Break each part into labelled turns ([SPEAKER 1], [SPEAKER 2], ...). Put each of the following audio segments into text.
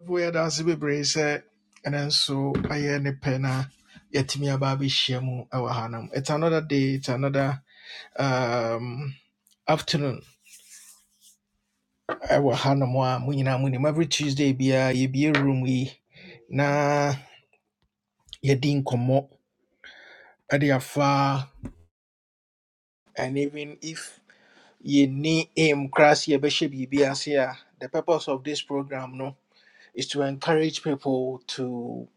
[SPEAKER 1] Afei, yɛda ase bebree sɛ ɛno nso ayɛ ne pɛ na yɛatumi aba abɛhyia mu ɛwɔ hanom. It's another day, it's another um, afternoon ɛwɔ hanom a mo nyinaa Every Tuesday biara yɛbie room yi na yɛdi nkɔmmɔ ɛde afa and even if yɛnni aim koraa sɛ yɛbɛhyɛ biribi ase a the purpose of this program no is to encourage people to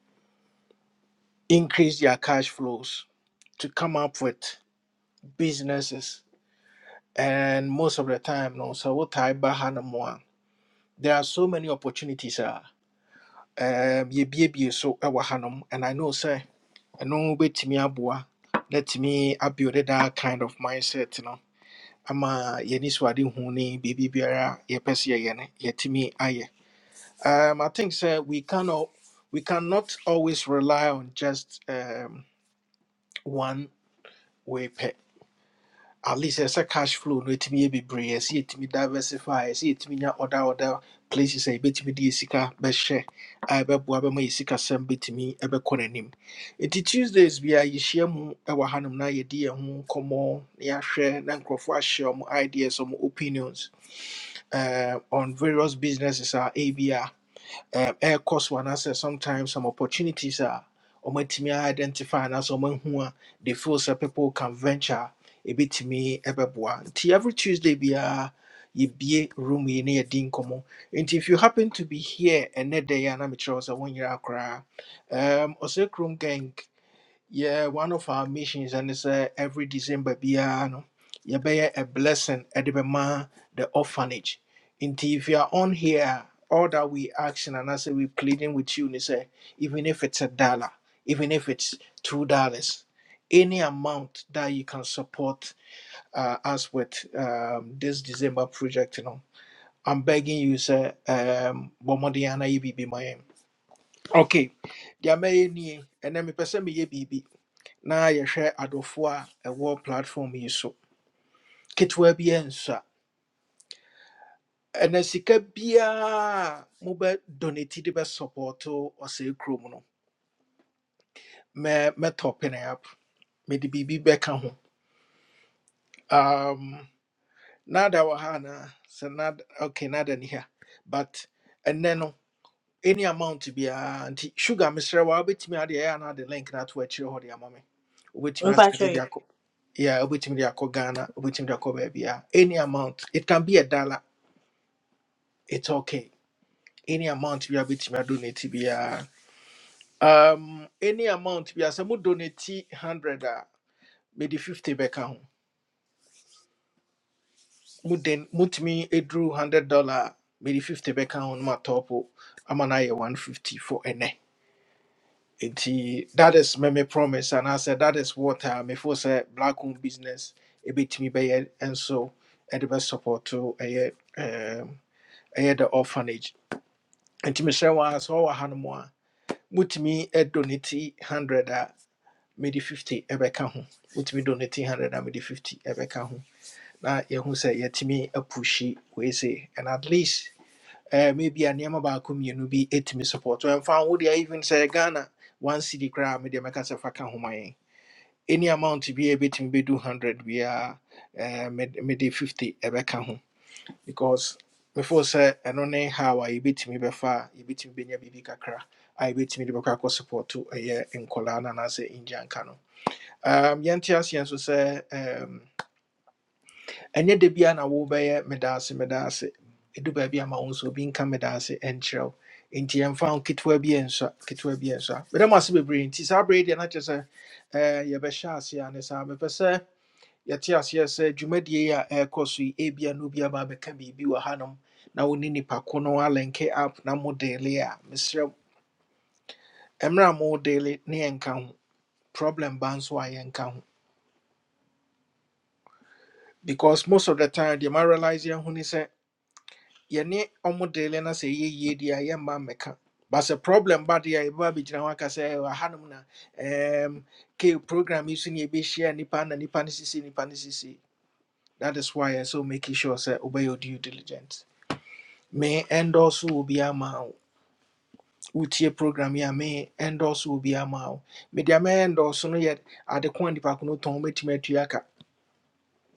[SPEAKER 1] increase their cash flows to come up with. businesses and most of the time no so what type bahanamoa there are so many opportunities uh um ye bie so ɛwɔ hanom and i know sir and no bet me abua let me build that kind of mindset no ama yɛni so ade hu ne biribi biara yɛpɛ sɛ yɛyɛ no yɛtumi ayɛ um i think sir we cannot we cannot always rely on just um one way pair. at least ɛsɛ cash flow no ɛtumi yɛ bebree ɛsɛ yɛtumi diversify ɛsɛ yɛtumi nya other other places a yɛbɛtumi de yɛ sika bɛhyɛ a ɛbɛboa bɛma yɛ sikasɛm bɛtumi ɛbɛkɔ n'anim nti tuesdays bia yɛhyia mu ɛwɔ hanom na yɛdi yɛn ho nkɔmmɔ na yɛahwɛ na nkurɔfoɔ ahyɛ ɔmo ideas ɔmo opinions eh, on various businesses ah, a ɛyɛ a um, ɛrekɔ so anaasɛ sometimes some opportunities are. a wɔmatumi identify and anaasɛ wɔmahu a they feel sɛ people can venture a ɛbɛtumi ɛbɛboa nti every tuesday biara yɛbie room yi na yɛdi nkɔmmɔ nti if you happen to be here ɛnɛ da yi a na mekyerɛ wo sɛ wonyera koraa um, ɔsɛ kurom gang yeah, one of our missions, and it's uh, every December, biara no, be a blessing at the bema the orphanage. And if you are on here, all that we asking and I say we pleading with you, they say, even if it's a dollar, even if it's two dollars, any amount that you can support uh, us with um, this December project, you know, I'm begging you, sir, um, Bomodiana, you be my Okay, there may any, and then me person me ye na yɛhwɛ adɔfoɔ a ɛwɔ platform yi so ketewa bi nsa ɛna sika biara a mobɛ donate de bɛ support ɔsɛe kurom no mɛ mɛtɔpe ne up mede biribi bɛka ho um, nada wɔ ha anaa sɛ nada okay nada ni ha but ɛnɛ no any amount biara nti sugar mesrɛ wa wobɛtumi ade ɛyɛ anaa de link na ato akyirɛ hɔ de ama me wobɛtumi asɛde de
[SPEAKER 2] Mpachoyo.
[SPEAKER 1] akɔ yeah, wobɛtumi de akɔ ghana wobɛtumi de akɔ baabiara any amount it can be a dollar it's okay. Any amount you are bit me donate biara. Um any amount bi sɛ mo donate 100 a mede 50 bɛka ho. Mo den mutumi eduru 100 dollar a mede 50 bɛka ho no ma topo ama no ayɛ 150 for ɛnɛ. Nti that is me me promise and I said that is what I before say black owned business a bit ebetumi bɛyɛ nso ɛde bɛ support to ɛyɛ um ɛyɛ the orphanage. Nti mesrɛ wɔn a sɛ ɔwɔ ha no mu a, wotumi donate 100 a mede 50 ɛbɛka ho wotumi donate 100 a mede 50 ɛbɛka ho na yɛhu sɛ a pushy wei say and at least eh, maybe a nneɛma baako mmienu bi ɛtumi support ɛmfa wo deɛ even say ghana one city crowd, media make us a mede mɛka sɛ fa ka ho ma any amount to be a bit ɛbɛtumi bɛdu 100 biara eh, med- mede 50 ɛbɛka ho because before say I don't know how I a yɛbɛtumi bɛfa a yɛbɛtumi bɛnya biribi kakra a yɛbɛtumi de bɛkɔ akɔ support ɛyɛ nkɔlaa no anaasɛ ngyanka no um, yɛnte aseɛ nso um, ɛnyɛ da bia na wobɛyɛ medaase medaase ɛdu baabi ama wo nso obi nka medaase ɛnkyerɛ wo nti yɛmfa wo ketewa bi ɛnsɔ ketewa bi ɛnsɔ a medɛ mo ase bebree nti saa berɛ yi deɛ na kyerɛ sɛ eh, yɛbɛhyɛ ase a ne yɛte aseɛ sɛ dwumadie yi a ɛrekɔ so yi ebia no bi aba abɛka biribi wɔ hanom na wo ne nipa ko no alɛnke app na mo daily a mesrɛ wo, mmerɛ a mo daily ne yɛnka ho problem ba nso a yɛnka ho because most of the time deɛ ma realise yɛn ho ne sɛ yɛne ɔmo daily na sɛ ɛyɛ yie deɛ a yɛmma mmɛka but sɛ problem ba deɛ a yɛbɛba abɛgyina ho aka sɛ "Eh, wɔ hanom na um, ke program yi so ne yɛbɛhyia nnipa na nnipa no sisi nnipa no sisi that is why yɛ so making sure sɛ wobɛyɛ wo due diligent me endorse will be a man wotie program yi a me endorse will be a man me deɛ me endorse no yet ade ko a nipa ko no tɔn mɛtumi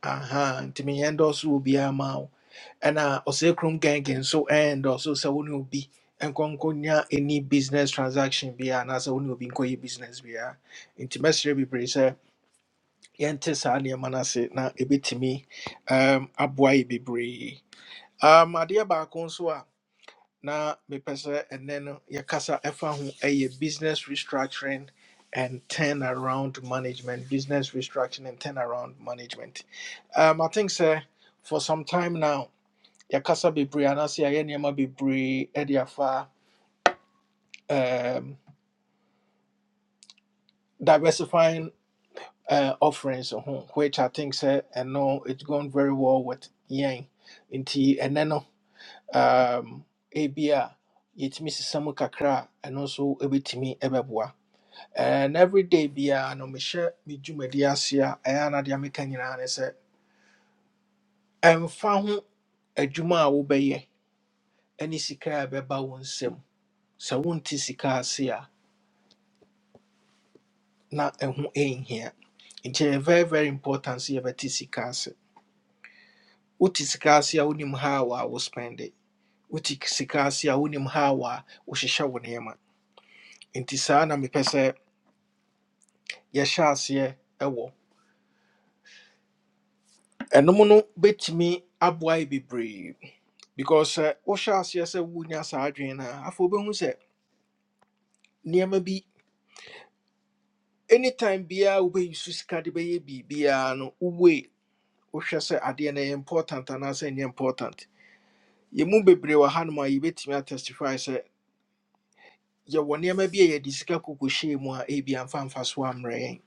[SPEAKER 1] aha nti me endorse will be a man ɛna ɔsɛ kurom gangan So endorse wo sɛ wo ne obi nkɔnkɔ nya any business transaction biara anaasɛ wo ne obi nkɔyɛ business be biara nti mɛsrɛ bebree sɛ yɛnte saa nneɛma no ase na ɛbɛtumi um, aboa be brave. um, adeɛ baako nso na mepɛ sɛ ɛnnɛ no yɛkasa ho ɛyɛ business restructuring and turnaround management business restructuring and turnaround management um, i think sɛ for some time now yɛkasa bebree anaasɛ yɛayɛ nneɛma bebree ɛde afa um, diversifying uh, offerings ho which i think sɛ ɛno it's gone very well with yɛn nti ɛnɛ no um, ebia yɛtumi sesa mu kakra a ɛno nso bɛtumi bɛboa and every day biara no mehyɛ me dwumadi ase a ɛyɛ a na deɛ meka nyinaa ne sɛ ɛmfa ho adwuma a wobɛyɛ ne sika a ɛbɛba wo nsam sɛ wonte sika ase a na ɛho ɛnhia nti ɛyɛ very very important sɛ yɛbɛte sika ase wote sika ase a wonim how a wo spend it. wote sika ase a wonim how a wohyehyɛ wo nneɛma nti saa na mepɛ sɛ yɛhyɛ aseɛ ɛwɔ ho. ɛnom no bɛtumi aboa yi bebree because sɛ wohyɛ aseɛ sɛ wonya saa adwene no a afei wobɛhu sɛ nneɛma bi anytime biara wobɛyi so sika de bɛyɛ biribiara no wowei wohwɛ sɛ adeɛ no ɛyɛ important anaasɛ ɛnyɛ important yɛmu bebree wɔ hanom a yɛbɛtumi atestify sɛ yɛwɔ nneɛma bi a yɛde sika kokɔhyɛɛ mu a ebi amfa amfa so ammerɛ yɛn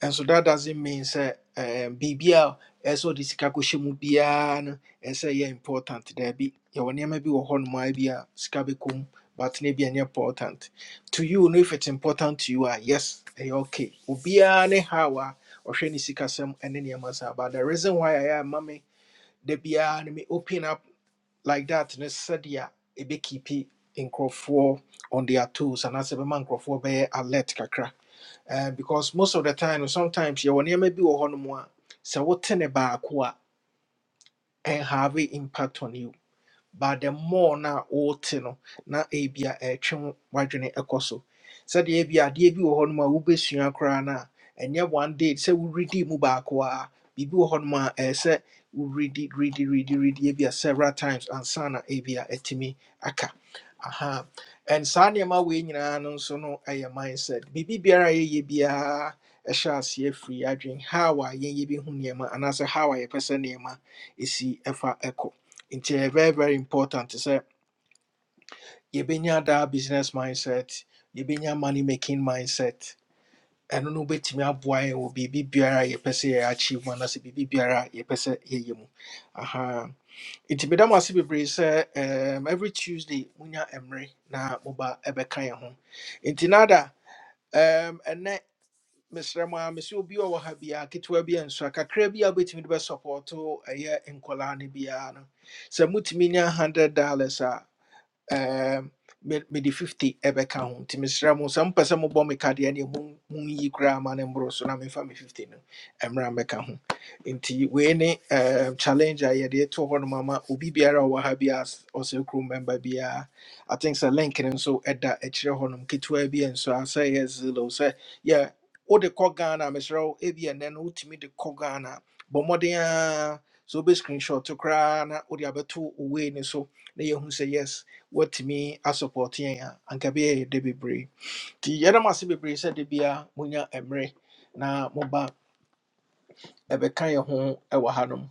[SPEAKER 1] And so that doesn't mean say um BBL as all this kakushimu biano and say yeah important there be yeah when you may be one my be a scabikum but maybe an important to you no if it's important to you are yes ɛyɛ okay ubiane hawa or shani sikasem and then yamasa but the reason why I am mommy the bian me open up like that ne sadia a big keep in on their tools and as a man crop alert kakra uh, because most of the time, sometimes you will never be a honor more. So what ten baako a and have an impact on you but the more na wote no na ebia ɛretwe wo- w'adwene ɛkɔ so sɛdeɛ ebia adeɛ bi wɔ hɔnom a wobɛsua koraa no a ɛnyɛ one day sɛ woredi mu baako a biribi wɔ hɔnom a ɛyɛ sɛ woredi redi redi redi ebia several times ansa na ebia atumi aka aha and saa nneɛma wei nyinaa no nso no ɛyɛ mindset biribi biara a yɛyɛ biara ɛhyɛ aseɛ firi yɛn adwene how a yɛn yɛbɛhu nneɛma anaasɛ how a yɛpɛ sɛ nneɛma ɛsi ɛfa ɛkɔ nti ɛyɛ very very important sɛ yɛbɛnya daa business mindset yɛbɛnya money making mindset ɛno no wobɛtumi aboa yɛn wɔ biribi biara ye per se achievement as a yɛpɛ sɛ yɛyɛ achieve mu anaasɛ biribi biara a yɛpɛ sɛ yɛyɛ mu aha nti meda mo ase bebree sɛ um, every tuesday monya mmerɛ na moba ɛbɛka yɛn ho nti nada um, ɛnɛ mesrɛ mu a mesɛ obi a ɔwɔ ha biaa ketewa bi ansua kakra bi a wobɛtumi de bɛsupɔɔto ɛyɛ nkɔlaa no biara no sɛ hundred dollars um, me- mede 50 ɛbɛka ho nti mesrɛ mo sɛ mopɛ sɛ mobɔ me kadeɛ ne mo- monyi koraa ma no mmoro so na memfa me 50 no ɛmmra mmɛka ho nti we ne um, challenge a de to hɔ no mama obi biara a ha bi a s- ɔsɛ member biara i think sɛ link ne so eda e kire ho no nso ɛda akyirɛ hɔ nom ketewa bi a nso a sɛ yɛ zelo sɛ yɛ wode kɔ ghana a, mesrɛ wo ebi ɛnɛ no wotumi de kɔ ghana a, bɔ mmɔden a sɛ wobɛ screenshot koraa na wode abɛto owei ne so na yɛahu sɛ yes wɔatumi asupɔɔte yɛn a anka bɛyɛ yɛ dɛ bebree nti yɛdam ase bebree sɛ da bia monya mmerɛ na moba ɛbɛka yɛ ho ɛwɔ hanom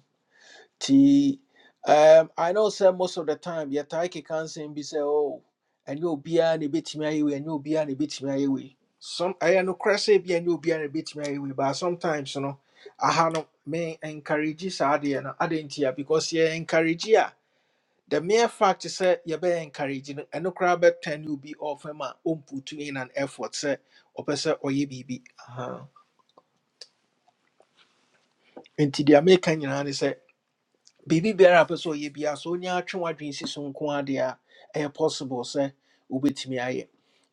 [SPEAKER 1] nti um, i know sɛ most of the time yɛtae keka nsɛm bi sɛ o ɛnyɛ obiara na ɛbɛtumi ayɛ wei ɛnyɛ obiara na ɛbɛtumi ayɛ wei some ɛyɛ nokorɛ sɛ bi ɛnyɛ obiara na ɛbɛtumi ayɛ wei but sometimes no aha no me encourage saa adeɛ no adɛn ntia because yɛ encourage a the mere fact is that you sɛ yɛbɛyɛ encourage no ɛno koraa bɛtɛn be off. ɔfam a ɔmputu in an effort sɛ ɔpɛ sɛ ɔyɛ biribi And nti deɛ meka nyinaa ne say, baby, biara a ɔpɛ sɛ ɔyɛ biara sɛ ɔnya atwe w'adwene si so nko a deɛ a ɛyɛ possible sɛ wobɛtumi ayɛ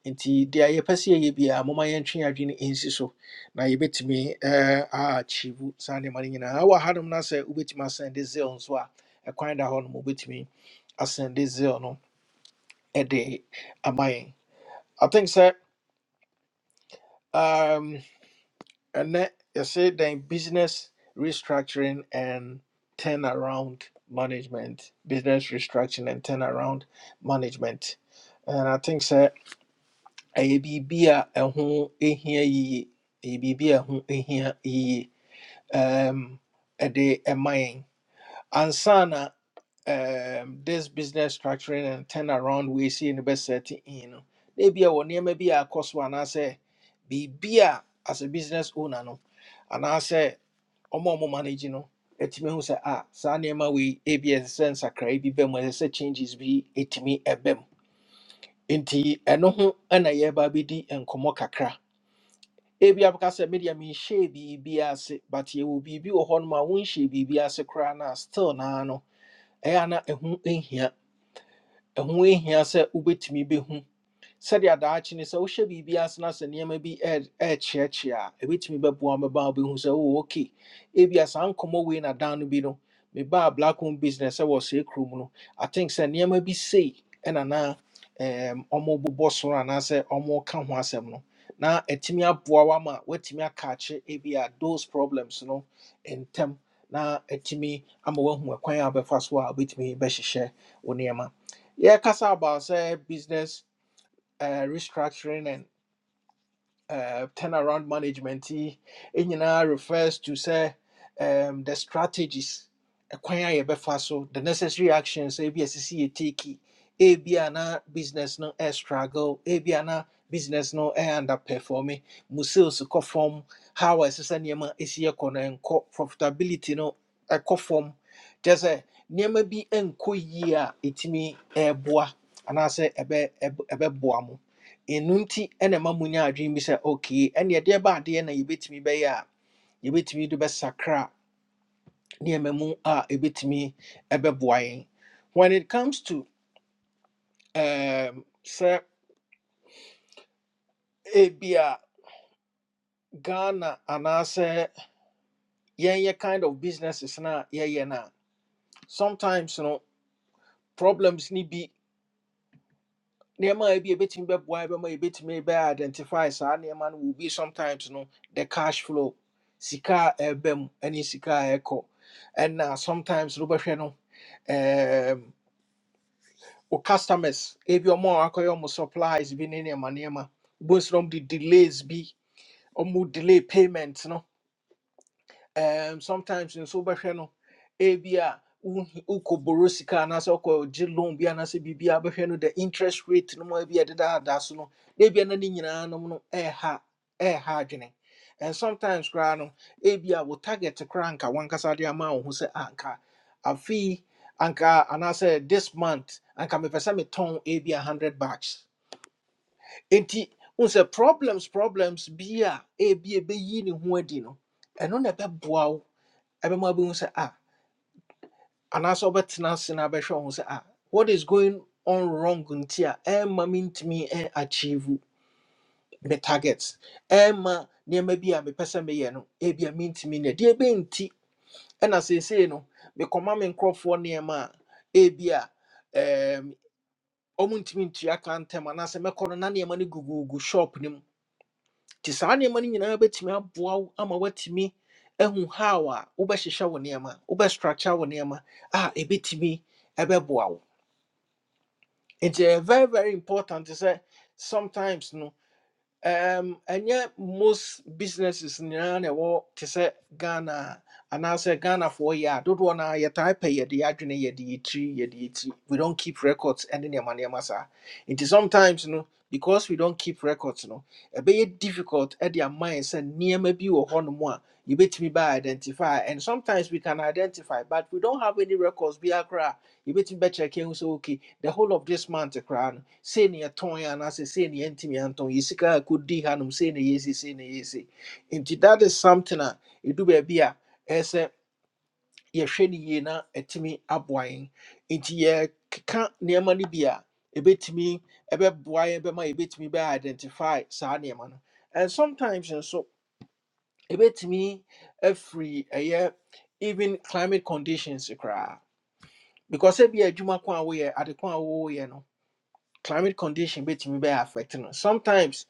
[SPEAKER 1] nti deɛ yɛpɛ sɛ yɛyɛ biara moma yɛntwe yɛn adwene nsi so Now you bet me, er, ah, chivu, Sandy Marina. Our hadam na yɛbɛtumi ɛɛ, aakyiivu saa nneɛma no nyinaa wɔ hanom no sɛ wobɛtumi asɛnde zeal nso a ɛkwan da hɔ nom wobɛtumi asɛnde zeal no ɛde a yɛn I think sir, um and that you say then business restructuring and turnaround management, business restructuring and turnaround management. And I think sir a BB a ɛho ehia yiye, a BB a ɛho ehia yiye. Um a day a mine. ansana um, this business structuring and turnaround we see in the best setting in no ebi a wɔ nneɛma bi a cost one. I say, be beer as a business owner no anaasɛ ɔmo a ɔmo manage no ɛtumi who say ah. saa nneɛma wei ebi a ɛsɛ sɛ nsakraa bi say ɛsɛ sɛ changes bi ɛtumi ɛbɛm nti ɛno ho ɛna yɛreba abɛdi and kakra ebi abɛka sɛ media menhyɛɛ biribi ase but yɛwɔ biribi wɔ hɔnom a wonhyɛɛ biribi ase koraa na still na no ɛyɛ a na ɛho ehia ɛho ehia sɛ wobɛtumi bɛhu sɛdeɛ daakye ne sɛ wohyɛ biribi ase na sɛ nneɛma bi ɛ- ɛrekyeakyea a ɛbɛtumi bɛboa wo mɛba a wobɛhu sɛ oh ok ebia saa nkɔmmɔ wei na dan no bi no mebaa black home business sɛ wɔ sɛ kurom no i think sɛ nneɛma bi sei ɛna na ɛɛm, ɔmobobɔ soro anaasɛ ɔmoka ho asɛm no na ɛtumi aboa wo ama woatumi akakye ebia those problems no ntɛm na ɛtumi ama woahu ɛkwan a wobɛfa so a wobɛtumi bɛhyehyɛ wo nneɛma Yeah, about sɛ business uh, restructuring and uh, turnaround management yi it nyinaa refers to say um, the strategies ɛkwan a yɛbɛfa so the necessary actions ebi a sisi take yi, business no air struggle ebi a B N business no air underperforming mu sales kɔ fam how a ɛsɛ sɛ nneɛma esi ɛkɔ no ɛnkɔ profitability no ɛkɔ fam kyɛ sɛ nneɛma bi ɛnkɔ yie a etimi ɛɛboa anaasɛ ɛbɛ ɛb- ɛbɛboa mo ɛno nti ɛna ɛma bi sɛ okay ɛne ɛdeɛ ba adeɛ na yɛbɛtumi bɛyɛ a yɛbɛtumi de bɛsakra nneɛma mu a ɛbɛtumi ɛbɛboa yɛn when it comes to um, sɛ ebia ghana anaasɛ yɛnyɛ kind of businesses na yɛyɛ no a sometimes no problems ne bi nneɛma a ebi a ebetumi bɛboa bɛma ebetumi bɛ identify saa nneɛma no will be sometimes no the cash flow sika a ɛba mu ɛne sika a ɛkɔ ɛna sometimes no bɛhwɛ no um, wo customers ebi ɔmo a wakɔyɛ ɔmo supplies bi ne nneɛma nneɛma bosrom de delays bi ɔmo delay payment no um, sometimes in wobɛhwɛ no ebi a borosika wokɔboro sika anaasɛ loan bi anaasɛ biribi a wobɛhwɛ no the interest rate no mu a ebi da ɛdedaadaa so no na ebia na ne nyinaa nom no eh ha eh ha adwene and sometimes koraa no ebi a wo target koraa anka wankasa de ama wo ho sɛ "Ah, anka afei anka ana say this month anka mepɛ sɛ metɔn ebi a hundred bucks enti unse problems problems bi a ebi a ɛbɛyi ne ho adi no ɛno na ɛbɛboa wo ɛbɛma bɛhu sɛ ah anaasɛ wobɛtena ase na abɛhwɛ wo ho sɛ ah what is going on wrong nti a ɛma mentumi ɛ- achieve me targets ɛma nneɛma bi a mepɛ sɛ meyɛ no ebia mentumi nyɛ deɛ ɛbɛnti ɛna seesei no mekɔma me nkurɔfoɔ nneɛma a ebia ɛɛm, ɔmo ntumi ntua ka ntɛm anaasɛ mɛkɔ no na nneɛma no gugugu shop no mu nti saa nneɛma no nyinaa bɛtumi aboa wo ama woatumi ahu how a wobɛhyehyɛ wo nneɛma wobɛstructure wo nneɛma a ɛbɛtumi ɛbɛboa wo nti ɛyɛ very very important sɛ sometimes no um ɛnyɛ most businesses nyinaa na ɛwɔ te say ghana and a, anaasɛ ghanafoɔ yɛ a dodoɔ no a yɛtae pɛ yɛde yɛ adwene ye the tree yɛtiri the tree. we don't keep records and ɛne nneɛma nneɛma saa nti sometimes you know, because we don't keep records you know, no ɛbɛyɛ difficult at ɛde ama yɛn sɛ nneɛma bi wɔ You a me by identify and sometimes we can identify but we don't have any records biara koraa yɛbɛtumi bɛkyɛke hu sɛ okay the whole of this month koraa no sei ne yɛtɔn yɛ say sei ne yɛntimi antɔn yɛ sika a ɛkɔdi hanom sei ne Yesi, say ne Yesi. nti that is something a ɛdu baabi a ɛyɛ sɛ yɛhwɛ no yie na ɛtumi aboa yɛn nti yɛkeka nneɛma no bi a ɛbɛtumi ɛbɛboa yɛn bɛma yɛbɛtumi bɛ identify saa nneɛma no and sometimes nso ɛbɛtumi every ɛyɛ even climate conditions koraa because ebi adwuma ko a woyɛ ade ko a woyɛ no climate condition betumi bɛyɛ affect no sometimes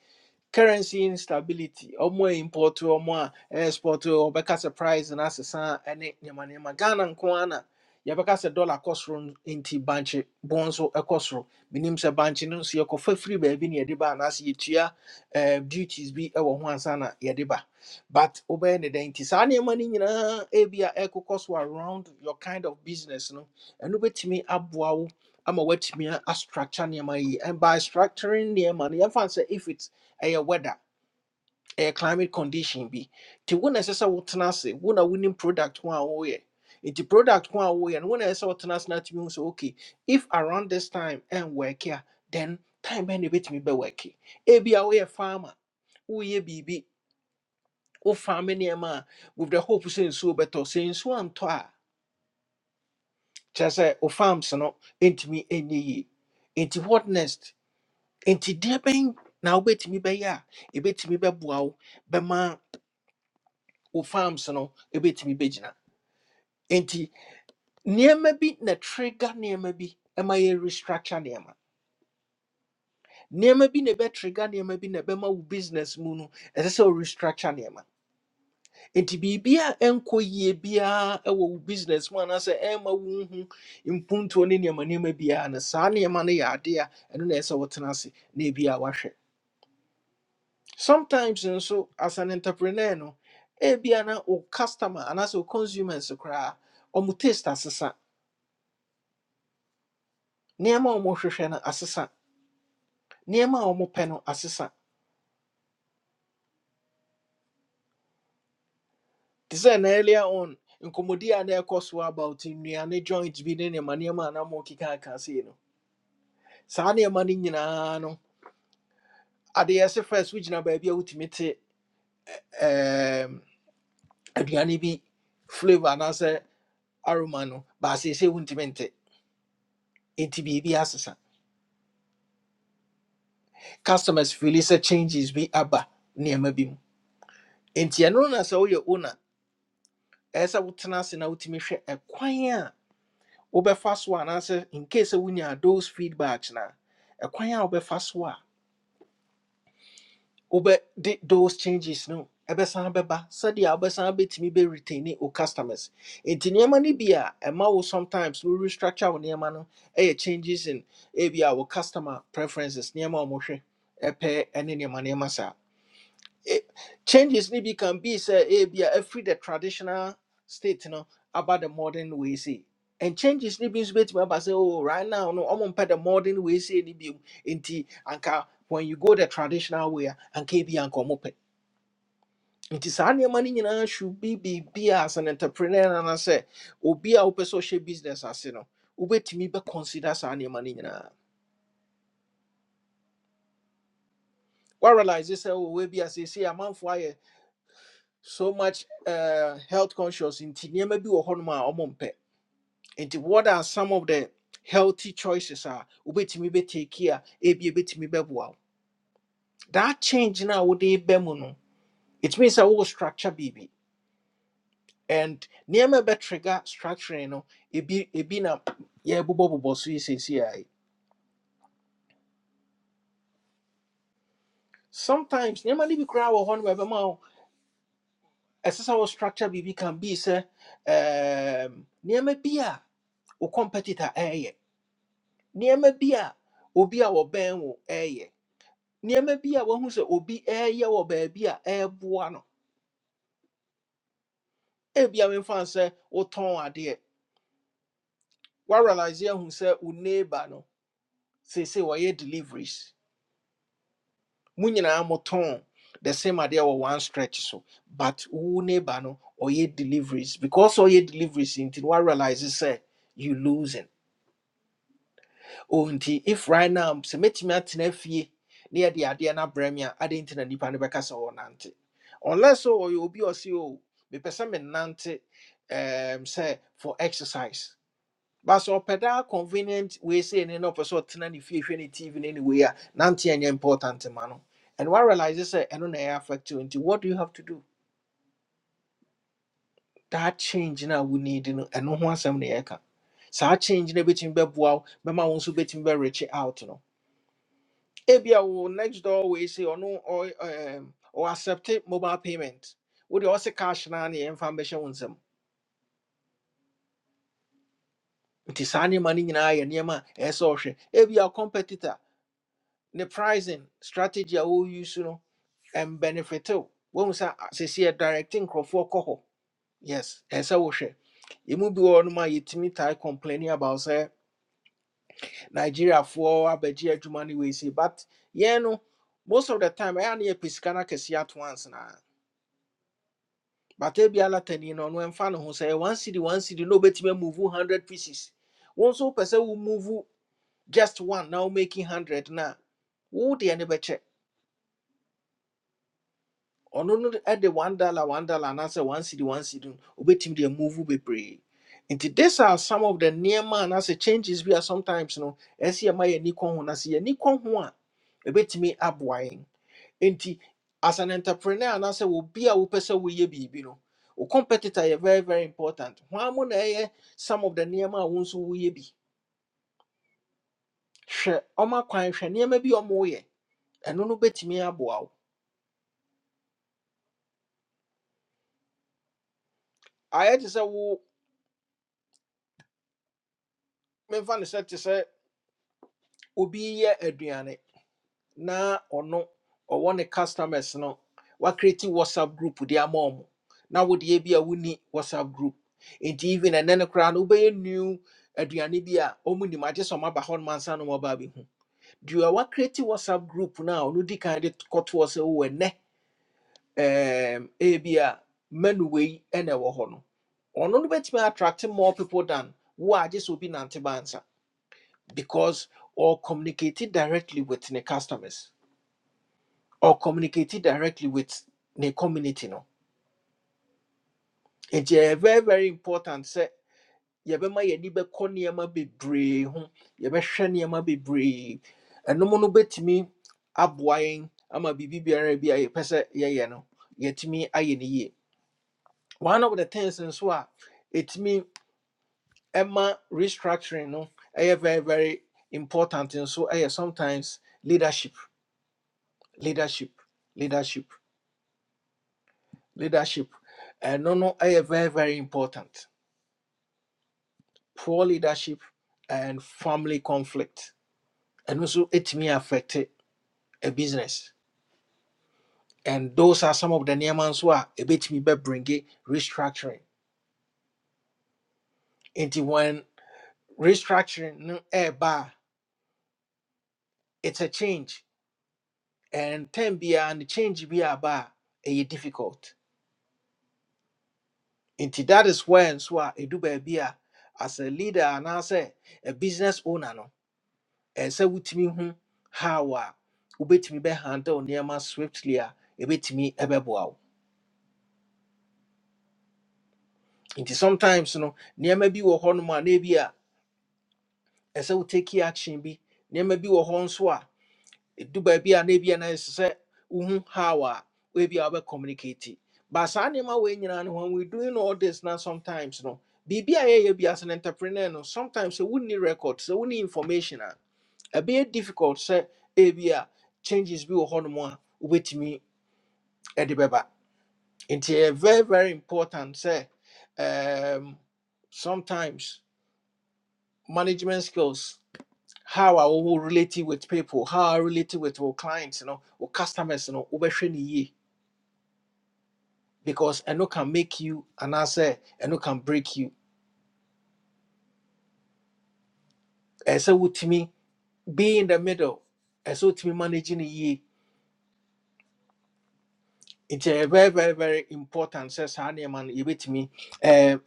[SPEAKER 1] currency instability ɔmo a import ɔmo a export ɔbɛka sɛ price And asesa ɛne nneɛma nneɛma ghana nko ara na yɛbɛka sɛ dollar cost kɔ into nti bankye bɔn nso ɛkɔ soro menim sɛ bankye no nso yɛkɔfa firi baabi na yɛde ba anaasɛ yɛtua eh, duties bi wɔ ho ansa na yɛde ba but wobɛyɛ the dɛn nti money you know? nyinaa ebi a ɛkokɔ so around your kind of business no And ɛno bɛtumi me. wo I'm a- wet me. A structure. nneɛma yi and by structuring nneɛma money. I fancy if it's ɛyɛ weather ɛyɛ climate condition bi nti wo na ɛsɛ sɛ wotena ase wo na wonim product ho a woyɛ nti product ho a woyɛ no wo na ɛsɛ sɛ wotena ase na atumi hu sɛ okay if around this time ɛn work a then time bɛn na ɛbɛtumi bɛwɔɛke ebia woyɛ farmer woyɛ biribi wo farm nneɛma a with the hope sɛ nsuo bɛtɔ sɛ nsuo antɔ a kyerɛ sɛ wo farms no ntumi ɛnyɛ yie nti what next nti deɛ bɛn na wobɛtumi bɛyɛ a ɛbɛtumi bɛboa wo bɛma wo farms no ɛbɛtumi bɛgyina nti nneɛma bi na trigger nneɛma bi ɛma yɛ restructure nneɛma nneɛma bi na ɛbɛtrigger nneɛma bi na ɛbɛma wo business mu no ɛsɛ sɛ wo restructure nneɛma nti biribi a ɛnkɔ yie biara ɛwɔ wo business mu anaasɛ ɛmma wonhu mpuntuo ne nneɛma nneɛma biara no saa nneɛma no yɛ adeɛ a ɛno na ɛsɛ sɛ wotena ase na ebi a wahwɛ sometimes nso as an entrepreneur no ebia na wo customer anaasɛ wo consumers koraa ɔmo taste asesa Niema a wɔhwehwɛ no asesa nneɛma a wɔpɛ no asesa te na earlier on nkɔmmɔdi a na ɛkɔ so about nnuane joint bi ne nneɛma nneɛma a na mokekaka sei no saa nneɛma ni nyinaa no adeɛ ɛse first wogyina baabi a wotumi te ɛɛm, aduane bi flavour na se aroma no Ba se baaseesei wontumi nte bi biribi asesa customers fili sɛ changes bi aba nneɛma bi mu nti ɛno na sɛ woyɛ owner esa sɛ wotena ase na wotumi hwɛ ɛkwan a wobɛfa so anaasɛ in case sɛ wonya those feedbacks na ɛkwan a wobɛfa so a wobɛde those changes no ɛbɛsan bɛba sɛdeɛ wobɛsan bɛtumi bɛretaine wo customers enti nneɛma no bi a ɛma wo sometimes wo restructure wo nneɛma no ɛyɛ changes in ebi a wo customer preferences nneɛma a wɔhwɛ ɛpɛ ɛne nneɛma nneɛma saa it, changes maybe can be say eh, be a free the traditional state you know, about the modern way see and changes maybe nso betumi aba say, oh right now no I'm mpɛ the modern way see ni bi nti anka when you go the traditional way and anka ebi anka ɔmo pɛ nti saa nneɛma no nyinaa should be be as an entrepreneur nana sɛ obi a wopɛ sɛ ɔhyɛ business ase no wobɛtumi bɛ consider saa nneɛma no nyinaa wa realize sɛ oh a asese amanfo so much uh, health conscious nti nneɛma bi wɔ hɔnom a ɔmompɛ nti what are some of the healthy choices a wobɛtumi bɛtaki a ebi ebɛtumi bɛboa wo that change na wode ba mu no it means sɛ wowɔ structure biribi and nneɛma bɛtrigger structuring no ebi ebi na yɛbobɔbobɔ so yi seesei ara yi. sometimes nneɛma no bi koraa wɔ hɔnom a ɛbɛma wo ɛsɛ sɛ wo structure biribi can be sɛ um, nneɛma bi a wo competitor ɛɛyɛ nneɛma bi a obi a wɔbɛn wo ɛɛyɛ nneɛma bi a wahu sɛ obi ɛɛyɛ wɔ baabi a ɛɛboa no ebia memfa sɛ wotɔn adeɛ woarealise ahu sɛ wo neighbor no seesei wɔyɛ deliveries mo nyinaa motɔn the same adeɛ wɔ one stretch so but wo neighbor no ɔyɛ deliveries because ɔyɛ deliveries nti no woarealise sɛ you losing. Oh, nti if right now sɛ mɛtumi atena fie na yɛde adeɛ no abrɛ me a ade nti na nnipa no bɛka sɛ wɔnante unless o ɔyɛ obi a ɔse o mepɛ sɛ menante um, sɛ for exercise but sɛ ɔpɛ daa convenient wei sei ne na ɔpɛ sɛ ɔtena ne fie hwɛ ne tv ne ne wei a nante ɛnyɛ important ma no and one realizes sɛ ɛno na ɛyɛ affect you nti what do you have to do that change no a wo need no ɛno ho asɛm na yɛka saa change no bɛtumi bɛboa wo bɛma wo nso bɛtumi bɛrekye out no ebia wo next door wei sɛ ɔno or um, or accept mobile payment wode ɔse cash naa ne yɛmfa mbɛhyɛ wo nsɛm nti saa nneɛma no nyinaa yɛ nneɛma a ɛɛ sɛ ɔhwɛ ebia competitor ne pricing strategy a wo use no ɛmbenefitew wohu sɛ a- seesei directe nkurɔfoɔ kɔ hɔ yes ɛɛ sɛ wohwɛ ɛmu bi wɔ nom a yɛtumi tae complaining about sɛ nigeriafoɔ abɛgye adwuma no wei sei but yɛn no most of the time ɛyɛ a na yɛpɛ sika no akɛseɛ at once naa but every other ten no ɛmfa ne ho sɛ ɛyɛ one city one city no bet me move hundred pieces wɔn nso person sɛ move just one now making hundred na wɔn deɛ ne bɛkyɛ ɔno no at the one dollar one dollar anaasɛ one city one city no obetumi move be pray. nti these are some of the near man. nneɛma anaasɛ changes we are sometimes no As ɛma yɛ ani kɔn ho na sɛ yɛ ani kɔn ho a ebetumi aboa yɛn. Enti, as an entrepreneur anaasɛ obi a will be a person we ye be you know. wo competitor is very very important hwan mu na some of the nneɛma a wo nso woyɛ bi hwɛ ɔma kwan hwɛ nneɛma bi a ɔmo yɛ ɛno no bɛtumi aboa wo ayɛ te sɛ wo memfa no sɛ te sɛ obi yɛ aduane na ɔno ɔwɔ ne customers no wakreati whatsapp group with their mom. Now wode yɛ bi a wonni whatsapp group nti even ɛnɛ no koraa no wobɛyɛ new aduane bi a ɔmo nim agye sɛ ɔmaba hɔ noma nsa no mɔbaa bɛhu deɛ wakreati whatsapp group na no a ɔno di kan de kɔtoɔ sɛ wowɔ ɛnɛ ɛɛm, ebi a manu wei ɛna ɛwɔ hɔ no ɔno no bɛtumi attract more people than wo a agye sɛ obi nante ba nsa because or communicate directly with the customers or communicate directly with the community no it's ɛyɛ very very important sɛ yɛbɛma yɛni bɛkɔ nneɛma bebree ho yɛbɛhwɛ nneɛma bebree ɛnom no bɛtumi aboa yɛn ama biribi biara bi a yɛpɛ sɛ yɛyɛ no yɛtumi ayɛ no yie one of the things nso a ɛtumi ɛma restructuring no ɛyɛ very very important nso ɛyɛ sometimes leadership leadership leadership leadership ɛno no ɛyɛ very very important poor leadership and family conflict and also it may affect a business and those are some of the nneɛma nso a ɛbɛtumi bɛbringe restructuring Into when restructuring no ɛɛba ba, it's a change and term biara no change bi aba a difficult Into that is where so a do be a as a leader and as a business owner no ɛɛ sɛ wotumi hu how a wobɛtumi bɛhandle nneɛma swiftly a ɛbɛtumi ɛbɛboa wo nti sometimes no nneɛma bi wɔ hɔnom a na ebi a ɛsɛ wo take action bi nneɛma bi wɔ hɔ nso a ɛdu baabi a na ebi a na ɛsɛ sɛ wohu how a ebi a wɔbɛ communicate but saa nneɛma wei nyinaa no when we doing all this now, sometimes no biribi a yɛyɛ bi as an entrepreneur no sometimes sɛ wonni record sɛ wonni information a ɛbɛyɛ difficult sɛ ebi a changes bi wɔ hɔnom a wobɛtumi ɛde bɛba nti ɛyɛ very very important sɛ um, sometimes. management skills, how I will relate with people, how I relate with our clients, you know, or customers, you know, wobɛhwɛ no because I know can make you and I say I know can break you. And so to me, be in the middle, and so to me managing ye. It's a very, very, very important says honey man you with me um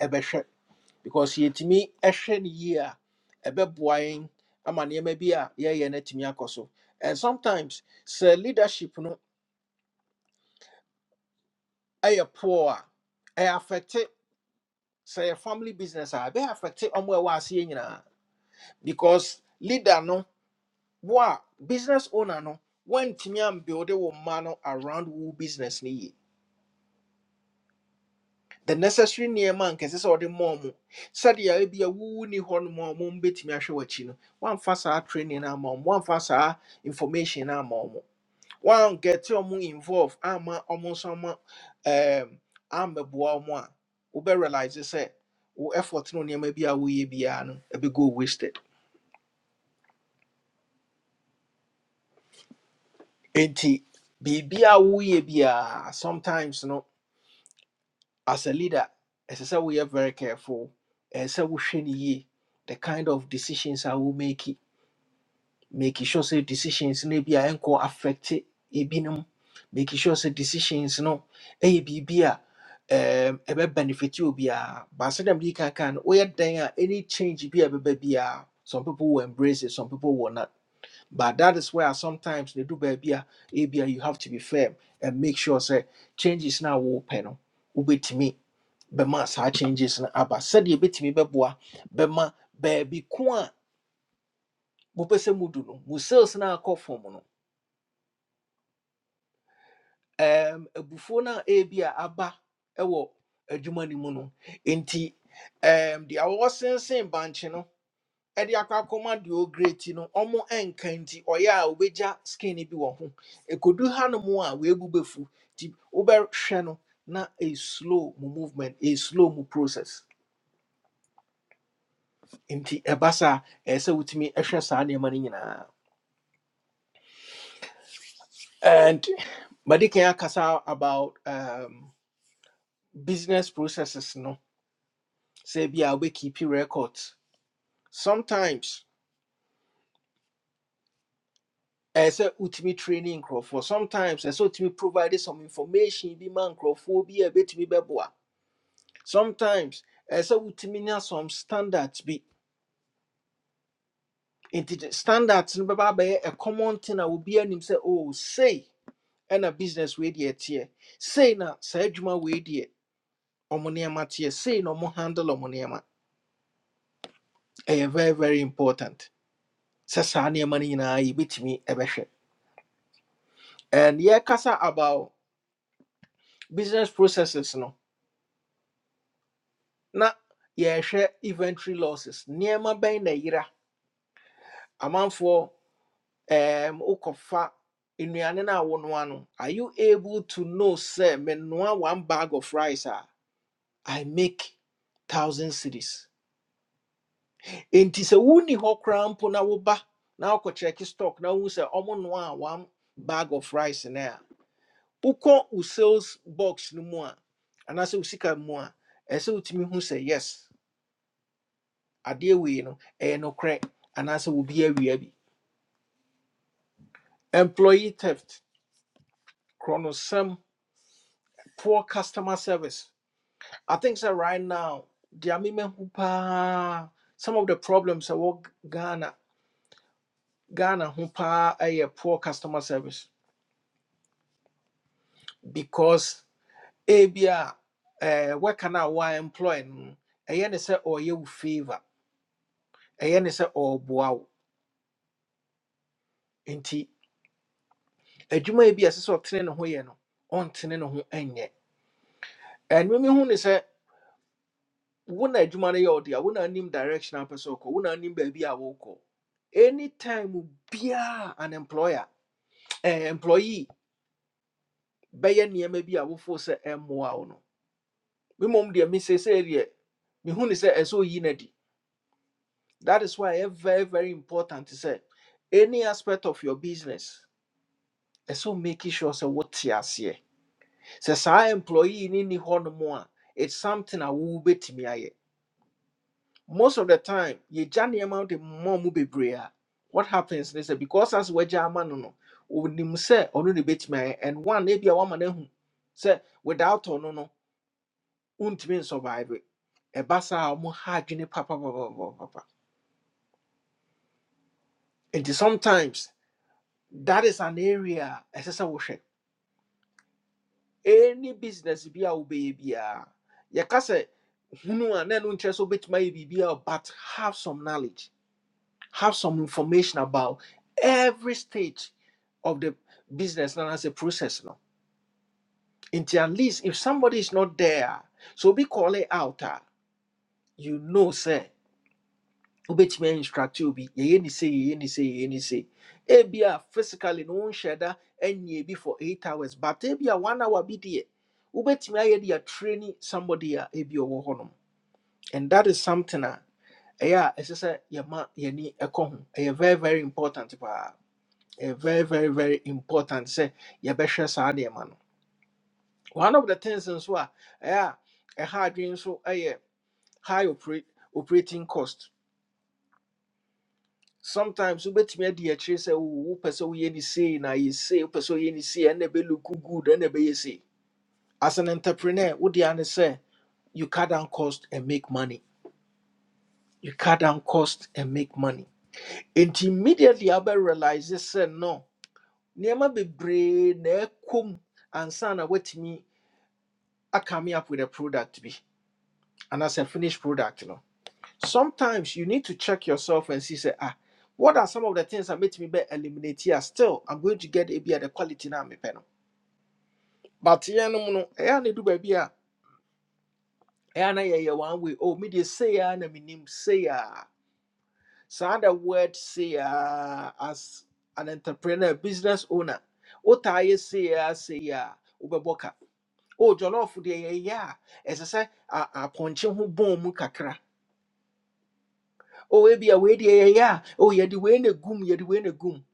[SPEAKER 1] because ye to me a year a bit boying a man ye may be a yeah yeah net me akoso. And sometimes sir leadership no. ɛyɛ poor a ɛyɛ affected sɛ yɛ family business a ɛbɛyɛ affected ɔmo a ɛwɔ aseɛ nyinaa because leader no wo a business owner no wɔntumi ambuilde wo mma no around wo business no yie the necessary nneɛma a nkɛse sɛ ɔde mɔɔ mo sɛdeɛ ebia wowu ni hɔ nom a ɔmo mbɛtumi ahwɛ w'akyi no wɔamfa saa training no ama ɔmo wɔamfa saa information no ama ɔmo wan get ɔmo involved, ama ɔmo nso ama ɛɛm ambɛboa ɔmo a wobɛ realize sɛ wo effort no nneɛma bi a woyɛ biara no ebi go wasted nti be be a woyɛ biara sometimes no as a leader ɛsɛ we woyɛ very careful ɛsɛ sɛ wohwɛ no yie the kind of decisions I will make making sure say decisions no bi a ɛnkɔ affect ebinom making sure say decisions no ɛyɛ biribi a um, ɛbɛ benefit obiara baasa dɛm de kan kan no woyɛ any change bi a ɛbɛba biara some people will embrace it some people will not but that is where sometimes they do baabi a ebia you have to be firm and make sure say changes na wɔpɛ no wobɛtumi bɛma saa changes no aba sɛdeɛ ebɛtumi bɛboa bɛma baabi ko a mopɛ sɛ mudu no mo sales no akɔ fam no um, abufuo no a ebi a aba wɔ adwuma no mu no nti um, deɛ wɔsensɛn banche no e de akɔ akɔma deɛ great no ɔmo nka nti ɔyɛ a wobɛgya skin bi wɔ ho ɛkɔdu hanom a weebu bɛfu nti wobɛhwɛ no na ɛslow mu movement ɛslow mu process nti ɛba e se sɛ wotumi hwɛ saa nneɛma no nyinaa and madi kan akasa about um, business processes no sɛ bia wobɛkeepi records sometimes ɛɛ sɛ ultimate training crop for. sometimes ɛsɛ sɛ wotumi provide some information Be man ma for be a bit ɛbɛtumi beboa. sometimes ɛɛ sɛ ultimate nya some standards be. nti standards no bɛba a common thing I will be anim sɛ oh sei ɛna business wei deɛ teɛ Say na saa adwuma wei deɛ ɔmo Say teɛ sei na ɔmo handle ɔmo A very very important sɛ saa nneɛma no nyinaa yɛbɛtumi ɛbɛhwɛ and yɛkasa about business processes no na yɛhwɛ inventory losses nneɛma bɛn na yera amanfoɔ um, wokɔfa nnuane no a wonoa no ano. are you able to know sɛ menoa one bag of rice a i make thousand cities enti sɛ wonni hɔ koraa mpo na woba na wokɔkyerɛke stock na wohu sɛ ɔmonoa a one bag of rice no a u wo sales box no mu a anaasɛ wo sika mu a ɛsɛ wotumi hu sɛ yes adeɛ wei no ɛyɛ nokorɛ anaasɛ obi awia bi employee theft kronosɛm poor customer service i think sɛ right now deɛ memɛhu paa some of the problems ɛwɔ ghana ghana ho paa ɛyɛ poor customer service because ebia eh, worker na a wɔa employ no no, ɛyɛ ne sɛ ɔyɛ wo favor ɛyɛ ne sɛ ɔreboa wo nti adwuma yi bi a ɛsɛ sɛ ɔtene ne ho yɛ no ɔntene ne ho nyɛ ɛno mehu ne sɛ wona adwuma no yɛ ɔde a wona anim direction a wopɛ sɛ wokɔ wona anim baabi a wokɔ anytime biaa an employer eh, employee bɛyɛ nneɛma bi a wofoo sɛ ɛmmoa wo no mmom deɛ mesesei deɛ mehu ne sɛ ɛsɛ oyi no adi that is why ɛyɛ very very important sɛ any aspect of your business ɛsɛ making sure sɛ wote aseɛ sɛ saa employee no ni hɔ nom a it's something a wowobɛtumi ayɛ most of the time ye jani amount mmɔ mu bebree a what happens They say because as wɔagya ama no no onim sɛ onu ne bɛtumi me and one ebi a wama no ahu without ɔno no wontumi nsurvive ɛba saa a ɔmo ha papa papa. papa. And sometimes that is an area as a ɛsɛ sɛ wohwɛ any business bi a wobɛyɛ biara kase, sɛ hunu a na ɛno nkyerɛ sɛ wobɛtumi but have some knowledge have some information about every stage of the business and as a process no nti at least if somebody is not there so be call it out ah. you know say wobɛtumi instruct obi yɛyɛ ne sɛ yɛyɛ ne sɛ yɛyɛ ne sɛ ebia physically no wonhyɛ da anyɛ be for eight hours but ebia one hour bi deɛ wobɛtumi ayɛ de training somebody a ebi ɔwɔ hɔnom and that is something a ɛyɛ a ɛsɛ sɛ yɛma yɛni ɛkɔ ho ɛyɛ very very important paa A very very very important sɛ yɛbɛhwɛ saa nneɛma no one of the things nso a ɛyɛ a ɛha adwene nso yɛ high opera- operating cost sometimes wobɛtumi adi akyire sɛ "Oh, wopɛ sɛ woyɛ ne sei na yɛ sei wopɛ sɛ woyɛ ne sei ɛnna ɛbɛluku good ɛnna ɛbɛyɛ sei as an entrepreneur wode a ne sɛ you cut down cost and make money you cut down cost and make money and immediately wobɛ realize sɛ no nneɛma bebree na ɛkɔ mu ansa na woatumi I coming up with a product be and as a finished product you know sometimes you need to check yourself and see say ah what are some of the things that make me be eliminate here still i'm going to get a be at the quality now me panel but yeah no no yeah need do baby yeah na yeah one way oh me they say ah na me say ah so the word say ah as an entrepreneur business owner what i say ah say ah ubeboka oh jollof de yeah yeah as i say ah a ponche ho bom kakra Oh, maybe a way yeah, yeah. Oh, yeah, the way in a goom, yeah, the way in a goom.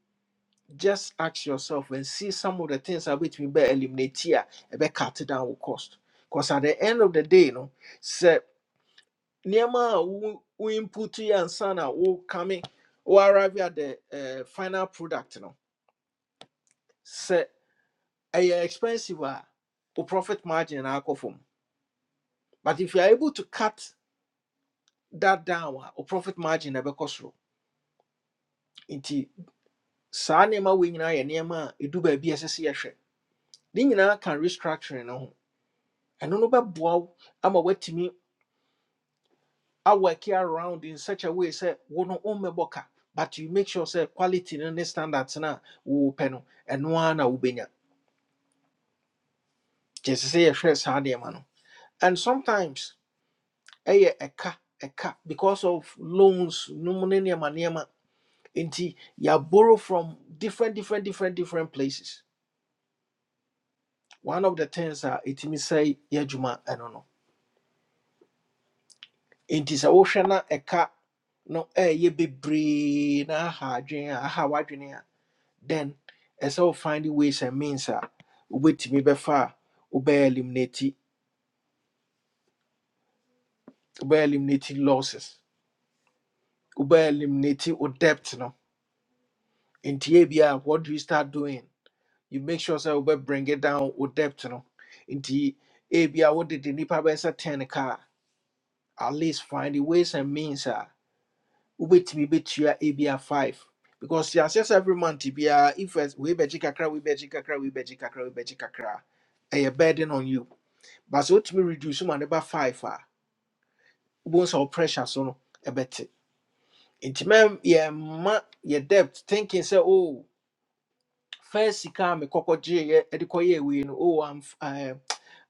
[SPEAKER 1] Just ask yourself and see some of the things I bet me better eliminate here, a bit cut down will cost. Because at the end of the day, no, say Nema we input you and sana who coming who arrive at the uh, final product, no. Say a expensive or profit margin in alcohol. But if you are able to cut that down or profit margin a bit cost. Inti saa nneɛma wei nyinaa yɛ nneɛma a ɛdu baabi a ɛsɛ sɛ ne nyinaa ka restructuring no ho ɛno no bɛboa wo ama woatumi awɔke around in such a way sɛ wo no wommɛbɔ ka but you make sure sɛ quality no ne standards no a wowopɛ no ɛno ara na wobɛnya kyɛ sɛ sɛ yɛhwɛ saa nneɛma no and sometimes ɛyɛ ɛka ɛka because of loans no mu ne nneɛma nneɛma nti yɛaborrow from different different different different places one of the things a ɛtumi sɛe yɛ adwuma ɛno no nti sɛ wohwɛ na ɛka no ɛyɛ bebree na aha adwene a aha w'adwene a then ɛsɛ wo find ways and means a wobɛtumi bɛfa a wobɛyɛ eliminate wobɛyɛ eliminate losses wobɛyɛ eliminate wo debt no nti yɛ bi a what do you start doing you make sure sɛ wobɛ bring it down wo debt no nti ebi a wodede nnipa bɛsɛ 10 ka a, at least find ways and means a wobɛtumi bɛtua ebia five because yɛahyɛ sɛ every month biara if ɛs- weibɛgye kakra weibɛgye kakra weibɛgye kakra weibɛgye kakra a, burden on you but so wotumi reduce ma ne ba five a wobɛhu sɛ wo pressure so no A ɛbɛte nti mɛm ma, your debt thinking say oh first sika a mekɔkɔgyeeɛ ɛde kɔyɛɛ wei no oh I'm amf- am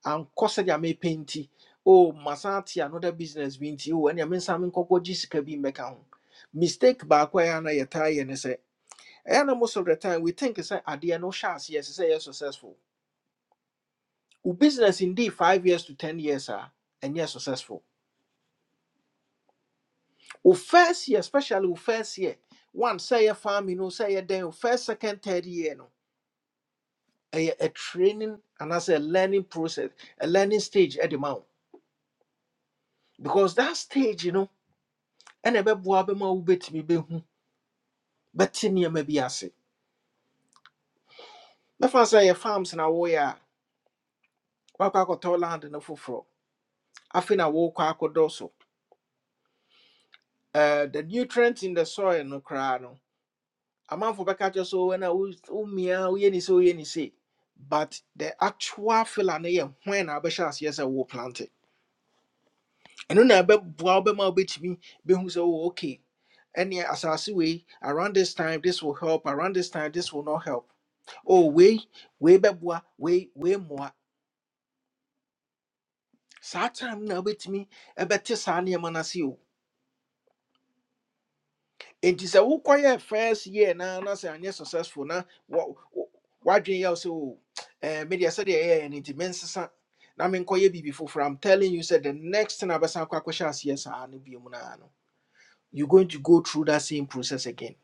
[SPEAKER 1] ankɔ sɛdeɛ me nti oh masan ate another business bi nti oh ɛnea mensa menkɔkɔgye sika bi mmɛka ho mistake baako a ɛyɛ a na yɛtaa yɛ ne sɛ And most of the time, we think it's a idea no chance. Yes, it's yes successful. Your business indeed five years to ten years are and yes successful. Your first year, especially your first year, one say a farm, you know, say a then your first, second, third year, no, a, a training and as a learning process, a learning stage at the mount because that stage, you know, and a bebo abema ubet me be who, but ten year maybe I say. But say a farms na a warrior, wakako land and no fufro. I think I walk uh, the nutrients in the soil no koraa no amanfo bɛka kyerɛ sɛ wɔn a womia woyɛ ni so woyɛ ni sɛ but the actual filler no yɛ hwan na abɛhyɛ aseɛ sɛ wo plant it. ɛno na ɛbɛboa wo bɛma wobɛtumi bɛhu sɛ wowɔ okay ɛneɛ asase wei around this time this will help around this time this will not help oh wei wei bɛboa wei wei mmoa saa time no na wobɛtumi ɛbɛte saa nneɛma no ase nti sɛ wokɔyɛ first year na na sɛ anyɛ successful na wa- wo- w'adwene yɛ wo sɛ o eh, medeɛ sɛdeɛ ɛyɛyɛ no nti mensesa na menkɔyɛ biribi foforɔ am telling you sɛ the next thing a bɛsan kɔ akɔhyɛ aseɛ saa no bio mu no you going to go through that same process again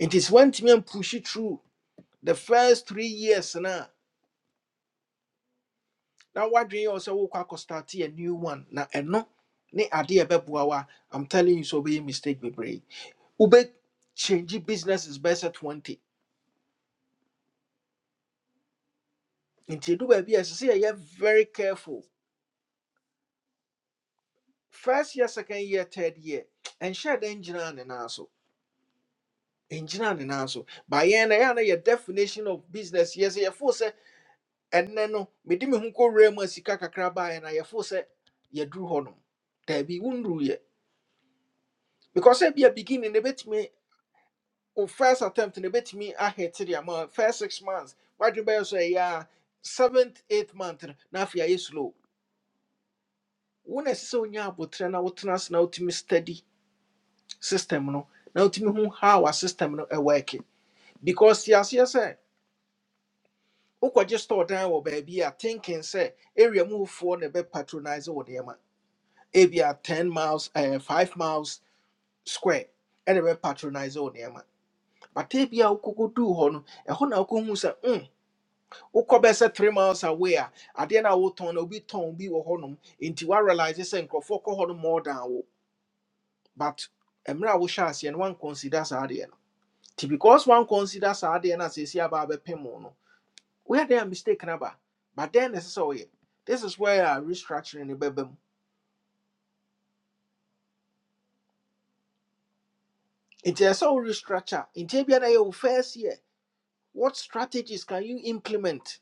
[SPEAKER 1] nti sɛ woantumi ampushe through the first three years no a na w'adwene yɛ wo sɛ wokɔ akɔstarte a new one na ɛno ne adeɛ a ɛbɛboa wo a am telling you sɛ wobɛyɛ mistake bebree wobɛ change businesses bɛsɛ 20 nti ɛdu baabi a ɛsɛ sɛ yɛyɛ very careful first year second year third year ɛnhyɛ da ngyinaa ne nan so ngyinaa ne nan so ba yɛn na yɛa na yɛ definition of business yɛ sɛ yɛfoo sɛ ɛnnɛ no mede me ho kɔwura mu a sika kakra baeɛ na yɛfoo sɛ yɛduru hɔ nom daabi wonduru yɛ because ebia beginning no bɛtumi wo first attempt no bɛtumi ahete de ama wo. first six months wadwe bɛyɛ so ɛyɛ a seventh eighth month no na afei ayɛ slow wo na ɛsɛ sɛ wonya abotrɛ na wotena ase na wotumi study system no na wotumi hu how a system no e working. because yes, yɛaseɛ sɛ wokɔgye store dan wɔ baabi a thinking say area mu wofoɔ na ɛbɛ patronise wo nneɛma ebia 10 miles eh, 5 miles square ɛna ɛbɛ patronise wo nneɛma but ebia wokɔkɔduu hɔ no ɛhɔ na wokɔhu say mm, wokɔ be sɛ 3 miles away a adeɛ no a wotɔn no obi tɔn bi wɔ hɔnom nti woarealise say, nkurɔfoɔ kɔ hɔ no more than wo but mmerɛ a wohyɛ aseɛ no woankɔnsida saa adeɛ no Ti because one considers saa deɛ na sɛsi aba abɛpem wo no where there mistake na ba but then ɛsɛ sɛ woyɛ this is where a restructuring ne bɛba mu nti ɛsɛ sɛ wo restructure ntia bia na yɛ wo first year what strategies can you implement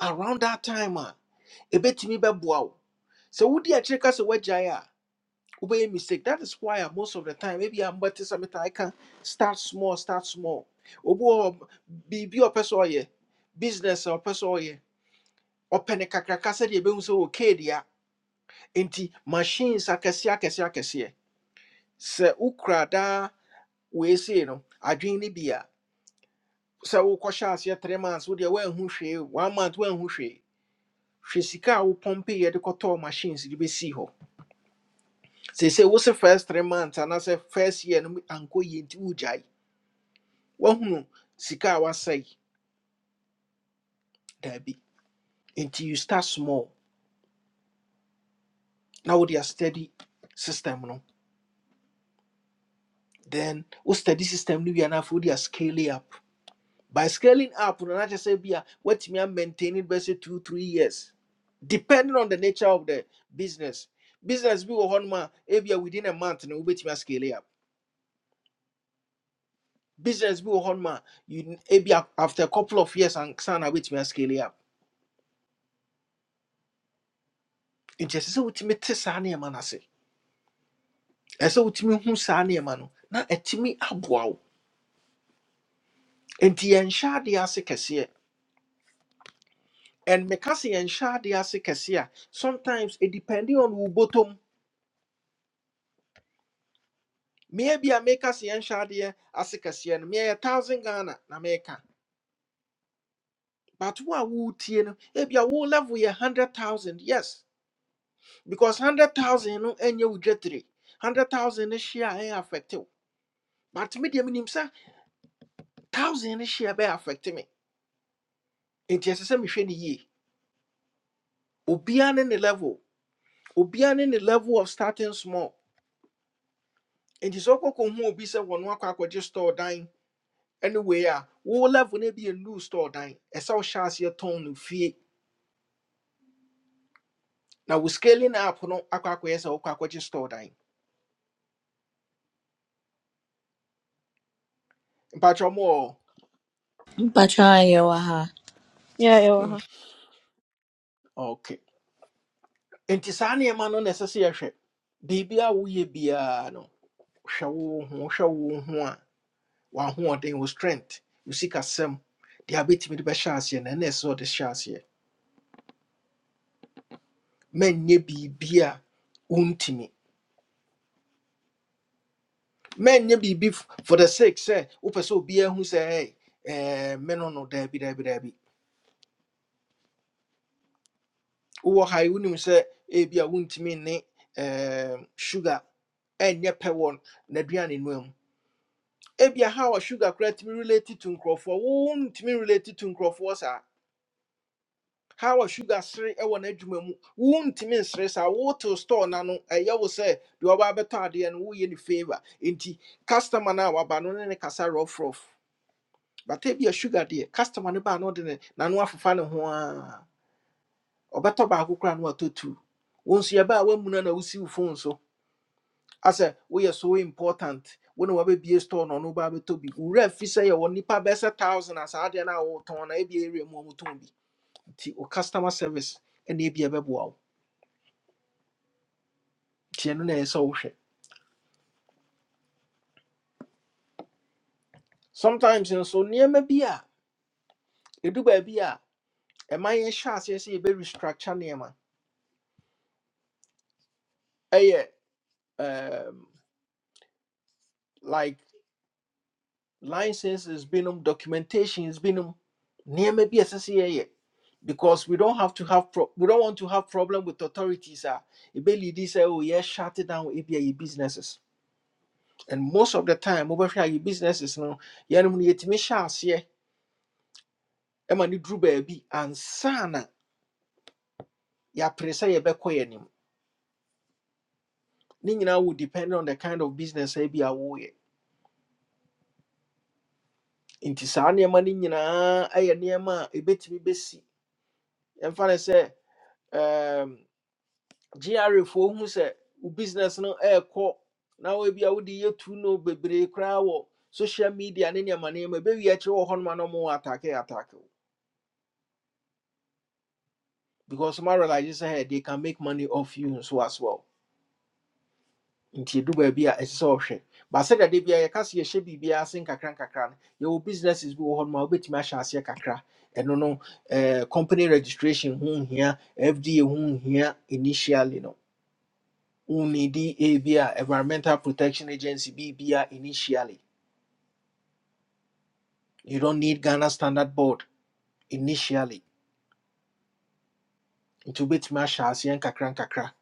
[SPEAKER 1] around that time a ɛbɛtumi bɛboa wo sɛ wodi akyire ka sɛ woagyae a wobɛyɛ mistake that is why a most of the time maybe I'm better. sɛ metae ka start small start small obi be hɔ, biribi a ɔpɛ business a person. ɔpɛ ne kakraka sɛdeɛ ɛbɛhu sɛ okay dea nti machines akɛseɛ akɛseɛ akɛseɛ sɛ wokura daa weesei no adwene no bi a sɛ wokɔhyɛ aseɛ three months wodeɛ woanhu hwee one month woanhu hwee hwɛ sika a wopɔmpeyɛ de kɔtɔɔ machines de bɛsii hɔ se se wo se first three months anaasɛ first year no mu ankɔ yie nti wogyae woahunu sika a woasɛe daabi nti you start small na wode a steady system no then wo steady system no wie anaafo wode a scale up by scaling up no na kyerɛ sɛ bia woatumi amaintain it bɛsɛ two three years depending on the nature of the business business bi wɔ hɔnom a ebia within a month na wobɛtumi ascale up business bi wɔ hɔnom a you- ebia after a couple of years and ansa na wobɛtumi ascale up nti ɛsɛ sɛ wotumi te saa nneɛma no ase ɛsɛ sɛ wotumi hu saa nneɛma no na ɛtumi aboa wo nti yɛnhyɛ adeɛ ase kɛseɛ and meka se yɛnhyɛ adeɛ ase kɛseɛ a sometimes it depending on wo bottom Maybe bi a meka sɛ yɛnhyɛ adeɛ ase kɛseɛ no meyɛ thousand ghana na meka but wo a woretie no ebi a wo level a hundred thousand yes because hundred thousand no ɛnyɛ wo dwetire hundred thousand is hyia ain't ɛyɛ but me deɛ menim sɛ thousand is hyia be affecting me It is ɛsɛ sɛ mehwɛ no yie obiara ne ne level obiara ne ne level of starting small enti sɛ wokɔkɔhu obi sɛ wɔno akɔ akɔgye store dan anyway a wo level no be a new store dan ɛsɛ sɛ wohyɛ aseɛ tɔn no fie Now we scaling up no akɔ akɔyɛ sɛ wokɔ store dan mpatwɛ mu wɔ
[SPEAKER 2] mpacha anyị wa ha
[SPEAKER 3] Yeah, yeah. Uh-huh.
[SPEAKER 1] okay nti saa nneɛma no na ɛsɛ sɛ yɛhwɛ biribi a woyɛ biara no hwɛ wo ho hwɛ wo ho a w'ahoɔden wo strength wo sikasɛm deɛ abɛtumi de bɛhyɛ aseɛ no, ɛno na ɛna ɛsɛ sɛ ɔde hyɛ aseɛ manyɛ biribi a wontumi manyɛ biribi f- for the sake sɛ wopɛ sɛ obiara hu sɛ "Hey, eh, me no no daabi daabi daabi Uwa ha yi wonim sɛ ebi ne em, sugar enye pe won n'aduane noa mu ebia a how a sugar credit tumi related to nkurɔfoɔ wontumi related to nkurɔfoɔ sa how a sugar sere ɛwɔ n'adwuma mu wontumi sa saa wotew store n'ano ɛyɛ wo sɛ deɛ ɔba abɛtɔ adeɛ no woyɛ ne favour nti customer na a waba no ne ne kasa rɔfrɔf but ebia sugar de customer no baa no ɔde ne n'ano afefa ne ho a ɔbɛtɔ baako koraa no watɔ two wo nso yɛbaa woamuna na wosi wo si wo phone so I say we are so important. When we be a store no no baby to be. We Ure fi say your nipa best a thousand as I did now ton a be area more to be. Ti o customer service and a be a bebo. Tiano na e so hwe. Sometimes in so near me be a edu ba bia e man ye sha ase se e be a ɛma yɛn hyɛ aseɛ sɛ yɛbɛ restructure nneɛma ɛyɛ eh, yeah, uh like licenses binom documentations binom near maybe S S a ɛsɛ sɛ because we don't have to have pro- we don't want to have problem with authorities ah a ebelidi say oh yeah shut it down ebi a yɛ businesses and most of the time mobɛhwɛ a yɛ businesses no yɛnom no yɛtumi hyɛ aseɛ ɛma no duru baabi ansa na yɛapere sɛ yɛbɛkɔ yɛ anim ne nyinaa will depend on the kind of business a bi a woyɛ nti saa nneɛma no nyinaa ɛyɛ nneɛma a ɛbɛtumi bɛsi yɛmfa no sɛ GRA foɔ hu sɛ business no ɛɛkɔ na wɔn bi a wode yɛ tu no bebree koraa wɔ social media ne nneɛma nneɛma bɛwie akyerɛ wɔ hɔnom a no wɔn atake atake wo because ma realize sɛ hey, they can make money off you nso as well nti do baabi a solution. But ɔhwɛ that they be a yɛka sɛ be biribiara ase nkakra nkakra no yɛwɔ businesses bi wɔ hɔnom a wobɛtumi ahyɛ aseɛ kakra ɛno no no Uh, company registration ho here, fda ho here, initially no Unidi ABA, Environmental Protection Agency BBA initially. You don't need Ghana Standard Board initially. Nti bit ahyɛ aseɛ kakran kakra.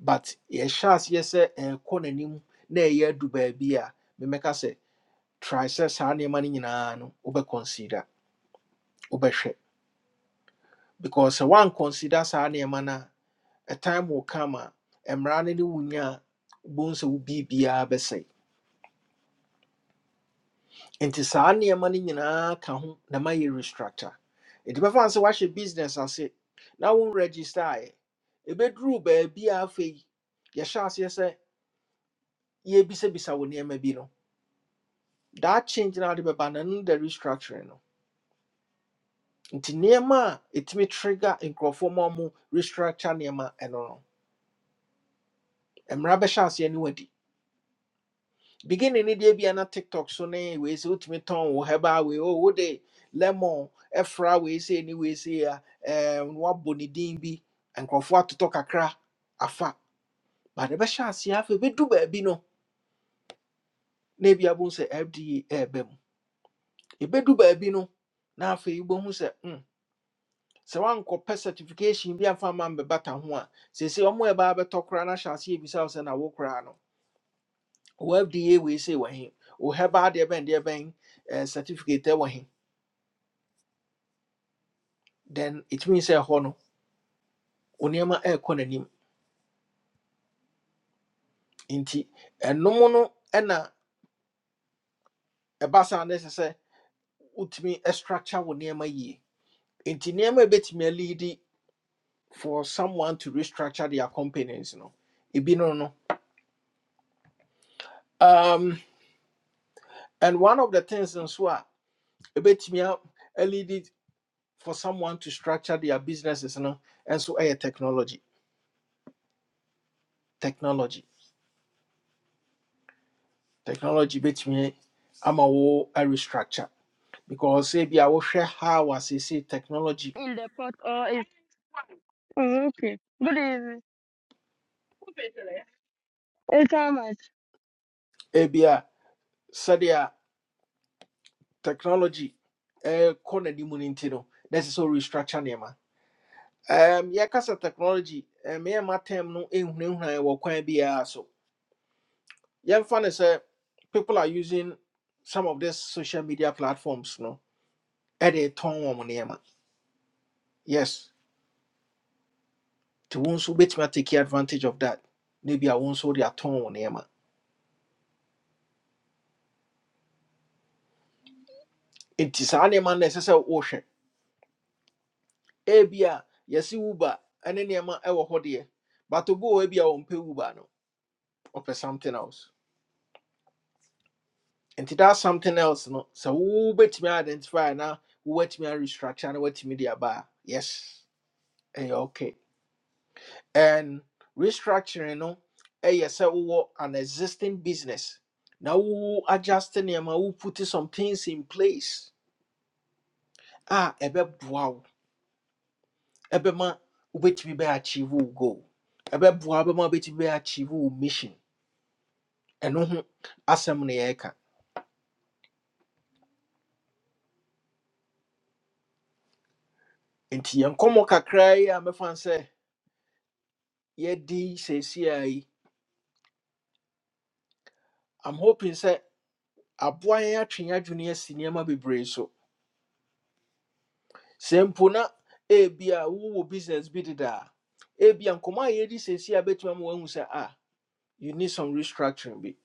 [SPEAKER 1] But yɛhyɛ aseɛ sɛ ɛrekɔ n'anim na ɛyɛ adu baabi a memɛka sɛ try sɛ saa nneɛma no ube no wobɛconsider, wobɛhwɛ. Because one considers saa nneɛma no a, time will come a mmara no ne wo nya be wobohu sɛ wo nti saa nneɛma no nyinaa ka ho na mayɛ restructure nti bɛfa no sɛ woahyɛ business ase na wo register ayɛ ɛbɛduruu baabi a afei yɛhyɛ aseɛ sɛ yɛbisabisa wo nneɛma bi no That change na ade bɛba na no da restructuring no nti nneɛma a ɛtumi trigger nkurɔfoɔ ma ɔmo restructure nneɛma ɛno no mmara bɛhyɛ aseɛ ne wadi beginning ni deɛ bia na tiktok so ne wei sɛ wotumi tɔn wo hɛba wei o wode lemon ɛfra wei sɛ ni wei sɛ a ɛɛm, na wabɔ din bi nkurɔfoɔ atotɔ kakra afa bade bɛhyɛ aseɛ afei bɛdu baabi no na ebi abo sɛ fda ɛɛba mu ebɛdu baabi no na afei wobɛhu se mm, sɛ woankɔpɛ certification bi amfa ma mbɛbata ho a se ɔmo a ba bɛtɔ koraa na hyɛ aseɛ ebisa wo sɛ na wo koraa no wo fda wei sɛ wɔ he wo hɛba deɛ bɛn deɛ bɛn ɛɛ certificate ɛwɔ he then it means sɛ ɛhɔ no onneɛma ɛrekɔ n'anim nti ɛnom no ɛna ɛba saa se se sɛ wotumi structure wo nneɛma yie nti nneɛma a ɛbɛtumi for someone to restructure their companies no ebi no no um, and one of the things nso a ɛbɛtumi a- alead for someone to structure their businesses no ɛnso ɛyɛ technology technology technology bɛtumi ama wo a restructure because ebi a wohwɛ how as say technology
[SPEAKER 3] in the pot or it's oh, okay. Good evening. It's all right.
[SPEAKER 1] ebia sɛdeɛ technology ɛkɔ n'anim no nti no na restructure nneɛma um, yɛka sɛ technology um, yɛma term no ɛhunahuna wɔ kwan biara so yɛmfa ne sɛ people are using some of these social media platforms no ɛde tɔn wɔn nneɛma yes nti wo nso wobɛtumi take advantage of that na ebia wo nso wode atɔn wo nneɛma nti saa nneɛma no na ɛsɛ sɛ wohwɛ ebia yɛse wuba ɛne nneɛma ɛwɔ hɔ deɛ but obi wɔ hɔ ebia ɔmpɛ wuba no ɔpɛ something else nti that something else no So, sɛ wobɛtumi identify na wobɛtumi a restructure na what de aba a yes ɛyɛ okay and restructuring no ɛyɛ sɛ wowɔ an existing business Now, wo adjust nneɛma wo put some things in place Ah, a wow. wo ɛbɛma wobɛtumi bɛ achieve wo goal ɛbɛboa wo bɛma wow. bɛ achieve wo mission ɛno ho asɛm na yɛreka nti yɛn nkɔmmɔ kakra yi a mɛfa no sɛ yɛdi seesei a yi i'm hoping sɛ aboa yɛn atwe yɛn adwene asi nneɛma bebree so sɛ mpo na ebi a wowɔ business bi deda a ebi a nkɔmɔ a yɛdi seesei a bɛtumi ama wɔahu sɛ ah you need some restructuring bi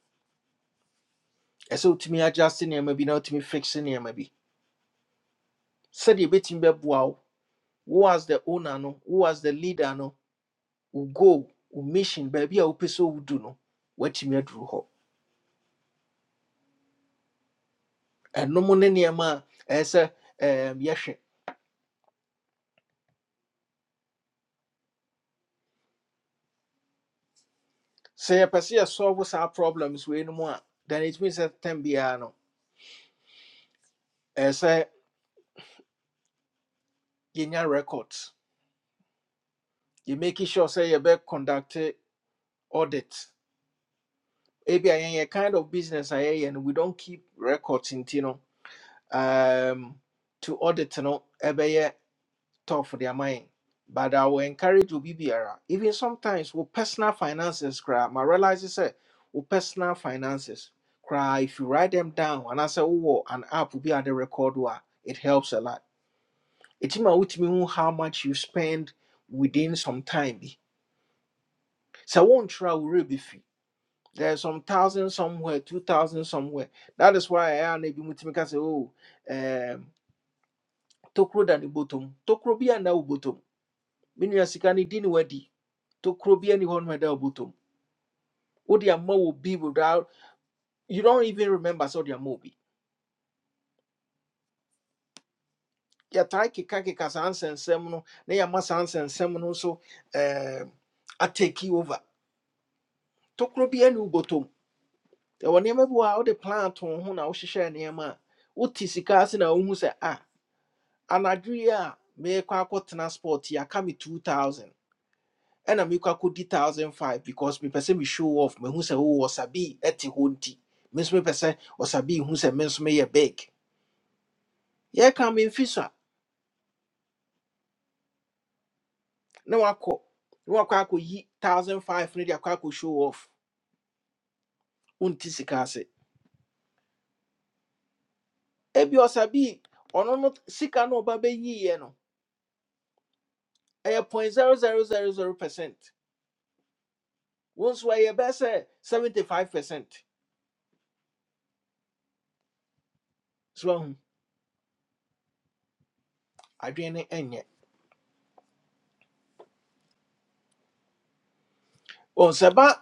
[SPEAKER 1] ɛsɛ wotumi adjust nneɛma bi na wotumi fix nneɛma bi sɛdeɛ ebɛtumi bɛboa wo wo as the owner no wo as the leader no wo goal wo mission baabi a wopɛ sɛ wodu no woatumi aduru hɔ ɛnom ne nneɛma a ɛyɛ sɛ ɛɛm, yɛhwɛ sɛ yɛpɛ sɛ yɛsolve saa problems wei no mu then it means that tam biara no ɛɛ sɛ yɛnya records yɛmaki sure say you be conduct audit ebia a kind of business a and we don't keep records in, no um, to audit no ɛbɛyɛ tough for their mind. But I will encourage you, BBR. Even sometimes with personal finances, cry. My realize is that with personal finances, cry. If you write them down and I say, oh, an app will be at the record, wa," it helps a lot. It might mean how much you spend within some time. bi. So one try will be free. There's some thousand somewhere, two thousand somewhere. That is why I am maybe mutimika say, oh, um, tokro dan the tokro be and now bottom. Meaning, as you to krobi anyone when they'll butum. Udia mo will be without you don't even remember so their movie. Yeah, tai kika kika sans and seminal, nea ma sans and seminal so um I take you over. To krobi any butum. There were never out the plant on who now she share near ma. Uti sikas and a umu say ah. Anadria me kwa transport ya kami two thousand. And I'm equal to thousand five because me person me show off me who say oh wasabi eti hunti. Miss me person wasabi who say me nso meyɛ big. yɛka memfi so a na wakɔ na wakɔ akɔyi 1500 no de akɔ akɔ show off unti sika ase ebi ɔsabii ono no sika no ɔba bɛyiiɛ no ɛyɛ zero zero zero zero percent wo nso ɛyɛ bɛɛ 75 percent so um, adwene no ɛnyɛ ɔn sɛ ba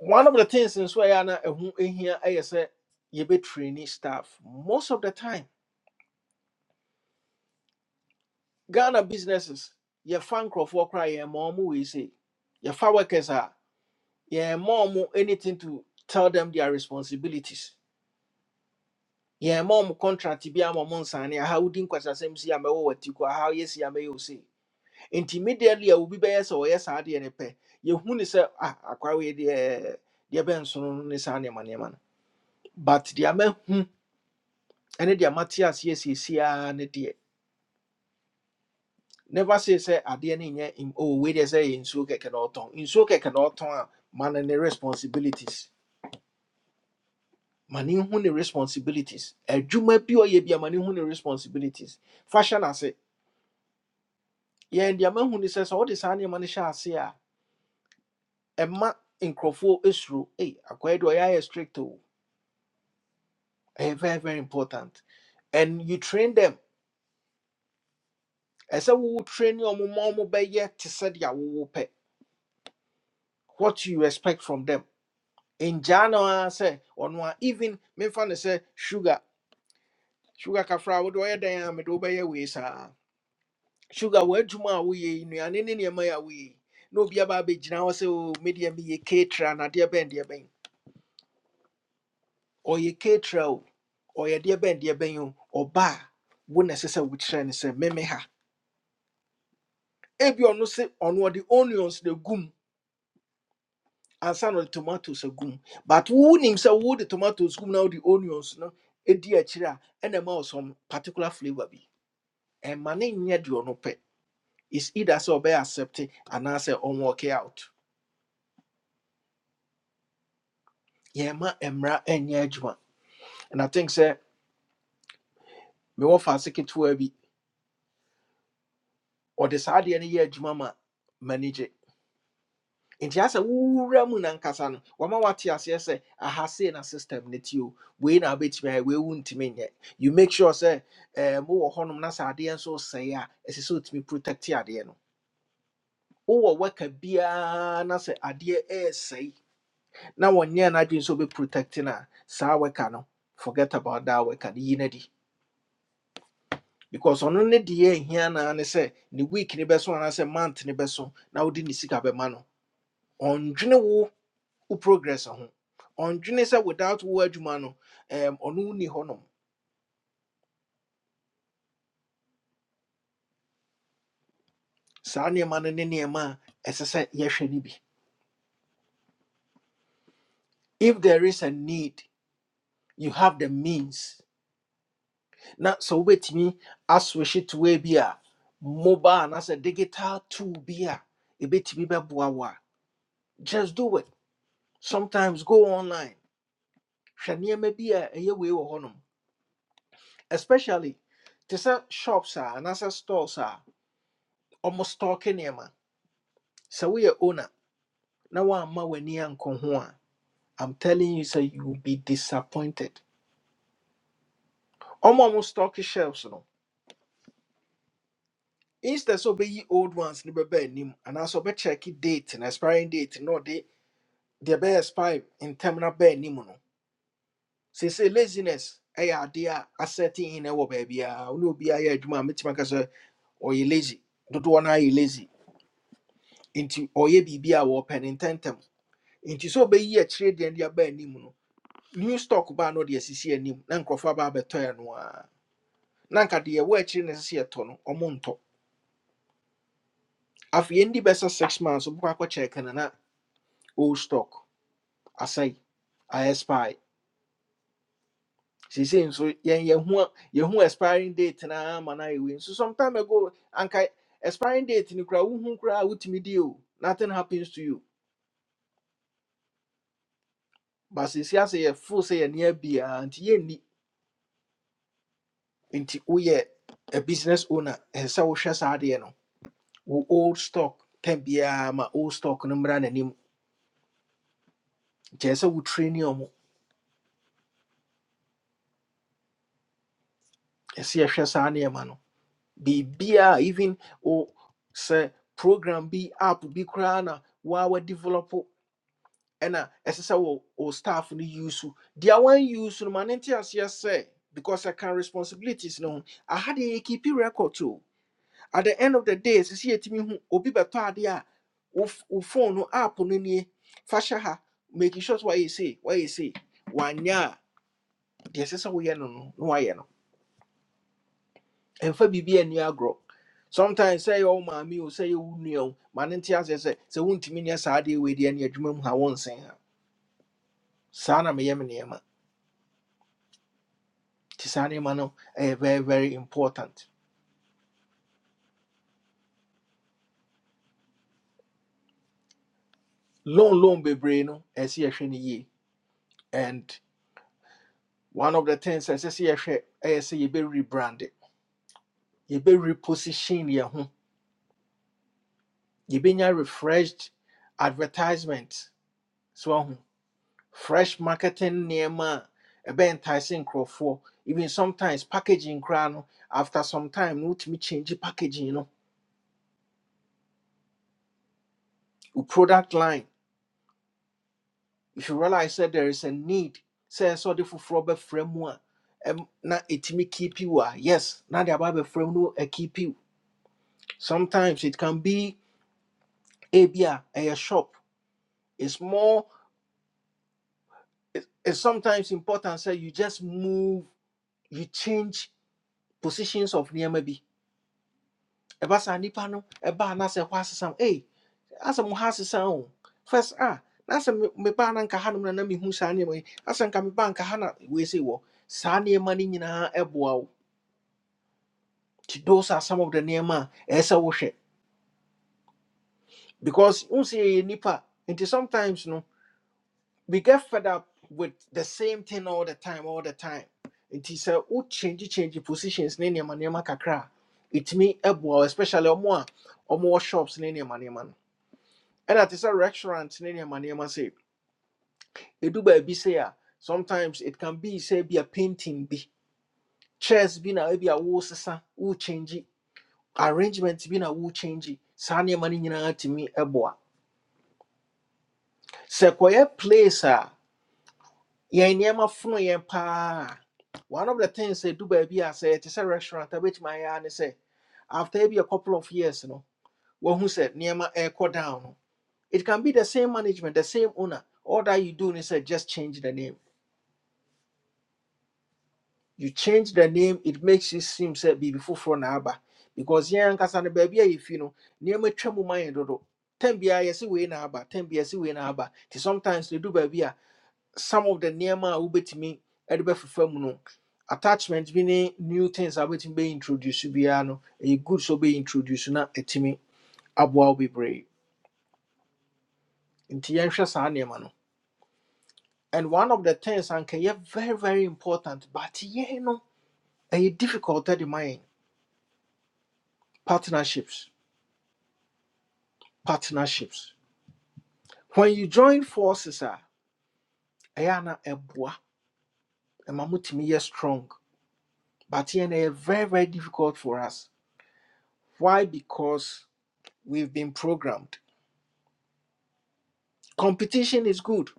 [SPEAKER 1] one of the things nso ɛyɛ a na ɛho ɛhia ɛyɛ sɛ yɛbɛtraini staff most of the time ghana businesses yɛfa nkurɔfoɔ koraa yɛn ma ɔmo wei sei yɛfa workers a Yeah, mom anything to tell them their responsibilities. Yeah, mom contract bi ama mo nsane aha kwasa nkwasasɛm si ama wo wati kɔ aha yɛ si ama yɛ osi. Nti immediately a obi bɛyɛ yes ɔyɛ saa deɛ ne pɛ. Yɛhu ne sɛ ah akwa wei deɛ deɛ bɛnso no ne saa nneɛma nneɛma no. But deɛ mahu ne deɛ mate aseɛ seesiaa ne deɛ. Never say say adeɛ no nye im- oh wei deɛ sɛ yɛ nsuo na ɔtɔn. Nsuo kɛkɛ na ɔtɔn a ma no ne responsibilities. Mani hu ne responsibilities adwuma bi a ɔyɛ bi a mane hu ne responsibilities fa hyɛ n'ase yɛn deɛ mahu ne sɛ sɛ wode saa nneɛma no hyɛ ase a ɛma nkurɔfoɔ ɛsuro ei akɔyɛ deɛ ɔyɛ ayɛ strict o very very important and you train them As I wowo train ɔmo ma ɔmo bɛyɛ te sɛdeɛ wowo pɛ what you expect from them ngyaa no ara sɛ ɔno even memfa no sɛ sugar sugar kafra a wode ɔyɛ dɛn a mede wobɛyɛ sugar w'adwuma a woyɛ yi nnuane ne nneɛma yi a woyɛ yi na obi aba abɛgyina hɔ sɛ o medeɛ meyɛ katra na adeɛ bɛn deɛ bɛn ɔyɛ katra o ɔyɛ deɛ bɛn deɛ bɛn o ɔba a wo na ɛsɛ sɛ wokyerɛ no sɛ meme ha ebi ɔno se ɔno ɔde onions na gum ansa na ɔde tomatoes agum but wonim sɛ wode tomatoes gum na wode onions no ɛdi akyire a ɛna ɛma wo some particular flavour bi ɛma ne nyɛ deɛ ɔno pɛ is either sɛ ɔbɛyɛ accept anaasɛ ɔnwɔke out yɛma mmara nyɛ adwuma and I think sɛ mewɔ faase ketewa bi ɔde saa adeɛ no yɛ adwuma ma manage. manigye nti asɛ wowura mu nankasa no wama wate aseɛ sɛ aha sei na system no ti o wei na wobɛtumi ayɛ wei wo ntumi nyɛ you make sure sɛ eh, mowɔ hɔnom na sɛ adeɛ nso sɛe a ɛsɛ sɛ wotumi protect adeɛ no wowɔ waka biara na sɛ adeɛ ɛɛsɛe na wɔnyɛ no adwene sɛ wobɛprotect no a saa waka no forget about that waka no yi no adi because ɔno ne deɛ ɛhia naa ne sɛ ne week ne bɛso anaasɛ month ne bɛso na wode ne sika bɛma no ɔndwene wo wo progress ho ɔndwene sɛ without wo adwuma no em, ɔno ni hɔnom saa nneɛma no ne nneɛma a ɛsɛ sɛ yɛhwɛ no bi if there is a need you have the means na sɛ wobɛtumi aswehye toa bi a mobile anaasɛ digital tool bi a ɛbɛtumi bɛboa wo a just do it sometimes go online hwɛ nneɛma bi a ɛyɛ wei wɔ hɔnom especially te sɛ shops a anaasɛ stores a ɔmo stɔɔke nneɛma sɛ woyɛ owner na woamma w'ani ankɔ ho a i'm telling you sɛ you will be disappointed ɔmo a ɔmo stɔɔke shelves no instead sɛ ɔbɛyi old ones no bɛba anim anaasɛ ɔbɛkyɛke date na expiring date na ɔde deɛ ɛbɛyɛ expire ntɛm no ba anim no seesei laziness ɛyɛ adeɛ a asɛte in ɛwɔ baabiaa wo ne obiaa yɛ adwuma a mɛtumi aka sɛ ɔyɛ lazy dodoɔ no ayɛ lazy nti ɔyɛ biribi a wɔpɛ no ntɛmntɛm nti sɛ ɔbɛyi akyire deɛ de aba anim no new stock baa no de asisi anim na nkurɔfoɔ aba abɛtɔ ɛ no a na anka deɛ ɛwɔ akyire no sɛ yɛtɔ no ɔmo ntɔ afei yɛndi bɛsa six months wobɛkɔ akɔkyɛɛ kana na old stock asɛe aɛspy seesei nso yɛn yɛho a- yɛho expiring date naa ma no ayɛwei nso sometime ago anka expiring date no koraa wohu koraa a wotumi di o nothing happens to you but seesei asɛ yɛfoo sɛ yɛnea biaa nti yɛnni nti woyɛ a business owner ɛsɛ sɛ wohwɛ saa adeɛ no wo old stock tɛm biara ma old stock no mmra n'anim kyerɛ sɛ wo training ɔmo ɛsɛ yɛhwɛ saa nneɛma no biribiaa even wo sɛ program bi app bi koraa na waa wadevelop ɛna ɛsɛ sɛ wo wo staff no use wo. deɛ wɔanyuse no ma ne nte aseɛ because I can responsibilities no I had deɛ yɛkeepi record too. at the end of the day sisi yɛtumi hu obi bɛtɔ ade a wo f- wo phone no app no nie fa hyɛ ha making sure sɛ wayɛ sei wayɛ sei wanyɛ a deɛ ɛsɛ sɛ woyɛ no no na wayɛ no ɛmfa biribi ani agorɔ sometimes sɛ yɛ wo maame o sɛ yɛ wo nua o ma ne nte aseɛ sɛ sɛ wontumi nyɛ saa deɛ wei deɛ ne adwuma mu ha wonsen ha saa na meyɛ me nneɛma nti saa nneɛma no ɛyɛ very very important loan loan bebree no ɛsɛ sɛ yɛhwɛ no yie and one of the things a ɛsɛ sɛ yɛhwɛ ɛyɛ sɛ yɛbɛ rebrand yɛbɛ reposition yɛn ho yɛbɛnya refreshed advertisement so ahu fresh marketing nneɛma a ɛbɛntaese for even sometimes packaging koraa no after some time no wotumi change packaging you know, wo product line if you realize that there is a need say ɛsɛ sɛ ɔde foforɔ bɛfrɛ mu a ɛm, na ɛtumi keep you a yes na de aba bɛfrɛ mu no a keep you sometimes it can be ebi a ɛyɛ shop It's more. it- it's sometimes important say you just move you change positions of nneɛma bi ɛba saa nipa no ɛba a na sɛ hɔ asesa m ei asɛ mo ha asesa o first ah, na sɛ me- mebaa na nka ha nom na na mehu saa nneɛma yi asɛ nka mebaa nka ha na wei sei wɔ saa nneɛma no nyinaa ɛboa wo nti those are some of the nneɛma a ɛɛ sɛ wohwɛ because wo sɛ yɛyɛ nipa nti sometimes no we get fed up with the same thing all the time, all the time. It is a wo change change positions ne nneɛma nneɛma kakra a ɛtumi ɛboa especially ɔmo a ɔmowɔ shops ne nneɛma nneɛma no a te sɛ restaurant ne nneɛma nneɛma sɛ ɛdu baabi say. a sometimes it can be say be a painting Be chairs Be na e be a wosesa wochange arrangements. Be na wochange saa nneɛma no nyinaa tumi ɛboa sɛ kɔyɛ place a Yeah, in nneɛma fono yɛn paa one of the things they do, baby, I say, it's a restaurant I bɛtumi my ara ne sɛ after maybe a couple of years you know, no wɔhu sɛ nneɛma ɛrekɔ down no it can be the same management the same owner all that you do is sɛ just change the name you change the name it makes it seem sɛ biribi foforɔ na aba because yeah, ankasa no baby, if you know, nneɛma twa mu ma yɛn dodo Ten biara yɛsi wei na aba tɛn biara yɛsi wei na aba ti sometimes they do baby. some of the nneɛma a wobɛtumi de bɛfefa mu no attachment bi ne new things a wobɛtumi bɛintroduce biara no ɛyɛ good sɛ wobɛintroduce na ɛtumi aboa wo bebree nti yɛnhwɛ saa nneɛma no and one of the things anka ɛyɛ very very important but yɛn no ɛyɛ difficult de ma yɛn partnerships partnerships when you join forces a ɛyɛ ana ɛboa ɛma motumi yɛ strong but yɛn no ɛyɛ very very difficult for us why because we've been programmed Competition is good,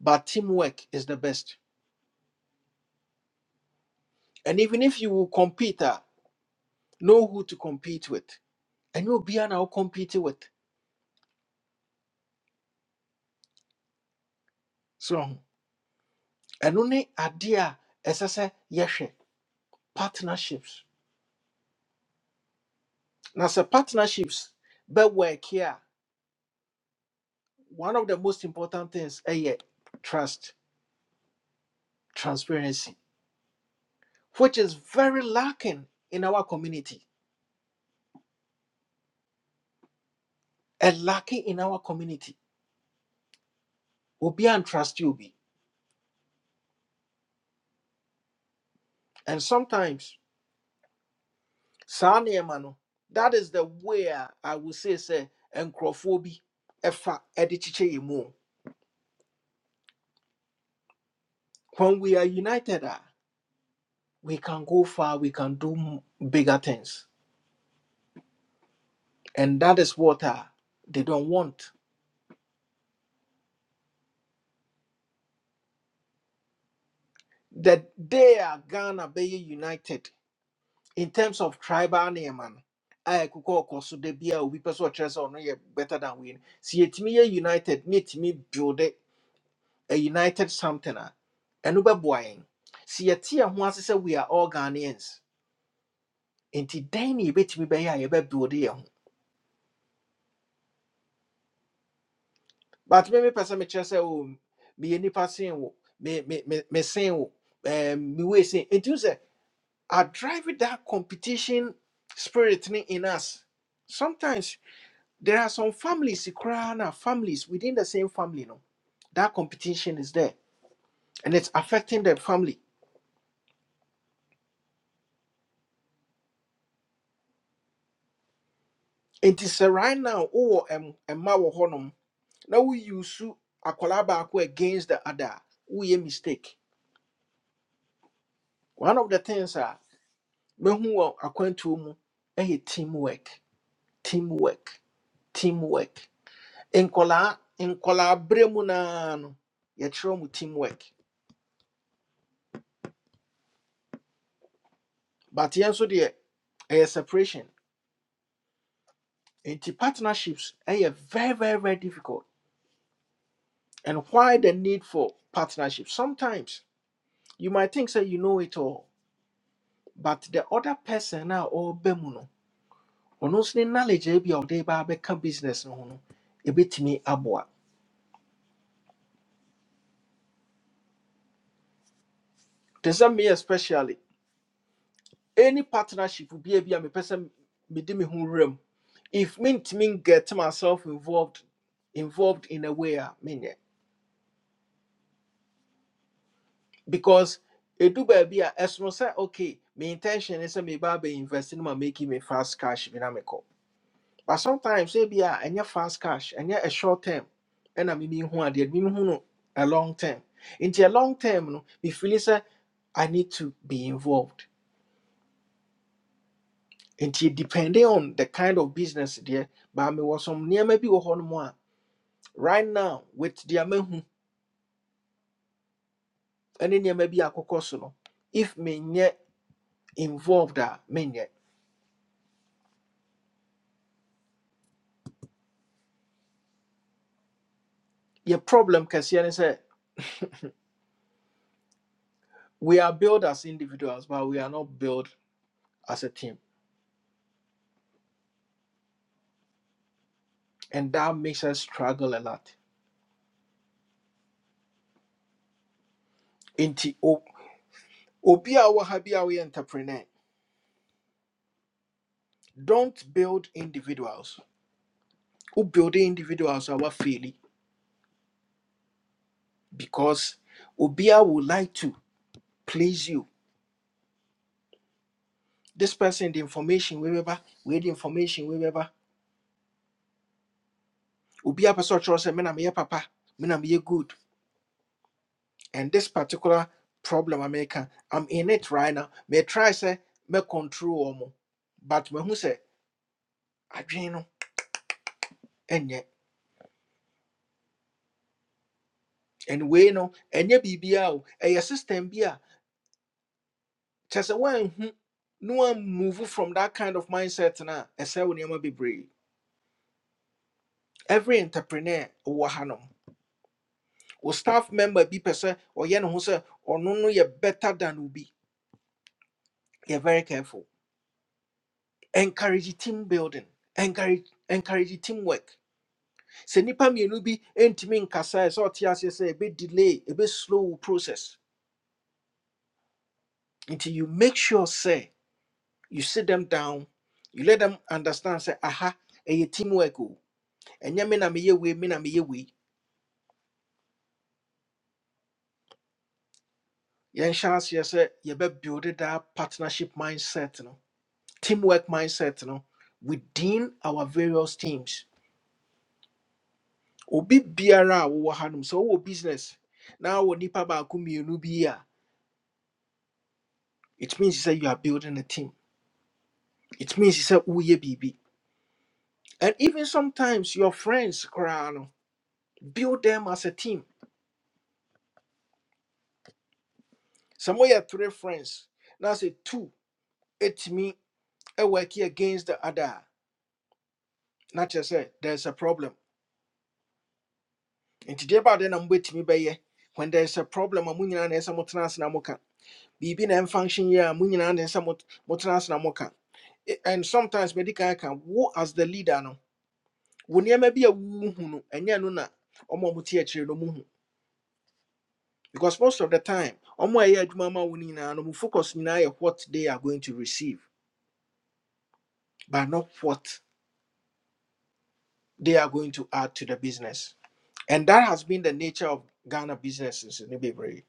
[SPEAKER 1] but teamwork is the best. And even if you will compete, ah, know who to compete with. And you'll be an compete with. So, and only idea as I say, yes, partnerships. Now, so partnerships, but work here. One of the most important things is trust, transparency, which is very lacking in our community and lacking in our community. Obi and trust you be. And sometimes saa nneɛma no that is the way a i would say sɛ nkurɔfoɔ bi ɛfa ɛde kyekyɛ yɛn mu o. when we are united a we can go far we can do m- bigger things and that is what a they don't want That they are ghana be united in terms of tribal name, and I could call Kosu de Bia, we person chess or no a ɛkokɔ ɔkɔ so da bi a obi pɛ sɛ ɔkyerɛ better than we no sɛ yɛtumi united ne yɛtumi build it. a united something a ɛno bɛboa yɛn sɛ yɛte yɛn ho ase sɛ we are all ghanaians nti dɛn ne yɛbɛtumi bɛyɛ a yɛbɛbuode yɛn ho but me mepɛ sɛ mekyerɛ sɛ o meyɛ nnipa sen wo me- me- me- mesen wo ɛɛm, mewei sen nti wo sɛ I drive that competition spirit ne in us sometimes there are some families koraa na families within the same family no that competition is there and it's affecting the family nti sɛ right now wowɔ ɛm- ɛmma wɔ hɔnom na wo use akwadaa baako against the other a, woyɛ mistake one of the things a mehu wɔ akwantuo mu ɛyɛ teamwork teamwork teamwork nkwadaa nkwadaa berɛ mu naa no yɛkyerɛ mu teamwork but yɛn nso deɛ ɛyɛ separation nti partnerships ɛyɛ very very very difficult and why the need for partnership sometimes you might think say you know it all but the other person now ɔreba bemuno. ɔno nso ne knowledge a ebi a ɔde ba abɛka business no ho no ebɛtumi aboa te sɛ me especially any partnership bi a bi a mepɛ sɛ mede me ho wura mu if mentumi get myself involved involved in a way a menyɛ because ɛdu baabi a ɛsono sɛ okay me intention ne sɛ meba abɛinvest no ma making me fast cash bi na mekɔ But sometimes maybe a ɛnyɛ fast cash, ɛnyɛ a short term, and I mean who are the no a long term. Into a long term, no, me feel say I need to be involved. Into depending on the kind of business there, but me was some near maybe one more right now with the amehu and then maybe a cocos no. If me nye involved, ah, me nye. Your problem, Cassian, say, we are built as individuals, but we are not built as a team, and that makes us struggle a lot. Obi a wɔ ha bi a woyɛ entrepreneur, don't build individuals. Who build individuals are fairly because Obia would like to please you. This person, the information we weba, we the information we weba. Obia person trust me na meyɛ papa, me na meyɛ good. And this particular problem America, I'm in it right now. Me try say me control omo, but me who say adwene no enye. And we no enye bibia o, ɛyɛ system bia. kyɛ when no one woamove from that kind of mindset no a ɛsɛ wo nneɛma bebree every entrepreneur wɔ hanom wo staff member bi pɛ sɛ ɔyɛ ne ho sɛ ɔno no yɛ better than obi yɛ very careful encourage team building encourage encourage team work sɛ nnipa mmienu bi ntumi nkasa ɛ sɛ ɔte aseɛ sɛ ɛbɛ delay ɛbɛ slow wo process Until you make sure sɛ you sit them down you let them understand sɛ aha ɛyɛ team work o ɛnyɛ me na meyɛ wei me na meyɛ wei Yen chance yɛnhyɛ aseɛ be yɛbɛbuild that partnership mindset no teamwork mindset no within our various teams obi biara a wowɔ so sɛ wowɔ business na wɔ nnipa baako mmienu bi a it means sɛ you are building a team it means sɛ woyɛ biribi and even sometimes your friends koraa no build them as a team sɛ moyɛ three friends now say two it me a ɛwɔaki against the other a na kyerɛ there's a problem nti deɛ baade na mobɛtumi bɛyɛ when there is a problem a mo nyinaa na ɛsɛ motena ase na moka biribi na function, yie a mo nyinaa na ɛsɛ mot- motena ase na moka E- and sometimes mɛdi kan ka wo as the leader no wo nneɛma bi a wohu no ɛnyɛ no na ɔmo a mote akyire no muhu because most of the time ɔmo a ɛyɛ adwuma ma wo no nyinaa no mo focus nyinaa yɛ what they are going to receive but not what they are going to add to the business and that has been the nature of ghana businesses in bebree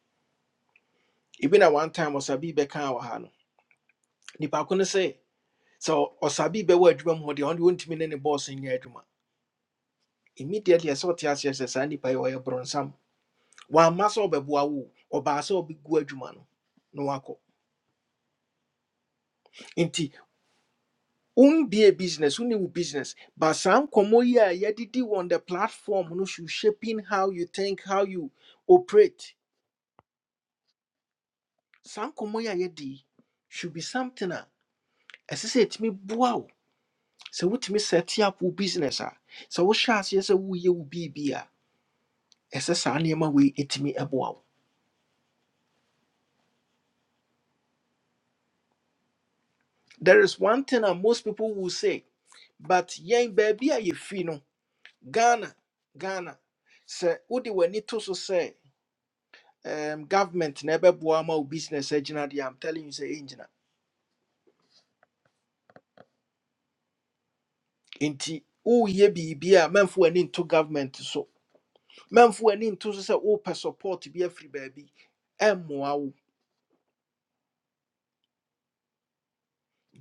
[SPEAKER 1] Even at one time ɔsabi bɛka wɔ ha no nipa ko no sɛ sɛ ɔ- ɔsabi bɛwɔ adwuma mu hɔ deɛ ɔno deɛ ne ne boss nyɛ adwuma immediately ɛsɛ ɔte aseɛ sɛ saa nipa yi ɔyɛ borɔnsam wamma sɛ ɔbɛboa wo o, ɔbaa sɛ ɔbɛgu adwuma no na wakɔ nti be a business wone wo business but saa nkɔmmɔ yi a on the platform no should shaping how you think how you operate saa nkɔmmɔ yedi should be something a ɛsɛ sɛ ɛtumi boa wo sɛ wotumi set up wo business a sɛ wohyɛ aseɛ sɛ woyɛ wo biribi a ɛsɛ saa nneɛma wei ɛtumi ɛboa wo there is one thing that most people will say but yɛn baabi a yɛfiri no ghana ghana sɛ wode w'ani to so sɛ um, government na ɛbɛboa ma wo business agyina deɛ am telling you sɛ ɛngyina nti woyɛ biribi a mamfo w'ani nto government so mamfo w'ani nto so sɛ wopɛ support bi afiri baabi ɛmmoa wo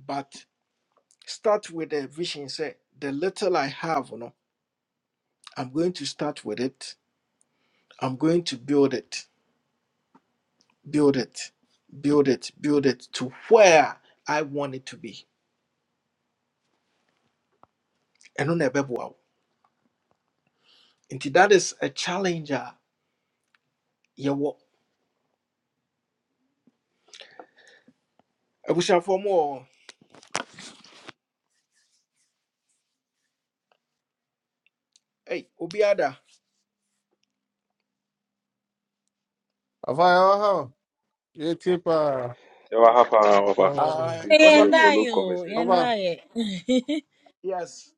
[SPEAKER 1] but start with the vision sɛ the little i have no i'm going to start with it i'm going to build it build it, build it, build it to where I want it to be. And on a bebwa. And that is a challenge. uh, Yeah, what I wish I for more. Hey, Obiada.
[SPEAKER 4] Rapaz, ó, e tipo, ah,
[SPEAKER 5] Ewa hapa over.
[SPEAKER 4] ó,
[SPEAKER 1] Uh,
[SPEAKER 5] It's a
[SPEAKER 1] Osabi,
[SPEAKER 5] follow
[SPEAKER 2] Yendayo,
[SPEAKER 5] conversation.
[SPEAKER 4] rapaz,
[SPEAKER 2] yendaye.
[SPEAKER 1] yes.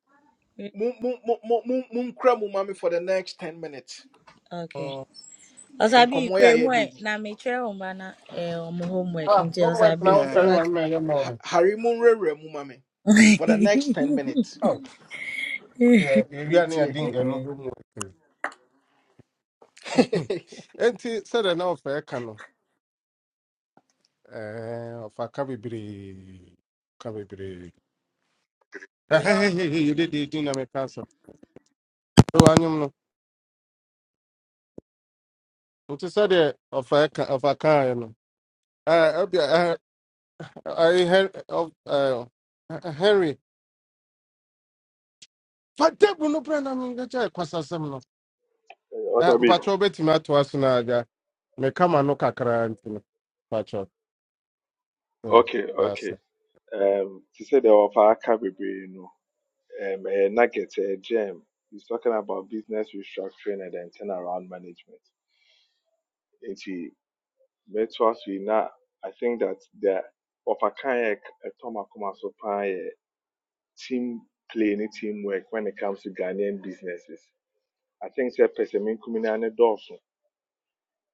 [SPEAKER 1] Moon mummy for the next 10 minutes.
[SPEAKER 2] okay.
[SPEAKER 4] ó,
[SPEAKER 1] In
[SPEAKER 2] Osabi
[SPEAKER 1] Komoya
[SPEAKER 2] kwe mwe
[SPEAKER 1] Yedi.
[SPEAKER 2] na meche umana eh omo homework
[SPEAKER 4] ah,
[SPEAKER 2] nti
[SPEAKER 4] vamos lá, que
[SPEAKER 2] osabi
[SPEAKER 4] não, foi
[SPEAKER 1] Yeah.
[SPEAKER 2] over.
[SPEAKER 4] uma
[SPEAKER 2] to-
[SPEAKER 4] melhor mão.
[SPEAKER 1] Harimun Rere mummy for the next 10 minutes.
[SPEAKER 4] Oh, é, eu ia
[SPEAKER 1] Meet
[SPEAKER 4] nem a
[SPEAKER 1] ye.
[SPEAKER 4] ding, eu não vou muito. Enti, será não foi a cano? É, o faca bibri, faca bibri. Hey, ele de ding na minha casa. Eu animo no. O te sabe, o faca, o faca, eu não. Ah, eu, aí, Henry, Henry, fatebu no prenda minha, já é quase assim,
[SPEAKER 5] Eh, What
[SPEAKER 4] Eh,
[SPEAKER 5] I mean?
[SPEAKER 4] mpakyɛ wobɛtumi atoa so no agya meka ma no kakra nti no mpakyɛ eh,
[SPEAKER 5] Okay, okay.
[SPEAKER 4] daasɛ
[SPEAKER 5] Um, she said the there were be, you know, Um, a nugget, a gem. He's talking about business restructuring and then turnaround management. Nti mɛto aso yi na I think that the ɔfakan can ɛtɔm akoma so paa yɛ team play any teamwork when it comes to Ghanaian businesses. I think sɛ pɛsɛ me nkumi and ne dɔɔso.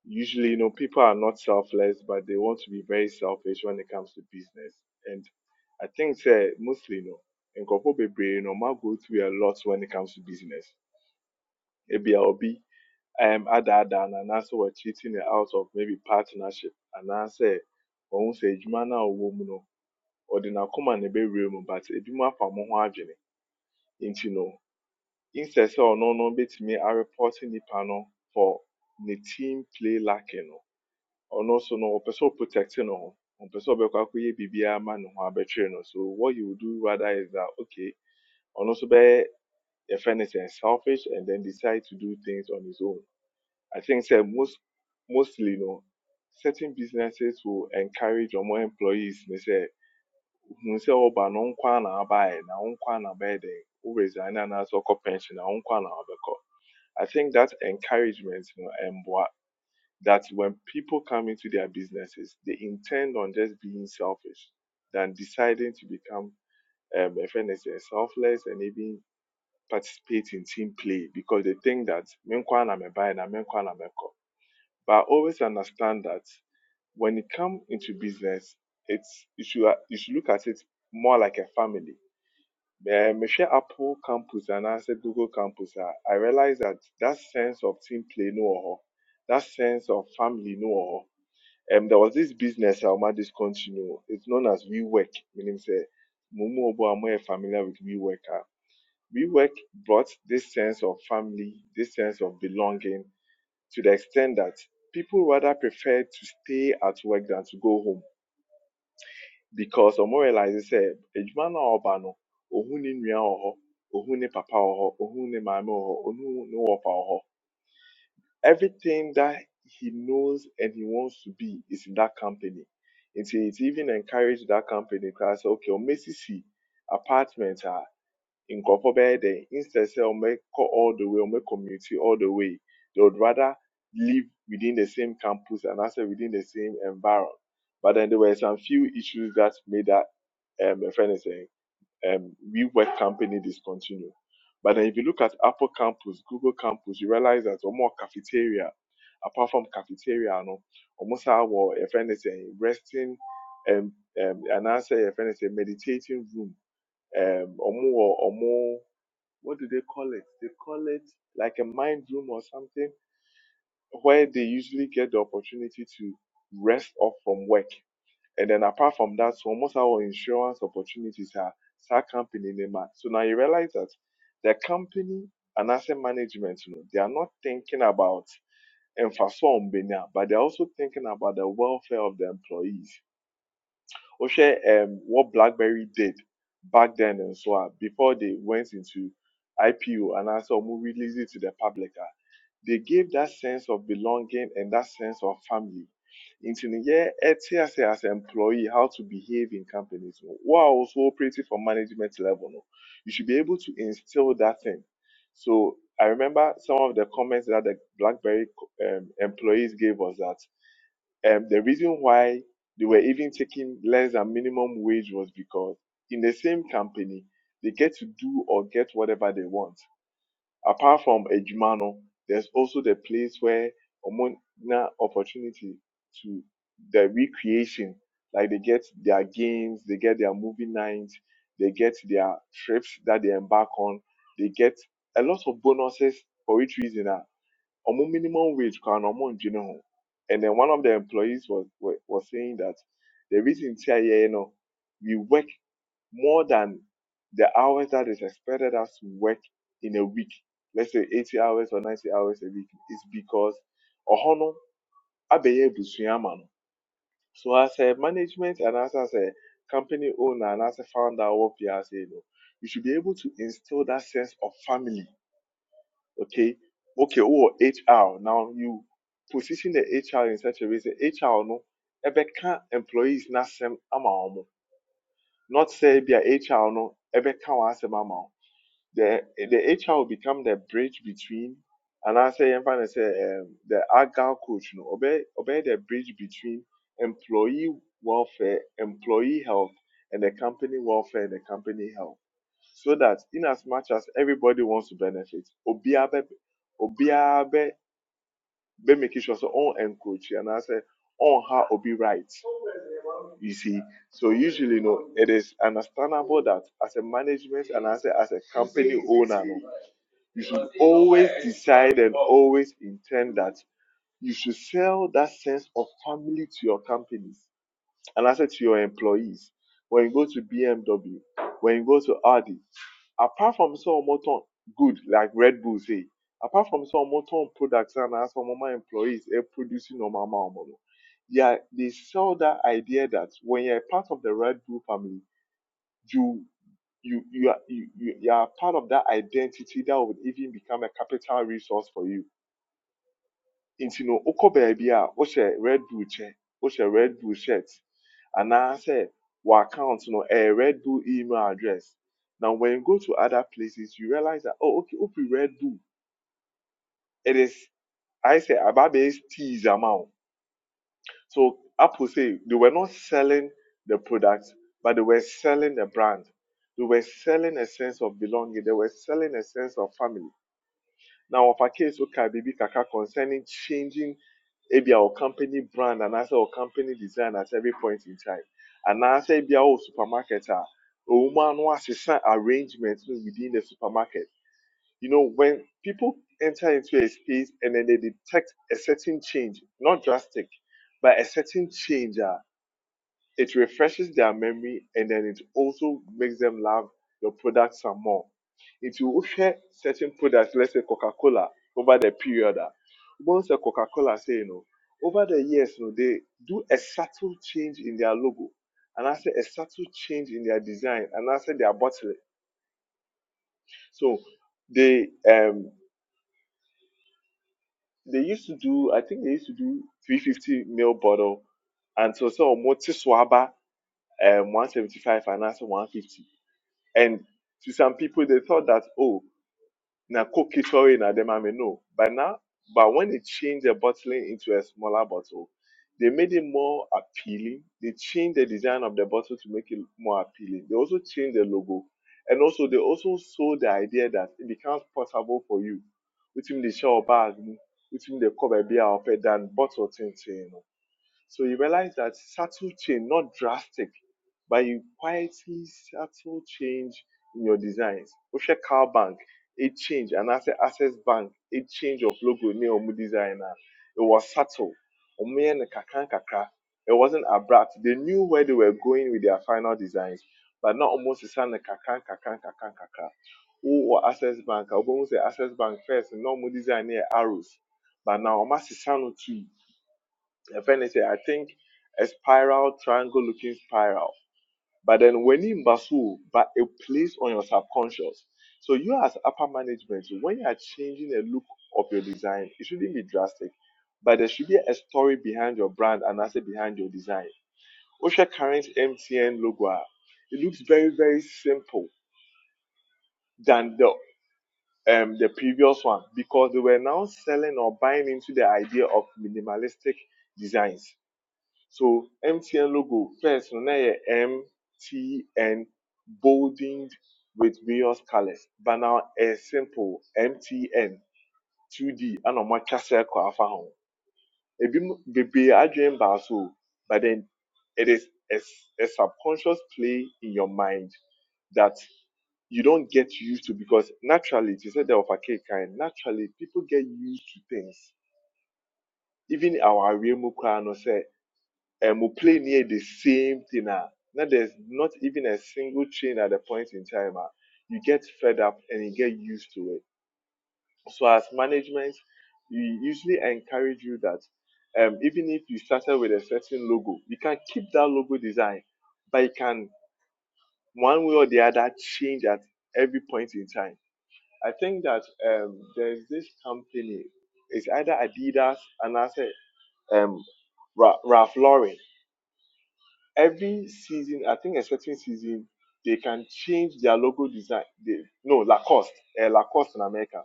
[SPEAKER 5] usually you know people are not selfless but they want to be very selfish when it comes to business and i think say mostly you know in nkurɔfoɔ you know, ma go through a lot when it comes to business Maybe I'll be um other than and also we're cheating it out of maybe partnership anaasɛ wɔn sɛ adwuma say a ɔwɔ mu no ɔde n'akoma na ɛbɛwura room, but ebi mu afa mo ho adwene nti no instead sɛ ɔno no betumi reporting the panel for the team play lacking no Ono nso no ɔpɛ sɛ ɔprotect ne ho ɔmpɛ sɛ ɔbɛkɔ akɔyɛ ma ne ho abɛtwere no so what you would do rather is that okay ono nso bɛyɛ yɛfrɛ no sɛ selfish and then decide to do things on his own i think say most mostly no certain businesses will encourage or more employees ne say, hu sɛ ɔba no wo nko ara na abaɛ na wo nko ara na bɛyɛ dɛn wo resign anaasɛ ɔkɔ pension na wo na wabɛkɔ i think that encouragement no ɛmboa that when people come into their businesses, they intend on just being selfish than deciding to become, um, a friend anything, selfless and even participate in team play because they think that menkwa na meba and menkwa na meko. But always understand that when you come into business, it's you should you should look at it more like a family. Eh, Mehwɛ Apple campus and I said Google campus. I realized that that sense of team play no That sense of family no um, there was this business I almost discontinued. It's known as WeWork, meaning say Mumu Obo Amo are more familiar with WeWork. ah. WeWork brought this sense of family, this sense of belonging to the extent that people rather prefer to stay at work than to go home because Omo realizes say Ejuma na ọba no, ohun ni nua ọhọ, ohun ni papa ọhọ, ohun ni maame ọhọ, ohun ni ọpa ọhọ. everything that he knows and he wants to be is in that company. And so it's even encouraged that company because okay, or C apartments are in Kofobede, instead say or make all the way or make community all the way. They would rather live within the same campus and also within the same environment. But then there were some few issues that made that um a friend is saying um, WeWork company discontinued. But then if you look at Apple campus, Google campus, you realize that or more cafeteria, apart from cafeteria, no, almost our if anything, resting um, um and I say if anything, meditating room. Um or more or more what do they call it? They call it like a mind room or something where they usually get the opportunity to rest off from work and then apart from that, so almost our insurance opportunities are start company name. ah. So now you realize that the company and asset management, you know, they are not thinking about emphasis but they're also thinking about the welfare of the employees. Oshé, um, what BlackBerry did back then and so on, before they went into IPO and also released it to the public. They give that sense of belonging and that sense of family. Nti no yɛte ase as employee how to behave in companies no. also operating for management level no, you should be able to instill that thing. So I remember some of the comments that the BlackBerry um, employees gave us that um, the reason why they were even taking less than minimum wage was because in the same company they get to do or get whatever they want apart from adwuma no there's also the place where ɔmo na opportunity to the recreation like they get their games they get their movie nights they get their trips that they embark on they get a lot of bonuses for each reason ah ɔmo minimum wage can na ɔmo ndwene ho and then one of the employees was was, was saying that the reason ti you yɛyɛ no, we work more than the hours that is expected us to work in a week, let's say 80 hours or 90 hours a week, is because ɔhɔ no abɛyɛ abusua ama no. So as a management and as, as a company owner and as a founder of what you know, you should be able to instill that sense of family. Okay, okay, oh HR. Now you position the HR in such a way that HR no ɛbɛka employees n'asɛm ama wɔn. Not say be a HR no ɛbɛka wɔn asɛm ama wɔn. the the HR will become the bridge between and I say and finally say um, the agile coach no obey obey the bridge between employee welfare, employee health, and the company welfare and the company health. So that in as much as everybody wants to benefit, obia be obia be be making sure so on encourage and I say on how obi right. You see, so usually no, it is understandable that as a management and as a, as a company owner no, you should always decide and always intend that you should sell that sense of family to your companies and I said to your employees. When you go to BMW, when you go to Audi, apart from some motor good like Red Bull say, apart from some motor products and as some of my employees are producing normal amount of money, yeah, they sell that idea that when you're a part of the Red Bull family, you you you are you, you, you are part of that identity that would even become a capital resource for you. Into no oko baby a wohyɛ red bull chair, What's wohyɛ red bull shirt and I say what account no a red bull email address. Now when you go to other places you realize that oh okay open red bull it is I say ababes teas amount. So Apple say they were not selling the product but they were selling the brand. They were selling a sense of belonging. They were selling a sense of family Now, of a case, okay, baby, kaka concerning changing maybe our company brand and also our company design at every point in time. And now, say, be our supermarket, ah, a woman was arrangement within the supermarket. You know, when people enter into a space and then they detect a certain change, not drastic, but a certain change. ah. It refreshes their memory and then it also makes them love your product some more. It will share certain products, let's say Coca-Cola, over the period. ah, Once a Coca-Cola say, you know, over the years, you know, they do a subtle change in their logo. And I say a subtle change in their design, and I say their bottling. So they um they used to do, I think they used to do 350 ml bottle, and so so more Tiswaba um 175 and I say 150. And to some people, they thought that, oh, na Coke is sorry, na dem I may know. But now, but when they changed the bottling into a smaller bottle, they made it more appealing. They changed the design of the bottle to make it more appealing. They also changed the logo. And also, they also sold the idea that it becomes possible for you. Within the shower bag, within the cover beer, than bottle thing, you know. So you realize that subtle change, not drastic, but you quietly subtle change in your designs. Osha Car Bank, a change, and asset access bank, a change of logo near Omu designer. It was subtle. Omu yɛ no kakra nkakra. It wasn't abrupt. They knew where they were going with their final designs, but not almost the same kakra kakra kakra kakra. Who access bank? I almost say access bank first. Normal design near arrows, but now almost the same if anything, I think a spiral, triangle looking spiral. But then when in Basu, but it plays on your subconscious. So you as upper management, when you are changing the look of your design, it shouldn't be drastic. But there should be a story behind your brand and also behind your design. Osha current MTN logo, ah, it looks very, very simple than the um the previous one because they were now selling or buying into the idea of minimalistic designs So MTN logo first no na yɛ MTN bolded with various colors. But now a simple MTN 2D ɛna ɔmo atwa circle afa ho. Ebinom bebree adwene baaso but then it is a a subconscious play in your mind that you don't get used to because naturally, you said there of a cake kind, naturally people get used to things. Even our real mukra no say and we play near the same thing. ah. Now there's not even a single change at the point in time. ah. You get fed up and you get used to it. So as management, we usually encourage you that um, even if you started with a certain logo, you can keep that logo design, but you can one way or the other change at every point in time. I think that um, there's this company, it's either Adidas and I say um, Ra- Ralph Lauren every season, I think expecting season, they can change their logo design. They, no, Lacoste, uh, Lacoste in America.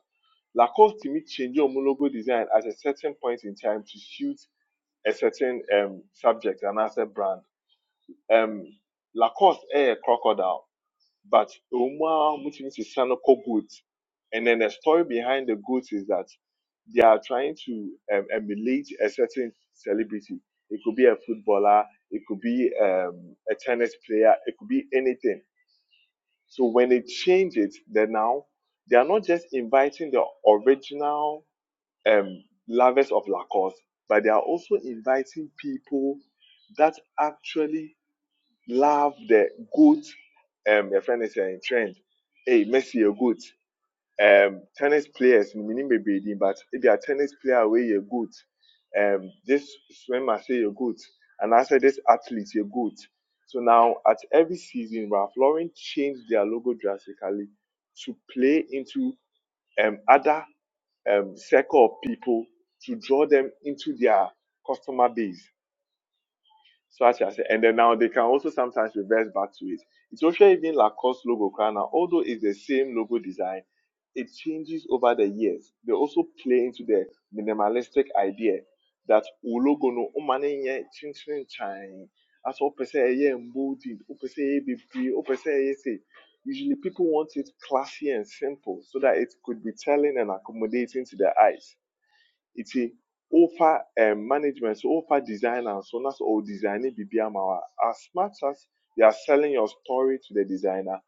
[SPEAKER 5] Lacoste to me change your logo design at a certain point in time to suit a certain um, subject and asset brand. Um, Lacoste, a eh, crocodile. But Uma Mutinisisan cook goods. And then the story behind the goods is that they are trying to um, emulate a certain celebrity. It could be a footballer, it could be um, a tennis player, it could be anything. So when they change it, then now they are not just inviting the original um, lovers of Lacoste, but they are also inviting people that actually love the goat. Um, your friend is uh, in trend. Hey, Messi a goat. Um, tennis players, maybe baby, but if you are tennis player, away are good. Um, this swimmer say you're good, and I said this athlete you're good. So now at every season, Ralph Lauren changed their logo drastically to play into um other um circle of people to draw them into their customer base Swatch as- I said, and then now they can also sometimes reverse back to it. Ethiopia even Lacoste logo crown now, although it's the same logo design, it changes over the years. They also play into the minimalistic idea that o logo no o mane nye chinchin chan. As all per ye emboldened, o per se ɛyɛ bebree, o pɛ Usually people want it classy and simple so that it could be telling and accommodating to their eyes nti wofa um, management so wofa designer so na sɛ ɔwɔ design bibi ama as much as you are selling your story to the designer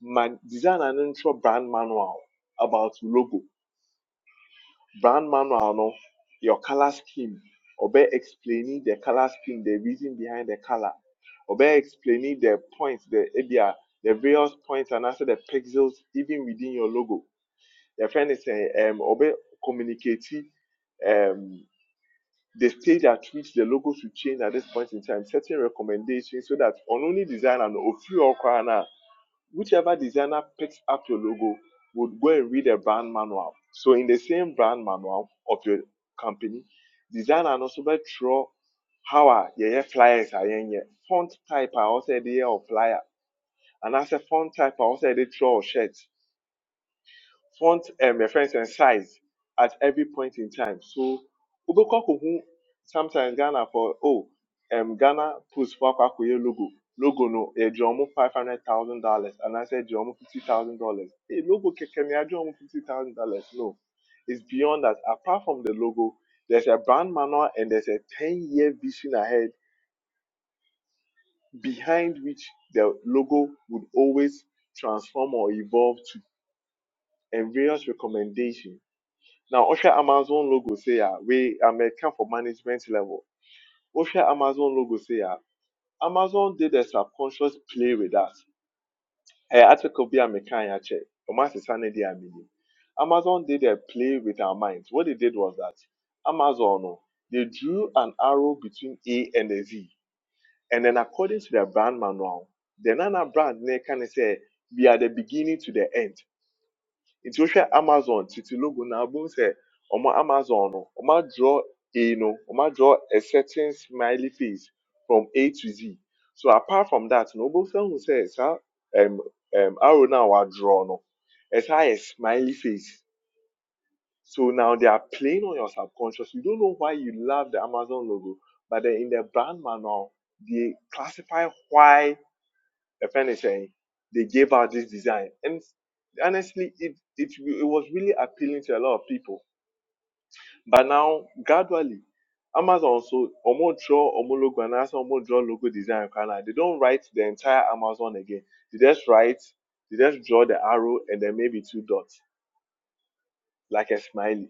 [SPEAKER 5] ma designer no ntwerɛ brand manual about logo brand manual no your color scheme ɔbɛ explaining the color scheme the reason behind the color ɔbɛ explaining the points the area, the various points and also the pixels even within your logo Your friend is saying, um, ɔbɛ communicating. um, the stage at which the logos will change at this point in time, Certain recommendations so that on only designer no ofi okwana, whichever designer picks up your logo would go and read a brand manual. So in the same brand manual of your company, designer no so bet throw how are yeah flyers are yeah font type I also the of flyer and as a font type I also the throw shirts font um, reference and size at every point in time. So wobɛkɔ akɔhu sometimes Ghana for oh um, Ghana puts for akɔ logo. Logo no a ɔmo five hundred thousand dollars and I said ɔmo fifty thousand dollars. Hey, logo kɛkɛ mi yɛde ɔmo fifty thousand dollars no. It's beyond that. Apart from the logo, there's a brand manual and there's a ten year vision ahead behind which the logo would always transform or evolve to and various recommendations. Now, Osha Amazon logo say, ah, we are come for management level. Osha Amazon logo say, ah, Amazon did a subconscious play with us. Hey, article be a mechanic check. Amazon did a play with our minds. What they did was that Amazon, oh, they drew an arrow between A and a Z. And then according to their brand manual, the Nana brand, they kind of say, we are the beginning to the end nti wohwɛ amazon titi logo na abom sɛ ɔmo amazon no ɔmo draw a no ɔmo draw a certain smiley face from a to z so apart from that na wobɛsan hu sɛ saa ɛm ɛm arrow no a draw no ɛsan ayɛ smiley face so now they are playing on your subconscious you don't know why you love the amazon logo but then in the brand manual they classify why if anything, they gave out this design. And honestly, it, it, it was really appealing to a lot of people. But now, gradually, Amazon so omo draw omo logo and also omo draw logo design they don't write the entire Amazon again. They just write, they just draw the arrow and then maybe two dots like a smiley.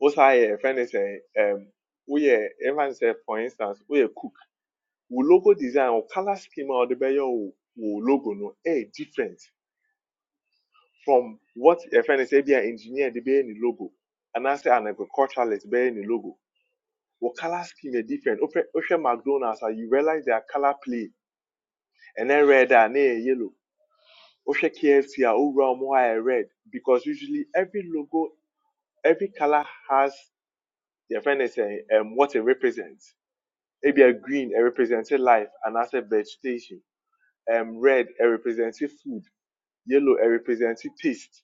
[SPEAKER 5] Also, if anything, um, we even say for instance, we cook. We logo design or color schema or the way your logo no, eh different from what yɛfrɛ no sɛ an engineer de bɛyɛ ne logo and I say an agriculturalist bɛyɛ ne logo wɔ color scheme yɛ different wohwɛ wohwɛ mcdonalds a you realize their color play and then red and then yellow wohwɛ kfc a owura wɔn hɔ red because usually every logo every color has yɛfrɛ no sɛ um, what it represents It be a green it represents life and anaasɛ vegetation um, red it represents food yellow it represents taste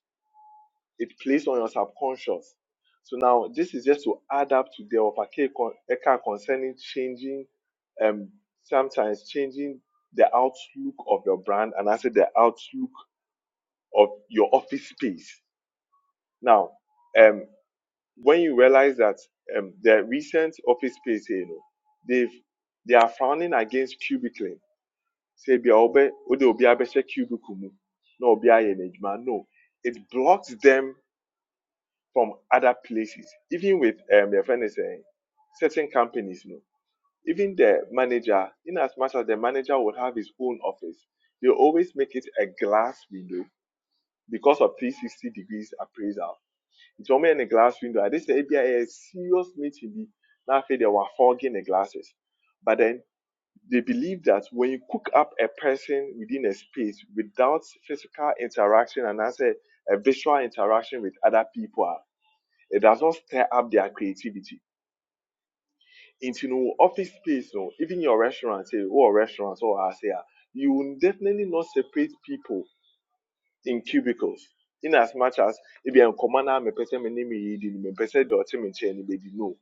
[SPEAKER 5] It plays on your subconscious. So now this is just to add up to the of Eka concerning changing, um, sometimes changing the outlook of your brand and I say the outlook of your office space. Now, um, when you realize that um, the recent office space, you know, they've they are frowning against cubicling. Say, be obe, ode obi abese cubicle mu, no obi aye na edwuma." no. It blocks them from other places. Even with um, your friend is saying, certain companies, no. Even the manager, in as much as the manager would have his own office, they always make it a glass window because of 360 degrees appraisal. It's only in a glass window. And this is a serious meeting. Be now they were fogging the glasses, but then they believe that when you cook up a person within a space without physical interaction and as a a visual interaction with other people, ah, it does not stir up their creativity. Into you know office space, no, even your restaurant, say, or restaurants, or I say, ah, you will definitely not separate people in cubicles. In as much as if you're a commander, me am a person, me name me Eden, my person, the ultimate chain, no.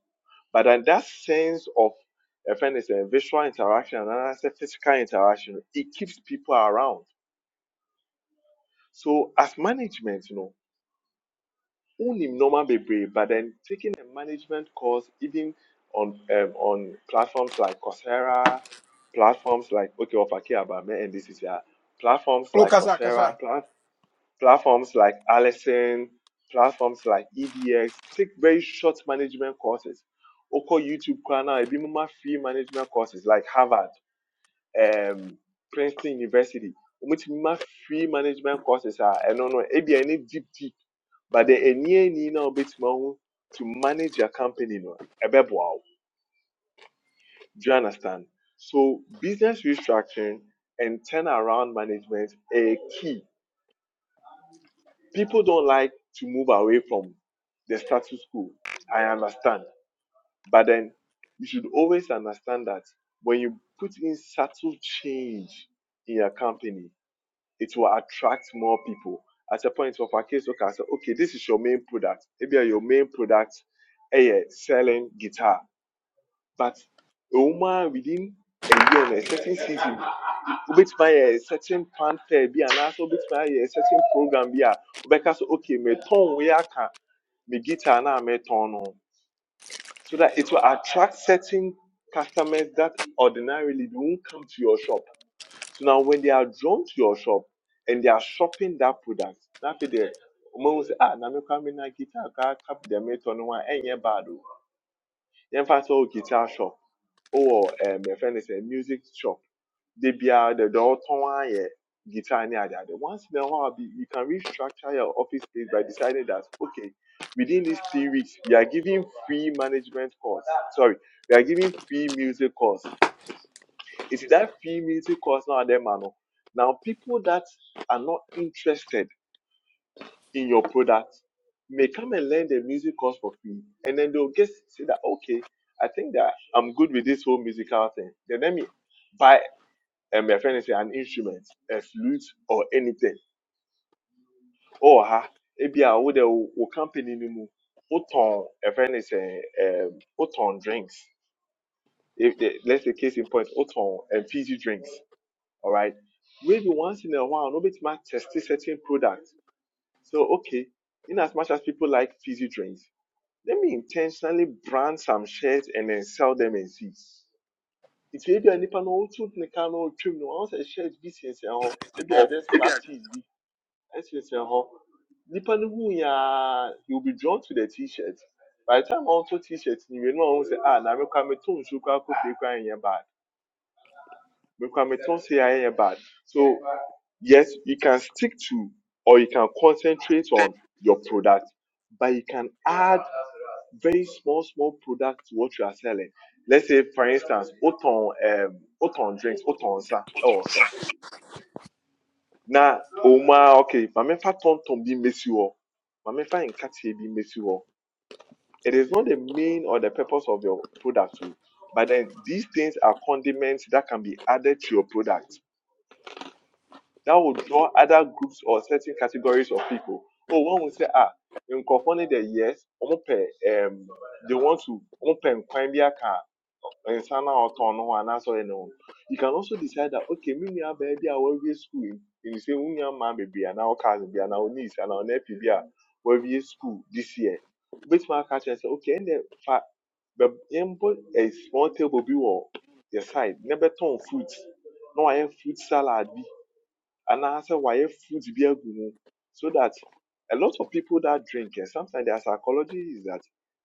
[SPEAKER 5] But then that sense of a friend is a visual interaction and another is a physical interaction, it keeps people around. So as management, you know. who nim normal bebree but then taking a management course even on um, on platforms like Coursera, platforms like okay ofake abame and this is uh, platforms
[SPEAKER 1] Oh,
[SPEAKER 5] like
[SPEAKER 1] Kasa,
[SPEAKER 5] Coursera,
[SPEAKER 1] Kasa.
[SPEAKER 5] pla- platforms like Allison, platforms like EDX take very short management courses. Oko YouTube channel, ebi muma free management courses like Harvard, um, Princeton University. Omo ti muma free management courses ah, I don't know, ebi any deep deep but the enye ni na obetuma ho to manage your company no ɛbɛboa wo do you understand so business restructuring and turnaround management are key people don't like to move away from the status quo i understand but then you should always understand that when you put in subtle change in your company it will attract more people. At a point of our case, okay, I said, okay, this is your main product. Maybe your main product eh, yeah, selling guitar. But a woman within a year, no, a certain season, which my a certain fan fair be and also which my a certain program be a because okay, me tone we are can me guitar na me tone no. So that it will attract certain customers that ordinarily do not come to your shop. So now when they are drawn to your shop and they are shopping that product, na afei deɛ wɔn sɛ ah na me kura me na guitar kaa tap deɛ metɔ no ho a ɛnyɛ bad o. Yɛmfa sɛ ɔwɔ guitar shop ɔwɔ ɛm yɛfrɛ no sɛ music shop de biara deɛ deɛ ɔtɔn ara yɛ guitar ne adeade. Once in a while bi you can restructure your office space by deciding that okay within these three weeks we are giving free management course sorry we are giving free music course it is that free military course now and then, man. oh, Now, people that are not interested in your product may come and learn the music course for free. And then they'll just say that, okay, I think that I'm good with this whole musical thing. Then let me buy um, my friend say an instrument, a flute or anything. Or ha, maybe I would will company no more. Oton, a friend is a um, Oton drinks. If, the- let's say case in point, Oton and fizzy drinks. All right. Maybe once in a while, nobody might test certain products. So, okay, in as much as people like fizzy drinks, let me intentionally brand some shirts and then sell them and see. It's maybe a nipa no otu ne ka no trim no ɔno sɛ shares bi sensɛn hɔ ebi
[SPEAKER 1] Yeah.
[SPEAKER 5] a shirt business and all. Maybe I just club tees bi ɛsensɛn hɔ nipa no hu ya will be drawn to the t-shirt by the time ɔnto t-shirt ni wie no a ɔhu sɛ ah na mekwa meto nsu kora kofi kora nyɛ bad mekwa say se ayɛ bad so Yes, you can stick to or you can concentrate on your product, but you can add very small, small products to what you are selling. Let's say, for instance, Oton, um, Oton drinks, Oton sa, or shop. Now, Oma, okay, Mamefa Ton Ton bi mesi hɔ. in Nkatie bi mesi hɔ. It is not the main or the purpose of your product, o, but then these things are condiments that can be added to your product that will draw other groups or certain categories of people. Oh, one will say, ah, nkurɔfoɔ no deɛ yes, um, they want to open pɛ nkwan bi Sana or na ɔtɔn no ho You can also decide that okay, me and baby baabi a wɔawie school yi, you say wo nua mmaa bebree anaa wo cousins bi anaa wo niece anaa wo nephew bi a school this year. Wobɛtumi catch, kyerɛ say, okay, ɛnna fa bɛ- yɛmbɔ a small table bi wɔ your side na bɛtɔn fruit No, I wayɛ fruit salad bi and I say why food bi agu mu so that a lot of people that drink and sometimes their psychology is that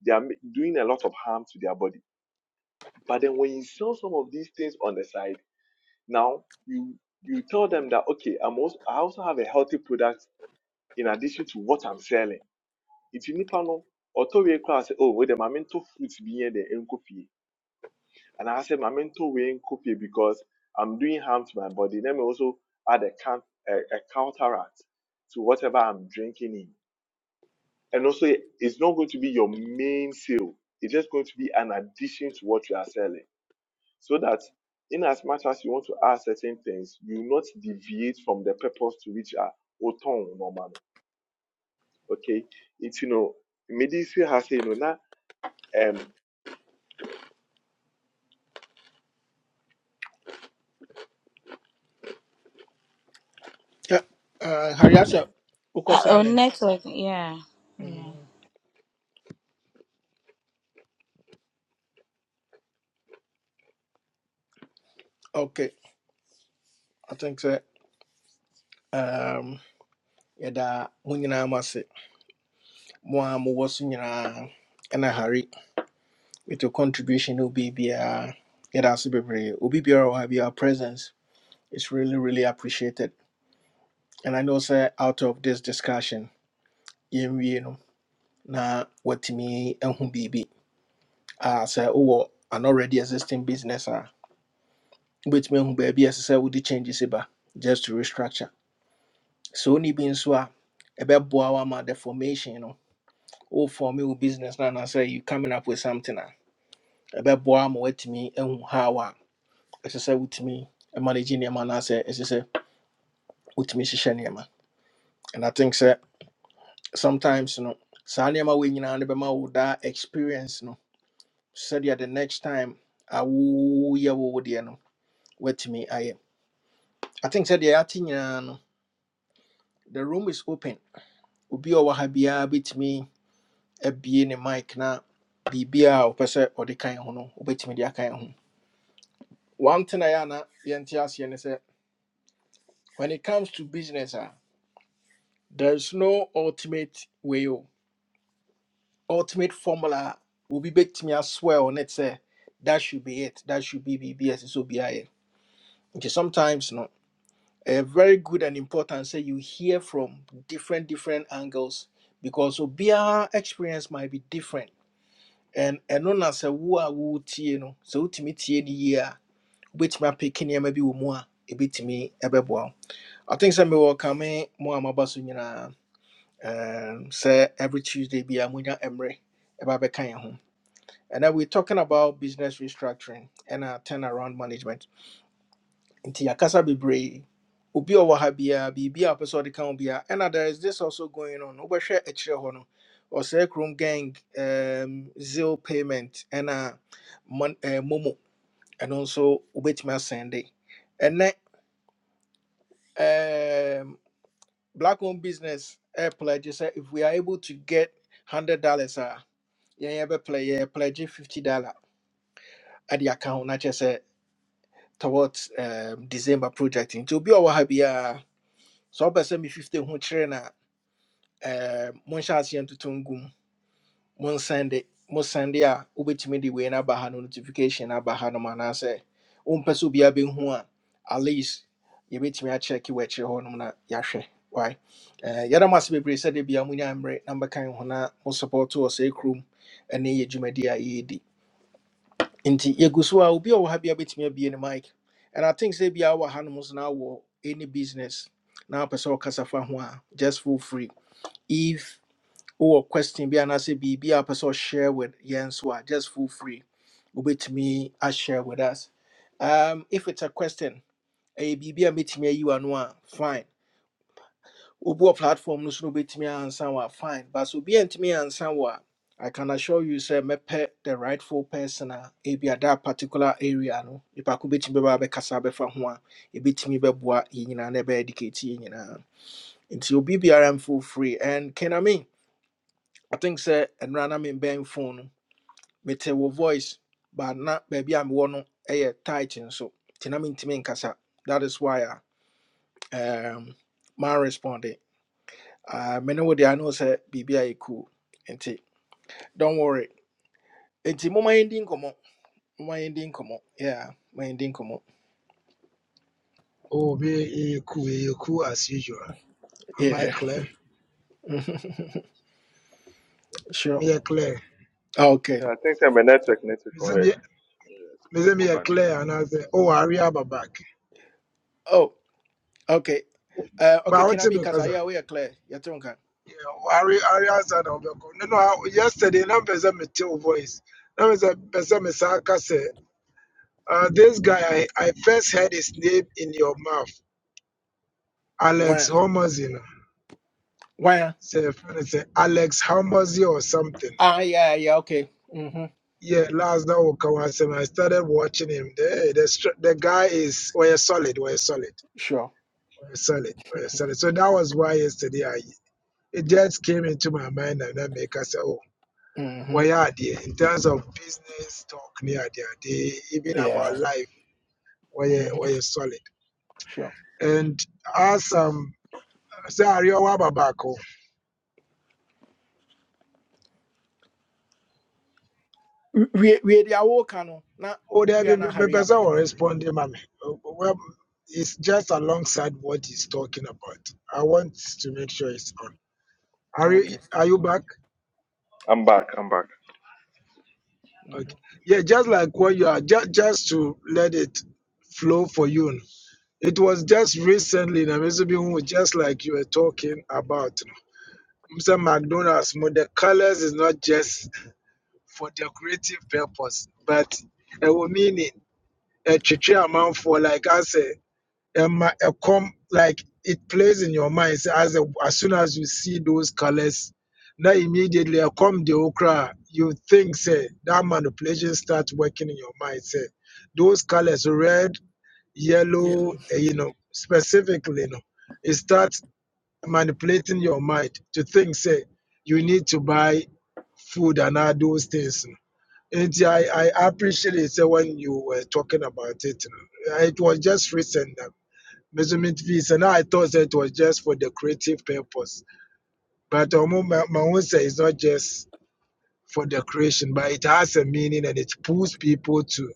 [SPEAKER 5] they are doing a lot of harm to their body but then when you sell some of these things on the side now you you tell them that okay i'm also i also have a healthy product in addition to what i'm selling nti nipa no ɔtɔ wie koraa sɛ oh wait the minute, to fruits yɛn de nkɔ And I said, my mental way copy because I'm doing harm to my body. Let me also add a, can- a, a counteract to whatever I'm drinking in. And also, it's not going to be your main sale. It's just going to be an addition to what you are selling. So that in as much as you want to add certain things, you not deviate from the purpose to which are oton normally. Okay. It's, you know, medicine has, you know, now, um,
[SPEAKER 1] Uh, Harry, Hariasa, Uko
[SPEAKER 2] Uh, oh,
[SPEAKER 1] silent.
[SPEAKER 2] network yeah yeah
[SPEAKER 1] Mm. Okay, I think sɛ um, yɛda mo nyinaa mo ase mo a mowɔ so nyinaa ɛna hare with your contribution ne obibiaa yɛda ase bebree obi biara wɔ have your presence is really really appreciated and i know sir, out of this discussion yɛnwie no na watumi ahu biribi Ah, sɛ wowɔ an already existing business ah, wobɛtumi ahu baabi a sir, sɛ wode changes ba just to restructure sɛ wonni bi nso a ɛbɛboa wo ama the formation no Oh, for me, with business now, and I say you coming up with something a bad boy, ɛbɛboa ma woatumi ahu how I say with me, a ɛsɛ sɛ wotumi manage nneɛma anaasɛ ɛsɛ sɛ wotumi hyehyɛ nneɛma and i think sir, sometimes no saa nneɛma wei nyinaa no bɛma wo daa experience no sɛdeɛ the next time a woyɛ wo wo deɛ no woatumi ayɛ i am. I think sɛdeɛ yɛate nyinaa no the room is open obi a ɔwɔ ha me. A abue ne mic na biribiaa a ɔpɛ sɛ ɔde kan ho no wobɛtumi de akan ho One thing I ana yɛnte aseɛ ne sɛ, when it comes to business ah, there is no ultimate way o. ultimate formula will be a me bɛtumi aswear on it sɛ that should be it that should be biribi a ɛsɛ sɛ Okay, sometimes no A very good and important say you hear from different different angles because obiara experience might be different and and ɛno na sɛ wo a wotie no sɛ wotumi tie no yie a wobɛtumi apeke nneɛma bi wɔ mu a ɛbɛtumi ɛbɛboa wo. I think sɛ mewɔ kame mu a maba so um, sɛ every Tuesday bi a monya mmerɛ ɛba bɛka yɛn ho ɛnɛ we talking about business restructuring and ɛna turnaround management Inti yakasa bebree obi a ɔwɔ ha biara biribi a wopɛ sɛ ɔde ka there is this also going on wobɛhwɛ akyirɛ hɔ no ɔsɛe krom gang um, zeal payment ɛna mon- eh, momo ɛno nso wobɛtumi asɛnde ɛnɛ black owned business air pledge is eh, if we are able to get hundred dollars uh yeah yeah but play yeah pledge fifty dollar at the account not just uh, towards um December project into be our happy uh so person me fifty hundred. who train monshasi um one to tungum mo nsɛnde mo nsɛnde a wobɛtumi de wei no aba ha no notification Abaha no aba ha no ma anaasɛ wompɛ a being one. at least yɛbɛtumi akyɛke w'akyirɛ hɔ nom na yɛahwɛ wae yɛda mo ase bebree sɛ de bia monya mmerɛ na mbɛkan ho na mo support wɔ sɛ kurom ne yɛ dwumadi a yɛredi nti yɛgu so a obi a ɔwɔ ha bia bɛtumi abie mic and i think sɛ biaa wɔ ha nom so na any business na wopɛ sɛ ɔkasa fa just for free if wowɔ question be? bi be be a person share with yɛn so a just feel free With me, I share with us um, if it's a question ɛyɛ biribi a mɛtumi ayi w'ano a meet me, you are no fine wobuɔ platform no so no me answer wɔ fine but so be obi me answer wɔ I can assure you sir, me pe the rightful person a be a that particular area no If nipa ko be bɛba abɛkasa abɛfa ho a e bit me be yɛn nyinaa na na be educate yɛn nyinaa nti obi biara mfeel free and can I mean? I think sɛ ɛnora na membɛn phone no mete wo voice but na baby I'm no a tight nso nti na mentumi nkasa that is why i um, ma responde Ah, me ne wo de ano sɛ biribi a cool and t don't worry It's my ending, come on. My ending, come on. yeah my ending, come on.
[SPEAKER 6] Oh, be cool, a cool as usual. Am I
[SPEAKER 1] yeah
[SPEAKER 6] clear?
[SPEAKER 1] sure
[SPEAKER 6] Me a clear.
[SPEAKER 5] Yeah,
[SPEAKER 1] okay
[SPEAKER 5] I think I'm a network network.
[SPEAKER 6] Me say
[SPEAKER 5] Go ahead.
[SPEAKER 6] me me say me
[SPEAKER 5] Move
[SPEAKER 6] a
[SPEAKER 5] on,
[SPEAKER 6] clear, and I say, oh, Ari Abba back.
[SPEAKER 1] oh okay uh,
[SPEAKER 6] But I
[SPEAKER 1] okay
[SPEAKER 6] want to be
[SPEAKER 1] kinami
[SPEAKER 6] because
[SPEAKER 1] kasa yeah we are clear yɛte wo nka
[SPEAKER 6] yeah, Ari Ari answered on the call. No, no. Yesterday, na person me tell voice. Na person person me say, uh, this guy, I, I first heard his name in your mouth, Alex
[SPEAKER 1] wan
[SPEAKER 6] Homozy.
[SPEAKER 1] wan
[SPEAKER 6] Say, friend, say Alex Homozy or something.
[SPEAKER 1] ah yeah yeah okay mm -hmm.
[SPEAKER 6] Yeah, last that will come as him. I started watching him. The, the str- the guy is we're solid, we're solid,
[SPEAKER 1] sure
[SPEAKER 6] we're solid, we're solid. So that was why yesterday I it just came into my mind and that make us say, oh,
[SPEAKER 1] Mm-hmm.
[SPEAKER 6] we are there in terms of business talk near there, they even about
[SPEAKER 1] Yeah.
[SPEAKER 6] life, we're
[SPEAKER 1] hmm
[SPEAKER 6] we're solid.
[SPEAKER 1] Sure.
[SPEAKER 6] And as um say Ariwa Babako,
[SPEAKER 1] we we the awoka no na
[SPEAKER 6] oh there
[SPEAKER 1] we
[SPEAKER 6] be
[SPEAKER 1] are na
[SPEAKER 6] the
[SPEAKER 1] hurry
[SPEAKER 6] person
[SPEAKER 1] aba
[SPEAKER 6] will respond to him. I oh, Well it's just alongside what he's talking about. I want to make sure it's on. Are
[SPEAKER 1] Oh,
[SPEAKER 6] you
[SPEAKER 1] Okay.
[SPEAKER 6] are you back?
[SPEAKER 5] I'm back. I'm back.
[SPEAKER 1] hmm
[SPEAKER 6] Okay. Yeah, just like what you are, just just to let it flow for you. It was just recently in Amizubi, just like you were talking about. Mr. McDonald's, mo- the colors is not just for decorative purpose, but a meaning, a chichi amount for like I say. um, a com like it plays in your mind say, as a, as soon as you see those colors now immediately a come the okra you think say that manipulation starts working in your mind say those colors red yellow
[SPEAKER 1] yellow
[SPEAKER 6] eh, you know specifically you know it starts manipulating your mind to think say you need to buy food and all those things and I, I appreciate it say, when you were talking about it you know. it was just recent that measurement fees. And I thought that it was just for decorative purpose. But Mahunsa is not just for decoration, but it has a meaning and it pulls people to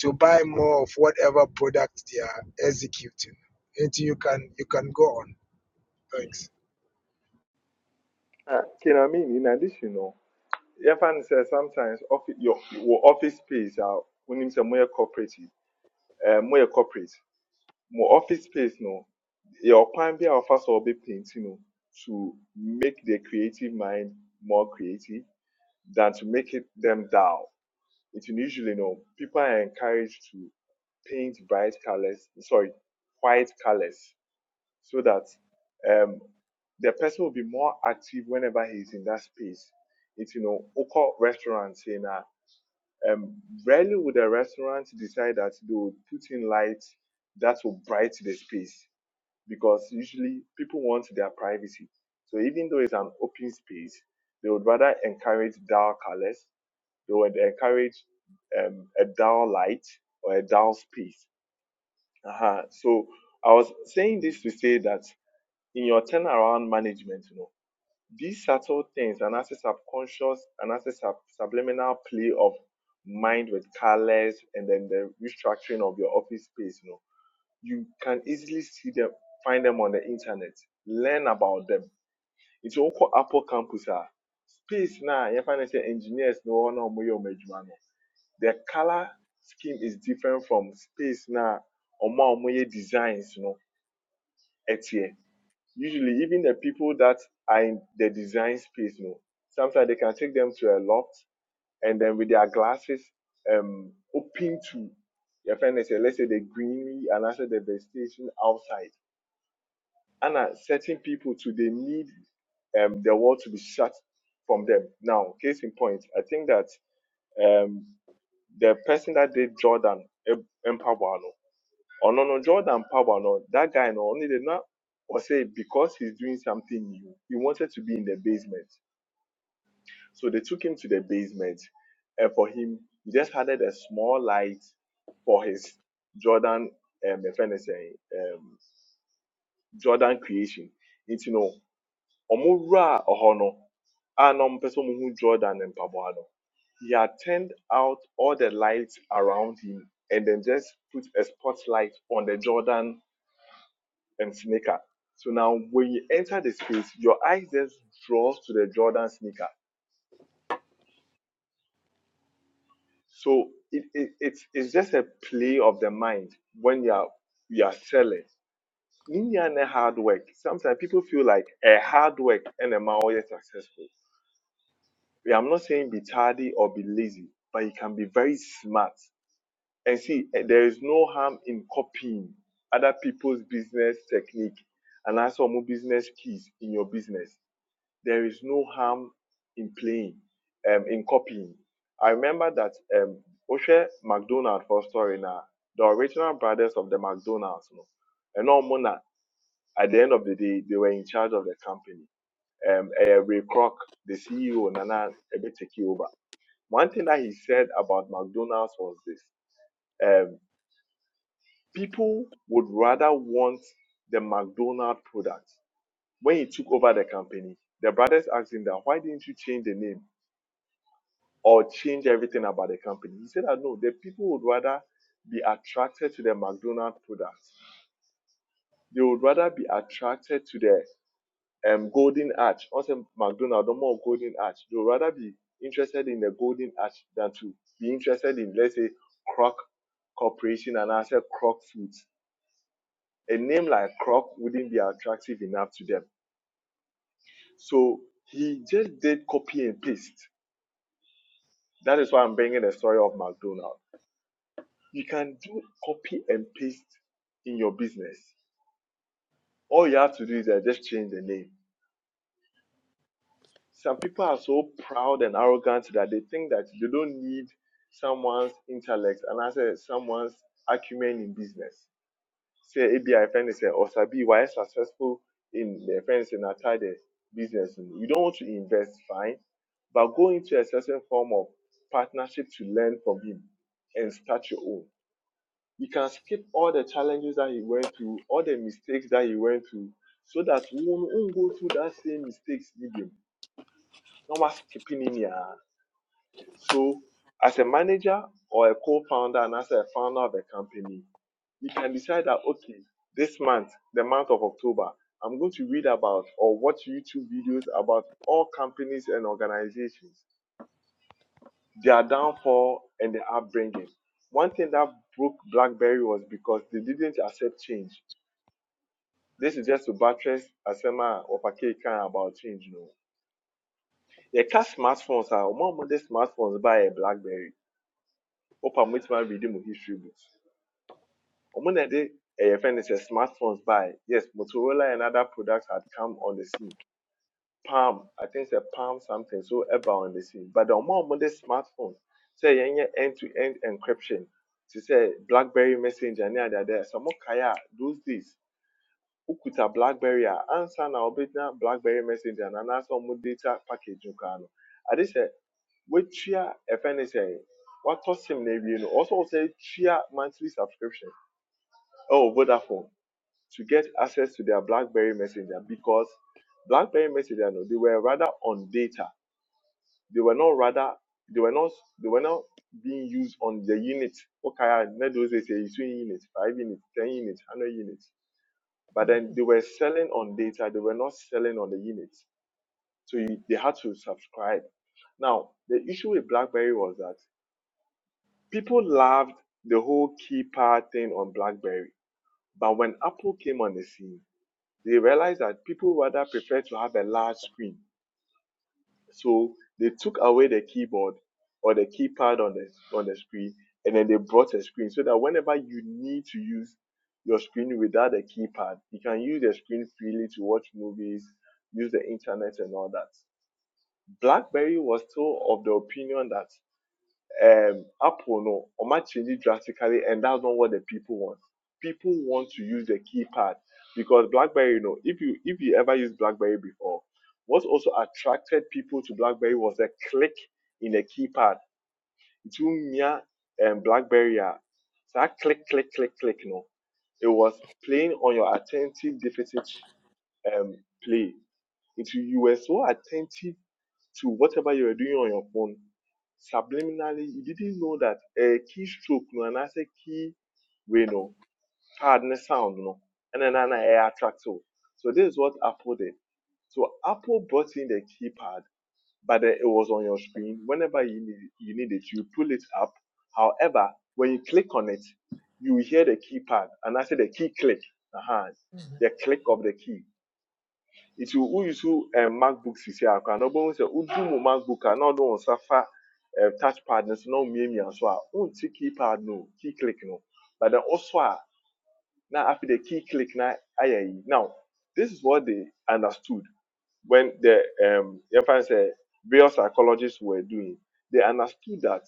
[SPEAKER 6] to buy more of whatever product they are executing. And you can you can go on. Thanks.
[SPEAKER 5] Ah, you know what I mean? In addition, no, yeah, fan says sometimes office, your, your office space are when you say more cooperative, uh, more corporate, more office space, no, your can be our first or be painting, no, to make the creative mind more creative than to make it them dull. It usually, no, people are encouraged to paint bright colors, sorry, white colors so that um, the person will be more active whenever he's in that space. It's you know, Oko restaurants in a um, rarely would a restaurant decide that they will put in lights that will brighten the space because usually people want their privacy. So even though it's an open space, they would rather encourage dull colors. They would encourage um, a dull light or a dull space. Uh-huh. So I was saying this to say that in your turnaround management, you know, these subtle things and as a subconscious and as a sub- subliminal play of mind with colors and then the restructuring of your office space, you know, you can easily see them, find them on the internet, learn about them. It's all called Apple Campus. ah. Space now, you find say engineers no one or no. The color scheme is different from space now, or more designs, you know, etie usually even the people that are in the design space, you know, sometimes they can take them to a loft and then with their glasses um open to your friend they say, let's say the greenery and also the vegetation outside. And uh, certain people too they need um the world to be shut from them. Now, case in point, I think that um the person that did Jordan Em- Empower Ọno no no, Jordan Power no that guy no only did not or say because he's doing something new, he wanted to be in the basement. So they took him to the basement and for him he just added a small light for his Jordan um my friend is saying um Jordan creation. Nti no ɔmowura ɔhɔ no a na ɔmpɛ sɛ Jordan ne mpaboa no he had turned out all the lights around him and then just put a spotlight on the Jordan and sneaker. So now when you enter the space, your eyes just draws to the Jordan sneaker. So it, it, it's, it's just a play of the mind when you are you are selling. Ninya and hard work. Sometimes people feel like a hard work and a man always successful. Yeah, I'm not saying be tardy or be lazy, but you can be very smart. And see, eh, there is no harm in copying other people's business technique and also more business keys in your business. there is no harm in playing, um, in copying. I remember that um, Oshe McDonald for story now, the original brothers of the McDonald's, you know, and all Mona, at the end of the day, they were in charge of the company. Um, eh, Ray Kroc, the CEO, Nana, a bit take it over. One thing that he said about McDonald's was this: um, people would rather want the McDonald product. When he took over the company, the brothers asked him that, why didn't you change the name? or change everything about the company. He said that no, the people would rather be attracted to the McDonald's products. They would rather be attracted to the um, Golden Arch. Also, McDonald's, no more Golden Arch. They would rather be interested in the Golden Arch than to be interested in, let's say, Croc Corporation and I said Croc Foods. A name like Croc wouldn't be attractive enough to them. So he just did copy and paste. That is why I'm bringing the story of McDonald's You can do copy and paste in your business. All you have to do is uh, just change the name. Some people are so proud and arrogant that they think that they don't need someone's intellect and I say someone's acumen in business. Say ABI friend is uh, or Sabi, why successful in the friends in Atade business? You don't want to invest, fine, but go into a certain form of partnership to learn from him and start your own you can skip all the challenges that he went through, all the mistakes that he went through, so that you won't, won't go through that same mistakes again. No more skipping in here. So, as a manager or a co-founder and as a founder of a company, you can decide that okay, this month, the month of October, I'm going to read about or watch YouTube videos about all companies and organizations, their downfall and their upbringing. One thing that broke BlackBerry was because they didn't accept change This is just to buttress asema ɔpake kan about change you know. The a smartphones are more modern smartphones by yɛ blackberry. Opa mo ti ma read mo history books. Ɔmo na de ɛyɛ fɛn no smartphones by Yes, Motorola and other products had come on the scene. Palm, I think sɛ Palm something so ɛba on the scene. But the more modern smartphones say yɛnyɛ end to end encryption. To say blackberry messenger ne adeade a sɛ ɔmo kae a those days Ukuta blackberry a ansa na wobɛgyina blackberry messenger na anaasɛ ɔmo data package no koraa no ade sɛ woatua ɛfɛ ne sɛ sim no awie no ɔwɔ sɛ wo monthly subscription ɛwɔ vodafone to get access to their blackberry messenger because blackberry messenger no they were rather on data they were not rather they were not they were not being used on the unit okay na those days yɛyi so unit five units ten units one hundred units. But then they were selling on data, they were not selling on the units. So you, they had to subscribe. Now, the issue with BlackBerry was that people loved the whole keypad thing on BlackBerry. But when Apple came on the scene, they realized that people rather prefer to have a large screen So they took away the keyboard or the keypad on the on the screen, and then they brought a screen so that whenever you need to use your screen without a keypad, you can use the screen freely to watch movies, use the internet, and all that. BlackBerry was still of the opinion that um, Apple no, or might change it drastically, and that's not what the people want. People want to use the keypad because BlackBerry, you know, if you if you ever used BlackBerry before, what also attracted people to BlackBerry was the click in the keypad. Between Mia and BlackBerry, ah, that click, click, click, click, no, it was playing on your attentive deficit um, play. It you were so attentive to whatever you were doing on your phone subliminally you didn't know that a keystroke no anaasɛ key way no pad ne sound no ɛna na na ɛyɛ attractive so So this is what apple did so apple brought in the keypad but then it was on your screen whenever you need you need it you pull it up however when you click on it you hear the keypad and i say the key click uh-huh, the click of the key it nti woyusu a macbook sisi akora na ɔbɛhu sɛ wodu mu macbook a na ɔde wo nsa touchpad, eh, touch pad no so na womiamia so a wonte key pad no key click no but then also a na afei the key click na ayɛ now this is what they understood when the um, yɛmfa no sɛ various psychologists were doing they understood that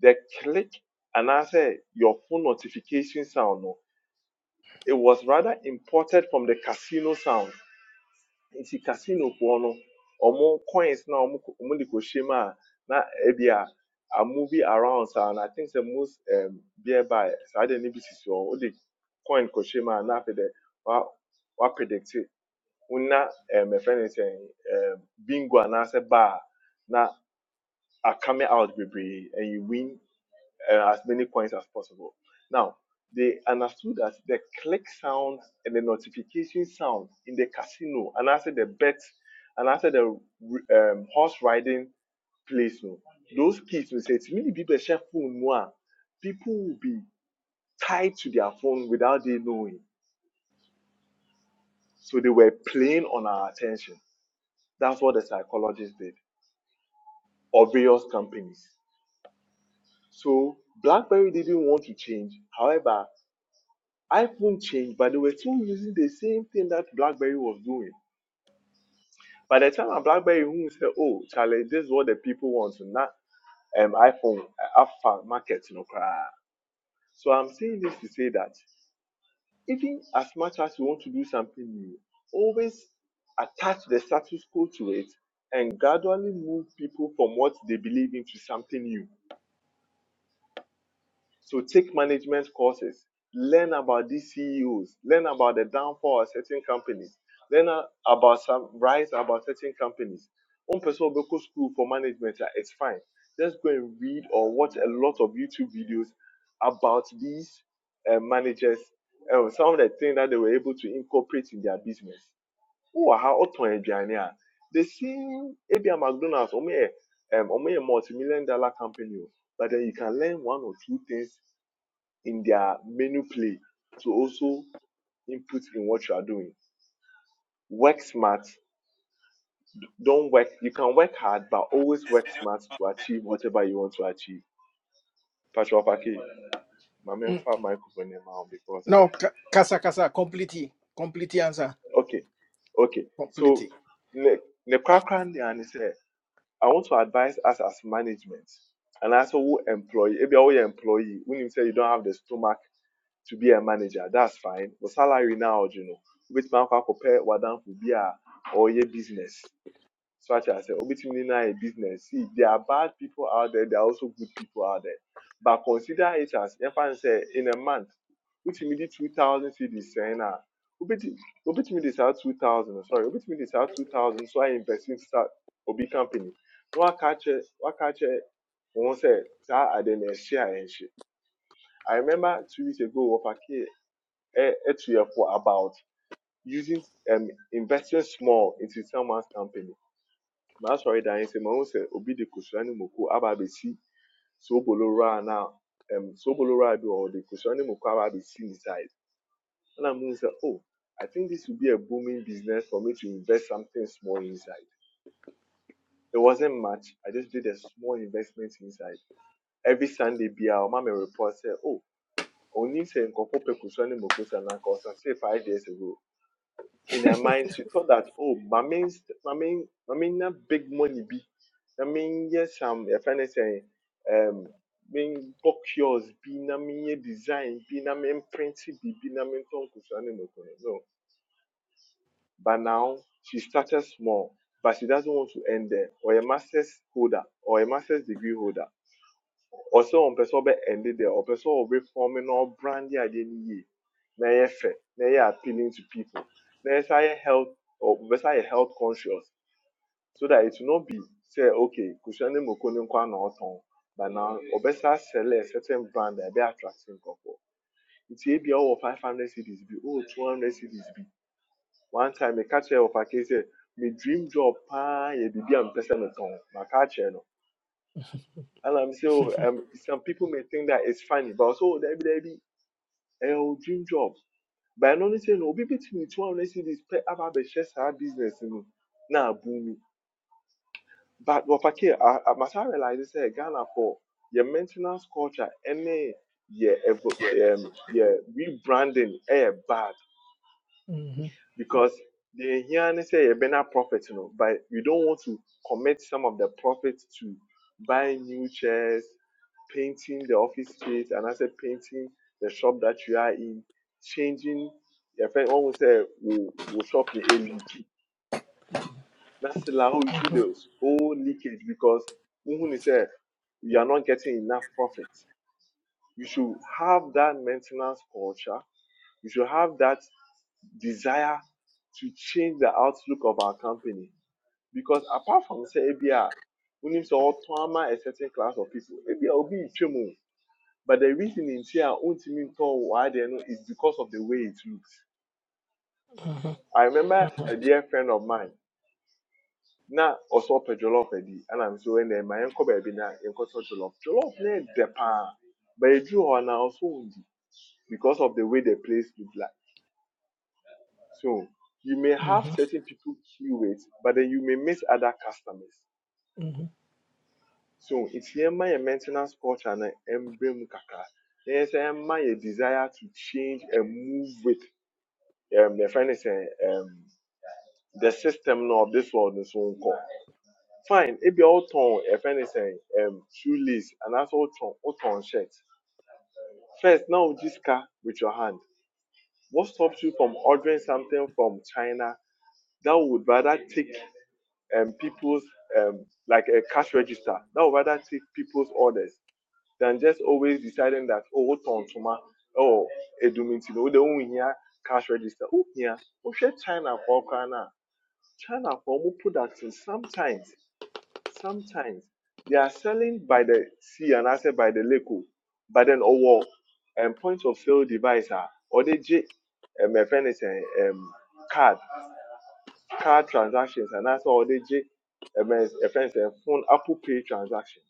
[SPEAKER 5] the click and I say your phone notification sound no it was rather imported from the casino sound nti casinofoɔ no ɔmo coins na ɔmo kɔ- ɔmo de kɔhyɛ mu a na ebi a a movie around saa na i think sɛ most um, beer by saa de ne bi sisi hɔ ɔde coin kɔhyɛ mu a na afei dɛ wa wa predict na um, ɛfɛ ne sɛ um, bingo anaasɛ bar na a coming out bebree and you win uh, as many coins as possible. Now, they understood that the click sound and the notification sound in the casino, and after the bet, and after the um, horse riding place, no, those kids will say, many people share phone more. People will be tied to their phone without they knowing. So they were playing on our attention. That's what the psychologists did, or various companies. So BlackBerry didn't want to change. However, iPhone changed, but they were still using the same thing that BlackBerry was doing. By the time a BlackBerry who said, "Oh, Charlie, this is what the people want," not um iPhone uh, alpha market, no cry. So I'm saying this to say that even as much as you want to do something new, always attach the status quo to it and gradually move people from what they believe into something new. So take management courses, learn about these CEOs, learn about the downfall of certain companies, learn a- about some rise about certain companies. One person will go school for management, ah, it's fine. Just go and read or watch a lot of YouTube videos about these uh, managers and some of the things that they were able to incorporate in their business. Oh, how Otton aduane a, the same ABM McDonald's, or um, multi million dollar company, oh, but then you can learn one or two things in their menu play to also input in what you are doing. Work smart. Don't work. You can work hard, but always work smart to achieve whatever you want to achieve. Patrick Opake, my main
[SPEAKER 1] Mm.
[SPEAKER 5] fa microphone now because
[SPEAKER 1] no
[SPEAKER 5] eh,
[SPEAKER 1] ka- kasa kasa Completely. complete answer
[SPEAKER 5] okay, okay. So
[SPEAKER 1] complete
[SPEAKER 5] ne ne kwakran and say I want to advise us as management and also who employee. Maybe all your employee when you say you don't have the stomach to be a manager. That's fine. But salary now, you know, obetumi akɔ akɔpɛ wadamfo be a ɔyɛ business. So I sɛ obetumi na yɛ business. See, there are bad people out there. There are also good people out there. But consider it as yɛfa n sɛ in a month, wotumi di two thousand cedis sɛn na obetumi obetumi de two thousand sorry obetumi de saa two thousand so I invest in start obi company. Na waka kyerɛ waka kyerɛ wɔn say, saa ade na ɛhyɛ a ɛnhyɛ. I remember two weeks ago, Wapake etf about using um, investing small into someone's company. Na sorry, that I say my own say. obi de kusua ne moko aba so bolora na um, sobolora bi or de kusua ne moko aba abesi ne side. Ẹna mu sẹ oh I think this would be a booming business for me to invest something small inside. There wasn't much. I just did a small investment inside. Every Sunday bi a mama report sẹ oh onim sẹ nkọfọ pẹ kusua ne moko sẹ five years ago in her mind, she thought that, oh, my means, my mean, my mean, na big money be. I mean, yes, I'm a friend is saying, um, mean, book yours, be na me design, be na main print, be be na me tongue, no. But now she started small, but she doesn't want to end there, or a master's holder, or a master's degree holder ɔsɛ ɔmpɛ sɛ ɔbɛ ɛnde deɛ ɔpɛ sɛ ɔbɛ fɔm na ɔbrande adeɛ no yie na ɛyɛ fɛ na ɛyɛ appealing to people na ɛsɛ ayɛ health or sɛ ayɛ health conscious so that it will not be say, okay kusua ne moko ne nkwa na ɔtɔn but now ɔbɛ sɛ asɛlɛ a certain brand a ɛbɛ attract nkɔfoɔ nti ebi a ɔwɔ five hundred cds bi oh two hundred cds be one time I catch kyerɛ of a case, me dream job paa yɛ biribi a mepɛ sɛ metɔn maka akyerɛ no and I'm so um, some people may think that it's funny, but also there be there be a dream job. But I know say no, be between two and see this pay about the share our business, you know. Now boom. But what I care, I I must have realized say Ghana for your maintenance culture, any yeah, um, yeah, rebranding, eh, bad.
[SPEAKER 1] hmm
[SPEAKER 5] because they hear and say a better profit, you know, but you don't want to commit some of the profits to buy new chairs, painting the office space, and I said painting the shop that you are in, changing. Your friend one will say, "Wo wo shop the a leak." That's like how you should do those whole leakage because when is say you are not getting enough profit. You should have that maintenance culture. You should have that desire to change the outlook of our company. Because apart from say ABR, we need to all trauma a certain class of people. ABR will be chemo. But the reason in here ultimately why they know is because of the way it looks.
[SPEAKER 1] hmm
[SPEAKER 5] I remember a dear friend of mine. Now also jollof edi and I'm so in there my uncle baby now in jollof. Jollof ne depa. But you drew on also because of the way the place looked like. So you may have
[SPEAKER 1] hmm
[SPEAKER 5] certain people queue QAs, but then you may miss other customers. So it's here my maintenance culture and emblem kaka. Yes, my desire to change and move with um the finance uh, um the system of this world is so called Fine, if you all turn if anything um shoelace and that's all turn all turn shirt. First now this car with your hand. What stops you from ordering something from China that would rather take um, people's um, like a cash register that would rather take people's orders than just always deciding that oh what on tuma oh eduminti no they only here cash register oh yeah oh share China for Ghana China for more products and sometimes sometimes they are selling by the sea and I say by the lake oh. but then oh well, um, point of sale device ah or they j um, a friend is a um, card card transactions and that's all they friends and phone Apple Pay transactions.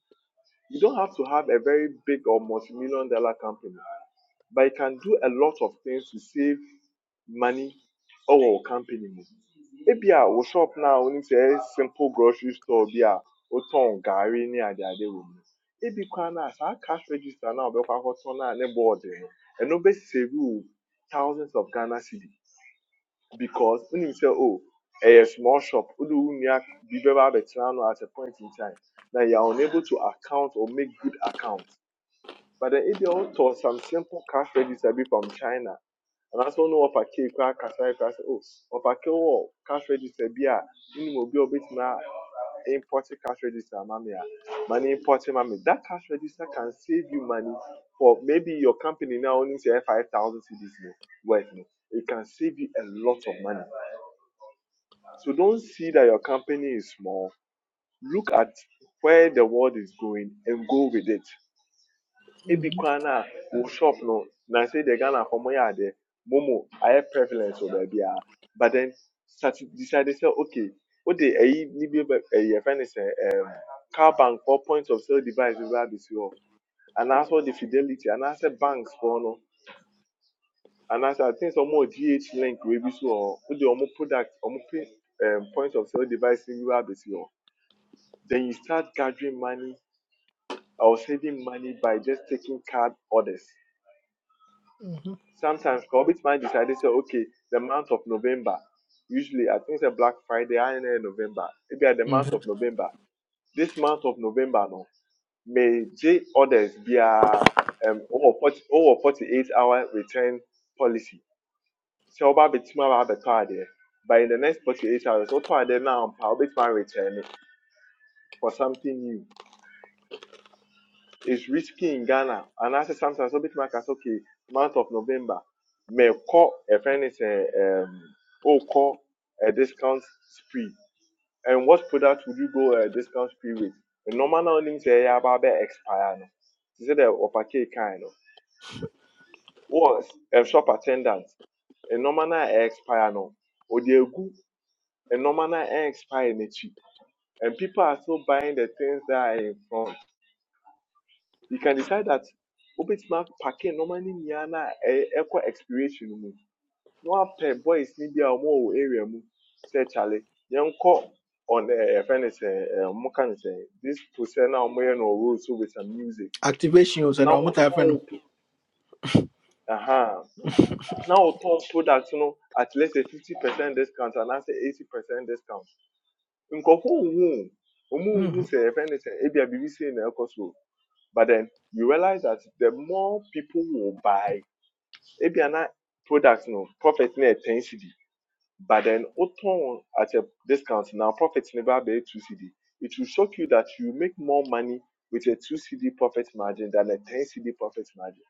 [SPEAKER 5] You don't have to have a very big or multi-million dollar company, but you can do a lot of things to save money or company. Maybe a wo shop now only say simple grocery store bi a wotɔn garri ne adeade wɔ mu. Ebi koraa na saa cash register na wobɛkɔ akɔtɔn na ne board e. E no ɛno bɛsave wo thousands of Ghana cedi because when you say oh a small shop wode wo nua bi bɛba abɛtena no at a point in time Now you are unable to account or make good accounts. but then if ebia wotɔ some simple cash register bi from china anaasɛ wone wɔfa kei koraa kasae koraa oh o a ke wɔ cash register bi a wonim obi a wobɛtumi a import cash register ama Money a ma no that cash register can save you money for maybe your company now only say 5000 cedis no worth no it can save you a lot of money so don't see that your company is small. Look at where the world is going and go with it. Ebi
[SPEAKER 1] hmm
[SPEAKER 5] kwan na wo shop no na say the Ghana for my ade momo I have preference over there. But then start decided say okay, what the eh ni bi eh friend is eh car bank for points of sale device We have this year. And also the fidelity and also banks for no. And also I think some more GH link we be so or the omo product omo um, point of sale device we have this year. Then you start gathering money or saving money by just taking card orders.
[SPEAKER 1] hmm
[SPEAKER 5] Sometimes Corbett man decided say, okay, the month of November, usually I think it's a Black Friday, I know November. Maybe at the month of
[SPEAKER 1] hmm
[SPEAKER 5] November. This month of November no, may J orders be a um over 40, over 48 hour return policy. So about the card there. but in the next 48 hours, what are they now? I'll be return it for something new. It's risky in Ghana. And I say sometimes, so bit my case, okay, month of November, may call a friend is a um, oh call a discount spree. And what product would you go a discount spree with? The normal now things say yeah, about expire no. She said the offer cake kind of was a shop attendant. A normal now eh, expire no. Or the good a normal now eh, expire in cheap. And people are still buying the things that are in front. you can decide that wobɛtumi apake nneɛma no nyinaa na ɛyɛ ɛkɔ expiration mu na wapɛ boys ne bi a wɔwɔ wo area mu sɛ kyale on ɛɛ yɛfɛ no sɛ ɛɛ wɔka no this person now, wɔyɛ no wɔ so with some music
[SPEAKER 1] activation was an
[SPEAKER 5] Now,
[SPEAKER 1] almost
[SPEAKER 5] wɔtɔn wo
[SPEAKER 1] happened
[SPEAKER 5] pro ɛhan na wɔtɔn product no at least a fifty percent discount anaasɛ eighty percent discount nkurɔfoɔ nhu o wɔn nhu
[SPEAKER 1] Mhm,
[SPEAKER 5] sɛ yɛfɛ no sɛ ebi a biribi sei na ɛkɔ so o. but then you realize that the more people will buy ebi ana product no profit no ten cedi but then wotɔn at a discount now profit no ba bɛyɛ two cedi it will shock you that you make more money with a two cedi profit margin than a ten cedi profit margin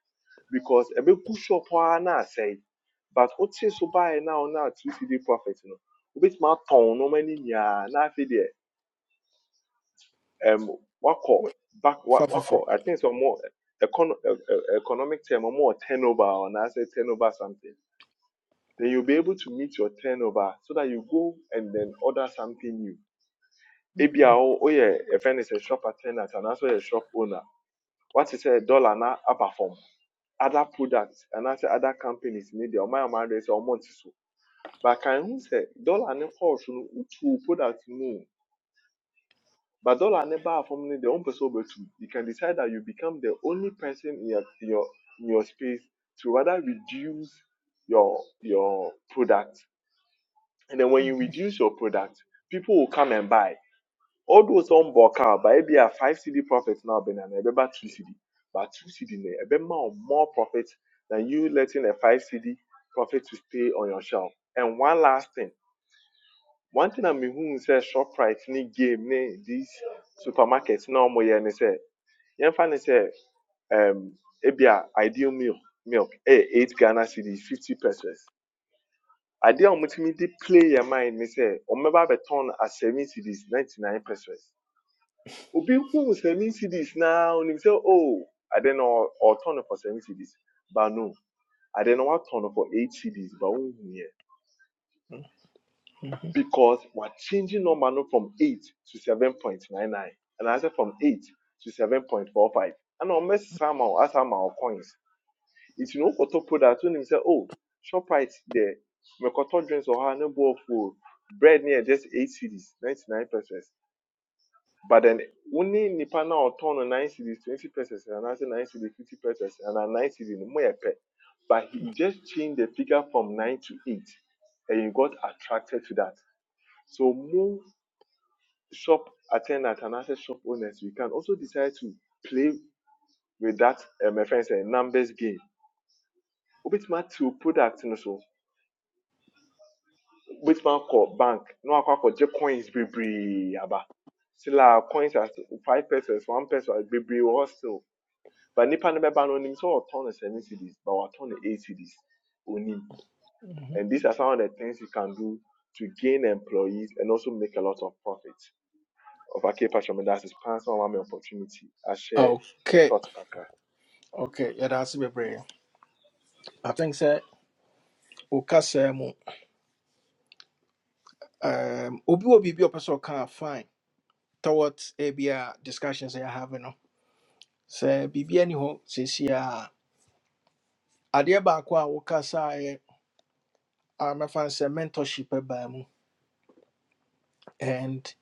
[SPEAKER 5] because ebe gu shop na say, but wote so baeɛ na ɔna two cedi profit no wobɛtumi atɔn nneɛma no many nyinaa na afei deɛ um wako back
[SPEAKER 1] far
[SPEAKER 5] wako.
[SPEAKER 1] for
[SPEAKER 5] i think some more economic term ɔmo more turnover or I say turnover something. then you'll be able to meet your turnover so that you go and then order something new. Ebia oh oh yeah, a friend is a shop attendant and also a shop owner. What is a dollar na upper form? Other products and also other companies need their my address or month so. But can you say dollar ne for no two products move? But dollar ne bar from the own person over to you can decide that you become the only person in your your in your space to rather reduce your your product And then when you reduce your product, people will come and buy. Although some bulk out, but maybe a five CD profit now, Ben, and remember two CD. But two CD, ne. remember more more profit than you letting a five CD profit to stay on your shelf. And one last thing, one thing I mean, who says shop price, ni game, ni these supermarkets, no more, yeah, and they say, yeah, funny say, um, maybe a ideal milk, milk, eh, eight Ghana CD, 50 pesos. Adeɛ a wɔtumi de play yɛn mind ne say, wɔbɛba abɛtɔn turn as seven cedis ninety nine percent. Obi hu seven cedis na onim say, oh ade no ɔ- ɔretɔn no for seven cedis. But no, ade no watɔn turn for eight cedis but who yɛ
[SPEAKER 1] mhm,
[SPEAKER 5] because we're changing number no from eight to seven point nine nine and I said from eight to seven point four five ɛna wɔn bɛsesa ama wo asa ama wo coins. nti na wokɔtɔ product when he sɛ oh shoprite deɛ mekɔtɔ drinks wɔ hɔ a ne bo afu o bread near just eight cedis ninety nine pesos but then wo ne nipa no a ɔtɔn no nine cedis twenty pesos anaasɛ nine cedis fifty pesos anaa nine cedis no mo but he just changed the figure from nine to eight and you got attracted to that so more shop attendants and anaasɛ shop owners we can also decide to play with that um, my friends, a numbers game wobɛtumi atew product no so wobɛtumi akɔ bank na wakɔ akɔgye coins bebree aba still a coins as five pesos one peso a bebree wɔ hɔ still but nipa no bɛba no onim sɛ ɔtɔn no seven cedis but watɔn no eight cedis onim
[SPEAKER 1] mhm.
[SPEAKER 5] and these are some of the things you can do to gain employees and also make a lot of profit okay, ɔfake patrɔmi that is pan sɛ my opportunity ahyɛ me
[SPEAKER 1] okay
[SPEAKER 5] thought kakra
[SPEAKER 1] okay yeah that's the prayer i think sir okasa mu um obi obi bi opese ka fine towards ebi discussions I have no sɛ biribi ani hɔ seesei a adeɛ baako a wokasaeɛ a mɛfa no sɛ mentorship baa mu and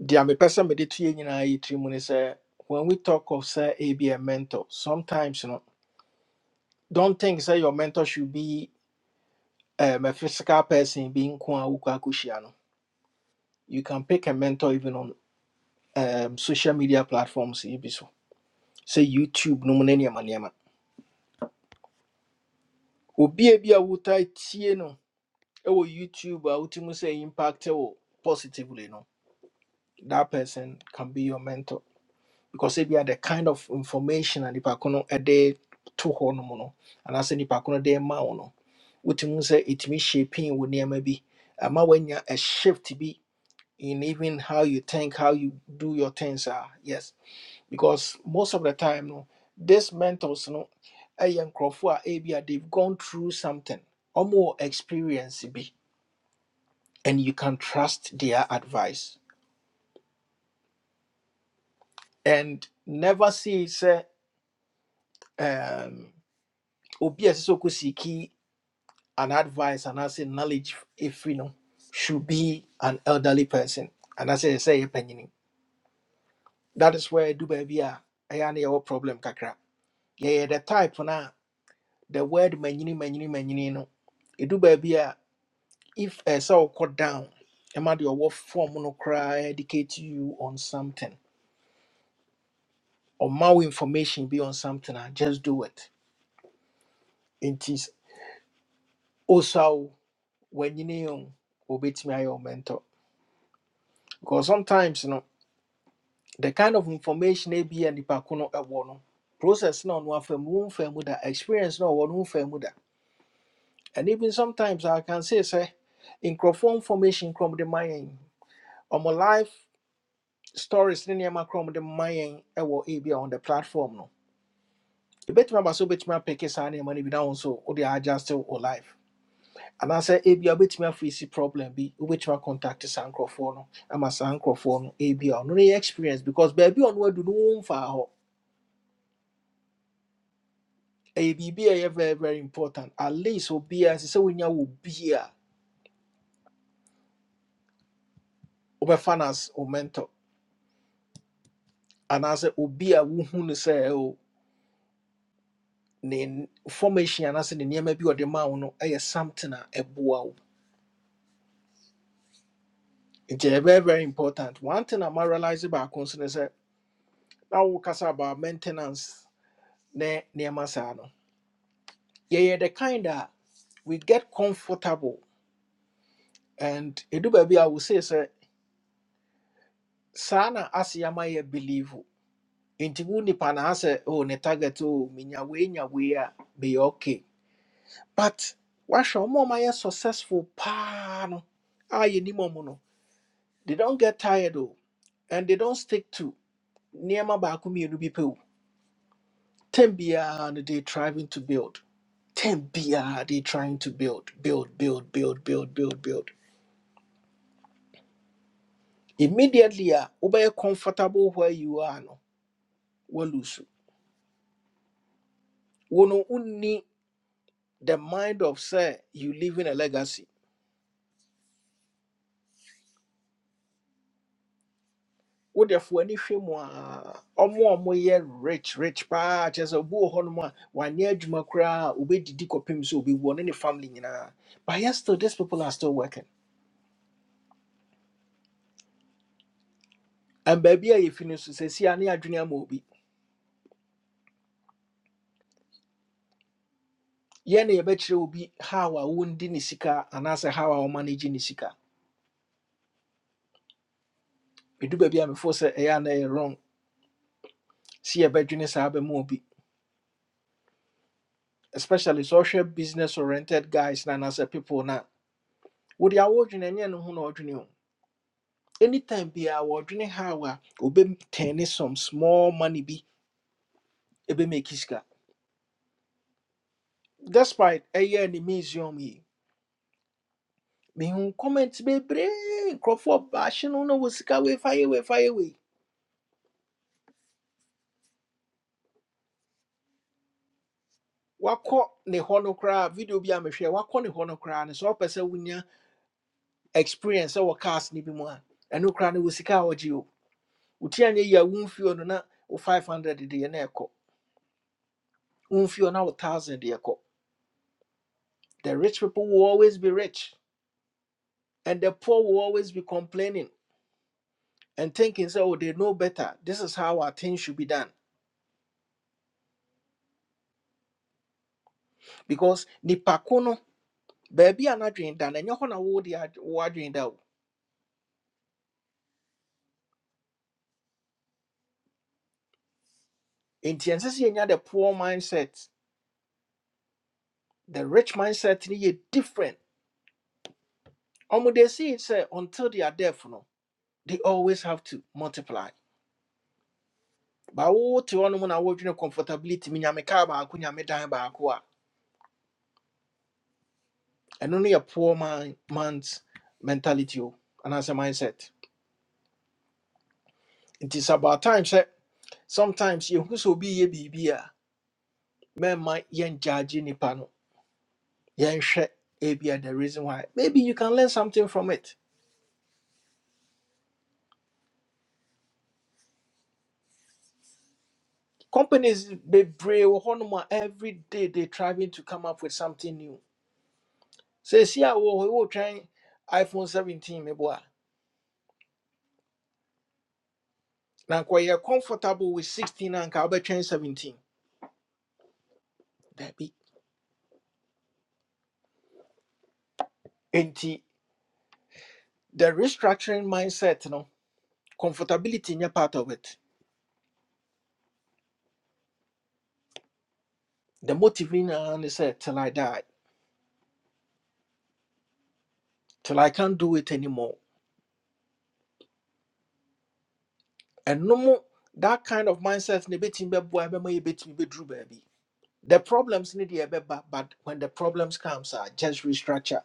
[SPEAKER 1] deɛ mepɛ sɛ mede to yɛ nyinaa yɛ tiri mu ne sɛ when we talk of say, ebi mentor sometimes no don't think sɛ your mentor should be um, a physical person being nko a wokɔ akɔhyia no you can pick a mentor even on um, social media platforms yi bi so sɛ youtube no mu ne nneɛma nneɛma obi a bi a wotaa tie no ɛwɔ youtube a wotumi sɛ impact wo positively no that person can be your mentor because ebia the kind of information a nipa ko no ɛde to hɔ nom no anaasɛ nipa ko no de ma wo no wotumi sɛ ɛtumi shaping wo nneɛma bi ama woanya a shift bi in even how you think how you do your things ah yes because most of the time no these mentors no ɛyɛ nkurɔfoɔ a ebia they've gone through something ɔmo wɔ experience bi and you can trust their advice and never see say um obi a sɛ ɔkɔ seeki an advice and as a knowledge if you know should be an elderly person and as I say opinion that is where do baby a ɛyɛ a na yɛwɔ problem kakra yɛyɛ the type na the word manyini manyini manyini no ɛdu baabi a if ɛsɛ wokɔ down ɛma deɛ ɔwɔ form no koraa educate you on something or more information be on something and just do it nti s- osaw w'anyini o obetumi ayɛ mentor because sometimes you know, the kind of information a bi a nipa ko no ɛwɔ no process na ɔno afa mu womfa mu da experience na ɔwɔ no womfa mu da and even sometimes i can say say, in nkurɔfoɔ information from the ma yɛn my life stories ne nneɛma krom de ma yɛn ɛwɔ ebi a on the platform no ebetumi aba so obetumi apeke saa nneɛma no bi na so. nso wode adjust wo life And anaasɛ ebi I bet me a wobɛtumi afeesi problem bi wobɛtumi acontact saa nkurɔfoɔ no ama saa nkurɔfoɔ no ebi a ɔno no yɛ experience because baabi a ɔno adu no womfaa hɔ ɛyɛ biribi a baby are very very important at least obiaa say sɛ wonya wɔ bi a wobɛfa no as wo mentor anaasɛ obi a wohu no say oh ne formation and I say the name a ɔde ma wo no ɛyɛ something a ɛboa wo nti very very important one thing a ma realise baako nso ne sɛ na wokasa about maintenance ne nneɛma saa no yeah. yeah, the kind of we get comfortable and edu I will say sir, saa na ase ama believe wo." nti wo nipa oh ne target o minya we nya wei a bɛyɛ okay but wahwɛ ɔmo a ɔmayɛ successful paa no a ni ɔmo no they don't get tired oh, and they don't stick to nneɛma baako mmienu bi pɛ o term biara no they trying to build term biara they trying to build build build build build build build immediately a wobɛyɛ comfortable where you are no walusu wono unni the mind of say you leaving a legacy what ani hwɛ mu a ɔmo a ɔmoyɛ rich rich pa kyerɛ sɛ obi wɔ hɔnom a wanyɛ adwuma koraa a obɛdidi kɔpem sɛ obɛwu ɔne ne family nyinaa but yet still these people are still working and baabi a yɛfi no so sɛsia ne adwene ama obi yɛn na yɛbɛkyerɛ obi how a wondi ne sika anaasɛ how a ɔmanage ne sika ɛdu baabi a mefo sɛ ɛyɛ a na ɛyɛ wrong si yɛbɛdwene saa bɛma obi especially social business oriented guys na anaasɛ people na wode awɔdwene ɛnyɛ no ho na ɔdwene o anytime biaa wɔdwene how a obɛtɛne some small money bi ɛbɛmaki sika despite ɛyɛ ne museum yi mehu comment bebree nkurɔfoɔ baahye no na wɔ sika weifa yɛ weifa yɛ wei wakɔ ne hɔ no koraa video bi a mehwɛ wakɔ ne hɔ no koraa no sɛ wopɛ sɛ wonya experience ɛwɔ cars no bi mu a ɛno koraa no wɔ sika a wɔgye o wotia nyɛ yi a womfio no na wo 500 deɛ na ɛkɔ Unfio now thousand yɛkɔ. The rich people will always be rich, and the poor will always be complaining and thinking, so, oh, they know better. This is how our things should be done. Because nipako no, baabi a n'adwene da no, ɛnyɛ hɔ na wo de ad- wo adwene da o. the poor mindset. The rich mindset no yɛ different. Ɔmo they see it sɛ until they are deaf no, they always have to multiply. But wote hɔ nom na comfortability mu nyame car ba baako nyame dan baako a, And only a poor man man's mentality o anaasɛ mindset It is about time sɛ sometimes you yɛhu sɛ obi yɛ biribi a mɛma yɛngyagye nipa no yɛnhwɛ ebia the reason why maybe you can learn something from it companies bebree wɔ hɔnom a every day they trying to come up with something new seesie see, I will try iphone 17 me meboa you are comfortable with 16 and I'll be trying 17 That be. And the restructuring mindset no comfortability nyɛ part of it the motive ne nyinaa ne sɛ till i die till i can't do it anymore and no more. that kind of mindset ne betim be bɛboa bɛma yɛbɛtumi bɛduru baby. the problems ne deɛ ɛbɛba but when the problems comes a just restructure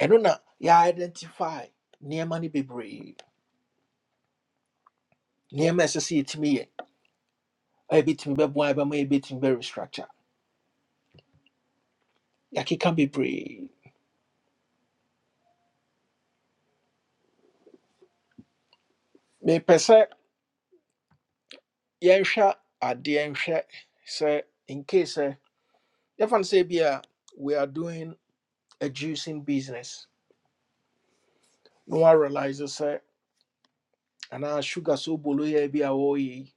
[SPEAKER 1] ɛno na yɛ identify nneɛma no bebree nneɛma a ɛsɛ sɛ yɛtumi be a yɛbɛtumi be bɛma yɛbɛtumi bɛ restructure yɛakeka bebree mepɛ sɛ yɛnhwɛ adeɛ nhwɛ sɛ in case sɛ yɛfa no sɛ bi we are doing a juicing business na woarealise and anaa sugar so bolo yɛ bi a wɔreyɛ yi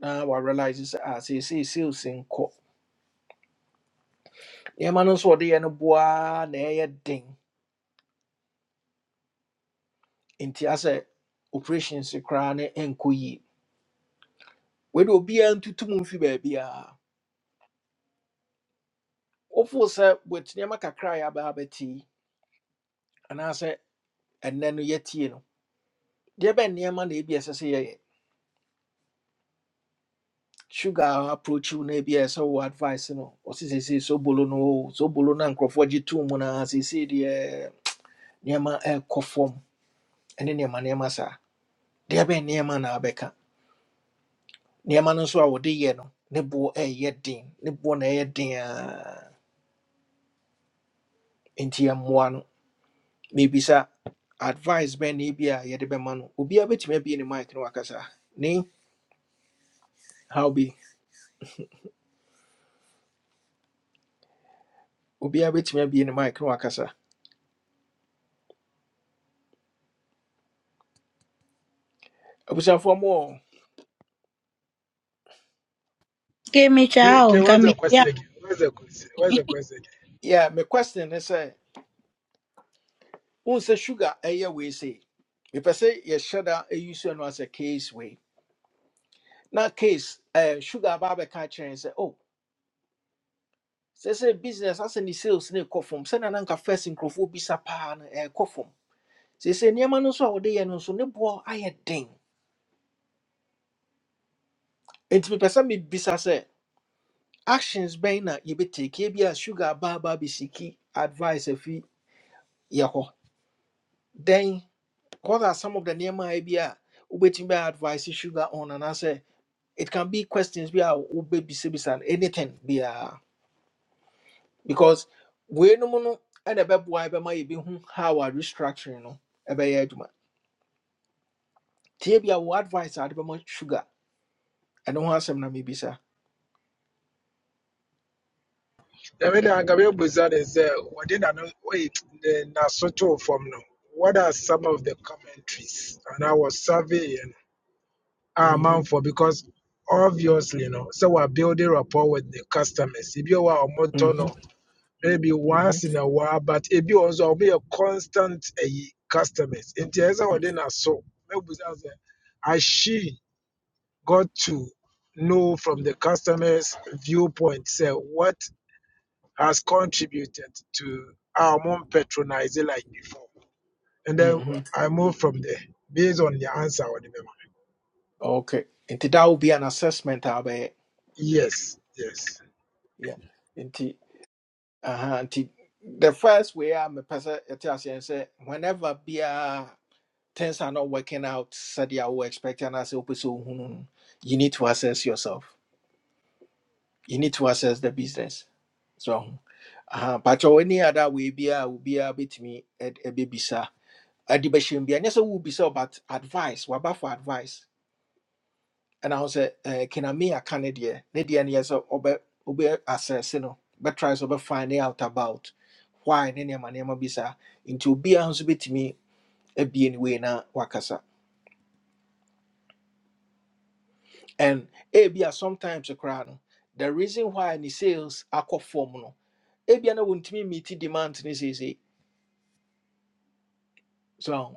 [SPEAKER 1] na woarealise sɛ a seesei sales nkɔ nneɛma no nso wɔde yɛ no boaa na ɛyɛ den nti asɛ operations koraa ne ɛnkɔ yie wede obiaa ntutu mu mfi baabiaa wofoo sɛ with nneɛma kakra a yɛabaa bɛte yi anaasɛ ɛnnɛ no yɛtie no deɛ bɛn nneɛma na ebi sugar approach you na ebi a ɛsɛ wo advice no ɔsi sese so bolo no o so bolo na nkurɔfoɔ gye too mu na sese deɛ nneɛma ɛɛkɔ fam ɛne nneɛma nneɛma saa deɛ bɛn nneɛma na abeka nneɛma no nso a wɔde yɛ no ne bo e ye din ne bo na ye din aa nti ɛmmoa no mebisa advice bɛn na ebi a yɛde bɛma no obiara bɛtumi abie ne mic no wakasa ni how be obi a betime bi obiara bɛtumi abie ne mic no wakasa abusuafoɔ mo
[SPEAKER 2] Ke meche
[SPEAKER 6] Okay,
[SPEAKER 2] ao
[SPEAKER 6] okay,
[SPEAKER 2] nka
[SPEAKER 6] what's
[SPEAKER 2] me
[SPEAKER 6] the
[SPEAKER 2] ya.
[SPEAKER 6] question again? What's the question? What's the question
[SPEAKER 1] yɛ me question ne sɛ Unse sɛ sugar ɛyɛ say. If I say yɛhyɛ da ɛyi so no as a case way. na case eh, sugar aba abɛka and say oh. o sɛ business asɛ ne sales ne ɛkɔ fam sɛnea na anka first nkurɔfoɔ bisa paa no ɛɛkɔ fam seesei nneɛma no nso a wode yɛ no nso ne boɔ ayɛ den enti mepɛ sɛ mebisa sɛ actions bɛn na yɛbɛtake bi a sugar aba aba abɛsiki advice afi yɛ hɔ then what are some of the nneɛma a bi a wobɛtumi advice sugar on anaasɛ it can be questions bi a wobɛbisabisa and anything biara because weinom no ɛna ɛbɛboa bɛma yɛbɛhu how a restructuring no ɛbɛyɛ adwuma tie bi a wo advice a wode bɛma sugar ɛno ho asɛm na mebisa
[SPEAKER 6] again? I mean, I'm going to is uh, what did I know? Wait, the Nasoto form no. What are some of the commentaries? And I was surveying. our man
[SPEAKER 1] Mhm,
[SPEAKER 6] for because obviously, you know, so we're building rapport with the customers. If you are a motor, no,
[SPEAKER 1] mhm,
[SPEAKER 6] maybe
[SPEAKER 1] mhm,
[SPEAKER 6] once in a while, but if you also be a constant eh, customers, in terms of
[SPEAKER 1] mm,
[SPEAKER 6] then so maybe that's it. As she got to know from the customers' viewpoint, say what has contributed to our mom patronizing like before, and then
[SPEAKER 1] mhm.
[SPEAKER 6] I move from there based on the answer. I remember.
[SPEAKER 1] okay nti that will be an assessment a wobɛyɛ
[SPEAKER 6] Yes, yes.
[SPEAKER 1] Yeah. nti aha nti the first way I'm a mepɛ sɛ ɛte aseɛ ne sɛ whenever biara things are not working out said you were expecting us to so hmm, hmm, hmm." you need to assess yourself you need to assess the business so uh, but any other way be a will be a bit me at a baby sir a debation be and yes will be so but advice what about for advice and i was a can i me a canadian lady and yes or be assess you know but try to find out about why any man be sir into be a house bit me a be anyway na wakasa And ebia sometimes koraa no, the reason why ne sales akɔ fam no, ebia na wɔntumi meet demand ne seesei. So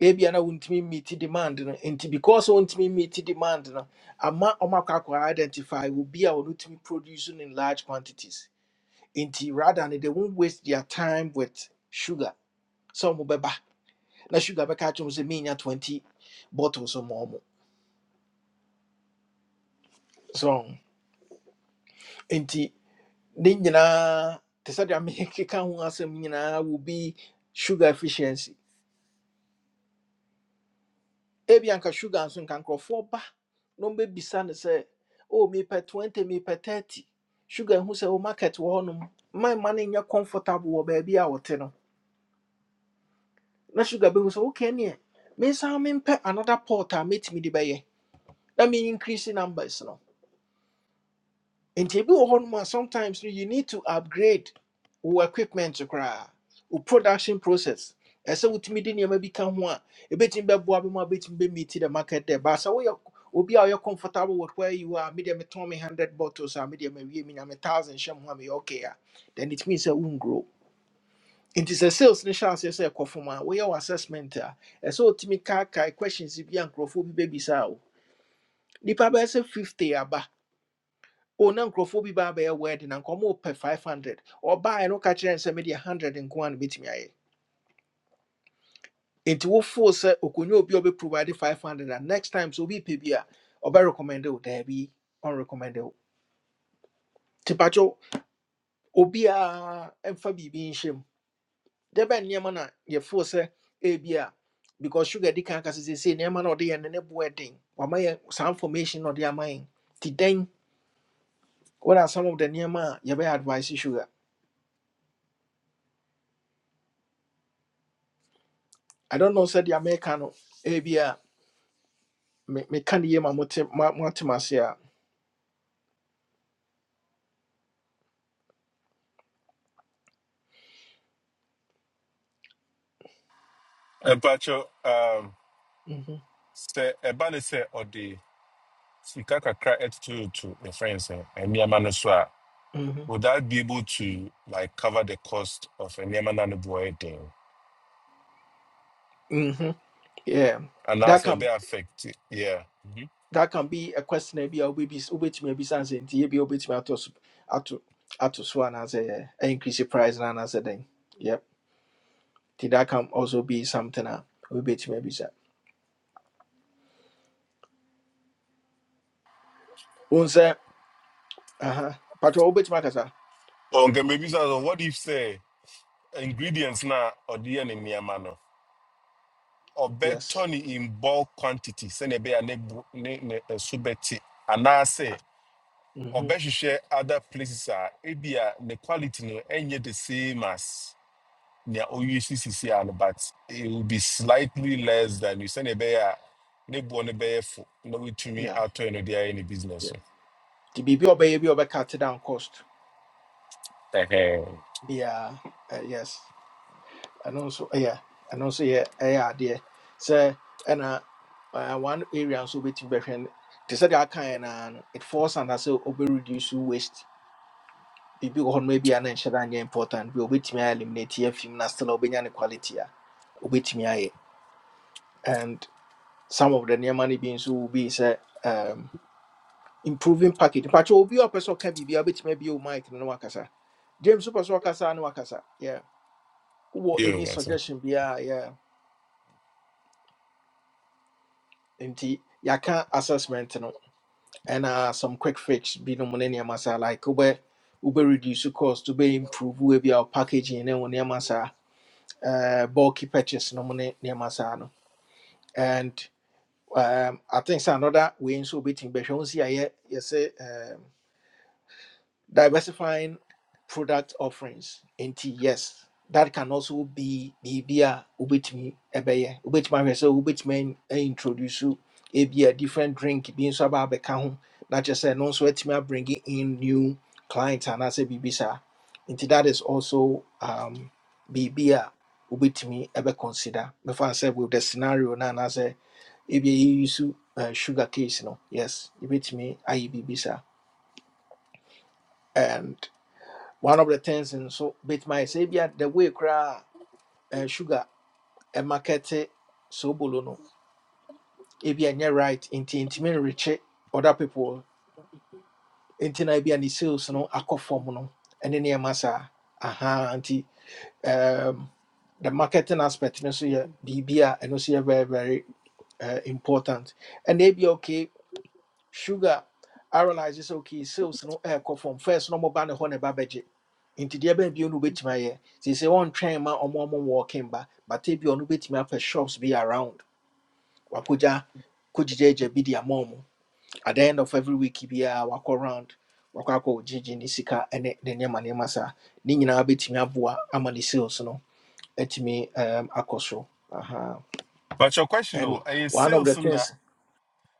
[SPEAKER 1] ebia na wɔntumi meet demand no nti because wɔntumi meet demand no, ama wɔn identify will be obi a wɔntumi produce no in large quantities. Nti rather no, they won't waste their time with sugar. So wɔn bɛba na sugar bɛka akyerɛ wɔn sɛ menya twenty bottles or more. So nti ne nyinaa te sɛ deɛ mekeka ho asɛm nyinaa will be sugar efficiency ebi anka sugar nso nka nkurɔfoɔ ba na ɔmbɛbisa no sɛ o mepɛ 20 mepɛ 30 sugar hu sɛ wo market wɔ hɔnom ma mma no nyɛ comfortable wɔ baabi a wɔte no na sugar bɛhu sɛ woka neɛ mensan mempɛ another pot a mɛtumi de bɛyɛ na me increase numbers no nti ebi wɔ hɔnom a sometimes no you need to upgrade wo equipment koraa wo production process ɛsɛ wotumi de nneɛma bi ka ho a ebetumi bɛboa bi mu a ebetumi bɛmeeti the market there baasa woyɛ obi a ɔyɛ comfortable with where you are media me tɔn me hundred bottles a media me wie me nya me thousand hyɛ mu a me okay a then it means sɛ wongro nti sɛ sales ne hyɛ aseɛ sɛ ɛkɔ fam a woyɛ wo assessment a ɛsɛ wotumi kaakae questions bi a nkurɔfoɔ bi bɛbisa wo nipa bɛyɛ sɛ fifty aba Oh, na nkurɔfoɔ bi ba abɛyɛ wedding na nkɔmɔ pɛ five hundred ɔbaa ɛno ka kyerɛ nsɛm de one hundred nko a na betumi ayɛ nti wofoo sɛ okonwa obi a provide five hundred And next time so obi pɛ bi a ɔbɛ recommend o daabi ɔn recommend o tipatwo obiara mfa biribi nhyɛ mu dɛbɛ nneɛma na yɛfoo sɛ ebi a because sugar di kan kasa sese nneɛma na ɔde yɛn no ne boɛ den wama yɛn saa information na ɔde ama ti dɛn what are some of the nneɛma a yɛbɛ advice sugar i don't know Said the america no ebi a. me me can hear my motim my motimasia.
[SPEAKER 7] Mpacho, um,
[SPEAKER 1] Mhm.
[SPEAKER 7] sɛ ɛba ne sɛ ɔde sika kakra attitude to ne friends no nneɛma no so a,
[SPEAKER 1] Mhm.
[SPEAKER 7] would that be able to like cover the cost of nneɛma na ne And ɛden?
[SPEAKER 1] Mhm. Yeah. That
[SPEAKER 7] Anaasɛ
[SPEAKER 1] can
[SPEAKER 7] ɛbɛ affect, it, yeah. Mhm.
[SPEAKER 1] that can be a question maybe or maybe which maybe something to be which me to ato so, ato so and as a increase the price and as a thing. Yep. Ti that can also be something a which be sir. Unse uh-huh. But which makasa?
[SPEAKER 7] Oh, maybe so, so what if sɛ ingredients na ɔde yɛ ne nneɛma no,
[SPEAKER 1] Yes.
[SPEAKER 7] ɔbɛtɔ ne in bulk quantity sɛnea ɛbɛyɛ a bear ne bo- ne ne ɛso bɛte anaasɛ
[SPEAKER 1] Mhm.
[SPEAKER 7] share other places are, it be a ebia ne quality no ɛnyɛ the same as their OUCCC and but it will be slightly less than you send a bear ne bo ne bear for no to me
[SPEAKER 1] Yeah.
[SPEAKER 7] out to any any
[SPEAKER 1] Yeah.
[SPEAKER 7] business.
[SPEAKER 1] Ti be be obey be obey cut down cost.
[SPEAKER 7] Yeah,
[SPEAKER 1] Yeah. Uh, yes. ɛno nso ɛyɛ ɛno nso yɛ ɛyɛ adeɛ sɛ ɛna uh, uh, one area nso wobɛtumi bɛhwɛ n- te sɛ deɛ akaeɛ naa no it falls under sɛ wobɛreduce waste biribi wɔ hɔ noma bi a na important We a wobɛtumi ayɛ eliminate afim na still a wobɛnya quality a wobɛtumi and some of the nneɛma no bi nso will be sɛ um, improving package mpakyɛ obi a person can be biribia wobɛtumi abie wo mic no wakasa james super sɛ and na wakasa yeah wowɔ any
[SPEAKER 7] that's it.
[SPEAKER 1] suggestion be? yeah. yeah. nti yɛaka assessment no ɛna some quick fix binom ne nneɛma saa like wobɛ wobɛ reduce cost to be improve we be our packaging ne wo nneɛma saa uh, bulky purchase no money. ne nneɛma saa no and um, i think sɛ another wei nso wobɛtumi bɛhwɛ wo si ayɛ yɛsɛ diversifying product offerings nti yes that can also be be a wobɛtumi ebeye wobɛtumi ahwɛ sɛ wobɛtumi a aintroduce ebi a different drink bi nso aba abɛka ho na kyerɛ sɛ no nso atumi abringi in new clients anaasɛ biribi saa nti that is also um, biribi a wobɛtumi ɛbɛconsider mɛfa sɛ with the scenario no anaasɛ ebi a yɛyi so uh, sugar case no yes yɛbɛtumi ayɛ biribi saa And one of the things in so bit my say be the way cra uh, sugar and market eh, so bolono if you are right into intimate rich eh, other people into I be any sales no akɔ fam no and then massa aha anti um the marketing aspect no so yeah bb and also very very uh, important and they be okay sugar I realize sɛ okay sales no ɛɛkɔ fam first No na ɔmoba ne babaji. na ɛba bɛgye nti deɛ bɛn bio no wobɛtumi ayɛ seesei wɔntwɛn ma ɔmo ɔmo wɔɔken back, but ebi ɔno wobɛtumi apɛ shops be around wakogya kogyigyagya bi de ama at the end of every week biara wakɔ round wakɔ akɔ gyegye ne sika ene ne nneɛma nneɛma saa ne nyinaa bɛtumi aboa ama ne sales no Etimi um, akɔ so Aha.
[SPEAKER 7] But your question though,
[SPEAKER 1] and
[SPEAKER 7] a
[SPEAKER 1] one of the
[SPEAKER 7] sales in that
[SPEAKER 1] things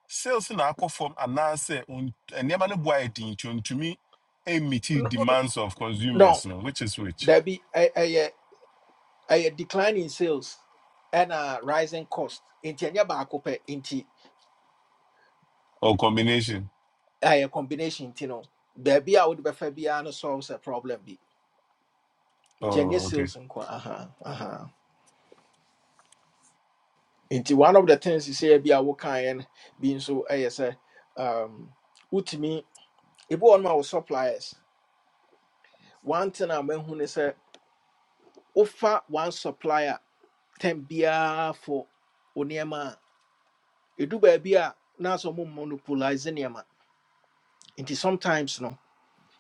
[SPEAKER 7] sales in aqua form and I say and never know why to me a meet
[SPEAKER 1] no
[SPEAKER 7] demands of
[SPEAKER 1] no,
[SPEAKER 7] consumers, no, which is which
[SPEAKER 1] dabi ɛyɛ A decline in sales and a rising cost Inti ɛnyɛ baako pɛ nti
[SPEAKER 7] or combination.
[SPEAKER 1] ɛyɛ combination Inti no baabi a wode bɛfa biara no solves a problem bi inti ɛnyɛ
[SPEAKER 7] Oh, okay.
[SPEAKER 1] sales nko aha aha Inti one of the things sɛ bi a wokaeɛ no bi nso ɛyɛ sɛ um, wotumi ebi wɔ nom wo suppliers one thing a mahu ne sɛ wofa one supplier ten biara for wo nneɛma baabi a na sɛ ɔmo monopolize nneɛma nti sometimes no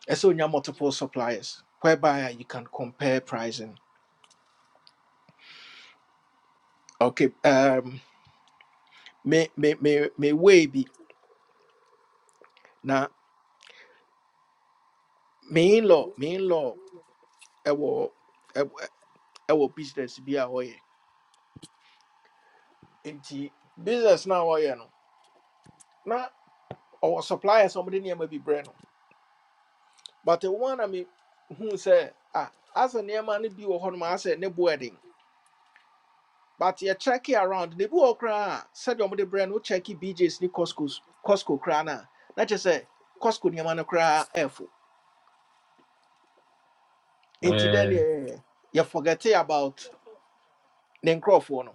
[SPEAKER 1] And so you have multiple suppliers whereby you can compare pricing. Okay, um me me me me way be na me in law me in law I will I will business be a way. nti business na way. no na ɔwɔ suppliers a ɔmo de nneɛma bi brɛ no but the one i me who say ah asɛ nneɛma no bi wɔ hɔ nom asɛ ne boɛ but you check it around ne bi wɔ hɔ koraa a sɛdeɛ ɔmode brɛ no wocheck bjs ne coscos cosco koraa no a na kyerɛ sɛ cosco nneɛma no koraa ɛfo nti dɛn ne yɛforgete about ne nkurɔfoɔ no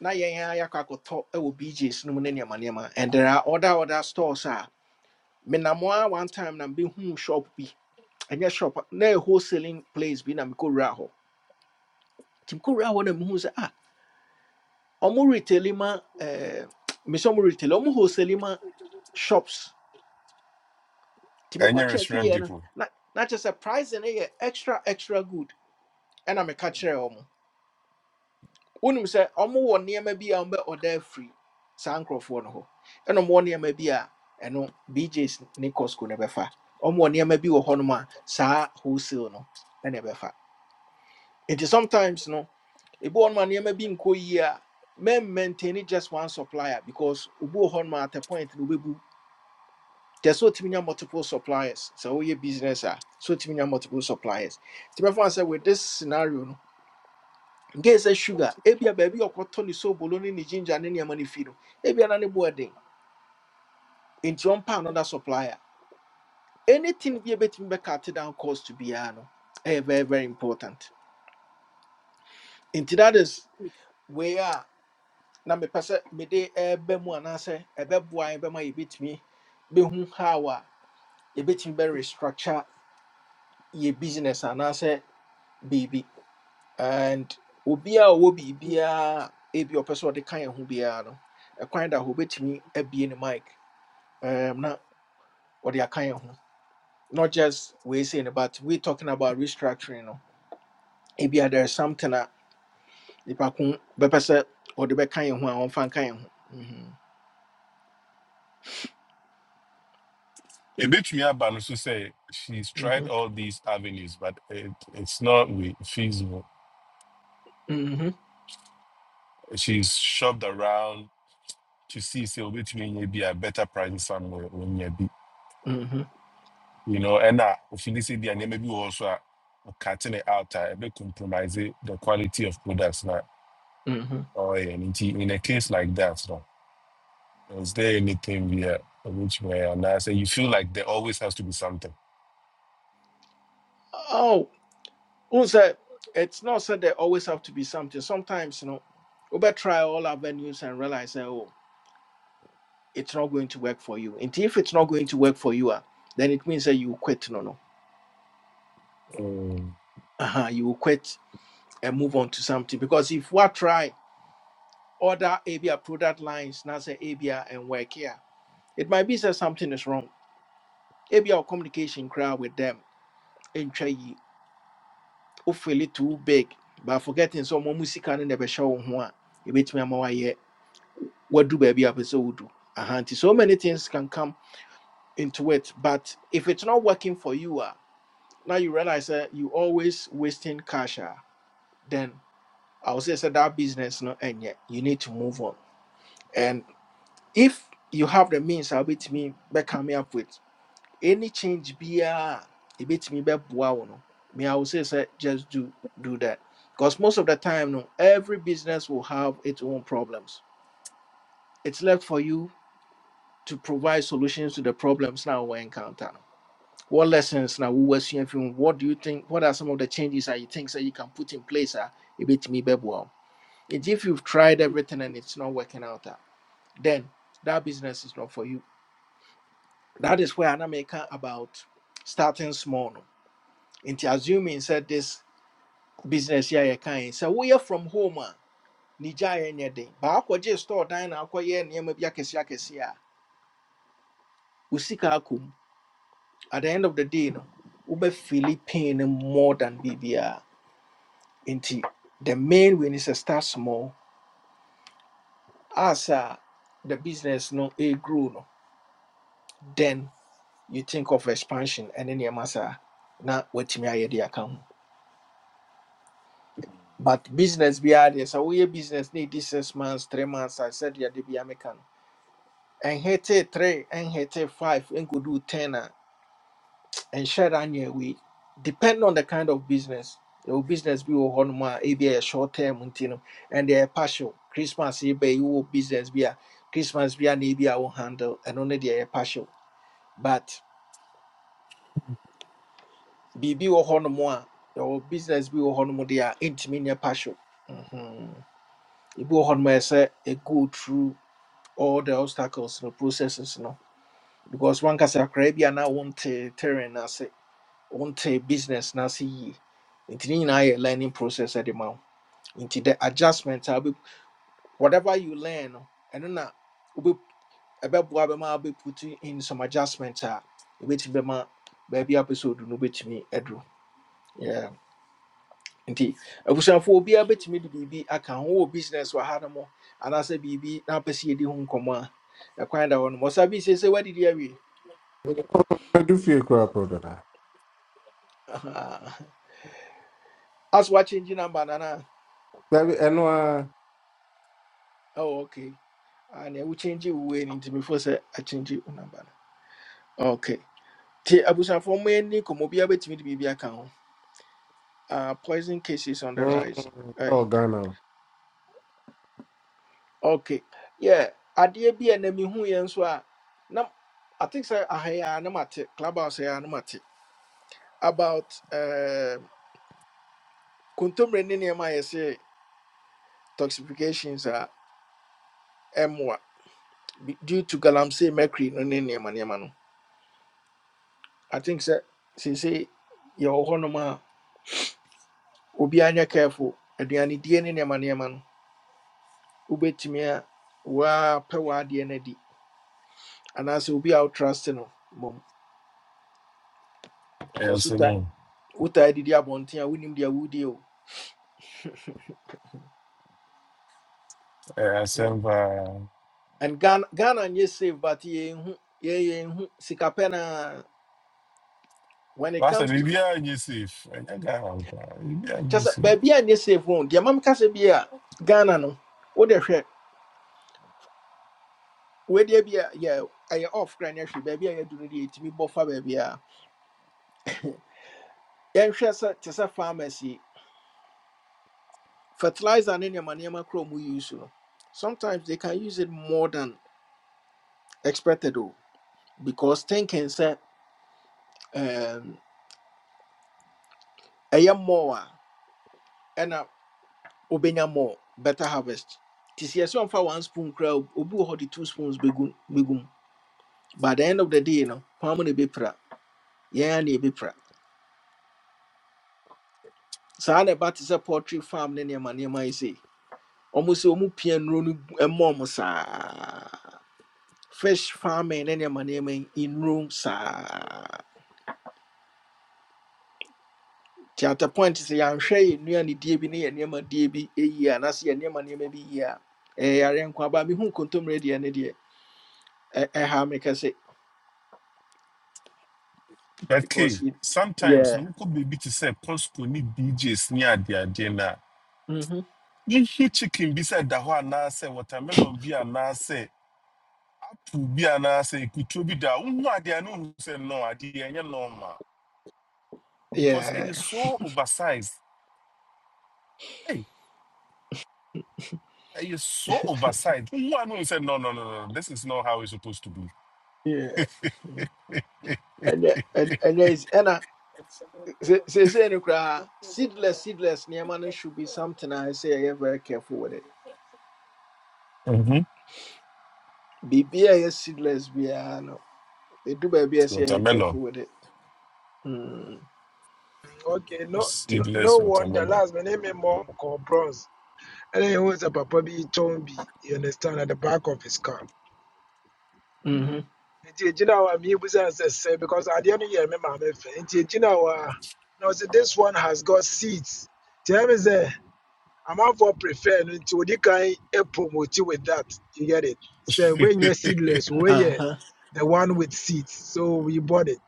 [SPEAKER 1] na yɛn a yɛakɔ akɔtɔ wɔ bjs no mu ne nneɛma nneɛma and there are other other stores a menam a one time na mbɛhuu shop bi ɛnyɛ shop a- na ɛyɛ wholesaling place bi na mekɔwura hɔ nti mekɔwura hɔ na mehu sɛ ah ɔmo retailing ma eh, mesɛ ɔmo retailing ɔmo wholesaling ma shops nti mekɔ
[SPEAKER 7] Any restaurant
[SPEAKER 1] kyɛkeeɛ no
[SPEAKER 7] depot.
[SPEAKER 1] na na kyerɛ sɛ price no yɛ extra extra good ɛna meka kyerɛɛ ɔmo wonim sɛ ɔmo wɔ nneɛma bi a ɔmbɛ ɔda afiri saa nkurɔfoɔ no hɔ ɛna ɔmo wɔ nneɛma bi a ɛno bjs ne cosco no bɛfa ɔmo wɔ nneɛma bi wɔ hɔnom a saa wholesale no ɛna ɛbɛfa nti sometimes no ebi wɔ hɔnom a nneɛma bi nkɔ yie a men maintain just one supplier because obi wɔ hɔnom a at a point no wobɛbu There's so many multiple suppliers. So all your business are so many multiple suppliers. Tibefa said with this scenario no. Get say sugar. Ebia baby or cotton is so bologna ni ginger and any money fino. Ebia nani boarding. Into one pound another supplier. Anything be a bit me cut down cost to be ano. Eh very very important. Into that is where na me pese me de ebe mu anase ebe boy ebe ma ebit me be hu how a yebetimi be restructure your business anase baby. and obi a ɔwɔ biribiara ebi a ɔpɛ sɛ ɔde ka yɛn ho biara no ɛkwan da hɔ obetumi abie ne mic um, na ɔde aka yɛn ho not just wei say no but we talking about restructuring no ebi a there is something that a nipa ko bɛpɛ sɛ ɔde bɛka yɛn ho a ɔmfa nka yɛn ho Mhm,
[SPEAKER 7] A bit me about to say she's tried
[SPEAKER 1] mhm,
[SPEAKER 7] all these avenues, but it, it's not we- feasible.
[SPEAKER 1] mhm,
[SPEAKER 7] She's shopped around to see say obetumi nya bi a better price somewhere nya bi.
[SPEAKER 1] mhm,
[SPEAKER 7] You know, and uh ofini say dia name bi also a cutting it out uh, be compromise the quality of products na
[SPEAKER 1] mhm.
[SPEAKER 7] or in in a case like that no. Is there anything we are which way and I say you feel like there always has to be something.
[SPEAKER 1] oh who said it's not said there always have to be something sometimes you know over try all avenues and realize that, oh. it's not going to work for you. And if it's not going to work for you, ah, then it means that you will quit. No, no.
[SPEAKER 7] Mm.
[SPEAKER 1] Uh-huh, you will quit and move on to something. Because if we try other ABA product lines, not say ABA and work here, it might be that something is wrong. ABA or communication crowd with them, and try ye, hopefully too big. But forgetting some more music and never show one. It makes me more yet. What do baby episode do? Uh-huh. So many things can come into it. But if it's not working for you, ah. Now you realize that you always wasting cash. ah, Then I would say so that business not end yet. You need to move on. And if you have the means, I'll be to me back me up with any change be a bit me back no. Me, I would say sir, just do do that. Because most of the time, no, every business will have its own problems. It's left for you to provide solutions to the problems now we encounter. what lessons now we were seeing from what do you think what are some of the changes that you think that you can put in place Ah, a bit me well if you've tried everything and it's not working out ah, then that business is not for you that is where I'm making about starting small no nti assuming said this business here you can so we are from home a ne gyae nyɛ den baakɔgye store dan na akɔyɛ nneɛma bi akɛseɛ akɛseɛ a wo sika akɔ mu. at the end of the day no wobɛfili pain no more than biribiara nti the main way ne sɛ start small as a the business no ɛgrow no then you think of expansion And ɛne nneɛma saa na watumi ayɛ de aka ho but business biara deɛ sɛ woyɛ business na ɛdi six months three months a sɛdeɛ de bia meka no ɛnhete three ɛnhete five ɛnkɔduu ten a and share that year we depend on the kind of business. Your business be on more a short term you and they're partial. Christmas you be your business be a Christmas be an ABI will handle and only they are partial. But BB or horn more your business be on more they are intimate partial. Mm-hmm. It be on more say it go through all the obstacles and processes, you know. Because one can say, Caribbean, I want to terrain, as wonte business na see, yie nti ne nyinaa yɛ learning process ɛde ma wo nti the adjustment a wobɛ- whatever you learn no ɛno na wobɛ- ɛbɛboa bɛma wobɛputu in some adjustment a ɛbɛtumi bɛma baabi a wopɛ sɛ odu no wobɛtumi aduru Yeah. nti abusuafo obiara bɛtumi de biribi aka ho wɔ business wɔ ha no mu anaasɛ biribi na wopɛ sɛ yɛdi ho nkɔmmɔ a ɛkwan da hɔ no mɔsa bi sɛ sɛ woadidi awie
[SPEAKER 4] Mɛdu fie koraa pɛ dada.
[SPEAKER 1] Aha. as what changing number nana
[SPEAKER 4] Dabi ɛno a
[SPEAKER 1] oh, okay Ah, nea wokyɛngye wo wei no nti mefo sɛ akyɛngye wo namba no okay nti abusuafoɔ mo ani kɔmmɔ obiaa bɛtumi de biribi aka ho Ah, poison cases on the
[SPEAKER 4] mm,
[SPEAKER 1] rise Aye.
[SPEAKER 4] ɛwɔ Ghana o.
[SPEAKER 1] okay yeah adeɛ bi a na mehuiɛ nso a na i think sɛ ahɛ a na mate clubhouse ha na mate about um, kontomire ne nneɛma a yɛse toxifications a ɛmmoa be due to galamsey mercury no ne nneɛma nneɛma no i think sɛ seesei yɛwɔ hɔnom obi anyɛ careful aduane die ne nneɛma nneɛma no wobɛtumi a woapɛ w'adeɛ no adi anaasɛ obi a wotrust no Because
[SPEAKER 7] Yeah,
[SPEAKER 1] kɔso
[SPEAKER 7] so
[SPEAKER 1] ta
[SPEAKER 7] no.
[SPEAKER 1] wotaa didi abɔnten a wonim deɛ wodie o
[SPEAKER 7] Yeah,
[SPEAKER 1] Yeah.
[SPEAKER 7] so uh,
[SPEAKER 1] and ghana ghana nyɛ safe but yɛnhu yɛ- yɛnhu sika pɛ na when it
[SPEAKER 7] Last time,
[SPEAKER 1] comes to
[SPEAKER 7] maybe
[SPEAKER 1] f-
[SPEAKER 7] I'm safe. I got out. Baby,
[SPEAKER 1] kyɛ
[SPEAKER 7] I'm
[SPEAKER 1] sɛ
[SPEAKER 7] safe.
[SPEAKER 1] baabi a nyɛ safe wɔn deɛ mam kasɛ bi a ghana no wode hwɛ wedeɛ bi a yɛ ɛyɛ off kra ne ahwe baabi a yɛadu no deɛ ɛtumi bɔ fa baabi a yɛnhwɛ sɛ te sɛ pharmacy fertilizer and any nneɛma kora mu use no sometimes they can use it more than expected though, because thinking sɛ um, ɛyɛ more and a obenya more better harvest nti sɛ yɛsɛ ɔmfa one spoon koraa obu obi wɔ two spoons bɛgu bɛgu mu. but the end of the day no hwan mu na ɛbɛpira yɛn a na ɛbɛpira saa na ɛba te sɛ poultry farm ne nneɛma nneɛma yi sei ɔmo sɛ ɔmo pia nnuro no gu- ɛma fish farming ne nneɛma nneɛma in room sa. nti at a point sɛ yɛanhwɛ yɛ nnuanedie bi ne yɛ nneɛmadie bi yie anaasɛ yɛ nneɛma nneɛma bi yie a ɛyɛ yare nko aba mehu nkontommerɛ deɛ ne deɛ ɛ- ɛha me kɛse
[SPEAKER 7] But
[SPEAKER 1] because
[SPEAKER 7] K,
[SPEAKER 1] it-
[SPEAKER 7] sometimes
[SPEAKER 1] yeah
[SPEAKER 7] no could be to say Costco need DJs near the agenda.
[SPEAKER 1] mm-hmm.
[SPEAKER 7] You hear chicken beside the one now say watermelon be and now say to be and now say could to be that one idea no say no idea any normal because and you
[SPEAKER 1] yeah
[SPEAKER 7] so oversized. Hey, and you so oversized. One no say no no no no this is not how it's supposed to be.
[SPEAKER 1] yeah ɛnyɛ ɛnyɛ- ɛnyɛ easy. ɛna se- seesei no koraa seedless seedless nneɛma no should be something a ɛsɛ yɛyɛ very careful with it
[SPEAKER 7] Mm-hmm.
[SPEAKER 1] biribiaa ɛyɛ seedless biara no ɛdu baabi a ɛsɛ yɛyɛ
[SPEAKER 7] Watermelon,
[SPEAKER 1] careful with it Mm,
[SPEAKER 6] Okay, no, no,
[SPEAKER 1] nti
[SPEAKER 6] no
[SPEAKER 7] seedless
[SPEAKER 6] wonder.
[SPEAKER 7] watermelon.
[SPEAKER 6] Last my name is Mom called Bronze. And then he was a papa be Tombi, you understand, at the back of his car.
[SPEAKER 1] mhm,
[SPEAKER 6] Nti egyina hɔ me? meebusa sɛ sɛ because adeɛ no yɛ me maame fɛ nti egyina hɔ a na ɔsɛ this one has got seats nti ɛmi sɛ amanfoɔ prefer no nti odi kan e promote you with that you get it sɛ wɔnyɛ seedless wɔyɛ
[SPEAKER 1] aha,
[SPEAKER 6] the one with seats so we bought it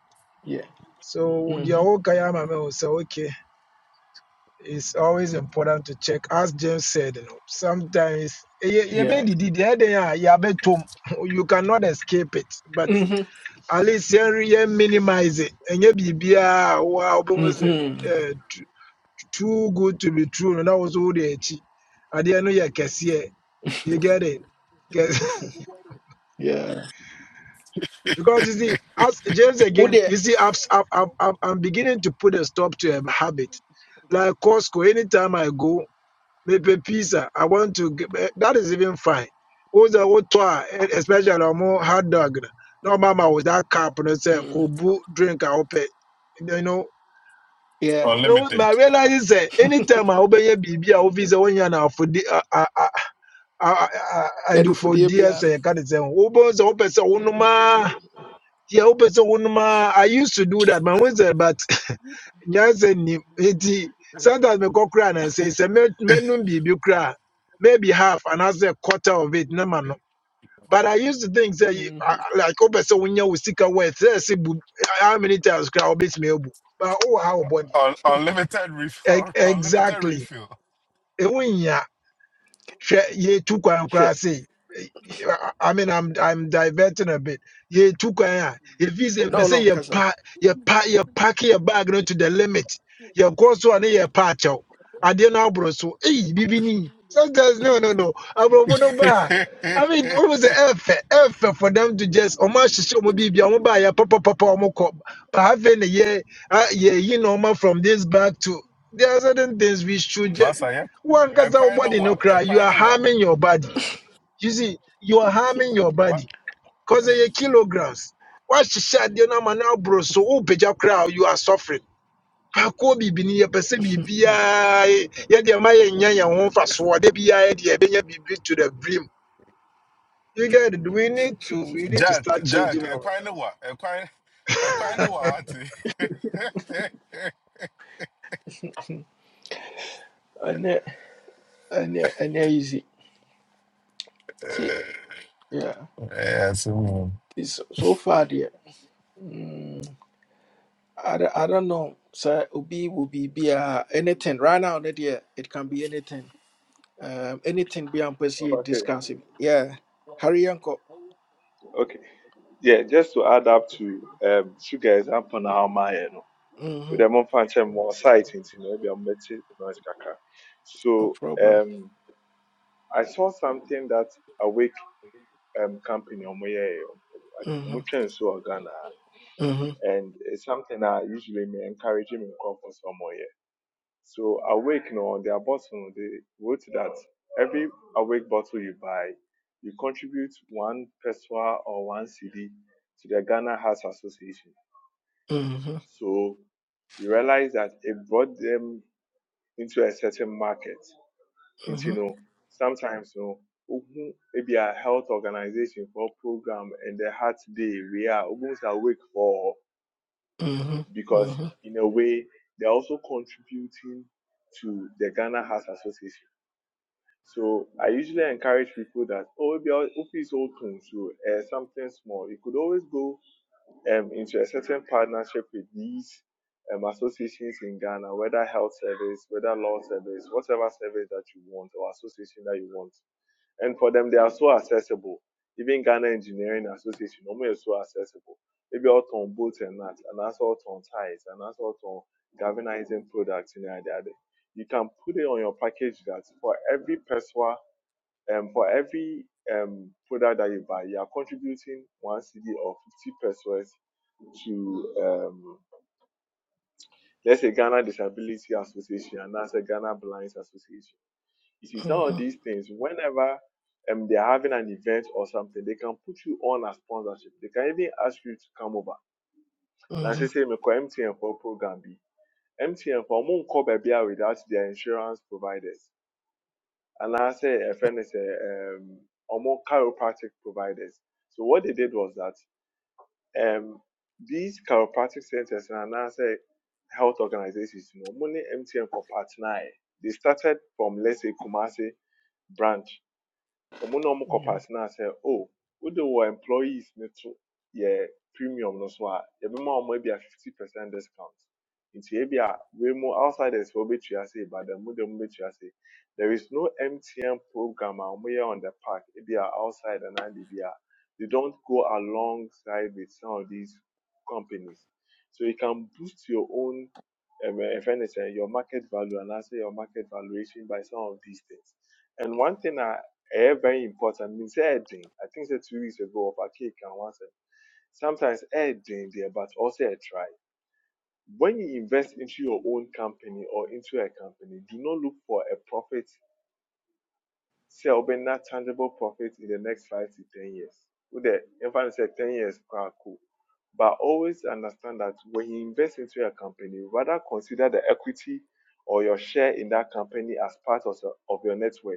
[SPEAKER 1] yeah
[SPEAKER 6] so the
[SPEAKER 1] mhm,
[SPEAKER 6] whole kan ama mi sɛ okay it's always important to check as james said you know sometimes eh, ye- yebe
[SPEAKER 1] yeah
[SPEAKER 6] didi, deɛ ɛden a yɛabɛtɔ mu. you cannot escape it but at least yɛn- yɛn minimize it And biribiaa a woa wobɛhu sɛ
[SPEAKER 1] hmm
[SPEAKER 6] eh, t- too good to be true And no na wo so wode akyi adeɛ no your kɛseɛ you get it Kɛse-
[SPEAKER 1] Yeah.
[SPEAKER 6] because you see as james
[SPEAKER 1] Wo
[SPEAKER 6] again
[SPEAKER 1] deɛ
[SPEAKER 6] you see I've, I've, I've, I've- i'm beginning to put a stop to a habit like costco anytime i go mepe pizza. I want to. g- eh, That is even fine. Those are what try, especially on more hot dog. eh? No mama with that cup and say
[SPEAKER 1] mm,
[SPEAKER 6] kubu drink I open. You know.
[SPEAKER 1] yeah.
[SPEAKER 6] No,
[SPEAKER 7] unlimited,
[SPEAKER 6] my realize is that anytime I open your BB, I office when you are for the I I I I I
[SPEAKER 1] Yeah,
[SPEAKER 6] do
[SPEAKER 1] Do
[SPEAKER 6] for
[SPEAKER 1] Yɛadofodeɛ
[SPEAKER 6] dear
[SPEAKER 1] biara no.
[SPEAKER 6] say can not say Ubers open so unuma. Yeah, open so unuma. I used to do that, man. But nyansa nnim nti sometimes me mekɔ kora anansɛ sɛ mɛ- mɛnom biribi kora a maybe half and as a quarter of it na ma no but i used to think sɛ y-
[SPEAKER 1] Mhm.
[SPEAKER 6] a- a- like wopɛ person wonya wo sika wet sɛ say bu how many times kora me obu but oh how wo bɔde
[SPEAKER 7] Un- unlimited refill, unlimited
[SPEAKER 6] exactly
[SPEAKER 7] refill.
[SPEAKER 6] ɛho hwɛ yɛtu kwan
[SPEAKER 1] Hwɛ.
[SPEAKER 6] koraa se eh, I mean, I'm I'm diverting a bit. Yeah, two kwan. If you say,
[SPEAKER 1] Na ɔno
[SPEAKER 6] say you
[SPEAKER 1] nkasa.
[SPEAKER 6] pack, you pack, you pack your bag no to the limit. You go so and you pack out. I didn't know, bro. So, hey, bibini. Sometimes no, no, no. I'm no bar. I mean, almost an effort, effort for them to just. Oh my, she show me baby. I'm buy a papa, papa, I'm cop. But having a Yeah, uh, yeah, you know, ma, from this bag to. There are certain things we should. just
[SPEAKER 7] Masa yɛ
[SPEAKER 6] wankasa wo
[SPEAKER 7] ɛkwan no
[SPEAKER 6] body
[SPEAKER 7] wa
[SPEAKER 6] no cry you
[SPEAKER 7] ɛkwan
[SPEAKER 6] are
[SPEAKER 7] no wa
[SPEAKER 6] harming your body you see you are harming your
[SPEAKER 7] Ma-
[SPEAKER 6] body cause of your kilograms wahyehyɛ you no man now bro, so wopagya koraa a, you are suffering baako biribi no yɛpɛ sɛ biribiaa yɛde ma yɛnya yɛn ho mfasoɔ da biaa yɛde yɛbɛnya biribi to the brim you get it we need to we need to
[SPEAKER 7] Jack
[SPEAKER 6] start
[SPEAKER 7] Jack
[SPEAKER 6] changing our
[SPEAKER 7] ɛkwan no
[SPEAKER 6] lives
[SPEAKER 7] wa ɛkwan ɛkwan no wa wate.
[SPEAKER 1] Ɛnyɛ ɛnyɛ ɛnyɛ easy. See. Yeah.
[SPEAKER 7] Ɛyɛ ase mu.
[SPEAKER 1] It's so so far deɛ. Mm, I, don't- I don't know. Sɛ Will be. Be a anything right now That year, it can be anything. Um, anything beyond a discussing.
[SPEAKER 5] ɔfake
[SPEAKER 1] Yeah. Hurry yɛnkɔ.
[SPEAKER 5] okay yeah just to add up to um, sugar example now, my yɛ no with
[SPEAKER 1] Mm-hmm.
[SPEAKER 5] them on fancy more sightings, you know, they are meti noise kaka.
[SPEAKER 1] No
[SPEAKER 5] So
[SPEAKER 1] problem.
[SPEAKER 5] um I saw something that awake um company on my
[SPEAKER 1] Mm-hmm.
[SPEAKER 5] so Ghana
[SPEAKER 1] Mm-hmm.
[SPEAKER 5] and it's something that usually me encouraging me come for some more year. So awake you know, their bottle they wrote that every awake bottle you buy, you contribute one peswa or one CD to the Ghana House Association.
[SPEAKER 1] Mm-hmm.
[SPEAKER 5] So you realize that it brought them into a certain market.
[SPEAKER 1] Mm-hmm.
[SPEAKER 5] Into you
[SPEAKER 1] Mm-hmm.
[SPEAKER 5] know, sometimes you know, ogun maybe a health organization for program and they had today we are almost awake for because
[SPEAKER 1] Mm-hmm.
[SPEAKER 5] in a way they're also contributing to the Ghana Heart Association. So I usually encourage people that oh maybe I'll- if open to uh, something small, you could always go um, into a certain partnership with these um, associations in Ghana, whether health service, whether law service, whatever service that you want or association that you want. And for them, they are so accessible. Even Ghana Engineering Association, normally is so accessible. Maybe out on boats and that, and that's out on ties, and that's out on galvanizing products in the idea. You can put it on your package that for every personal, um, for every um, product that you buy, you are contributing one CD or 50 pesos to um, let's say Ghana Disability Association and that's a Ghana Blinds Association. You see, some of
[SPEAKER 1] Mm-hmm.
[SPEAKER 5] these things, whenever um, they're having an event or something, they can put you on a sponsorship. They can even ask you to come over. Now,
[SPEAKER 1] Mm-hmm.
[SPEAKER 5] say, say, "Mekɔ MTN for program B. MTN for moon cover without their insurance providers. And I say, a friend is a um, chiropractic providers. So what they did was that um, these chiropractic centers and now say health organizations, you know, money MTN Kopat They started from let's say Kumasi branch ɔmo na ɔmo
[SPEAKER 1] Mhm.
[SPEAKER 5] kɔpaase na sɛ o wode wɔ employees ne to yɛ premium no so a yɛbɛma ɔmo ebia fifty percent discount nti ebia wei mu outsiders wɔ betua ase but mu de mo betua ase there is no mtn program a ɔmo yɛ on the park ebia outside and biribi a they don't go alongside with some of these companies so you can boost your own um, eh, if anything, your market value and I say your market valuation by some of these things. And one thing I, Eh, very important. Means heading. I think it's two weeks ago of a cake and one said sometimes heading there, but also a try. When you invest into your own company or into a company, do not look for a profit sell but not tangible profit in the next five to ten years. With the infant said ten years quite cool. But always understand that when you invest into a company, rather consider the equity or your share in that company as part of, of your net worth.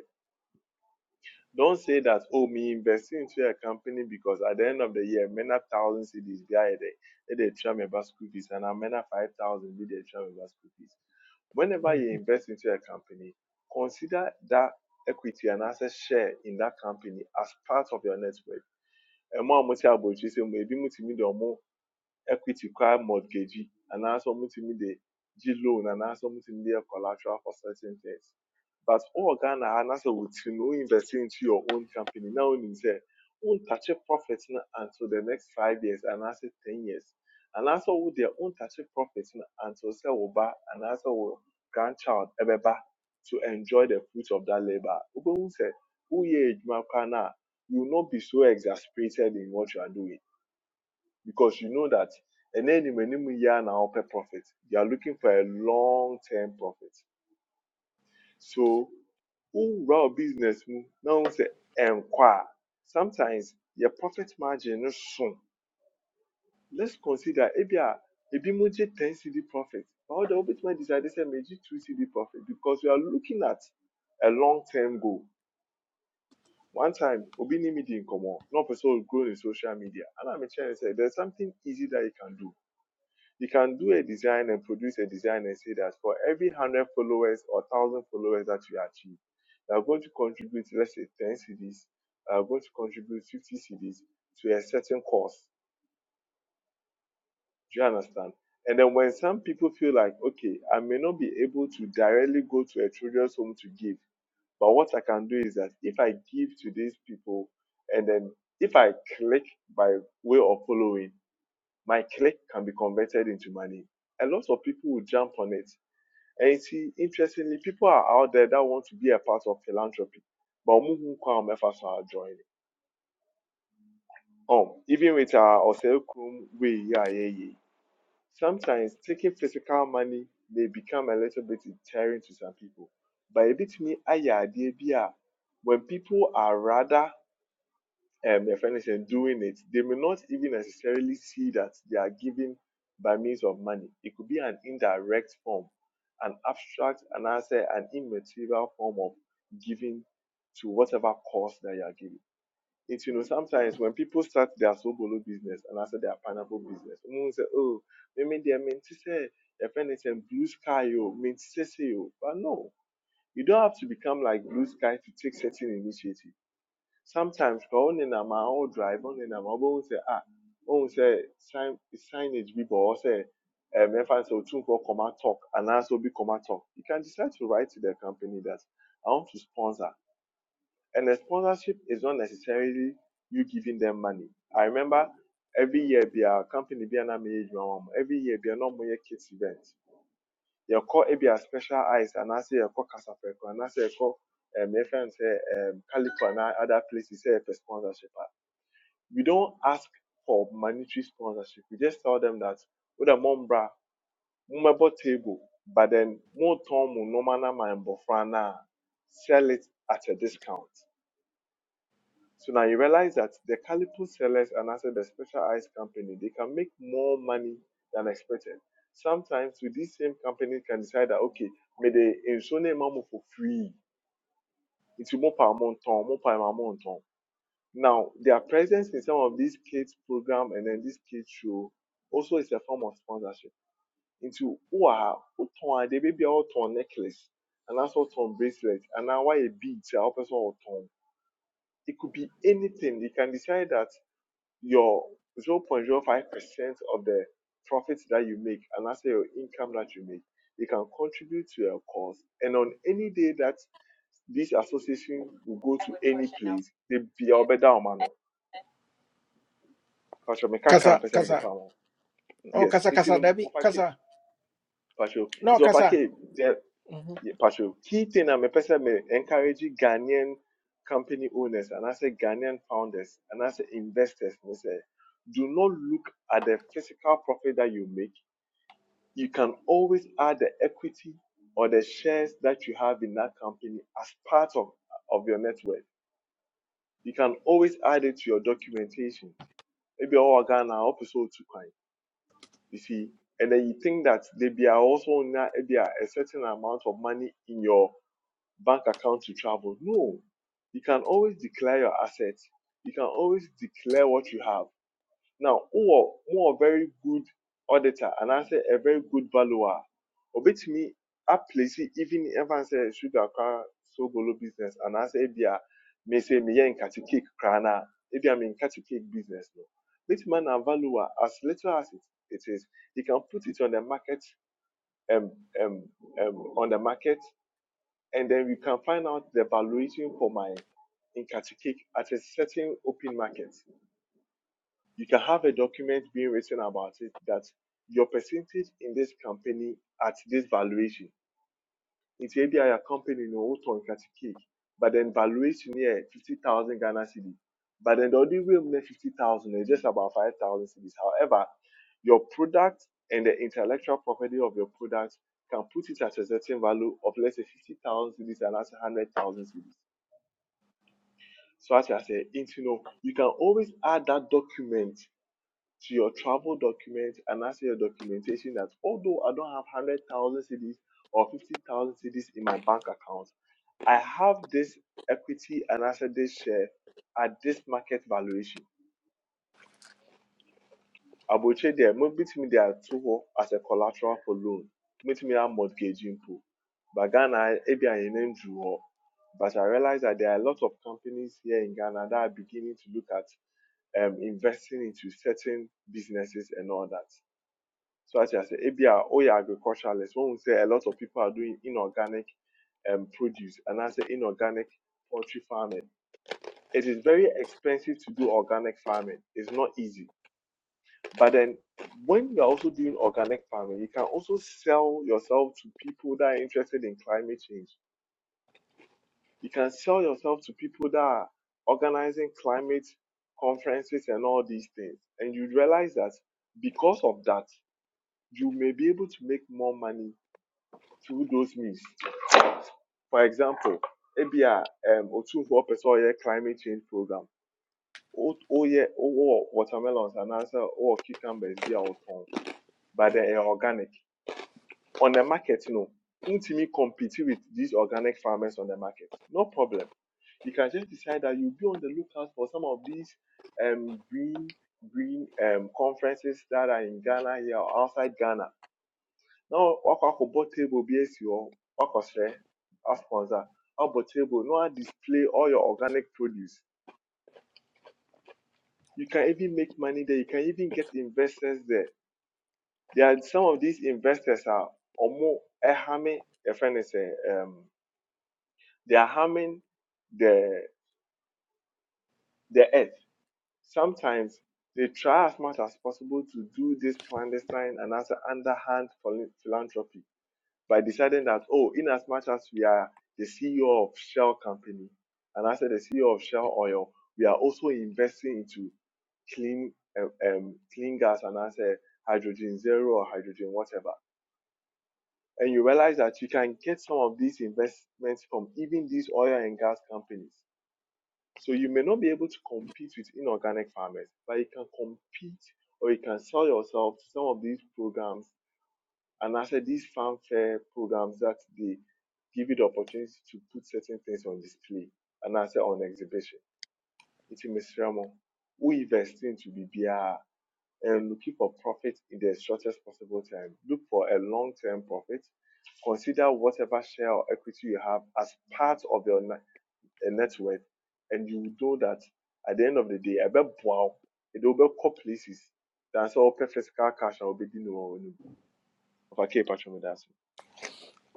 [SPEAKER 5] Don't say that, oh, me investing into a company because at the end of the year, many thousand CDs behind they they try my bus school fees and I'm five thousand be they try my bus school fees. Whenever
[SPEAKER 1] Mhm.
[SPEAKER 5] you invest into a company, consider that equity and asset share in that company as part of your network. Ɛmo a mo te abotire sɛ mo, ebi mo tumi de ɔmo equity require mortgagee and also mutu mi dey gee loan and also mutu mi collateral for certain things. But all Ghana and also within no invest into your own company now you say won't touch a profit until the next five years and also ten years. And also with their own touch a profit until say oba and also wo grandchild ebeba to enjoy the fruit of that labor. Obo say who ye adwuma kwa you will not be so exasperated in what you are doing because you know that and then in many year now per profit you are looking for a long term profit so who overall business mu now say inquire. sometimes your profit margin is soon let's consider ebi a ebi mo gye ten cd profit all the obitima decide say meji two cd profit because we are looking at a long term goal one time obi ni mi di nkɔmɔ na ɔpɛ sɛ ɔgrow ne social media I am kyerɛ ne say there is something easy that you can do you can do a design and produce a design and say that for every 100 followers or 1000 followers that you achieve, you are going to contribute, let's say 10 CDs, you are going to contribute 50 CDs to a certain cause. Do you understand? And then when some people feel like, okay, I may not be able to directly go to a children's home to give, but what I can do is that if I give to these people and then if I click by way of following, my click can be converted into money. A lot of people will jump on it And you see, interestingly, people are out there that want to be a part of philanthropy, but ọmo hu Efforts are joining. ɛfa so Um, even with our Osei Krum way, yeah, yeah, yeah. Sometimes taking physical money may become a little bit deterring to some people. But a bit me aye idea when people are rather um, if anything, doing it, they may not even necessarily see that they are giving by means of money. It could be an indirect form, an abstract, and I say an immaterial form of giving to whatever cause that you are giving. It's you know sometimes when people start their sobolo business and I say their pineapple business, someone say, oh, maybe they meant to say if anything blue sky you mean to say, oh." but no, you don't have to become like blue sky to take certain initiative sometimes kɔ wo nenam a ɔredrive wo nenam a wobɛhu sɛ ah wohu sɛ sign signage bi bɔ hɔ sɛ eh, memfa sɛ otumfoɔ comma talk and also obi comma talk you can decide to write to the company that i want to sponsor and the sponsorship is not necessarily you giving them money i remember every year bia company bia na meyɛ adwuma wɔ mo every year bia na ɔmoyɛ kids event yɛkɔ ebia special eyes and I anaasɛ yɛkɔ kasafrɛko anaasɛ yɛkɔ um, yɛfrɛ no sɛ um, calico anaa other places sɛ yɛpɛ sponsorship we don't ask for monetary sponsorship. We just tell them that with a mombra, mumbebo table, but then more tom nomana and bofrana sell it at a discount. So now you realize that the calipo sellers and also the specialized company, they can make more money than expected. Sometimes with these same companies can decide that okay, may they insure mamu for free. It's more power more per month. Now, their presence in some of these kids program and then this kids show also is a form of sponsorship. Into who are who woton they baby all turn necklace and also turn bracelet and now why a bead or person or torn. It could be anything. You can decide that your 0.05% of the profits that you make and that's your income that you make, you can contribute to your cause. And on any day that this association will go to any place, they be all better or man. Pacho mekaka
[SPEAKER 1] Kasa,
[SPEAKER 5] mpesa
[SPEAKER 1] kasa.
[SPEAKER 5] mdeka ho.
[SPEAKER 1] Oh,
[SPEAKER 5] Yes,
[SPEAKER 1] kasa,
[SPEAKER 5] inti
[SPEAKER 1] kasa,
[SPEAKER 5] no
[SPEAKER 1] Debbie,
[SPEAKER 5] wafake.
[SPEAKER 1] kasa.
[SPEAKER 5] Pacho, is
[SPEAKER 1] No, kasa.
[SPEAKER 5] wafake there
[SPEAKER 1] Mhm.
[SPEAKER 5] yeah, Pacho. Key thing I'm a person me encourage Ghanaian company owners and I say Ghanaian founders and I say investors Me say do not look at the physical profit that you make. You can always add the equity or the shares that you have in that company as part of, of your network. You can always add it to your documentation. Maybe all Ghana, episode two kind. You see, and then you think that there be are also na- there a certain amount of money in your bank account to travel. No, you can always declare your assets. You can always declare what you have. Now, who who a very good auditor and I say a very good valuer, obit me, a aplace even if I say sugar car so golo business and I say bia may say me yen catch cake crana if I mean catch cake business no. This man a valuer as little as it, it is, he can put it on the market um, um, um, on the market and then we can find out the valuation for my in catch cake at a certain open market you can have a document being written about it that your percentage in this company at this valuation. It's maybe a company no auto cake, but then valuation here fifty thousand Ghana cedis. But then the only way we make fifty thousand is just about five thousand cedis. However, your product and the intellectual property of your product can put it at a certain value of let's say fifty thousand cedis and that's one hundred thousand cedis. So as I say, you know, you can always add that document to your travel documents and as your documentation that although I don't have 100,000 Cedis or 50,000 Cedis in my bank account, I have this equity and asset this share at this market valuation. Abotire there, Maybe mo bitumi de ato hɔ as a collateral for loan. Mobitumi a mortgage mpo. But Ghana, ebi a name nan duru But I realize that there are a lot of companies here in Ghana that are beginning to look at um, investing into certain businesses and all that. So as I say, ebia oyɛ agriculturalist, when we say a lot of people are doing inorganic um, produce, and I say inorganic poultry farming. It is very expensive to do organic farming. It's not easy. But then when you are also doing organic farming, you can also sell yourself to people that are interested in climate change. You can sell yourself to people that are organizing climate conferences and all these things. And you realize that because of that, you may be able to make more money through those means. For example, ebi a um, otumfoɔ pɛ sɛ ɔyɛ climate change program. O- Ɔyɛ ɔwɔ watermelons anaasɛ ɔwɔ cucumbers bi a ɔtɔn but they are organic. On the market no, wntumi compete with these organic farmers on the market. No problem. You can just decide that you will be on the lookout for some of these um, green green um, conferences that are in Ghana here or outside Ghana na ọkwa akụbọ tebụl bịa esi ọkọsịa as sponsor ọ bụ table no display all your organic produce you can even make money there you can even get investors there there are some of these investors are almost harming, ẹfẹ ne sẹ um they are harming the the earth sometimes they try as much as possible to do this clandestine and as an underhand philanthropy by deciding that, oh, in as much as we are the CEO of Shell Company, and I said the CEO of Shell Oil, we are also investing into clean um, um, clean gas and I said hydrogen zero or hydrogen whatever. And you realize that you can get some of these investments from even these oil and gas companies. So you may not be able to compete with inorganic farmers, but you can compete or you can sell yourself to some of these programs and I said these fanfare programs that they give you the opportunity to put certain things on display. And I said on exhibition. It's Mr. who invest into BBR and looking for profit in the shortest possible time. Look for a long term profit. Consider whatever share or equity you have as part of your net eh, worth. And you will know that at the end of the day, I bet wow, it will be places. That's all physical cash I will be doing. If I keep patching with that.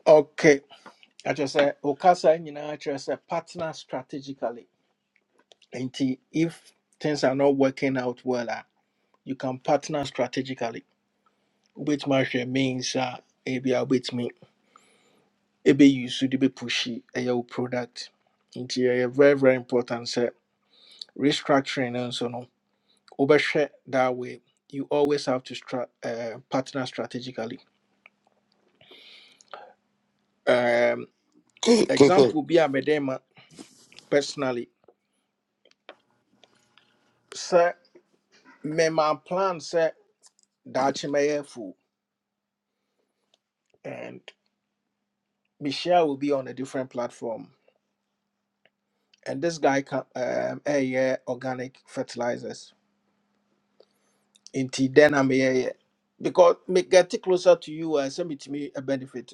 [SPEAKER 1] Okay. I just said, Okasa, you know, I just said partner strategically. And if things are not working out well, ah, you can partner strategically, which much means uh, maybe I'll me. Maybe you should be pushy a your product. It's very, very important. Sir. Restructuring and so on. Overshare that way. You always have to stra- uh, partner strategically. Um,
[SPEAKER 8] KK,
[SPEAKER 1] example be a mede ma personally Sir, me my plan sɛ daakye mɛyɛ afuo and Michelle will be on a different platform and this guy ka um, ɛyɛ organic fertilizers Inti then, I na meyɛyɛ because me get closer to you and send me to me a sɛ metumi benefit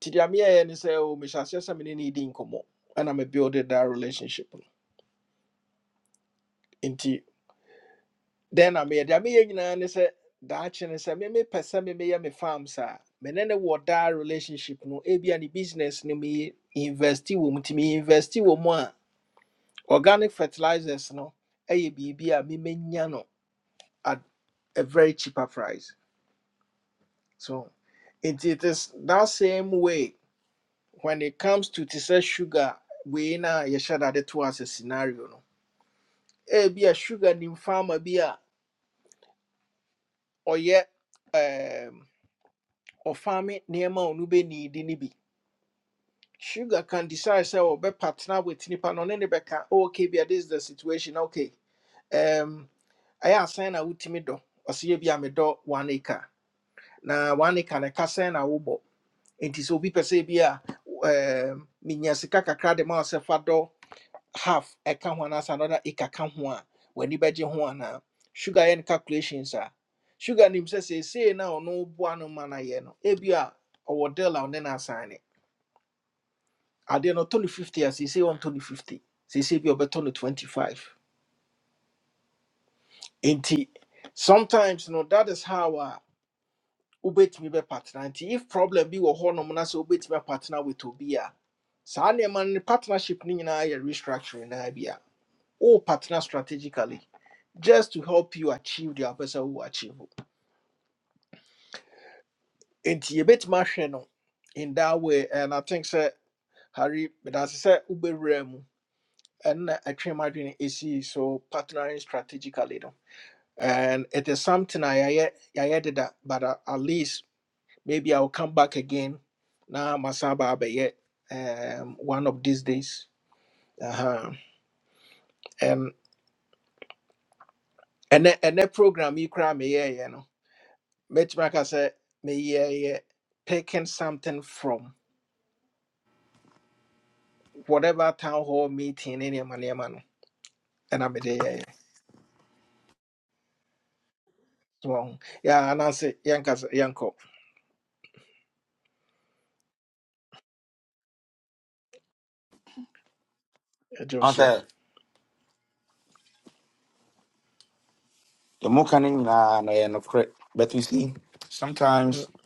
[SPEAKER 1] nti deɛ meyɛyɛ ne sɛ o mehyɛ aseɛ sɛ mene ne di nkɔmmɔ ɛna mebuild that relationship no Then I made I mean you I said that and I said me me person me me yeah, me farm sir. Me ne wɔ that relationship no ebi and business no me investi wo mu me investi wo mu a organic fertilizers no ɛyɛ biribi a me menya no at a very cheaper price. So it, it is that same way when it comes to to say sugar we na yɛhyɛ dade to as a scenario no. Ebi a sugar nim farmer bi a ɔyɛ ɔfame nneɛma a ɔno bɛniidi no bi sugar can decide sɛ ɔbɛpartner with nipa no ɔne ne bɛka "Oh, okay bia this is the situation okay um, ɛyɛ asɛn na wotumi dɔ ɔsɛ yɛ bi a medɔ one acre na one acre no ɛka sɛn na wobɔ nti sɛ obi pɛ sɛ bi a um, menya sika kakra de ma wo sɛ fa dɔ half ɛka ho anaasɛ another acre ka ho a w'ani bɛgye ho anaa sugar yɛ ne calculations a sugar nim sɛ seesei na ɔno boa no ma no yɛ no ebia ɔwɔ deal a ɔne no asign no. adeɛ no ɔtɔ no 50 a seesei ɔntɔ no 50 seesei bi a ɔbɛtɔ no 25 nti sometimes no that is how a wobɛtumi bɛpartena nti if problem bi wɔ hɔnom na sɛ wobɛtumi apartena with obi a saa nneɛma no ne partnership no nyinaa yɛ restructuring naa bi a wo partner strategically just to help you achieve deɛ wopɛ sɛ wowɔ achieve o. nti yɛbɛtumi ahwɛ no in that way and i think sɛ harry medase sɛ wobɛwura mu ɛnna ɛtwe mu adwene ɛsii so partnering strategically no and it is something I I added that, but uh, at least maybe I'll come back again. Now Masaba Abeye, um, one of these days. Uh-huh. And and that- and that program you cry me yeah, you know. Matchmaker said me yeah yeah taking something from whatever town hall meeting in your money man. And I'm a day yeah. yeah. So yeah, and I say yankas yanko Joshua.
[SPEAKER 8] answer the more can in and no correct. But you see, sometimes
[SPEAKER 1] Mm-hmm.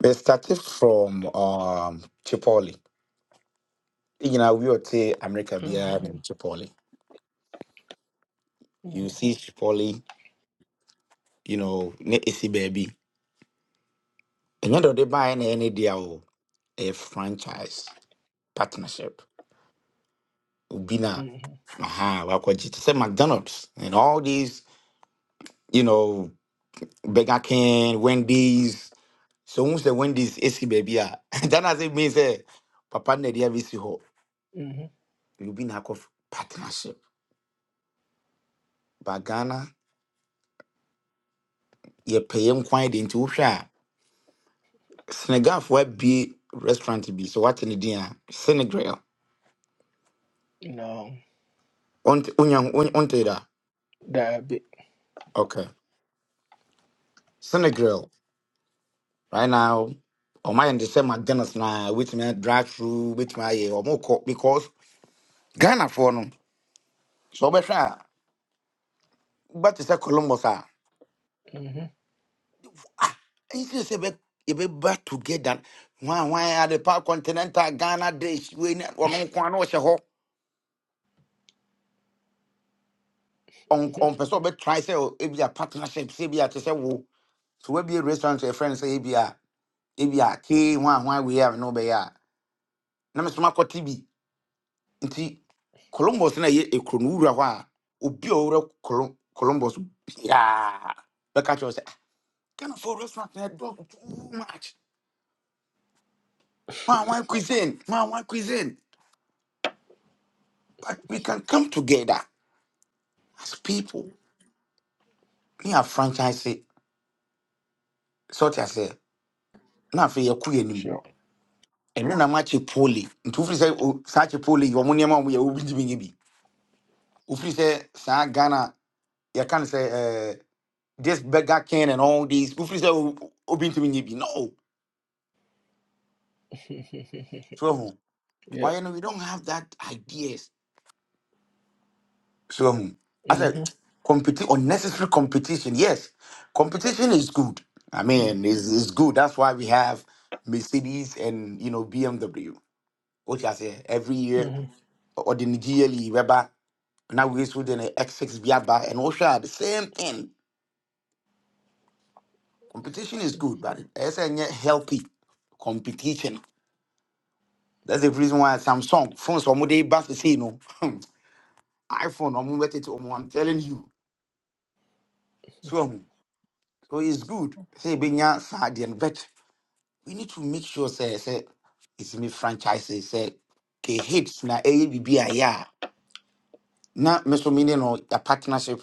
[SPEAKER 8] they started from um Chipotle. You know, we would say America beer
[SPEAKER 1] Mm-hmm.
[SPEAKER 8] and Chipotle. You see Chipotle, you know, ne isi baby. And you know they buy any deal a franchise partnership.
[SPEAKER 1] Mm-hmm.
[SPEAKER 8] Ubina,
[SPEAKER 1] mm-hmm,
[SPEAKER 8] aha, wakwaji. It's a McDonald's and all these, you know, Burger King, Wendy's, So once the Wendy's AC baby, ah, that has it means eh, Papa Nedia VC ho,
[SPEAKER 1] mm-hmm.
[SPEAKER 8] you been hack of partnership. But Ghana, you pay him quite into Usha. Senegal for be restaurant be. So what in the dinner? Senegal.
[SPEAKER 1] No,
[SPEAKER 8] On unyang on on da.
[SPEAKER 1] that be.
[SPEAKER 8] Okay. Senegal. Right now, or my understand my Ghana's now which my drive through which my or more because Ghana for no. So better. But it's a Columbus.
[SPEAKER 1] Mm-hmm.
[SPEAKER 8] Ah, nti sɛ yɛbɛ- back together why why are the pa continental ghana days when ne ɔno nko a on on hɔ Ɔn- try say ɔbɛtrae sɛ ɔ- ebia partnership sɛ ebia te say wo so woabie restaurant to a yɛfrɛ no sɛ ebia ebia kee hwan hwan wei a ne wobɛyɛ a na meso makɔte bi nti columbus no ɛyɛ ekuro no wowura hɔ a obi a ɔwurɛ Colum- columbus biaa bɛka catch wo sɛ "Ah, ghanafoɔ restaurant no ɛdɔɔso too much hwan hwan cuisine hwan hwan cuisine But we can come together as people. Me a franchise, eh, sort as, say, na fe ye kuye nim.
[SPEAKER 1] sure.
[SPEAKER 8] And then I'm actually poorly. And two free say, such a poorly, your money amount we are giving you. Ufri say, Sa Ghana, you can say, uh, this beggar can and all these. Ufri say, Obin to me, no. So, ho. why
[SPEAKER 1] Yep.
[SPEAKER 8] No, know, we don't have that ideas. So um, I said,
[SPEAKER 1] Mm-hmm.
[SPEAKER 8] competi- unnecessary competition. Yes, competition is good. I mean, it's, it's good. That's why we have Mercedes and you know BMW. Which I say every year
[SPEAKER 1] Mm-hmm.
[SPEAKER 8] or the GLE Weber. Now we issued an X6 Biaba and Osha the same thing. Competition is good, but it's a healthy competition. That's the reason why Samsung phones are more they bust the say no iPhone. I'm telling you. So um, so it's good. Say, be nya sa deɛ no, we need to make sure say say it's me franchise say ke hits na eye bibi a ya na me so me ne no ya partnership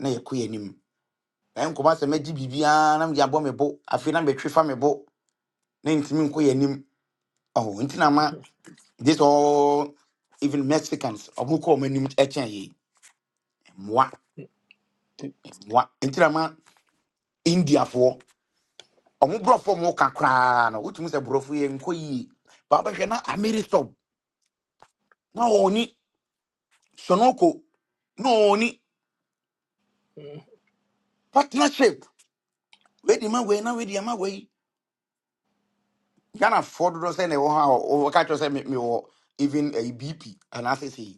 [SPEAKER 8] na ye kuye nim na nkoma se me di bibi a na me abo me bo afi na me twifa me bo na ntimi nko ye nim oh ntina ma this all even Mexicans omo ko mo nim e chen ye mwa mwa ntina ma India fo omo bro fo mo ka kra no utumi se bro fo ye nko yi ba ba hwe na America na oni sonoko na oni partnership wey di ma wey na where di ma wey Ghana for do say na wo ha o ka cho say me me wo even a BP and as say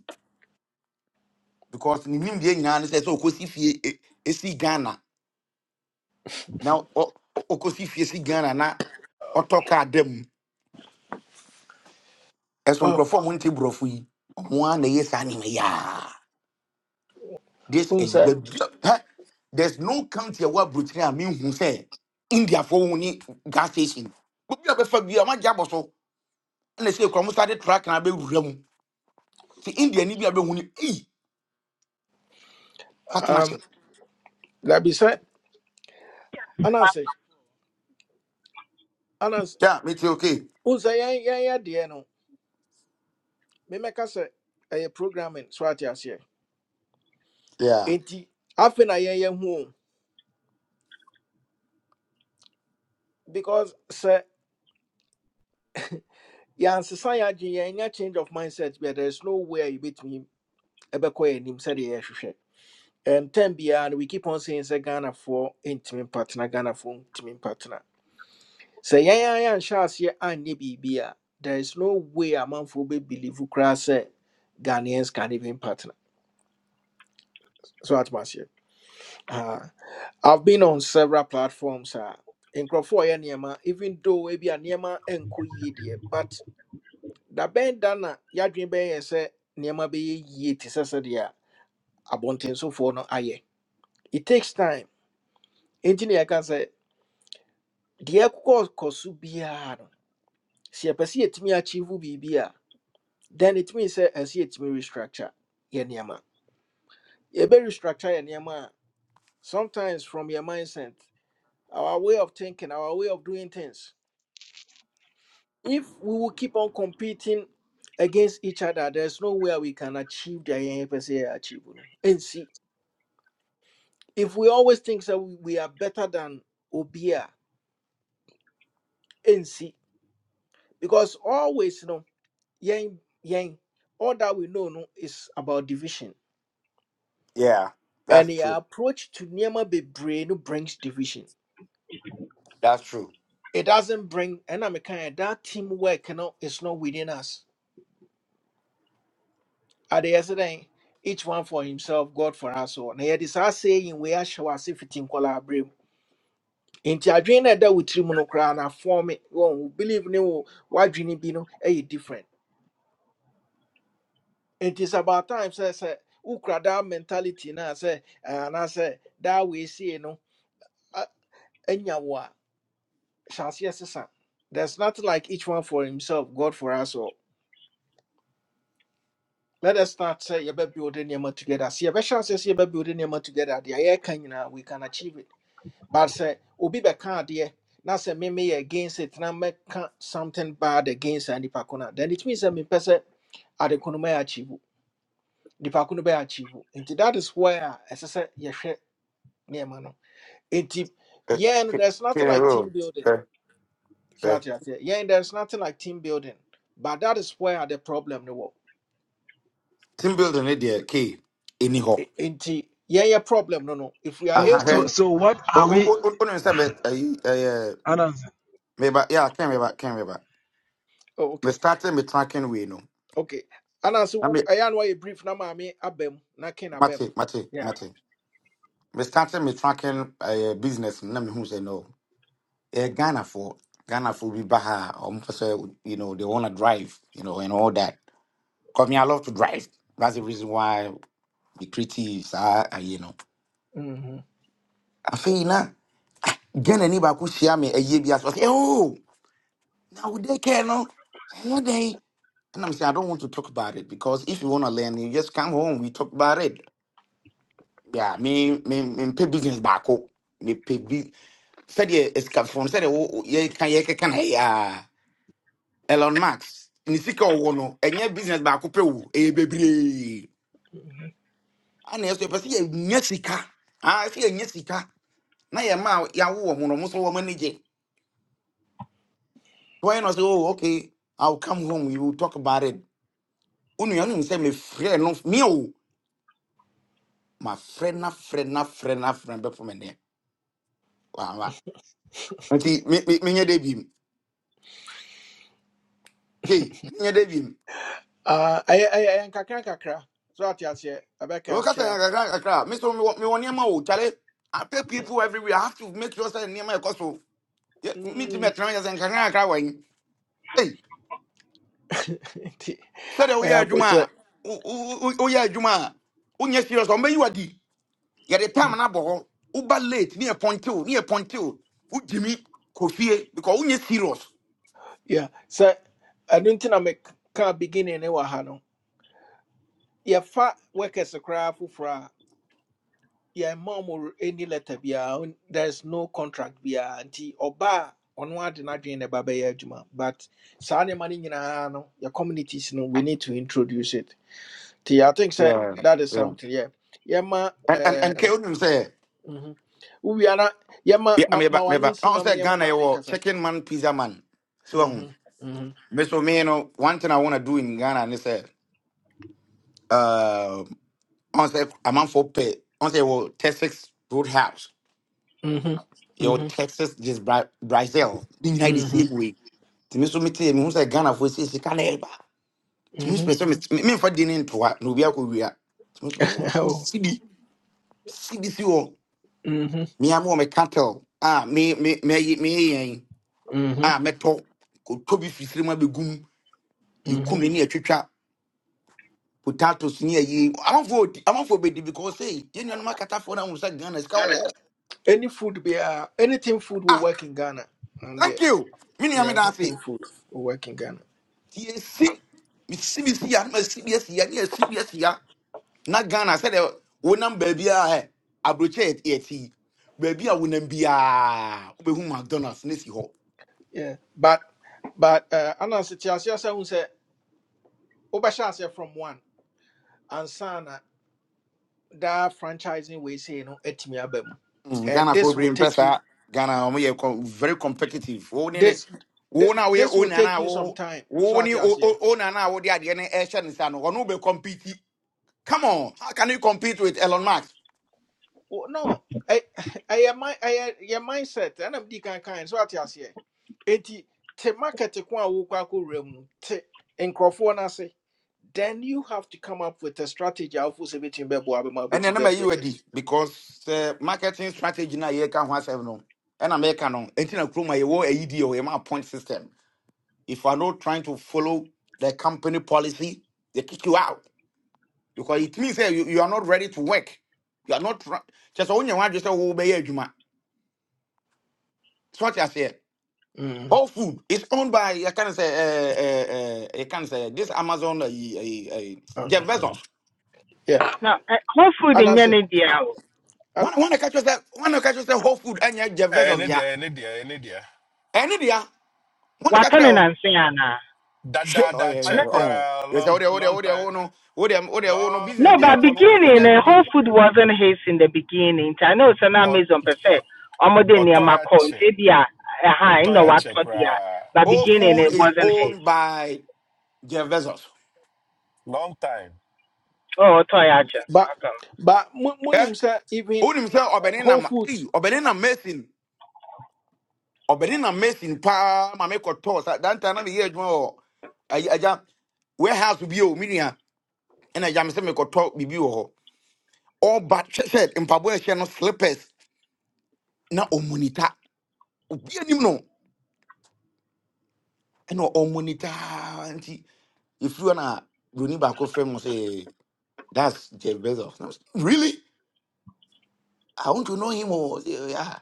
[SPEAKER 8] because ni nim dey nyina ne say so okosi fie e e si Ghana now, na okosi fie si Ghana na ɔtɔ kaa da mu ɛso
[SPEAKER 1] Oh,
[SPEAKER 8] nkurɔfoɔ a monte borɔfo yi ɔmo a na ɛyɛ saa nneɛma yi aa this ɛyi
[SPEAKER 1] unsa
[SPEAKER 8] badua hɛ there's no county a wɔaburokyin a mehu sɛ indiafoɔ wo ne gas station obi a bɛfa bi a wɔagye so ɛna sɛ kura mo sáré tra kan abɛwura mu ti india ni bi abɛhu ni eyi
[SPEAKER 1] um
[SPEAKER 8] partnership.
[SPEAKER 1] labi sɛ anansi anansi
[SPEAKER 8] yeah me too okay
[SPEAKER 1] unsa yɛn yɛn yɛ deɛ no mɛmɛka sɛ ɛyɛ programming so ate aseɛ
[SPEAKER 8] yeah
[SPEAKER 1] enti afei na yɛn yɛn ho o because sɛ yansesa yagye yɛn nya change of mindset but there is no way a yɛbɛtumi ɛbɛkɔ yɛn anim sɛdeɛ yɛhwehwɛ and time biara no we keep on saying sɛ ghanafoɔ ntumi mpatena ghanafoɔ ntumi partner. sɛ yɛn ara yɛanhyɛ aseɛ anyɛ biribi a there is no way a man amanfoɔ bɛbelieve koraa sɛ ghanaians can even partner so atom aseɛ Ah, i've been on several platforms a nkurɔfoɔ Crawford, ɔyɛ nneɛma even though ebi a nneɛma nkɔ yie deɛ but da bɛn da na yɛadwene bɛyɛ sɛ nneɛma bɛyɛ yie te sɛ sɛdeɛ a abɔntensofoɔ no ayɛ it takes time Engineer, na yɛka sɛ deɛ ɛkɔkɔ kɔ so biara no sɛ yɛpɛ sɛ then it means sɛ ɛsɛ yɛtumi restructure yɛ nneɛma yɛbɛ restructure yɛ nneɛma a sometimes from your mindset our way of thinking our way of doing things if we will keep on competing against each other there's no way we can achieve the yɛn pɛ sɛ yɛ achieve no ɛnsi if we always think that we we are better than Obia, a because always no yɛn yɛn all that we know no is about division
[SPEAKER 8] yeah that's
[SPEAKER 1] and the
[SPEAKER 8] true
[SPEAKER 1] approach to nneɛma bebree no brings division
[SPEAKER 8] that's true
[SPEAKER 1] It doesn't bring and I'm a kind that teamwork you know, is not within us. At the yesterday, each one for himself, God for us all. Na yɛde saa saying we are show as if it in collaborate. Nti adwene na ɛda wo tirim no koraa na form it. Wɔn wo believe ne wo w'adwene bi no ɛyɛ different. It is about time sɛ sɛ wokura that mentality na sɛ ɛɛ, anaasɛ that we see no a- ɛnya wo a hyɛ aseɛ sesa. There's nothing like each one for himself, God for us all. Let us not say you're building your together. See, a chance says you're building your together. The air can you know, we can achieve it. But say, Obi not dear, now say, me me against it, now make ka- something bad against any pakuna. Then it means that me person at the Kunuma achieve. The pakuna be achieve. And that is where, as I said, you share near mano. And
[SPEAKER 8] Eh,
[SPEAKER 1] yeah,
[SPEAKER 8] K
[SPEAKER 1] and there's nothing
[SPEAKER 8] kene
[SPEAKER 1] like team
[SPEAKER 8] ro
[SPEAKER 1] building.
[SPEAKER 8] fɛ
[SPEAKER 1] So
[SPEAKER 8] fɛ
[SPEAKER 1] that's what Yeah, and there's nothing like team building. But that is where the problem, no.
[SPEAKER 8] team building ne k eni hɔ
[SPEAKER 1] Inti, yeah, yeah, problem, no, no. If we are
[SPEAKER 6] so
[SPEAKER 8] aha hɛ
[SPEAKER 6] so
[SPEAKER 1] able
[SPEAKER 6] so what
[SPEAKER 8] o
[SPEAKER 6] are
[SPEAKER 8] o o
[SPEAKER 6] we
[SPEAKER 8] o o nim sɛ mɛ ɛyi ɛyɛ
[SPEAKER 6] Anansi?
[SPEAKER 8] mɛba yeah kɛn mɛba kɛn mɛba
[SPEAKER 1] Oh,
[SPEAKER 8] mɛ
[SPEAKER 1] okay,
[SPEAKER 8] starting mɛ tracking way no
[SPEAKER 1] okay. And
[SPEAKER 8] na
[SPEAKER 1] also,
[SPEAKER 8] mɛ
[SPEAKER 1] I know why you brief na maame abem na ken abem.
[SPEAKER 8] mate mate
[SPEAKER 1] Yeah.
[SPEAKER 8] mate mɛ starting mɛ tracking ɛyɛ business no na mɛ hu sɛ no. uh, Ghana for Ghana for be Baha or Mfasa, you know, they wanna drive, you know, and all that. Cause me, I love to drive. That's the reason why the creatives are, uh, you know.
[SPEAKER 1] Mhm.
[SPEAKER 8] I feel na Ghana ni baku share me a year be as well. Oh, now they care no. Hey, they and I'm saying I don't want to talk about it because if you wanna learn, you just come home. We talk about it. Yeah, me me me pay business back. Me pay big. Said yeah, it's from said yeah, can yeah can hey ah. Elon Musk ne sika a ɔwɔ no ɛnyɛ business baako pɛ o ɛyɛ bebree ana ɛsɛ pɛ sɛ yɛnya sika aa sɛ yɛnya sika na yɛ ma yɛawo wɔ ho no mo so wɔn ani gye wɔn na ɔsɛ oh okay i will come home we will talk about it o nua no sɛ me frɛ no me o ma frɛ na frɛ na frɛ na frɛ bɛ fɔ mi nɛ wa wa nti me me me nyɛ de bi mu kee me nyɛ de bi mu
[SPEAKER 1] Ah, I I I kakra kakra. So ati ase
[SPEAKER 8] o
[SPEAKER 1] abeka
[SPEAKER 8] kasa yɛ
[SPEAKER 1] chia.
[SPEAKER 8] kakra kakra me so me wɔ me wɔ nneɛma o kyale i pay people everywhere i have to make sure sɛ nneɛma yɛ kɔ so. mitumi
[SPEAKER 1] Mm.
[SPEAKER 8] atena manya sɛ nkakra kakra wɔ he ei
[SPEAKER 1] Ti
[SPEAKER 8] sɛdeɛ
[SPEAKER 1] I
[SPEAKER 8] woyɛ adwuma
[SPEAKER 1] abotre.
[SPEAKER 8] a wo- wo- wo- woyɛ adwuma a wonyɛ serious a, ɔmbɛyi wadi yɛde tam no abɔ hɔ woba late ne yɛpɔntew ne yɛpɔntew wogyimi kɔ fie because wonyɛ serious
[SPEAKER 1] Yeah. So I don't think i make can begin ne wa ha no. Yeah, fa workers koraa foforɔ a craft for. yɛn mom or any letter biara there's no contract Be biara nti ɔbaa ɔno ade not na ɛba baby adwuma but saa nneɛma no nyinaa no communities no we need to introduce it nti i think sɛ
[SPEAKER 8] Yeah,
[SPEAKER 1] that is
[SPEAKER 8] yeah.
[SPEAKER 1] something yeah yeah, ma. yɛma
[SPEAKER 8] and and and kɛ wonim say,
[SPEAKER 1] mhm. are not. Yeah, ma
[SPEAKER 8] yeah,
[SPEAKER 1] ma
[SPEAKER 8] meba
[SPEAKER 1] w'ano
[SPEAKER 8] meba
[SPEAKER 1] nsi
[SPEAKER 8] ɔho
[SPEAKER 1] ma me
[SPEAKER 8] say
[SPEAKER 1] na yɛma
[SPEAKER 8] ghana
[SPEAKER 1] maame
[SPEAKER 8] yɛwɔ
[SPEAKER 1] nkasa
[SPEAKER 8] chicken man pizza man so ahu
[SPEAKER 1] Mhm, mhm,
[SPEAKER 8] me so me you know one thing i want to do in ghana And they say, uh, I say sɛ ɔho sɛ amanfoɔ pɛ ɔho say yɛwɔ Texas Roadhouse.
[SPEAKER 1] mhm,
[SPEAKER 8] your
[SPEAKER 1] mhm,
[SPEAKER 8] Texas just Bra- Brazil ne nyinaa the United
[SPEAKER 1] mhm,
[SPEAKER 8] same way nti me so metee mehu sɛ ghanafoɔ sɛ sika na ɛba nti me spɛ
[SPEAKER 1] mhm.
[SPEAKER 8] sɛ met- me- memfa de ne ntoa na obi akɔwia nti me so pɛ sɛ mes-
[SPEAKER 1] Oh,
[SPEAKER 8] mesidi sidi si hɔ
[SPEAKER 1] mhm,
[SPEAKER 8] mea me wɔ me cattle a me- me- mɛyi- meyɛ yɛn
[SPEAKER 1] mhm,
[SPEAKER 8] a be kɔtɔ You come sere mu abɛgum ɛkum
[SPEAKER 1] mhm.
[SPEAKER 8] ne atwitwa potatoes ne ayi amafoɔ ɔdi- amafoɔ bɛdi because sei yɛn nuanom akatafoɔ no ahu sɛ ghana a wɔ hɔ
[SPEAKER 1] any food biara anything food will
[SPEAKER 8] ah
[SPEAKER 1] work in ghana and yeah.
[SPEAKER 8] thank you me nua
[SPEAKER 1] Yeah,
[SPEAKER 8] me daase
[SPEAKER 1] anything food or work in Ghana.
[SPEAKER 8] nti esi mesi mesi ya na mesi mesi ya na esi mesi ya na Ghana sɛ deɛ wonam baabi a hɛ aburokyi yɛ ti baabi a wonam biara wobɛhu McDonald's na si hɔ
[SPEAKER 1] Yeah, but but uh, Anansi City as you say, who say Obasha from one and sana that franchising we say no etimi abem,
[SPEAKER 8] mm,
[SPEAKER 1] and
[SPEAKER 8] Ghana fo
[SPEAKER 1] this will
[SPEAKER 8] bebree mpɛ
[SPEAKER 1] take you
[SPEAKER 8] Ghana wɔn yɛ com- very competitive wo ne ne
[SPEAKER 1] this th-
[SPEAKER 8] wo
[SPEAKER 1] th-
[SPEAKER 8] na woyɛ
[SPEAKER 1] this
[SPEAKER 8] o
[SPEAKER 1] will take
[SPEAKER 8] nana
[SPEAKER 1] you some
[SPEAKER 8] wo
[SPEAKER 1] time. So
[SPEAKER 8] wo
[SPEAKER 1] at
[SPEAKER 8] ne
[SPEAKER 1] you
[SPEAKER 8] o o o nana a wode adeɛ no ɛhyɛ ne nsa no ɔno bɛ compete come on how can you compete with Elon Musk
[SPEAKER 1] Well, no, I, I am my, I your mindset. And I'm deacon kind. So what you say? Enti te market ko a wo kwa ko rem te nkrofo na se. Then you have to come up with a strategy of who's beating bebo abema
[SPEAKER 8] And then
[SPEAKER 1] beating
[SPEAKER 8] I'm
[SPEAKER 1] bebo.
[SPEAKER 8] you ready because uh, marketing strategy na ye can one seven no. And I'm making no. Until I come my war AED or my point system. If you're not trying to follow the company policy, they kick you out because it means that you, you are not ready to work. You are not try- just only one just say oh be adwuma. So what I say.
[SPEAKER 1] Mm.
[SPEAKER 8] Whole Food is owned by I can say uh, uh, uh, I can say this Amazon uh, uh, uh,
[SPEAKER 1] Uh,
[SPEAKER 8] Jeff Bezos.
[SPEAKER 1] Yeah.
[SPEAKER 9] Now eh, whole food
[SPEAKER 1] And I
[SPEAKER 9] nyɛ
[SPEAKER 1] said,
[SPEAKER 9] ne dea o
[SPEAKER 1] and
[SPEAKER 8] One one catch yourself, one catch yourself Whole Food and yeah, Jeff
[SPEAKER 7] Ɛyɛ ne
[SPEAKER 8] Bezos yeah.
[SPEAKER 7] deɛ ɛyɛ ne deɛ ɛyɛ deɛ.
[SPEAKER 8] Any dia, one catch
[SPEAKER 9] watɔ ne
[SPEAKER 8] you.
[SPEAKER 9] nanse
[SPEAKER 8] Shit, oh
[SPEAKER 7] Dadaada
[SPEAKER 8] yeah,
[SPEAKER 7] kyɛ
[SPEAKER 8] yeah, oh.
[SPEAKER 7] koraa
[SPEAKER 8] Yes, oh,
[SPEAKER 7] long
[SPEAKER 8] there, oh, there,
[SPEAKER 7] long
[SPEAKER 8] oh, there,
[SPEAKER 7] time
[SPEAKER 8] oh, no, oh, there, oh, there, oh, no
[SPEAKER 7] long
[SPEAKER 8] business.
[SPEAKER 9] no
[SPEAKER 8] The
[SPEAKER 9] but
[SPEAKER 8] aircon, oh, oh,
[SPEAKER 9] beginning
[SPEAKER 8] yeah, we
[SPEAKER 9] no whole
[SPEAKER 8] do.
[SPEAKER 9] food wasn't his in the beginning i know sɛ na amazon pɛ sɛ ɔmode
[SPEAKER 7] ɔtɔ
[SPEAKER 9] nneɛma
[SPEAKER 7] ya
[SPEAKER 9] kɔ
[SPEAKER 7] kyɛ
[SPEAKER 9] nti ebi a ɛha
[SPEAKER 7] ɔtɔ
[SPEAKER 9] ɛna
[SPEAKER 7] ya kyɛ
[SPEAKER 9] watɔ dea
[SPEAKER 7] koraa
[SPEAKER 9] but
[SPEAKER 8] All
[SPEAKER 9] beginning no,
[SPEAKER 8] food
[SPEAKER 9] it
[SPEAKER 8] is
[SPEAKER 9] wasn't his
[SPEAKER 8] owned by Jeff Bezos.
[SPEAKER 7] long time.
[SPEAKER 9] oh ɔtɔ
[SPEAKER 1] but
[SPEAKER 9] okay
[SPEAKER 1] but mu-
[SPEAKER 8] Yeah,
[SPEAKER 1] munim say even
[SPEAKER 8] own himself.
[SPEAKER 1] uh, Whole
[SPEAKER 8] Obenina, eh,
[SPEAKER 1] Foods.
[SPEAKER 8] Obenina Mason, Obenina Mason. Pa, mame koto. Sa, dan tana mi yeju mo. Aja, aja. Warehouse bi o minia. Ena aja mi se me koto bibi o ho. All but she said, in e she no slippers na omunita. Obi anim no. Ena omunita. Nti, if you na, Bruni back frame mo say. That's Jeff Bezos. And I was, really? I want to know him. Or yeah,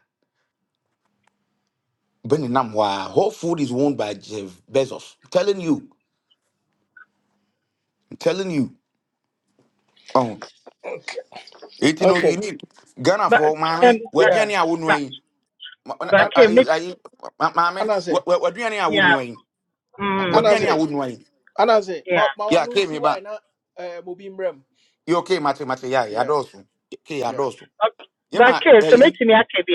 [SPEAKER 8] Benny Namwa. Whole food is owned by Jeff Bezos. I'm telling you. I'm telling you. Oh, it you know you
[SPEAKER 1] Okay.
[SPEAKER 8] need Ghana
[SPEAKER 9] but
[SPEAKER 8] for
[SPEAKER 9] um,
[SPEAKER 8] mommy.
[SPEAKER 9] eh,
[SPEAKER 8] What do you
[SPEAKER 1] Yeah.
[SPEAKER 8] need? I wouldn't
[SPEAKER 9] but
[SPEAKER 8] wait.
[SPEAKER 9] but
[SPEAKER 1] Uh, uh,
[SPEAKER 9] okay make
[SPEAKER 8] Mommy,
[SPEAKER 1] And I say,
[SPEAKER 8] what what do you need? I wouldn't
[SPEAKER 9] yeah
[SPEAKER 8] wait. What
[SPEAKER 1] and
[SPEAKER 8] do
[SPEAKER 1] I
[SPEAKER 8] you need?
[SPEAKER 9] mm
[SPEAKER 8] I
[SPEAKER 1] say,
[SPEAKER 8] wouldn't wait.
[SPEAKER 1] and I say, ma
[SPEAKER 9] yeah
[SPEAKER 1] ma
[SPEAKER 8] Yeah,
[SPEAKER 1] wanu
[SPEAKER 8] came
[SPEAKER 1] si
[SPEAKER 8] here,
[SPEAKER 1] why
[SPEAKER 8] but
[SPEAKER 1] na eh mo bi
[SPEAKER 8] you okay, Mate, Mate? Yeah, yeah,
[SPEAKER 1] Yeah.
[SPEAKER 8] also. Okay, yeah,
[SPEAKER 1] Yeah.
[SPEAKER 8] also.
[SPEAKER 9] okay
[SPEAKER 8] Yeah,
[SPEAKER 9] but
[SPEAKER 8] ma.
[SPEAKER 9] okay so
[SPEAKER 8] eh,
[SPEAKER 9] make me aka bi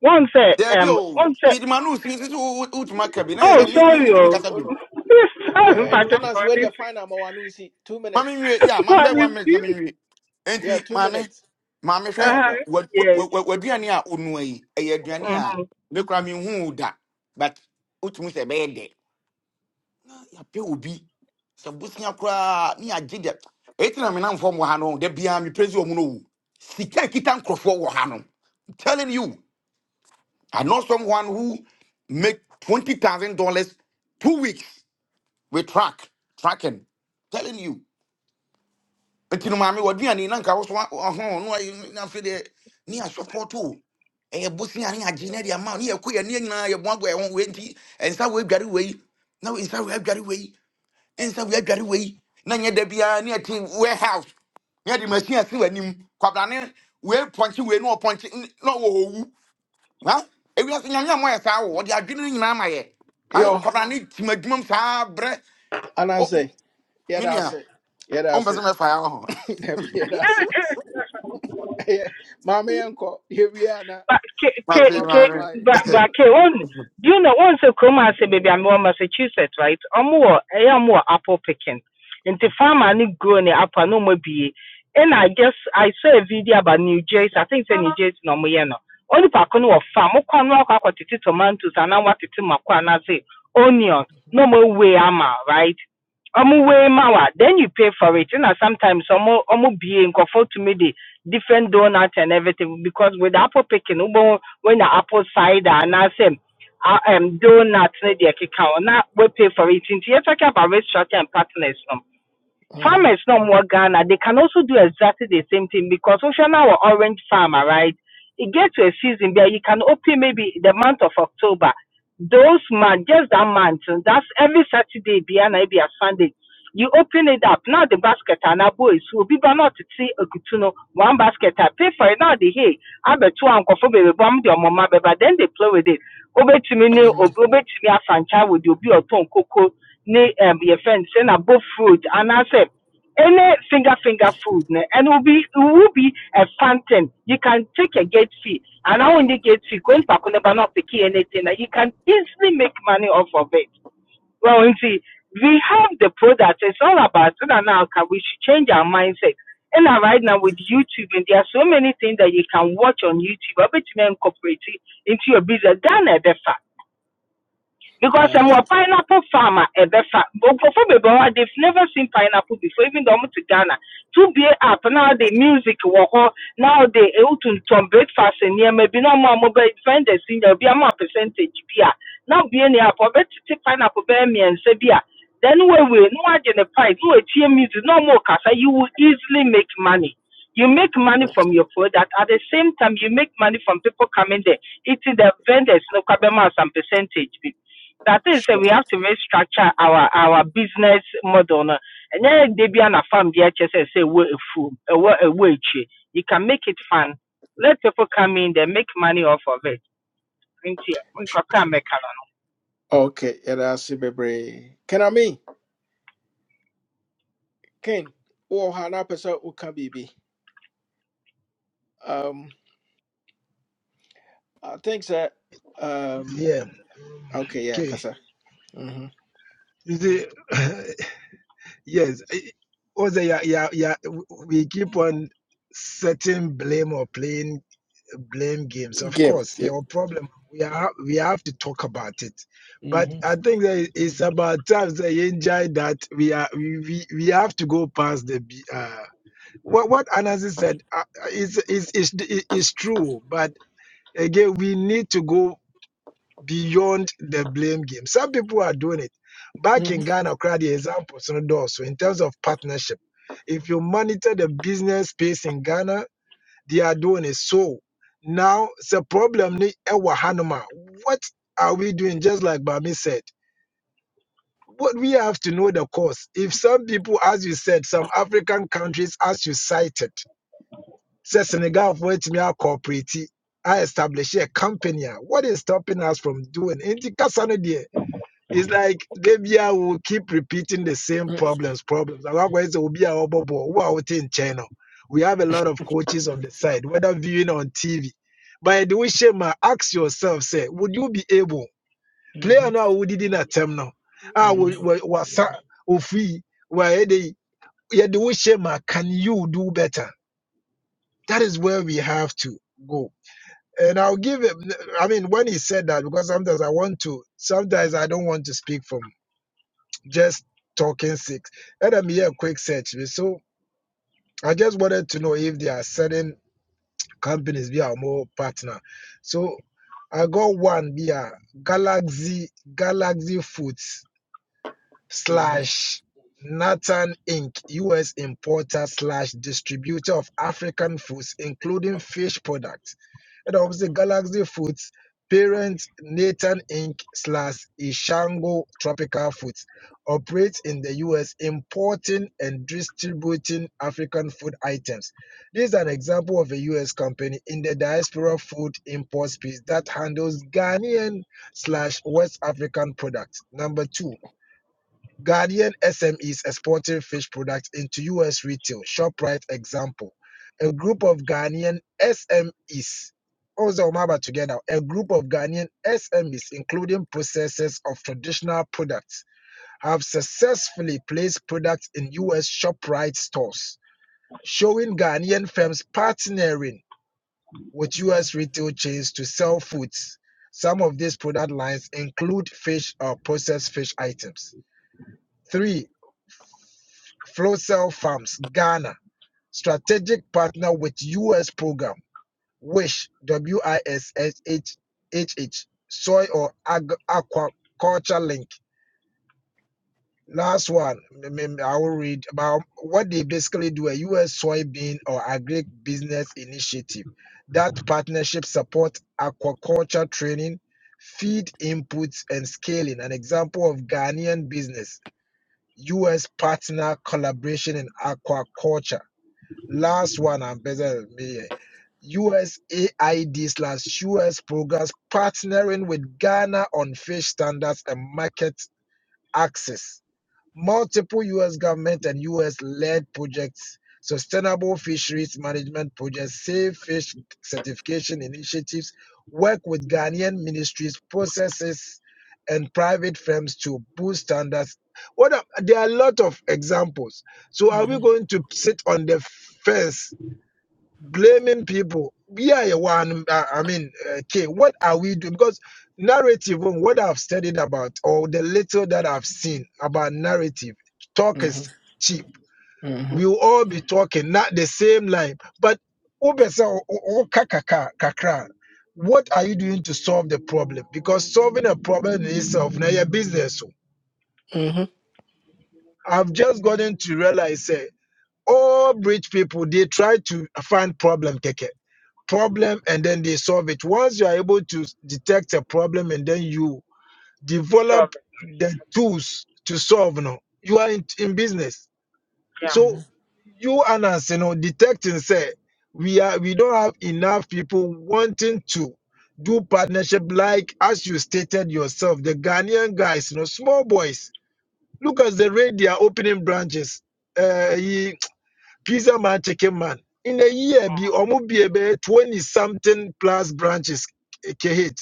[SPEAKER 9] one sɛ
[SPEAKER 8] There be
[SPEAKER 9] um
[SPEAKER 8] oh,
[SPEAKER 9] one sɛ
[SPEAKER 8] me the manu since it's who who to my cabin. I
[SPEAKER 9] oh
[SPEAKER 8] said me me
[SPEAKER 9] sorry
[SPEAKER 8] me
[SPEAKER 9] o
[SPEAKER 8] to me
[SPEAKER 1] Wo- wo-
[SPEAKER 9] sorry
[SPEAKER 1] And
[SPEAKER 9] Father,
[SPEAKER 1] and as
[SPEAKER 9] for
[SPEAKER 1] where you
[SPEAKER 9] this
[SPEAKER 1] find I'm one see two
[SPEAKER 8] Mami
[SPEAKER 1] minutes.
[SPEAKER 8] nwie yeah
[SPEAKER 9] One
[SPEAKER 8] maame
[SPEAKER 9] why
[SPEAKER 8] bɛ one minute
[SPEAKER 9] you.
[SPEAKER 8] mami nwie
[SPEAKER 1] Yeah,
[SPEAKER 8] Enti
[SPEAKER 1] two
[SPEAKER 8] mami,
[SPEAKER 1] minutes.
[SPEAKER 8] mami hwɛ
[SPEAKER 1] But
[SPEAKER 9] Uh-huh.
[SPEAKER 1] yo,
[SPEAKER 8] wa- wa-
[SPEAKER 9] Yes.
[SPEAKER 8] wa- waduane a onua yi ɛyɛ aduane a
[SPEAKER 9] Mm-hmm.
[SPEAKER 8] ne kora mi hu da but wotumi sɛ ɛbɛyɛ dɛ na yɛapɛ obi sɛ bosea koraa ne yɛagye dɛ Eti na menamfoɔ wɔ ha no da biara mepɛ sɛ ɔmu no wu sika kita nkurɔfoɔ wɔ ha no I'm telling you i know someone who make twenty thousand dollars two weeks with track tracking telling you nti no maame waduane na nka wo so wa- ɔho no ayɛ na afei deɛ ne asɔpɔto o ɛyɛ bosea ne agye na de ama wo, ne yɛkɔ yɛne nyinaa yɛbo ago ɛho wei nti ɛnsa woadware wei na wo- nsa woadware wei ɛnsa woadware wei na nyɛ da biara ne ɛte warehouse ne ɛde machine asi w'anim kwabrane wei pɔnkye we ne ɔpɔnkye n- na ɔwɔwu ha ewiase nyame a moyɛ saa wo ɔde adwene no nyinaa ma yɛ ha
[SPEAKER 1] yo,
[SPEAKER 8] kwabrane tim adwuma m saa berɛ
[SPEAKER 1] and I
[SPEAKER 8] o
[SPEAKER 1] say, yeah, that's
[SPEAKER 8] minua
[SPEAKER 1] it. Yeah,
[SPEAKER 8] o
[SPEAKER 1] that's it.
[SPEAKER 8] mbezo me nua wompɛ sɛ mɛfaeɛ wɔ ho
[SPEAKER 1] Debbie, yeah, that's it. Yeah, mommy uncle, here we are now.
[SPEAKER 9] ba ke ke
[SPEAKER 1] Ten
[SPEAKER 8] mate
[SPEAKER 9] ke
[SPEAKER 1] wabem why?
[SPEAKER 9] ba
[SPEAKER 8] maame
[SPEAKER 9] ba ke on do you know on se kroma se baby I'm on Massachusetts right omo wo eh apple picking Into farmer ni grow ne apple no mo bi and I just I saw a video about New Jersey I think say New Jersey no mo ye no only pa ko no wɔ farm mo kwa no akwa akɔtete tomatoes ana watete makwa na say onion no mo we ama right ọmụ
[SPEAKER 1] Mm-hmm.
[SPEAKER 9] wee wa. then you pay for it na sometimes ọmụ ko bie to me de different donuts and everything because with apple picking wobɛhu when the apple cider anaasɛ uh, um, donut ne deɛ keka Now we pay for it nti yɛ talking about restaurant and partners no farmers no more Ghana they can also do exactly the same thing because wohwɛ na wɔ orange farmer right it gets to a season there you can open maybe the month of October those months, just that month, that's every Saturday, Biana, be a Sunday. You open it up. Now the basket and our boys will be not to see a kutuno. One basket, I pay for it. Now they hey, I bet two uncle for baby bomb your mama, but then they play with it. Obey to me,
[SPEAKER 1] Mm-hmm.
[SPEAKER 9] obey to me, a franchise with you be a ton cocoa, ne, um, your friend, send a both fruit. And I said, any finger finger food ne, and it will be it will be a fountain. You can take a gate fee, and now in the gate fee, going back on the not picking anything, and you can easily make money off of it. Well, you see, we have the product. It's all about it, and now can we should change our mindset. And right now with YouTube, and there are so many things that you can watch on YouTube. I bet you may incorporate it into your business. Done a better because I'm
[SPEAKER 1] Yeah,
[SPEAKER 9] a pineapple farmer. A befa. Before baby, they've never seen pineapple before. Even though I'm to Ghana, to be up now the music walk now they able to turn breakfast and near maybe no more mobile friend in there be a more percentage beer. now be any up or better pineapple bear me and say beer. then we will no agent the price no ATM music no more casa you will easily make money. You make money from your product. At the same time, you make money from people coming there, eating the vendors, no kabema some percentage that is say
[SPEAKER 1] sure.
[SPEAKER 9] we have to restructure our our business model no And then they be on a na farm bi ɛkyɛ sɛ sɛ ɛwɔ efuom ɛwɔ ɛwɔ ekyire you can make it fun let people come in they make money off of it nti nkɔkɔ a mɛka no no
[SPEAKER 1] Okay, yeah, that's it, baby. Can I mean? Ken, oh, Hana Pesa Uka BB. Um, I think that, um,
[SPEAKER 6] yeah
[SPEAKER 1] okay, yeah,
[SPEAKER 6] okay
[SPEAKER 1] Kasa. Mm-hmm.
[SPEAKER 6] you see Yes, I- also, yeah, yeah, yeah. w- We keep on setting blame or playing blame games. Of
[SPEAKER 1] Game.
[SPEAKER 6] course,
[SPEAKER 1] Yeah.
[SPEAKER 6] your problem. We are we have to talk about it, but
[SPEAKER 1] Mm-hmm.
[SPEAKER 6] I think that it- it's about time that you enjoy that we are we, we, we have to go past the be- uh, what what Anansi said uh, uh, is is is is true. But again, we need to go beyond the blame game. Some people are doing it. Back in
[SPEAKER 1] Mm-hmm.
[SPEAKER 6] Ghana, crowd the examples on also in terms of partnership. If you monitor the business space in Ghana, they are doing it. So now it's a problem. ni ɛwɔ hanom a, What are we doing? Just like Bami said. What we have to know the cause. If some people, as you said, some African countries, as you cited, says Senegal for it me corporate, I establish a company. a, What is stopping us from doing? it? Nti kasa no deɛ, it's like Debia will keep repeating the same problems, problems. Otherwise, it will be our bubble. Who are out in We have a lot of coaches on the side, whether viewing on TV. But the way Shema, ask yourself, say, would you be able play or
[SPEAKER 1] Mhm,
[SPEAKER 6] not? Would it in a terminal? Ah,
[SPEAKER 1] mhm,
[SPEAKER 6] was free? Why they? Yeah, the way Shema, can you do better? That is where we have to go. And I'll give him. I mean, when he said that, because sometimes I want to, sometimes I don't want to speak from just talking six. And I'm here quick search. So I just wanted to know if there are certain companies we are more partner. So I got one via Galaxy Galaxy Foods
[SPEAKER 1] mhm,
[SPEAKER 6] slash Nathan Inc., U.S. importer slash distributor of African foods, including fish products. And obviously, Galaxy Foods, parent Nathan Inc. slash Ishango Tropical Foods, operates in the U.S., importing and distributing African food items. This is an example of a U.S. company in the diaspora food import space that handles Ghanaian slash West African products. Number two, Guardian SMEs exporting fish products into US retail. ShopRite example. A group of Ghanaian SMEs. Also, Omaba together. A group of Ghanaian SMEs, including processors of traditional products, have successfully placed products in US ShopRite stores, showing Ghanaian firms partnering with
[SPEAKER 1] mhm,
[SPEAKER 6] US retail chains to sell foods. Some of these product lines include fish or processed fish items. Three, Flowcell Farms, Ghana, strategic partner with U.S. program, WISH, W-I-S-H-H, soy or ag- aquaculture link. Last one, I will read about what they basically do a U.S. soybean or agri business initiative. That partnership supports aquaculture training, feed inputs, and scaling. An example of Ghanaian business, U.S. partner collaboration in aquaculture Last one, and better me. USAID slash US programs partnering with Ghana on fish standards and market access. Multiple US government and US led projects, sustainable fisheries management projects, safe fish certification initiatives, work with Ghanaian ministries, processes, and private firms to boost standards. What are, there are a lot of examples. So are we
[SPEAKER 1] mhm,
[SPEAKER 6] going to sit on the fence blaming people. Yeah, yeah, one. I I mean, okay, what are we doing? Because narrative, on what I've studied about, or the little that I've seen about narrative, talk
[SPEAKER 1] mhm,
[SPEAKER 6] is cheap.
[SPEAKER 1] mhm,
[SPEAKER 6] We will all be talking, not the same line. But obese o- o- o- ka- ka- kakra, what are you doing to solve the problem? Because solving a problem in itself, now your business. o.
[SPEAKER 1] mhm,
[SPEAKER 6] I've just gotten to realize, eh, all rich people, they try to find problem, keke problem and then they solve it. Once you are able to detect a problem and then you
[SPEAKER 9] it's all
[SPEAKER 6] develop
[SPEAKER 9] right.
[SPEAKER 6] the tools to solve, no, you are in, in business.
[SPEAKER 9] yeah
[SPEAKER 6] So
[SPEAKER 1] mhm,
[SPEAKER 6] you and us, you know, detecting say we are we don't have enough people wanting to do partnership like as you stated yourself, the Ghanaian guys, you know, small boys. Look at the rate they are opening branches. Uh, he Pizza man, chicken man. In a year, be almost be about 20 something plus branches. eh, Kehit.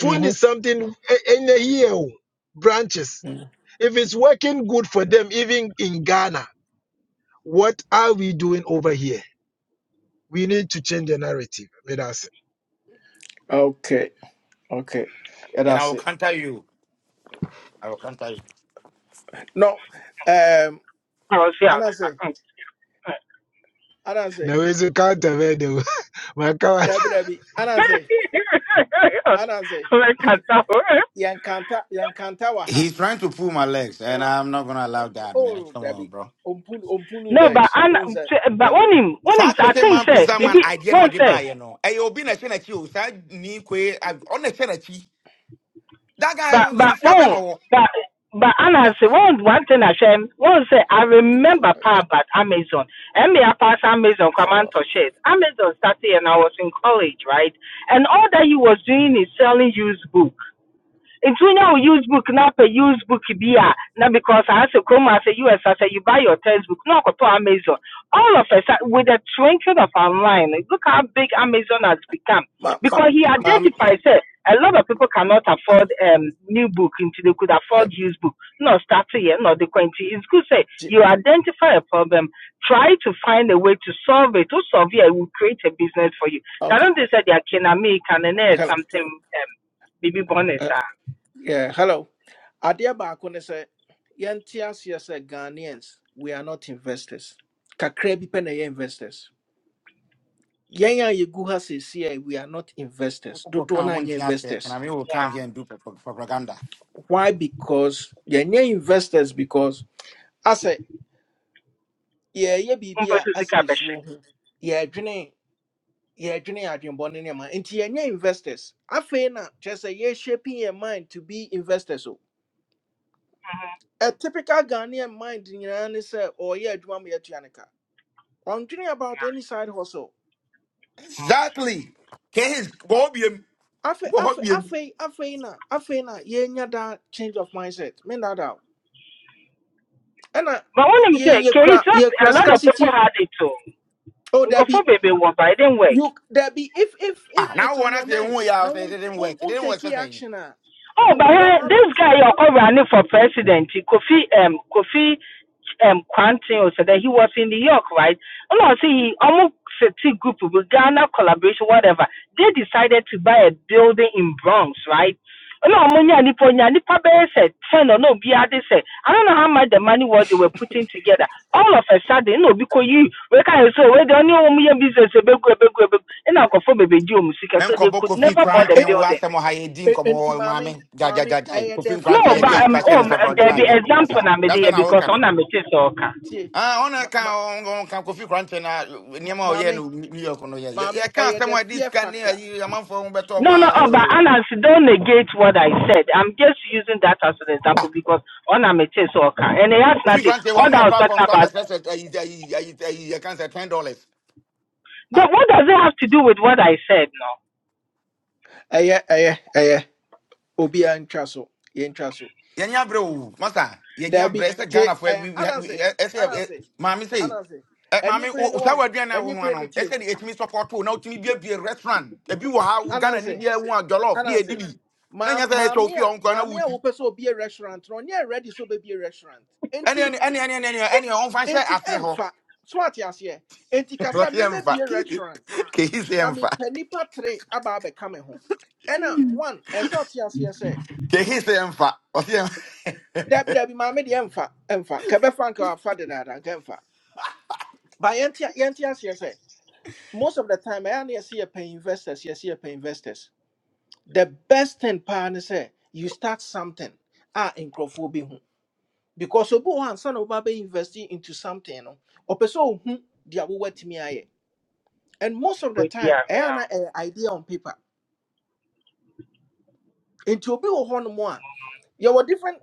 [SPEAKER 6] 20
[SPEAKER 1] mhm,
[SPEAKER 6] something eh, in a year oh, branches.
[SPEAKER 1] mhm.
[SPEAKER 6] If it's working good for them, even in Ghana, what are we doing over here? We need to change the narrative with us.
[SPEAKER 1] Okay, okay. Yeah,
[SPEAKER 8] and I
[SPEAKER 1] that's
[SPEAKER 8] will
[SPEAKER 1] it.
[SPEAKER 8] counter you. I will counter you.
[SPEAKER 1] No, um,
[SPEAKER 9] I was here.
[SPEAKER 1] Anansi, Anansi,
[SPEAKER 6] Now, is a counter where the my car
[SPEAKER 1] Debbie, Debbie, Anansi, Anansi, Yankanta, Yankanta waha.
[SPEAKER 8] He's trying to pull my legs, and I'm not gonna allow that, man.
[SPEAKER 1] Oh,
[SPEAKER 8] Come on,
[SPEAKER 1] Debbie,
[SPEAKER 8] bro.
[SPEAKER 1] umpulu, umpulu
[SPEAKER 9] no but
[SPEAKER 1] legs.
[SPEAKER 9] ana
[SPEAKER 1] Who's that,
[SPEAKER 9] but
[SPEAKER 1] Debbie?
[SPEAKER 9] wɔnim wɔnim
[SPEAKER 8] saa
[SPEAKER 9] sɛ i
[SPEAKER 8] chicken
[SPEAKER 9] think
[SPEAKER 8] man
[SPEAKER 9] sɛ
[SPEAKER 8] pizza man
[SPEAKER 1] Beep,
[SPEAKER 9] ebi
[SPEAKER 8] idea na
[SPEAKER 9] wɔn say.
[SPEAKER 8] ɔde you know. ɛyɛ obi na ɛhyɛ n'akyi o Said, ni koe a- ɔna ɛhyɛ n'akyi that guy
[SPEAKER 9] but
[SPEAKER 8] ɔde
[SPEAKER 9] but
[SPEAKER 8] discover
[SPEAKER 9] oh
[SPEAKER 8] or.
[SPEAKER 9] but but Anna
[SPEAKER 1] that,
[SPEAKER 9] say one one thing I share one say I
[SPEAKER 1] pull your
[SPEAKER 9] remember
[SPEAKER 1] legs.
[SPEAKER 9] part about Amazon and me I pass Amazon command
[SPEAKER 1] Uh,
[SPEAKER 9] to shares Amazon started and I was in college right and all that he was doing is selling used book nti now wo use book na apɛ use book beer now because I na because asɛ kurom asɛ us asɛ you buy your textbook not go to amazon all of us uh, with the twinkling of an eye look how big amazon has become
[SPEAKER 1] ma, ma,
[SPEAKER 9] because he
[SPEAKER 1] mommy,
[SPEAKER 9] identifies that a lot of people cannot afford um, new book until they could afford
[SPEAKER 1] Debbie,
[SPEAKER 9] used book no start here no the quantity it's good say
[SPEAKER 1] G-
[SPEAKER 9] you identify a problem try to find a way to solve it to solve it it will create a business for you i
[SPEAKER 1] okay.
[SPEAKER 9] don't they say they are kinamik and then
[SPEAKER 1] Hello,
[SPEAKER 9] something um, maybe bonus
[SPEAKER 1] uh, yeah, hello. adeɛ baako ne sɛ yɛnte aseɛ ghanaians we are not investors Kakrebi bi pɛ investors yɛn a yɛgu ha we are not investors
[SPEAKER 8] ɔwɔ Go
[SPEAKER 1] dodoɔ no
[SPEAKER 8] come, one
[SPEAKER 1] anyɛ
[SPEAKER 8] thing I say, Can I
[SPEAKER 1] investors
[SPEAKER 8] mean, will
[SPEAKER 9] ah.
[SPEAKER 8] come here and do pro- pro- propaganda?
[SPEAKER 1] why because yɛnyɛ investors because asɛ yɛyɛ
[SPEAKER 9] But
[SPEAKER 1] biribi a
[SPEAKER 9] when sika
[SPEAKER 1] asɛ
[SPEAKER 9] bɛhyɛ
[SPEAKER 1] yɛsuro ho yɛdwene yɛdwene adwenbɔne ne ma. nti yɛnyɛ investors afei na kyerɛ sɛ yɛshaping yɛ mind to be investors o a typical ghanaian mind nyinaa ne sɛ ɔyɛ adwuma ma yɛatua ne ka ɔndwene about any side hustle
[SPEAKER 8] exactly Can his wɔ hɔ biem
[SPEAKER 1] afei
[SPEAKER 8] wɔ hɔ
[SPEAKER 1] afei
[SPEAKER 8] biem
[SPEAKER 1] afei afei na afei na yɛnya that change of mindset Me mena da o ɛna
[SPEAKER 9] but wonim sɛ
[SPEAKER 1] yɛn
[SPEAKER 9] kei
[SPEAKER 1] yɛkura
[SPEAKER 9] a
[SPEAKER 1] yɛkura
[SPEAKER 9] lot of people
[SPEAKER 1] scarcity
[SPEAKER 9] had it too,"
[SPEAKER 1] oh
[SPEAKER 9] o
[SPEAKER 1] there
[SPEAKER 9] nkurɔfoɔ
[SPEAKER 1] be
[SPEAKER 9] bebree wɔ ba it didn't work
[SPEAKER 1] you there be if if if
[SPEAKER 8] Ah, na
[SPEAKER 1] it's on
[SPEAKER 8] wɔn
[SPEAKER 1] your
[SPEAKER 8] asɛ who
[SPEAKER 1] mind
[SPEAKER 8] you are?
[SPEAKER 1] na
[SPEAKER 8] Say it
[SPEAKER 1] won
[SPEAKER 8] didn't
[SPEAKER 1] won
[SPEAKER 8] work. It didn't
[SPEAKER 1] take it
[SPEAKER 8] work.
[SPEAKER 1] action ah.
[SPEAKER 9] Oh, but
[SPEAKER 1] you
[SPEAKER 9] why,
[SPEAKER 1] don't have
[SPEAKER 9] this
[SPEAKER 1] it
[SPEAKER 9] guy you're all running for president, Kofi um Kofi um Quantin said that he was in New York, right? Oh no, see he almost city group with Ghana collaboration, whatever. They decided to buy a building in Bronx, right? Oh no, Munya Nipo Nya Nipa said ten or no be said. I don't know how much the money what they were putting together. All of a sudden, no, because you we can say we don't know business a big and alcohol baby do music,
[SPEAKER 8] Me
[SPEAKER 9] So they
[SPEAKER 8] nkɔbɔ
[SPEAKER 9] could
[SPEAKER 8] kofi
[SPEAKER 9] never buy the
[SPEAKER 8] kranten wo
[SPEAKER 1] E-
[SPEAKER 9] building.
[SPEAKER 8] asɛm ɔha yɛdi
[SPEAKER 1] e-
[SPEAKER 8] nkɔmmɔ
[SPEAKER 1] enti
[SPEAKER 8] wɔ maame
[SPEAKER 1] maame maame
[SPEAKER 8] gyagyagyaga
[SPEAKER 1] ɛyɛ
[SPEAKER 8] kofi
[SPEAKER 1] the
[SPEAKER 9] No,
[SPEAKER 8] kranten
[SPEAKER 1] fear
[SPEAKER 9] but
[SPEAKER 8] yɛde ayi
[SPEAKER 9] um,
[SPEAKER 1] factor
[SPEAKER 8] kwahyɛ
[SPEAKER 9] oh,
[SPEAKER 8] ne
[SPEAKER 1] na a
[SPEAKER 9] there
[SPEAKER 1] ɛwɔ
[SPEAKER 9] be
[SPEAKER 1] yɛ
[SPEAKER 8] sɛkrɔntemagɛ
[SPEAKER 1] mu no
[SPEAKER 9] example
[SPEAKER 8] masa
[SPEAKER 9] na me
[SPEAKER 8] that's why
[SPEAKER 9] there
[SPEAKER 8] na
[SPEAKER 9] because
[SPEAKER 8] woka no
[SPEAKER 9] on a me okay.
[SPEAKER 1] tie
[SPEAKER 8] Ah,
[SPEAKER 1] ma
[SPEAKER 8] ɔna ka
[SPEAKER 1] ma
[SPEAKER 8] ɔnka kofi kranten na eh,
[SPEAKER 1] ma-
[SPEAKER 8] nneɛma a ɔyɛ
[SPEAKER 1] maame
[SPEAKER 8] no new york no yɛ
[SPEAKER 1] maame
[SPEAKER 8] yɛka
[SPEAKER 1] ɛyɛ
[SPEAKER 8] asɛm
[SPEAKER 1] the
[SPEAKER 8] a ɛde
[SPEAKER 1] fear
[SPEAKER 8] sika ne
[SPEAKER 1] factor
[SPEAKER 8] ayi amanfoɔ ho bɛtɔ mu
[SPEAKER 9] No, no, oh, but Anas,
[SPEAKER 8] a
[SPEAKER 9] don't negate what I said. I'm just using that as an
[SPEAKER 8] eh.
[SPEAKER 9] example
[SPEAKER 8] Ah,
[SPEAKER 9] because on a me okay, and it has
[SPEAKER 8] kofi
[SPEAKER 9] nothing.
[SPEAKER 8] kranten wɔ
[SPEAKER 9] All
[SPEAKER 8] ama
[SPEAKER 9] that I
[SPEAKER 8] yɛ
[SPEAKER 9] was
[SPEAKER 8] platform
[SPEAKER 9] talking
[SPEAKER 8] so
[SPEAKER 9] about.
[SPEAKER 8] amɛsrɛ sɛ ayi ayi ayi ayi yɛka sɛ ten dollars Ah,
[SPEAKER 9] But what does it have to do with what I said? No.
[SPEAKER 1] ɛyɛ ɛyɛ ɛyɛ obiara ntwa so yɛntwa so
[SPEAKER 8] Yenya bro, o masa yɛnyɛ abrɛ
[SPEAKER 1] Dabi,
[SPEAKER 8] ɛsɛ
[SPEAKER 1] te,
[SPEAKER 8] ghana fo
[SPEAKER 1] eh,
[SPEAKER 8] we we we-
[SPEAKER 1] anansi,
[SPEAKER 8] Ese ɛsɛ ɛ-
[SPEAKER 1] anansi,
[SPEAKER 8] maame sɛ
[SPEAKER 1] anansi.
[SPEAKER 8] ɛ,
[SPEAKER 1] Any
[SPEAKER 8] maame o
[SPEAKER 1] brain
[SPEAKER 8] o- saa
[SPEAKER 1] one,
[SPEAKER 8] wɔ aduane a wo
[SPEAKER 1] any
[SPEAKER 8] no
[SPEAKER 1] brain
[SPEAKER 8] ano
[SPEAKER 1] tie,
[SPEAKER 8] ɛsɛ de ɛtumi support o na wotumi biabie restaurant ebi wɔ ha wo ghana ni
[SPEAKER 1] Anansi,
[SPEAKER 8] bia wo a jollof ne yɛdi
[SPEAKER 1] anansi.
[SPEAKER 8] na
[SPEAKER 1] Ma,
[SPEAKER 8] nyɛ say ɛsɛ ofie a
[SPEAKER 1] mamia,
[SPEAKER 8] ɔnkɔ na
[SPEAKER 1] mamia
[SPEAKER 8] wudi.
[SPEAKER 1] wupe so be a restaurant. No, nye ready so be a restaurant.
[SPEAKER 8] any
[SPEAKER 1] Enti,
[SPEAKER 8] any any any any ɛne ɛne ɛne ɔmfa nhyɛ
[SPEAKER 1] enti
[SPEAKER 8] aseɛ emfa.
[SPEAKER 1] emfa. So Swati asye. Enti kasa me
[SPEAKER 8] ɔseɛ
[SPEAKER 1] me
[SPEAKER 8] mfa
[SPEAKER 1] be a
[SPEAKER 8] kehi
[SPEAKER 1] restaurant.
[SPEAKER 8] sɛ
[SPEAKER 1] Na mi
[SPEAKER 8] ɛmfa
[SPEAKER 1] penipa tre aba abe kame ho. Ena, one, e so eswati asye se.
[SPEAKER 8] kehi sɛ ɛmfa ɔseɛ ɛm-
[SPEAKER 1] Dabi, dabi, mami di emfa, emfa. Kebe fanka wa fadedada, emfa. Ba yenti, yenti asye se. most of the time I only see a pay investors, you see a pay investors. The best thing partner say you start something ah in ho. Because obu one son of baby investing into something no or person who they are what me aye. And most of the
[SPEAKER 9] With
[SPEAKER 1] time,
[SPEAKER 9] yeah,
[SPEAKER 1] I have
[SPEAKER 9] yeah,
[SPEAKER 1] an idea on paper. Into obi one more. You were different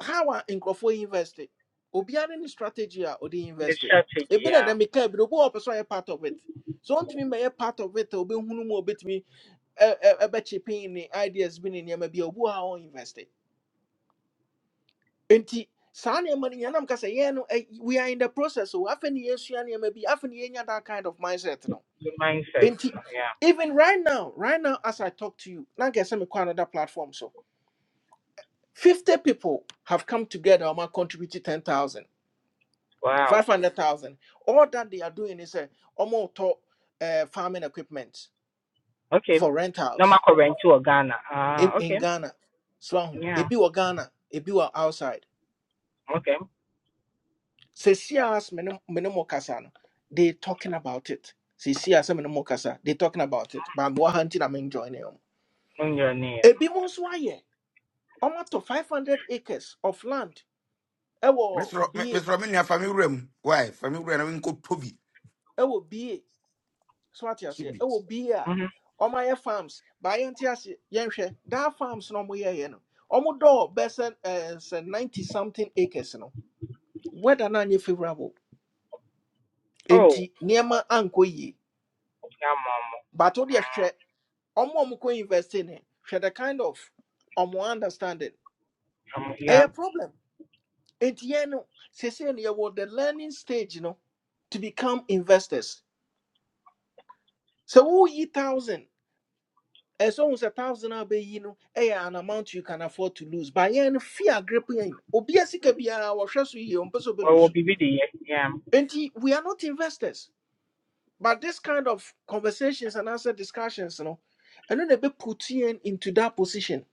[SPEAKER 1] how are in crofo invested. Obi are any strategy a odi
[SPEAKER 9] the
[SPEAKER 1] invested.
[SPEAKER 9] strategy,
[SPEAKER 1] Ebi na
[SPEAKER 9] yeah,
[SPEAKER 1] na meka bi no, obi person a part of it. So on to me be a part of it obi hunu mo obi ɛbɛkye pin ne ideas bi ne nneɛma bi a obu a ɔinvest it. nti saa nneɛma no yɛnam ka sɛ yɛn no ɛ- we are in the process o afei ne You may be afei ne yɛnya that kind of mindset no
[SPEAKER 9] the mindset,
[SPEAKER 1] nti
[SPEAKER 9] yeah.
[SPEAKER 1] even right now right now as i talk to you na nka sɛ mekɔ another platform so 50 people have come together ɔma contributed 10000,
[SPEAKER 9] Wow.
[SPEAKER 1] 500,000. all that they are doing is a ɔma ɔtɔ eh, farming equipment
[SPEAKER 9] Okay.
[SPEAKER 1] for
[SPEAKER 9] No, my
[SPEAKER 1] rentals
[SPEAKER 9] current to Ghana.
[SPEAKER 1] in
[SPEAKER 9] Ah, okay.
[SPEAKER 1] in ghana so ahu
[SPEAKER 9] Yeah.
[SPEAKER 1] ebi wɔ ghana ebi wɔ outside
[SPEAKER 9] Okay.
[SPEAKER 1] Sesias minimum kasa no, they talking about it. Sesias minimum kasa, they talking about it. But more hunting I'm enjoying them.
[SPEAKER 9] On your name.
[SPEAKER 1] Ebi mo nso ayɛ, ɔmo ato 500 acres of land ɛwɔ
[SPEAKER 8] mesrɛ me-
[SPEAKER 1] BA,
[SPEAKER 8] mesrɛ me nua fa me wura mu why fa me wura na menkɔ tɔ bi
[SPEAKER 1] ɛwɔ BA, so ate
[SPEAKER 8] is
[SPEAKER 1] say.
[SPEAKER 8] maybe
[SPEAKER 1] ɛwɔ BA a
[SPEAKER 9] Mm-hmm.
[SPEAKER 1] ɔmo ayɛ farms, but ayɛ nte aseɛ, yɛnhwɛ, that farms no ɔmo yɛɛyɛ no, ɔmo dɔɔ bɛsɛ ɛɛ 90 something acres no, weather na anyɛ favorable,
[SPEAKER 9] Oh,
[SPEAKER 1] nti nneɛma ankɔ yie,
[SPEAKER 9] yeah,
[SPEAKER 1] but wo deɛ hwɛ ɔmo a ɔmo kɔ invest in it hwɛ the kind of ɔmo understanding
[SPEAKER 9] mama.
[SPEAKER 1] a problem nti yɛn no sese no yɛwɔ the learning stage you know, to become investors So who woyi thousand As ɛsɛ ohun a thousand a you know, ɛyɛ an amount you can afford to lose but yɛn no fear grip yɛn obiara sika biara wɔhwɛ so yie ɔmpɛ And
[SPEAKER 9] ɔwɔ biribi de yɛ yeah.
[SPEAKER 1] we are not investors but this kind of conversations and answer discussions you know, no ɛno na ɛbɛ put yɛn into that position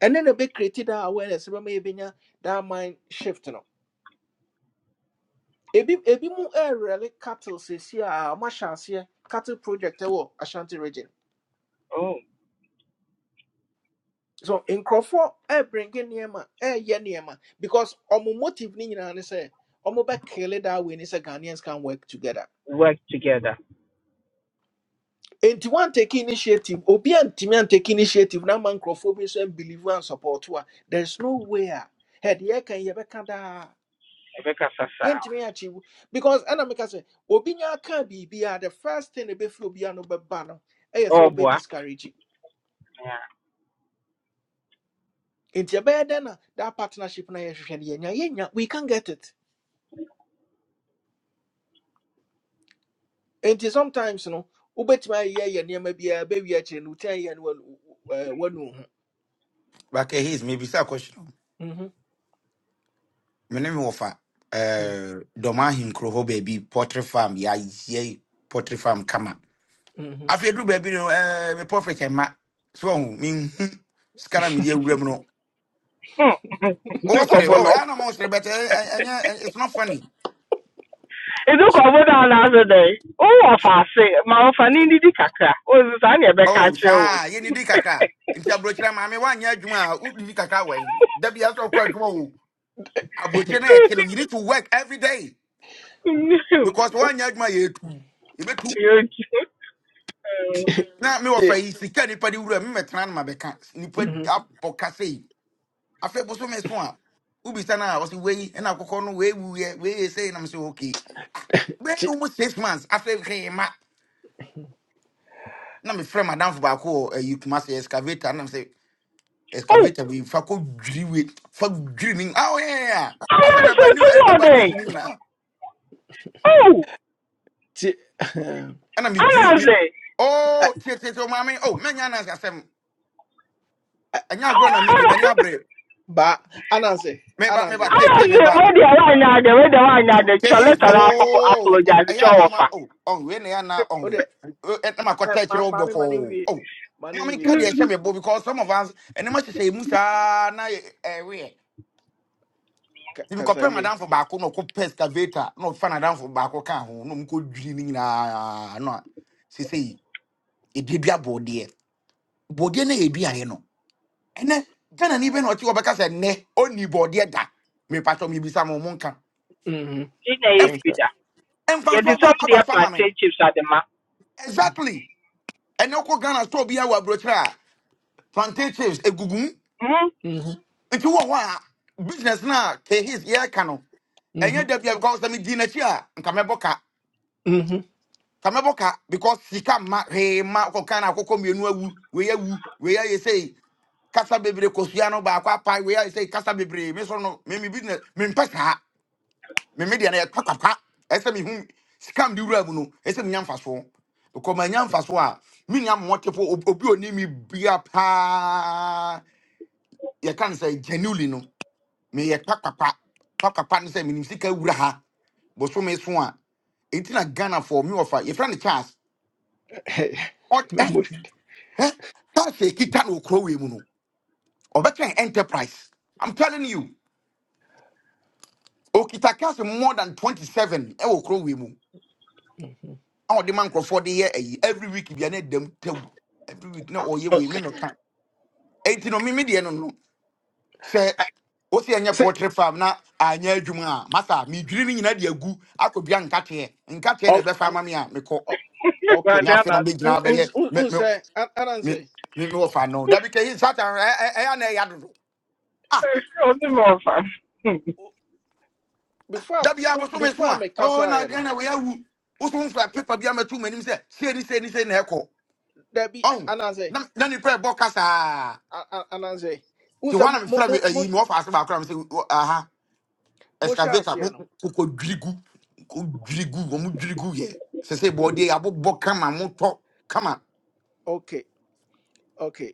[SPEAKER 1] And then a big created that awareness, maybe that mind shift. No, ebi ebi mu air really cattle says here, Mashansia cattle project ɛwɔ Ashanti region.
[SPEAKER 9] oh,
[SPEAKER 1] So in Crawford, air bringing Niema, air Yeniema, because omu motive Nina say, omu back kill that way, is a Ghanaians can work together.
[SPEAKER 9] work together
[SPEAKER 1] And to one take initiative, Obi and Timian take initiative, now man Crawford and believe and support. There's no way. Head, yeah, can you back
[SPEAKER 9] ɛbɛkasa saa
[SPEAKER 1] yɛntumi akyi wo because ɛna meka sɛ obi nya aka biribiaa the first thing ɛbɛfiri obiaa no bɛba no ɛyɛ sɛ obɛ
[SPEAKER 9] ɔɔboa
[SPEAKER 1] discourage it. nti ɛbɛyɛ dɛn na that partnership na a yɛhwehwɛ no yɛnya yɛnya we can get it nti sometimes no wobɛtumi ayɛ yɛ nneɛma biaa bɛwie akyerɛ no wotia yɛ no wanu ɛɛ, wanu wo ho
[SPEAKER 8] mebisa question
[SPEAKER 1] Mhm,
[SPEAKER 8] me ne me wɔfa
[SPEAKER 1] mhm,
[SPEAKER 8] eh, dɔm ahenkuro hɔ baabi potry farm ya ye potry farm kama
[SPEAKER 1] mhm.
[SPEAKER 8] afei aduru baby no eh, me profit ɛma so ɔhu menhu sika na mede awura mu no wosere
[SPEAKER 9] dukɔbɔ
[SPEAKER 8] oh,
[SPEAKER 9] no
[SPEAKER 8] ɛa na ma wosere but eh, eh, ɛnyɛ eh, it's not funny
[SPEAKER 9] dukɔbɔ no anaasɛ dɛn wowɔ faase ma ɔfa ne ndidi kakra ɔsi saa ne ɛbɛka
[SPEAKER 8] oh
[SPEAKER 9] akyerɛ wo
[SPEAKER 8] saa yɛni di kakra nti aburokyerɛ maame woanyɛ adwuma a wodidi kakra wɔ da bia sɛ wokɔ adwuma o aburokyerɛ no a ɛte no you need to work every day because
[SPEAKER 1] Oh,
[SPEAKER 8] woanyɛ adwuma a yɛtu yɛbɛtu
[SPEAKER 9] Yɛtu. Mm.
[SPEAKER 8] na me fa
[SPEAKER 1] ti-
[SPEAKER 8] yi sika nipa de wura me mɛtena no mabɛka nipa d-
[SPEAKER 1] mhm,
[SPEAKER 8] abɔ kasa yi boso me so a wobisa no a ɔse wei ɛna akɔkɔ no we wuyɛ we yɛ na me sɛ okay be
[SPEAKER 1] ti-
[SPEAKER 8] wo six months afei hwee ma na mefrɛ madamfo baako wɔ ayi kuma sɛ excavator na me sɛ
[SPEAKER 9] oh
[SPEAKER 8] excavator bi fa kɔ dwiri wei fa dwiri ni ah yeah asa awoyɛɛ a asɛ
[SPEAKER 9] anaasɛ
[SPEAKER 8] bɛabane
[SPEAKER 9] towɔ
[SPEAKER 8] abane
[SPEAKER 9] dɛn
[SPEAKER 8] su mu nyinaa
[SPEAKER 9] oh
[SPEAKER 1] ti- ahem.
[SPEAKER 8] ɛna
[SPEAKER 9] I'm not
[SPEAKER 8] medwiri
[SPEAKER 9] saying
[SPEAKER 8] oh o
[SPEAKER 1] Ɛ-
[SPEAKER 8] tietietie o maame o mɛnya na asɛm
[SPEAKER 1] Ba.
[SPEAKER 8] ɛnya agorɔ na
[SPEAKER 9] tomorrow. Oh, I'm not saying. I'm
[SPEAKER 8] medi m'ani
[SPEAKER 9] not Oh,
[SPEAKER 8] abrɛ
[SPEAKER 1] baa anansɛ
[SPEAKER 8] meba
[SPEAKER 9] anaasɛ
[SPEAKER 1] anansɛ
[SPEAKER 8] ke keke
[SPEAKER 9] anaasɛ
[SPEAKER 8] meba
[SPEAKER 9] wɛdeɛ woanyɛ adɛ wɛdeɛ woanyɛ adɛ
[SPEAKER 8] Say
[SPEAKER 9] kyɛ
[SPEAKER 8] his.
[SPEAKER 1] dabi
[SPEAKER 9] letara
[SPEAKER 8] Oh, oh,
[SPEAKER 9] apologize
[SPEAKER 8] I
[SPEAKER 9] kyɛ
[SPEAKER 8] am mama.
[SPEAKER 9] wɔfa
[SPEAKER 8] oh, oh, when they are now oh,
[SPEAKER 1] wode ɛ-
[SPEAKER 8] At my cottage
[SPEAKER 1] ma-
[SPEAKER 8] road
[SPEAKER 1] maame ma ne
[SPEAKER 8] before. Oh,
[SPEAKER 1] nwie
[SPEAKER 8] oh.
[SPEAKER 1] ma ne
[SPEAKER 8] mommy,
[SPEAKER 1] nwie
[SPEAKER 8] carry a shabby boy because some of us and the much say Musa na away. If you
[SPEAKER 1] kasa
[SPEAKER 8] compare
[SPEAKER 1] wie
[SPEAKER 8] madam for Baco, no cook pescavator, no fan down for Baco can, no good dreaming. No, she say it did be a body. Body na ebi a no. And then Ghana ni bɛ na ɔte wɔbɛka sɛ nɛ ɔni bɔɔdeɛ da me mibisa mo monka
[SPEAKER 1] Mm-hmm.
[SPEAKER 9] Gye na ɛyɛ ne
[SPEAKER 1] Think.
[SPEAKER 9] bi da.
[SPEAKER 8] ɛmfa so
[SPEAKER 9] Yɛde
[SPEAKER 8] aba
[SPEAKER 9] sɔm deɛ
[SPEAKER 8] aba so ama me
[SPEAKER 9] plantain chips adema.
[SPEAKER 8] exactly And wokɔ ghana store biaa wɔ aburokyerɛ a plantain If you want
[SPEAKER 9] Hmm?
[SPEAKER 1] Mm-hmm.
[SPEAKER 8] nti wɔ hɔ a business no a kahis yɛreka no ɛnyɛ
[SPEAKER 1] Mm-hmm.
[SPEAKER 8] da bia because sɛ medii n'akyi a nka mɛbɔ ka
[SPEAKER 1] Mm-hmm.
[SPEAKER 8] ka mɛbɔ ka because sika ma hwee ma kɔ ghana akɔkɔ mmienu We wei we wei say. sei kasa bebree kosua no baako apae wei ayɛ sei kasa bebree me so no me me business me saa me me deɛ no yɛtɔ kwakwa ɛsɛ sɛ mehu sika mde wura mu no ɛsɛ sɛ menya mfasoɔ kɔmanya mfasoɔ a menya mmɔtefo obi oni mi bia paa you can say genuinely no me ye pack, pack, pack, pack pack pack. no sɛ menim sika wura ha bosome so a enti na ghana for me ɔfa yɛfrɛ no charles
[SPEAKER 1] Hey,
[SPEAKER 8] ɔt ɛ
[SPEAKER 1] remember it.
[SPEAKER 8] ɛ charles a ɛkita no okuro wei mu no ɔbɛkyɛn enterprise i'm telling you okita cash more than 27 ɛwɔ okuro wei mu a ɔde ma nkurɔfoɔ de yɛ ayi every week bia na ɛdam tawu every week na ɔyɛ wei
[SPEAKER 1] Okay.
[SPEAKER 8] me meka enti no mimi deɛ no no sɛ
[SPEAKER 1] I-
[SPEAKER 8] wose ɛnyɛ
[SPEAKER 1] Say.
[SPEAKER 8] poultry farm na anyɛ adwuma a masa medwiri ni nyina de agu akɔdua nkateɛ nkateɛ na
[SPEAKER 1] Okay.
[SPEAKER 8] ɛbɛfa ama me a mekɔ
[SPEAKER 1] o- Okay.
[SPEAKER 8] nya afei
[SPEAKER 9] Guadiana,
[SPEAKER 8] na
[SPEAKER 1] Un,
[SPEAKER 8] mɛgyina
[SPEAKER 1] un,
[SPEAKER 8] bɛyɛ
[SPEAKER 1] un,
[SPEAKER 8] me-
[SPEAKER 1] un
[SPEAKER 8] me-
[SPEAKER 1] say. An, an
[SPEAKER 8] me-
[SPEAKER 1] say.
[SPEAKER 8] me- mewɔ fa no da bi kɛyi satan ɛ- ɛ- na ɛyɛ adodo ah
[SPEAKER 1] I-
[SPEAKER 9] only more fun.
[SPEAKER 1] u- Before I-
[SPEAKER 8] da bi
[SPEAKER 1] u-
[SPEAKER 8] abɔso me
[SPEAKER 1] before
[SPEAKER 8] so
[SPEAKER 1] I
[SPEAKER 8] a
[SPEAKER 1] make
[SPEAKER 8] ɛwɔ
[SPEAKER 1] casa,
[SPEAKER 8] na
[SPEAKER 1] you know,
[SPEAKER 8] ɛna wɔyɛwu woso mfa pepa bi amatu m'anim sɛ sei ne Se ni se na ɛkɔ
[SPEAKER 1] there be
[SPEAKER 8] ɔhu
[SPEAKER 1] an an say.
[SPEAKER 8] na na ni ɛbɔ kasaa
[SPEAKER 1] An an an say. Un
[SPEAKER 8] nti
[SPEAKER 1] say
[SPEAKER 8] hɔ a na
[SPEAKER 1] mo mo
[SPEAKER 8] mefrɛ me
[SPEAKER 1] mo mo
[SPEAKER 8] ayi mewɔ fa ase baakora se sɛ
[SPEAKER 1] mo shall
[SPEAKER 8] excavator
[SPEAKER 1] say, you
[SPEAKER 8] mo
[SPEAKER 1] know.
[SPEAKER 8] koko dwirigu ko dwirigu wo mo dwirigu ye se se body abobbo kama mo tɔ kama
[SPEAKER 1] Okay. Okay.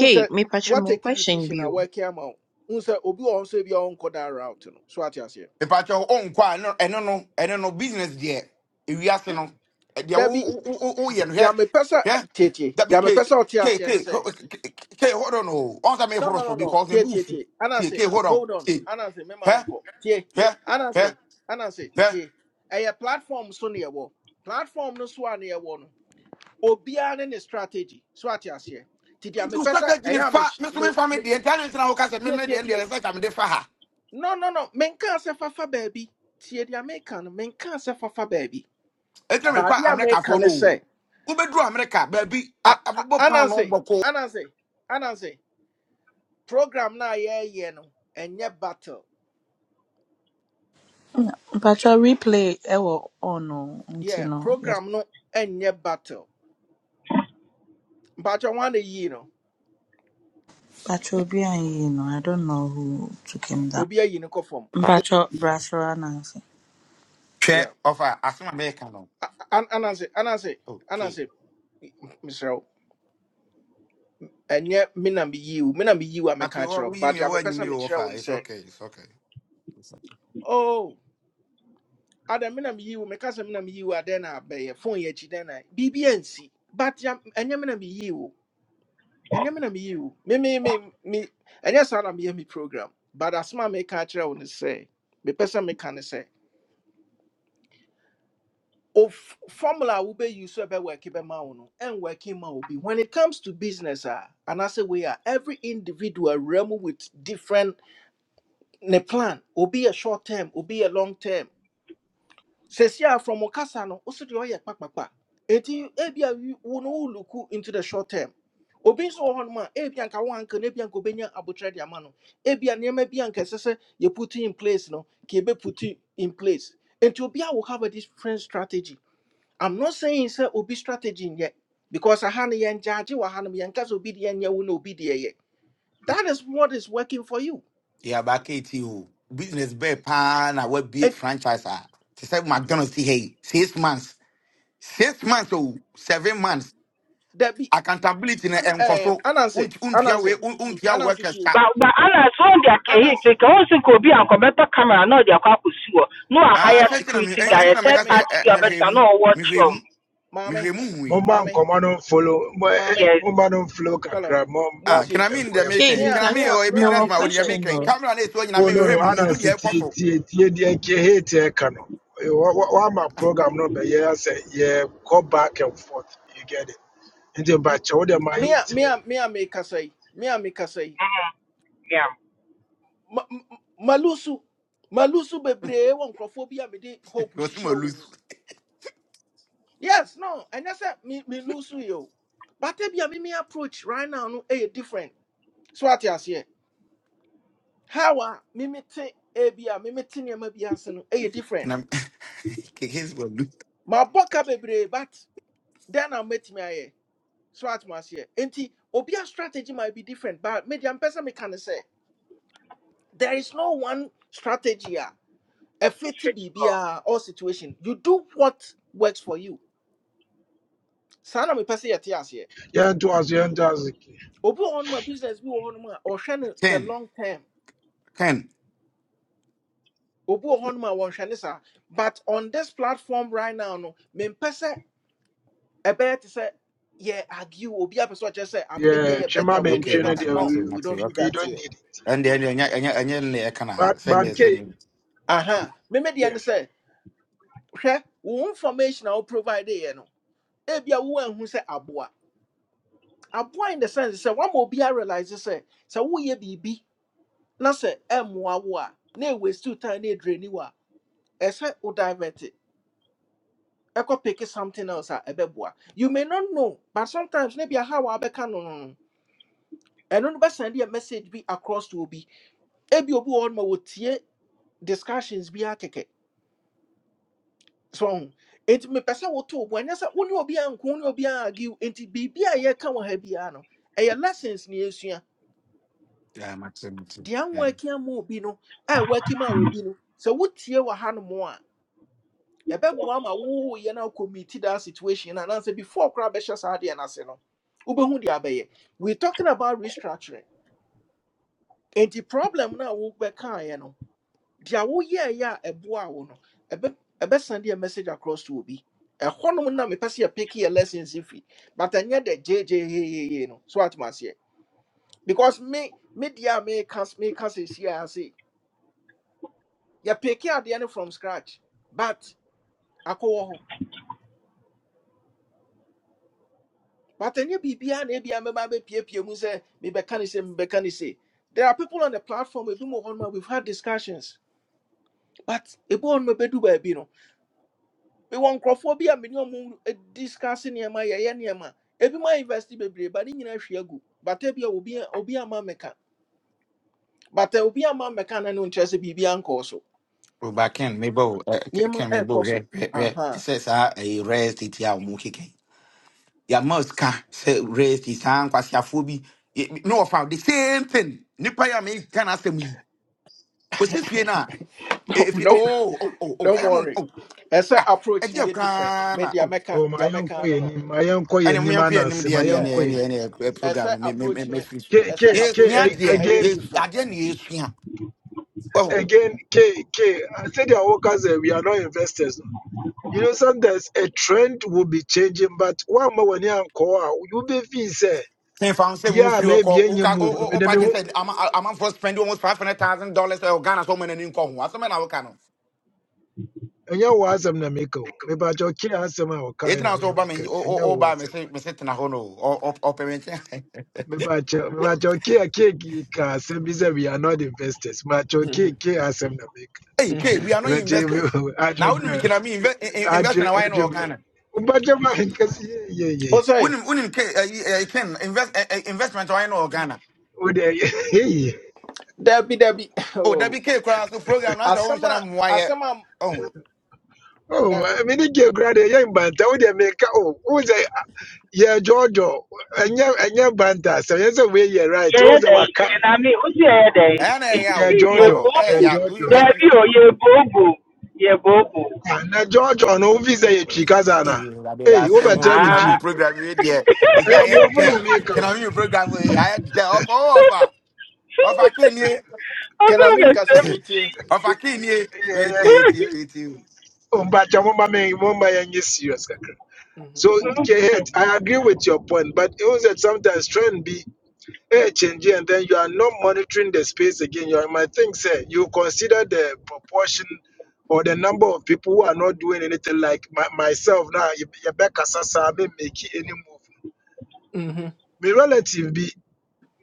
[SPEAKER 10] K,
[SPEAKER 1] say
[SPEAKER 10] mi pacho
[SPEAKER 1] what
[SPEAKER 10] me
[SPEAKER 1] take a
[SPEAKER 10] question
[SPEAKER 1] decision I
[SPEAKER 10] bill.
[SPEAKER 1] work here out. Un say obi on say be on that route, you know. So what you say.
[SPEAKER 8] pepa cho on kwa no eno no eno no business there ewiase no eh, deɛ
[SPEAKER 1] There
[SPEAKER 8] wo
[SPEAKER 1] be.
[SPEAKER 8] wo wo wo yɛ no
[SPEAKER 1] There
[SPEAKER 8] hwɛ
[SPEAKER 1] me pesa.
[SPEAKER 8] hwɛ
[SPEAKER 1] Cheche.
[SPEAKER 8] dabi
[SPEAKER 1] There me
[SPEAKER 8] ke
[SPEAKER 1] pesa. What
[SPEAKER 8] ke
[SPEAKER 1] you
[SPEAKER 8] ke
[SPEAKER 1] say?
[SPEAKER 8] ke ke- hold on o on sa me
[SPEAKER 1] No,
[SPEAKER 8] for
[SPEAKER 1] no,
[SPEAKER 8] so
[SPEAKER 1] no, no.
[SPEAKER 8] because me
[SPEAKER 1] Tie, tie,
[SPEAKER 8] bufu
[SPEAKER 1] tie.
[SPEAKER 8] tie
[SPEAKER 1] Anansi,
[SPEAKER 8] ke hold on
[SPEAKER 1] hold on.
[SPEAKER 8] tie
[SPEAKER 1] Anansi, say, mema
[SPEAKER 8] hɛ
[SPEAKER 1] unko. Tie.
[SPEAKER 8] hɛ
[SPEAKER 1] Anansi,
[SPEAKER 8] hɛ
[SPEAKER 1] say, Anansi, say,
[SPEAKER 8] hɛ
[SPEAKER 1] tie. Ɛyɛ platform so near wo. Platform no so near wo no. Obiara ne ne strategy. So ate aseɛ. Ti dia me
[SPEAKER 8] into
[SPEAKER 1] pesa.
[SPEAKER 8] strategy ni
[SPEAKER 1] ɛyɛ a me
[SPEAKER 8] fa
[SPEAKER 1] hy-
[SPEAKER 8] me so me
[SPEAKER 1] me
[SPEAKER 8] fa me
[SPEAKER 1] me
[SPEAKER 8] deɛ internet na wo ka sɛ me
[SPEAKER 1] tie
[SPEAKER 8] me
[SPEAKER 1] tie
[SPEAKER 8] deɛ deɛ
[SPEAKER 1] tie.
[SPEAKER 8] research am de fa ha
[SPEAKER 1] No, no, no. Menka sɛ fafa baabi. Tie dia meka no. Menka sɛ fafa baabi.
[SPEAKER 8] ɛtɛ me
[SPEAKER 1] Baade
[SPEAKER 8] pa
[SPEAKER 1] a
[SPEAKER 8] america fo
[SPEAKER 1] meka ne
[SPEAKER 8] no
[SPEAKER 1] sɛ.
[SPEAKER 8] wobɛduru america baabi I
[SPEAKER 1] a- a-
[SPEAKER 8] abobɔ pan no
[SPEAKER 1] Anansi,
[SPEAKER 8] Boko.
[SPEAKER 1] Anansi, Anansi. Program na ye ye no Enye battle.
[SPEAKER 2] mpacha replay ɛwɔ on o nti
[SPEAKER 1] yeah
[SPEAKER 2] no yɛ-
[SPEAKER 1] program no ɛnyɛ battle mpakyɛ wɔn ana yie no
[SPEAKER 2] mpacha obi anyị no i don't know who took him down
[SPEAKER 1] obi ayi no kɔ fam
[SPEAKER 2] mpacha brasra nancy
[SPEAKER 8] hwɛ
[SPEAKER 1] yeah
[SPEAKER 8] offer, asɛm a mɛyɛka no
[SPEAKER 1] An anase anase
[SPEAKER 8] okay
[SPEAKER 1] anase, anansi mesrɛ mina ɛnyɛ me na meyi wo me na meyi wo a
[SPEAKER 8] mate
[SPEAKER 1] meka kyerɛ
[SPEAKER 8] what
[SPEAKER 1] wo
[SPEAKER 8] we
[SPEAKER 1] but
[SPEAKER 8] me,
[SPEAKER 1] deɛ
[SPEAKER 8] what
[SPEAKER 1] mepɛ sɛ
[SPEAKER 8] anyimi o
[SPEAKER 1] mekyerɛ wo
[SPEAKER 8] ɔfa
[SPEAKER 1] no
[SPEAKER 8] it's
[SPEAKER 1] sɛ
[SPEAKER 8] okay it's okay
[SPEAKER 1] oh ada mina na meyi wo meka sɛ me na meyi wo na abɛyɛ phone ye akyi dɛn na biribi ansi but ya ɛnyɛ mina na meyi wo ɛnyɛ me na me me me me ɛnyɛ saa na meyɛ me mi program but asma a meka kyerɛ wo no sɛ mepɛ sɛ meka ne sɛ of formula will be used, so be work and working man will be when it comes to business ah, and I say we are every individual realm with different ne plan will be a short term will be a long term says yeah from okasa no also the oil pack pack pack it you ebia you no wo look into the short term obi nso wɔ hɔnom a ebia nka wo anka na ebia nka obenya abotire de ama no ebia nneɛma bi anka sese sɛ yɛ put in place no ka ebe put in place And to a will have a different strategy I'm not saying sɛ obi strategy yet because aha no yɛn gyaagye wɔ ha no yɛnka sɛ obi deɛ nyɛ wo na obi deɛ yɛ. That is what is working for you.
[SPEAKER 8] yɛaba kɛti o business bear pan. I na be
[SPEAKER 1] It,
[SPEAKER 8] franchise a te say McDonald's, hey, six months six months o seven months
[SPEAKER 1] that be
[SPEAKER 8] accountability na ɛnkɔ
[SPEAKER 1] um
[SPEAKER 8] so
[SPEAKER 1] anansi
[SPEAKER 8] Wont- wontua wei-
[SPEAKER 1] anansi
[SPEAKER 8] wo-
[SPEAKER 1] anansi
[SPEAKER 8] workers
[SPEAKER 1] tie
[SPEAKER 8] ka
[SPEAKER 9] Ba ba ana so wɔn de aka hit
[SPEAKER 1] anansi
[SPEAKER 9] ka wɔn sɛ nka obi a nkɔbɛtɔ camera na ɔde akɔ akɔsi hɔ na
[SPEAKER 8] Ah,
[SPEAKER 9] wahaya
[SPEAKER 1] no
[SPEAKER 8] first nti na me-
[SPEAKER 9] security
[SPEAKER 8] ɛn-
[SPEAKER 9] guy
[SPEAKER 8] ɛnti
[SPEAKER 1] maame
[SPEAKER 9] a
[SPEAKER 8] na mɛka
[SPEAKER 9] third
[SPEAKER 1] maame
[SPEAKER 9] party
[SPEAKER 8] eh,
[SPEAKER 9] bi a
[SPEAKER 1] maame
[SPEAKER 8] mehwɛ
[SPEAKER 9] ɔbɛtena
[SPEAKER 8] mu
[SPEAKER 9] na ɔwɔ
[SPEAKER 8] mehwɛ
[SPEAKER 9] kyerɛm.
[SPEAKER 8] mu
[SPEAKER 1] maame
[SPEAKER 8] mehwɛ mu hui
[SPEAKER 6] Momba and
[SPEAKER 1] maame
[SPEAKER 6] Command follow
[SPEAKER 1] maame
[SPEAKER 9] Yes.
[SPEAKER 6] Momba don't flow
[SPEAKER 1] hello
[SPEAKER 6] Kakra,
[SPEAKER 8] Ah,
[SPEAKER 6] Momba
[SPEAKER 8] can
[SPEAKER 1] muntie
[SPEAKER 8] I
[SPEAKER 6] and
[SPEAKER 8] mean
[SPEAKER 10] K,
[SPEAKER 1] me
[SPEAKER 8] Jamaican?
[SPEAKER 10] mi
[SPEAKER 8] Can
[SPEAKER 1] a
[SPEAKER 8] I
[SPEAKER 1] me
[SPEAKER 8] mean
[SPEAKER 10] pacho
[SPEAKER 1] a
[SPEAKER 8] or a
[SPEAKER 1] me
[SPEAKER 10] me
[SPEAKER 1] a
[SPEAKER 10] wa
[SPEAKER 8] businessman or
[SPEAKER 1] mekasa
[SPEAKER 10] question
[SPEAKER 8] Jamaican?
[SPEAKER 10] no.
[SPEAKER 1] yi
[SPEAKER 8] Camera next one, I
[SPEAKER 6] Oh
[SPEAKER 8] mean, we
[SPEAKER 6] no no,
[SPEAKER 8] heard you who
[SPEAKER 6] anansi
[SPEAKER 8] the
[SPEAKER 6] tie
[SPEAKER 8] cost
[SPEAKER 6] tie tie deɛ nka hate ɛka no. Eh, wa- wa- Wama program no be Yeah, say yeah, go back and forth. You get it. Nti bakyɛ wo deɛ ma
[SPEAKER 1] Mea, me
[SPEAKER 6] yɛntimi
[SPEAKER 1] a me a me a mekasa
[SPEAKER 9] Hmm. Yeah.
[SPEAKER 1] ma- ma- malusu malusu bebree wɔ nkurɔfoɔ bi a mede hope
[SPEAKER 8] was more
[SPEAKER 1] hyehyɛ wɔn
[SPEAKER 8] loose.
[SPEAKER 1] mu yes no ɛnyɛ sɛ me me lusu yi o bata bi a mimi approach right now no ɛyɛ different so ate aseɛ how a mimi te ebi a mimi te nneɛma bi ase no ɛyɛ
[SPEAKER 8] Can
[SPEAKER 1] different
[SPEAKER 8] I his will lose?
[SPEAKER 1] mabɔ ka bebree but then na mɛtumi ayɛ so ate mo aseɛ nti obi a strategy might be different but media mpɛ sɛ meka ne sɛ there is no one strategy a ɛfiti
[SPEAKER 9] Fit to call.
[SPEAKER 1] biribiara all situation you do what works for you saa na mepɛ sɛ yɛte aseɛ
[SPEAKER 6] yɛnto aso yɛnto aso.
[SPEAKER 1] obi wɔ hɔnom business bi on hɔnom a no the
[SPEAKER 8] Ken,
[SPEAKER 1] long term
[SPEAKER 8] Ken.
[SPEAKER 1] Obu on hɔnom a wɔnhwɛ ne but on this platform right now no mempɛ sɛ ɛbɛyɛ te say, yeah, argue obi apɛ sɛ ɔkyerɛ sɛ "Ah, me deɛ
[SPEAKER 6] Yeah, twema
[SPEAKER 1] better We
[SPEAKER 8] Okay,
[SPEAKER 1] deɛ
[SPEAKER 6] mentwe no
[SPEAKER 1] better
[SPEAKER 8] Matthew,
[SPEAKER 6] deɛ
[SPEAKER 1] no
[SPEAKER 6] we
[SPEAKER 8] Matthew,
[SPEAKER 6] we
[SPEAKER 1] we don't
[SPEAKER 8] Matthew.
[SPEAKER 1] do
[SPEAKER 8] Okay.
[SPEAKER 6] we
[SPEAKER 1] that
[SPEAKER 6] don't
[SPEAKER 1] here
[SPEAKER 6] need it.
[SPEAKER 8] And then and then and then I can I
[SPEAKER 6] But
[SPEAKER 8] send
[SPEAKER 6] but
[SPEAKER 8] this
[SPEAKER 6] K
[SPEAKER 8] on
[SPEAKER 1] aha meme deɛ
[SPEAKER 6] yeah.
[SPEAKER 1] ne sɛ hwɛ wo information a provide here. no ebia wo anhu sɛ aboa aboa in the sense sɛ wama obiara realize sɛ sɛ woyɛ biribi na sɛ ɛmmoa wo a na ɛwaste wo time na ɛdrani wo a ɛsɛ wo divert ɛkɔ pick something else a ɛbɛboa you may not know but sometimes maybe aha a wabɛka no no no ɛno no bɛsɛnde a message bi across to obi ebi obi wɔ hɔ no ma wɔtie discussions bi akɛkɛ so ɔho nti mepɛ sɛ woto wo bo ɛnyɛ sɛ wo ne obi a nko wo ne obi a argue nti biribi a yɛka wɔ ha biara no ɛyɛ lessons ne yɛsua
[SPEAKER 8] Yeah, Matthew, Matthew.
[SPEAKER 1] deɛ
[SPEAKER 8] Yeah.
[SPEAKER 1] anwɔ aki ama obi no a ɛwɔ aki ma obi no sɛ wotie wɔ ha no ɛbɛboa ma woyɛ no akɔmiti that situation no anaasɛ before crowd, be saa adeɛ no ase no wobɛhu deɛ abɛyɛ we talking about restructuring and the problem na wo be a wobɛkaeɛ no deɛ woyɛɛyɛ a ɛboa wo no ɛbɛ- ɛbɛsend a message across to obi ɛhɔnom na mepɛ sɛ yɛpeke yɛ lessons fi but ɛnyɛ dɛ gyegyeeyeye no so atom aseɛ because me me deɛ a meka meka seesiaa se yɛpeke adeɛ no from scratch but akɔwɔ hɔ But any biribiara na ebia mɛba abɛpiepie mu say me be mebɛka say, se be ne say. There are people on the platform ebi mu hɔ nom a we've had discussions. But ebi hɔ nom ebedu baabi no, mewɔ nkurɔfoɔ bi a me no discussing e ma ye ye ne ɔmo discuss nneɛma yɛyɛ nneɛma. Ebi mu invest be bebree but ne nyinaa hwe agu. But ebia obi a- obi ama mmɛka. But eh, obi ama mmɛka na no nkyerɛ sɛ biribiara nkɔɔ so.
[SPEAKER 8] Well, but Ken, maybe uh,
[SPEAKER 1] Nneɛma
[SPEAKER 8] Ken, maybe
[SPEAKER 1] ɛɛkɔ
[SPEAKER 8] yeah,
[SPEAKER 1] so.
[SPEAKER 8] yeah, yeah. This
[SPEAKER 1] Aha.
[SPEAKER 8] says uh, a raised it here, Mukiken. Your mouse can say raised his hand, quasi a phobia. No, I found the same thing. Nipa, I me. can I say me?
[SPEAKER 1] No,
[SPEAKER 8] if you
[SPEAKER 1] no,
[SPEAKER 8] oh oh oh oh I
[SPEAKER 1] don't
[SPEAKER 8] am
[SPEAKER 1] worry.
[SPEAKER 8] oh
[SPEAKER 1] Ɛsɛ
[SPEAKER 8] ah
[SPEAKER 1] approach
[SPEAKER 8] if
[SPEAKER 1] no
[SPEAKER 8] you
[SPEAKER 1] yɛ different.
[SPEAKER 8] can
[SPEAKER 1] Me
[SPEAKER 8] ah,
[SPEAKER 1] the
[SPEAKER 8] oh
[SPEAKER 1] mɛka
[SPEAKER 6] Oh ma
[SPEAKER 1] the
[SPEAKER 6] yɛnkɔ
[SPEAKER 1] mɛka ano
[SPEAKER 6] yɛ
[SPEAKER 1] no.
[SPEAKER 6] nim ma yɛnkɔ yɛ
[SPEAKER 8] and we
[SPEAKER 6] nim
[SPEAKER 8] am here nim
[SPEAKER 6] anansi ma
[SPEAKER 8] dia ne
[SPEAKER 6] yɛnkɔ
[SPEAKER 1] Yeah.
[SPEAKER 8] ne ne
[SPEAKER 6] yɛ nim.
[SPEAKER 8] ne
[SPEAKER 1] as
[SPEAKER 8] program
[SPEAKER 1] I
[SPEAKER 8] no me me me
[SPEAKER 1] approach
[SPEAKER 8] me
[SPEAKER 1] no
[SPEAKER 8] free so
[SPEAKER 6] K
[SPEAKER 1] as I
[SPEAKER 6] K
[SPEAKER 8] yes
[SPEAKER 6] K
[SPEAKER 1] approach
[SPEAKER 8] nya
[SPEAKER 1] no
[SPEAKER 6] a-
[SPEAKER 8] de
[SPEAKER 1] ɛyɛ
[SPEAKER 8] yes
[SPEAKER 6] again
[SPEAKER 1] different.
[SPEAKER 8] ade ne yes nya oh
[SPEAKER 6] again K K. I K sɛdeɛ workers, sɛ we are not investors You know, sometimes a trend will be changing, but one more when you call, you be feel say,
[SPEAKER 8] ten found say we no
[SPEAKER 6] yeah,
[SPEAKER 8] free
[SPEAKER 6] maybe
[SPEAKER 8] okọ o
[SPEAKER 6] any
[SPEAKER 8] ka o
[SPEAKER 6] move.
[SPEAKER 8] o o
[SPEAKER 6] Maybe
[SPEAKER 8] pa
[SPEAKER 6] me
[SPEAKER 8] just
[SPEAKER 6] who,
[SPEAKER 8] said am am for spend almost 500000 dollars or Ghana so many nko ho aso me na wo ka no
[SPEAKER 6] And you was some na make o. Me ba jo ki asem a o
[SPEAKER 8] it
[SPEAKER 6] kai na
[SPEAKER 8] na
[SPEAKER 6] me
[SPEAKER 8] so ba
[SPEAKER 6] make bi.
[SPEAKER 8] me
[SPEAKER 6] And
[SPEAKER 8] o
[SPEAKER 6] you
[SPEAKER 8] o ba
[SPEAKER 6] was
[SPEAKER 8] me
[SPEAKER 6] some.
[SPEAKER 8] say me say tena ho no o o payment
[SPEAKER 6] Me ba jo me ba jo ki a ki ki ka say we are not investors. Me ba jo ki
[SPEAKER 1] Mhm,
[SPEAKER 6] ki asem na make.
[SPEAKER 8] hey K,
[SPEAKER 1] mhm.
[SPEAKER 8] we are not
[SPEAKER 6] Maybe je me
[SPEAKER 8] investors
[SPEAKER 6] adre
[SPEAKER 8] now we
[SPEAKER 6] bre.
[SPEAKER 8] can me invest invest in
[SPEAKER 6] Adre
[SPEAKER 8] why no
[SPEAKER 6] adre bre.
[SPEAKER 8] Ghana
[SPEAKER 6] U ba jo ma kasi Yeah ye
[SPEAKER 1] Oh
[SPEAKER 6] ye.
[SPEAKER 1] sorry,
[SPEAKER 8] unim unim ke eh, eh, eh, ken invest eh, eh, investment why no wɔ ghana
[SPEAKER 6] O de
[SPEAKER 1] Debbie Debbie.
[SPEAKER 8] o
[SPEAKER 1] Oh,
[SPEAKER 8] dabi ke koraa so program na sɛ wonhyɛ na
[SPEAKER 1] asama
[SPEAKER 8] mmoa
[SPEAKER 1] asama
[SPEAKER 8] Oh
[SPEAKER 6] Oh, I
[SPEAKER 1] Debbie.
[SPEAKER 6] mean, get grade, yeah, but I would make oh, who's I? Yeah, Giorgio. And yeah, and yeah, Banta. So yes, we you're right.
[SPEAKER 9] Yɛyɛ
[SPEAKER 6] Who's the
[SPEAKER 9] dɛn?
[SPEAKER 6] waka?
[SPEAKER 9] Yeah. wosi yɛyɛ dɛn?
[SPEAKER 8] ɔho ɛyɛ na ɛyɛ
[SPEAKER 6] Yeah,
[SPEAKER 8] awo
[SPEAKER 6] Giorgio.
[SPEAKER 8] ɔho ɛyɛ
[SPEAKER 6] Yeah,
[SPEAKER 9] Yɛboobo.
[SPEAKER 8] ya wo
[SPEAKER 6] Giorgio.
[SPEAKER 9] Yeah.
[SPEAKER 8] invest
[SPEAKER 9] o Yeah. Yɛboobo.
[SPEAKER 6] And now Giorgio, no visa ye chikazana.
[SPEAKER 8] ɛwurade yɛ
[SPEAKER 6] Hey, over
[SPEAKER 8] asɛm o
[SPEAKER 6] Jeremy
[SPEAKER 8] kena mi
[SPEAKER 9] Ah.
[SPEAKER 6] G.
[SPEAKER 8] program yi deɛ
[SPEAKER 6] I
[SPEAKER 8] ɛsɛ
[SPEAKER 6] am born
[SPEAKER 8] ayɛ
[SPEAKER 6] from
[SPEAKER 8] dɛ
[SPEAKER 6] America.
[SPEAKER 8] kena mi program yi of dɛ ɔfa ɔwɔ ɔfa ɔfa ke nie
[SPEAKER 9] I
[SPEAKER 1] Can I
[SPEAKER 9] feel
[SPEAKER 1] make
[SPEAKER 9] like
[SPEAKER 1] us a meeting?
[SPEAKER 9] Chevy
[SPEAKER 8] ɔfa ke
[SPEAKER 6] Yeah,
[SPEAKER 8] wait
[SPEAKER 6] yeah.
[SPEAKER 8] wait wait
[SPEAKER 9] Yeah,
[SPEAKER 8] weeti
[SPEAKER 6] Umbacha mumba me mumba yangi serious kakra.
[SPEAKER 1] Mhm,
[SPEAKER 6] So, Kehet, I agree with your point, but it was that sometimes trend be. Hey, change and then you are not monitoring the space again. You might think say you consider the proportion or the number of people who are not doing anything. Like my, myself now, Rebecca Sasa, me make it any move.
[SPEAKER 1] mhm,
[SPEAKER 6] My relative be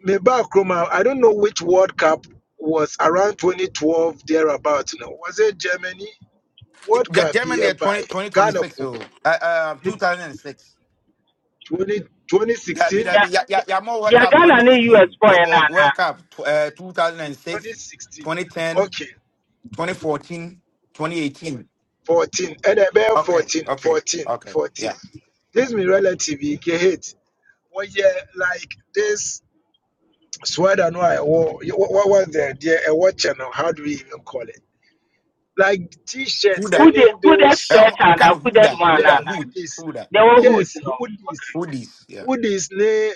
[SPEAKER 6] me back I don't know which World Cup was around 2012 thereabout. Now was it Germany World
[SPEAKER 8] Ge-
[SPEAKER 6] Cup be
[SPEAKER 8] Germany
[SPEAKER 6] here
[SPEAKER 8] yɛ two thousand and
[SPEAKER 6] by
[SPEAKER 8] six.
[SPEAKER 6] Ghana could be in 20,
[SPEAKER 8] That Dabi,
[SPEAKER 6] 2016
[SPEAKER 8] dabi, ya, ya, ya more World
[SPEAKER 9] yeah,
[SPEAKER 8] Cup
[SPEAKER 9] Ghana and US
[SPEAKER 8] 2016.
[SPEAKER 9] boy
[SPEAKER 8] Yeah,
[SPEAKER 9] and
[SPEAKER 8] but
[SPEAKER 9] Nana.
[SPEAKER 8] World Cup tw- uh, 2006, twenty ten,
[SPEAKER 6] Okay,
[SPEAKER 8] 2014, 2018.
[SPEAKER 6] 14 and then
[SPEAKER 8] Okay,
[SPEAKER 6] 14
[SPEAKER 8] okay,
[SPEAKER 6] 14
[SPEAKER 8] okay.
[SPEAKER 6] 14.
[SPEAKER 8] Yeah.
[SPEAKER 6] this me relative he get hate well yeah like this sweater no i wore what, what was the idea a what channel how do we even call it like t-shirt
[SPEAKER 8] Huda.
[SPEAKER 9] Who did
[SPEAKER 6] any
[SPEAKER 9] who that
[SPEAKER 8] Uh,
[SPEAKER 6] those
[SPEAKER 8] I'm,
[SPEAKER 9] sweat
[SPEAKER 8] I'm
[SPEAKER 9] and
[SPEAKER 8] kind of
[SPEAKER 9] who that
[SPEAKER 8] Huda.
[SPEAKER 6] hoodie
[SPEAKER 9] one
[SPEAKER 6] yeah
[SPEAKER 8] Huda,
[SPEAKER 9] Nana?
[SPEAKER 8] Hood,
[SPEAKER 6] hoodies
[SPEAKER 8] Huda.
[SPEAKER 9] They were
[SPEAKER 8] Yeah.
[SPEAKER 9] hood,
[SPEAKER 6] yes
[SPEAKER 9] you know.
[SPEAKER 6] hoodies
[SPEAKER 8] Hoodies. Yeah.
[SPEAKER 6] hoodies ne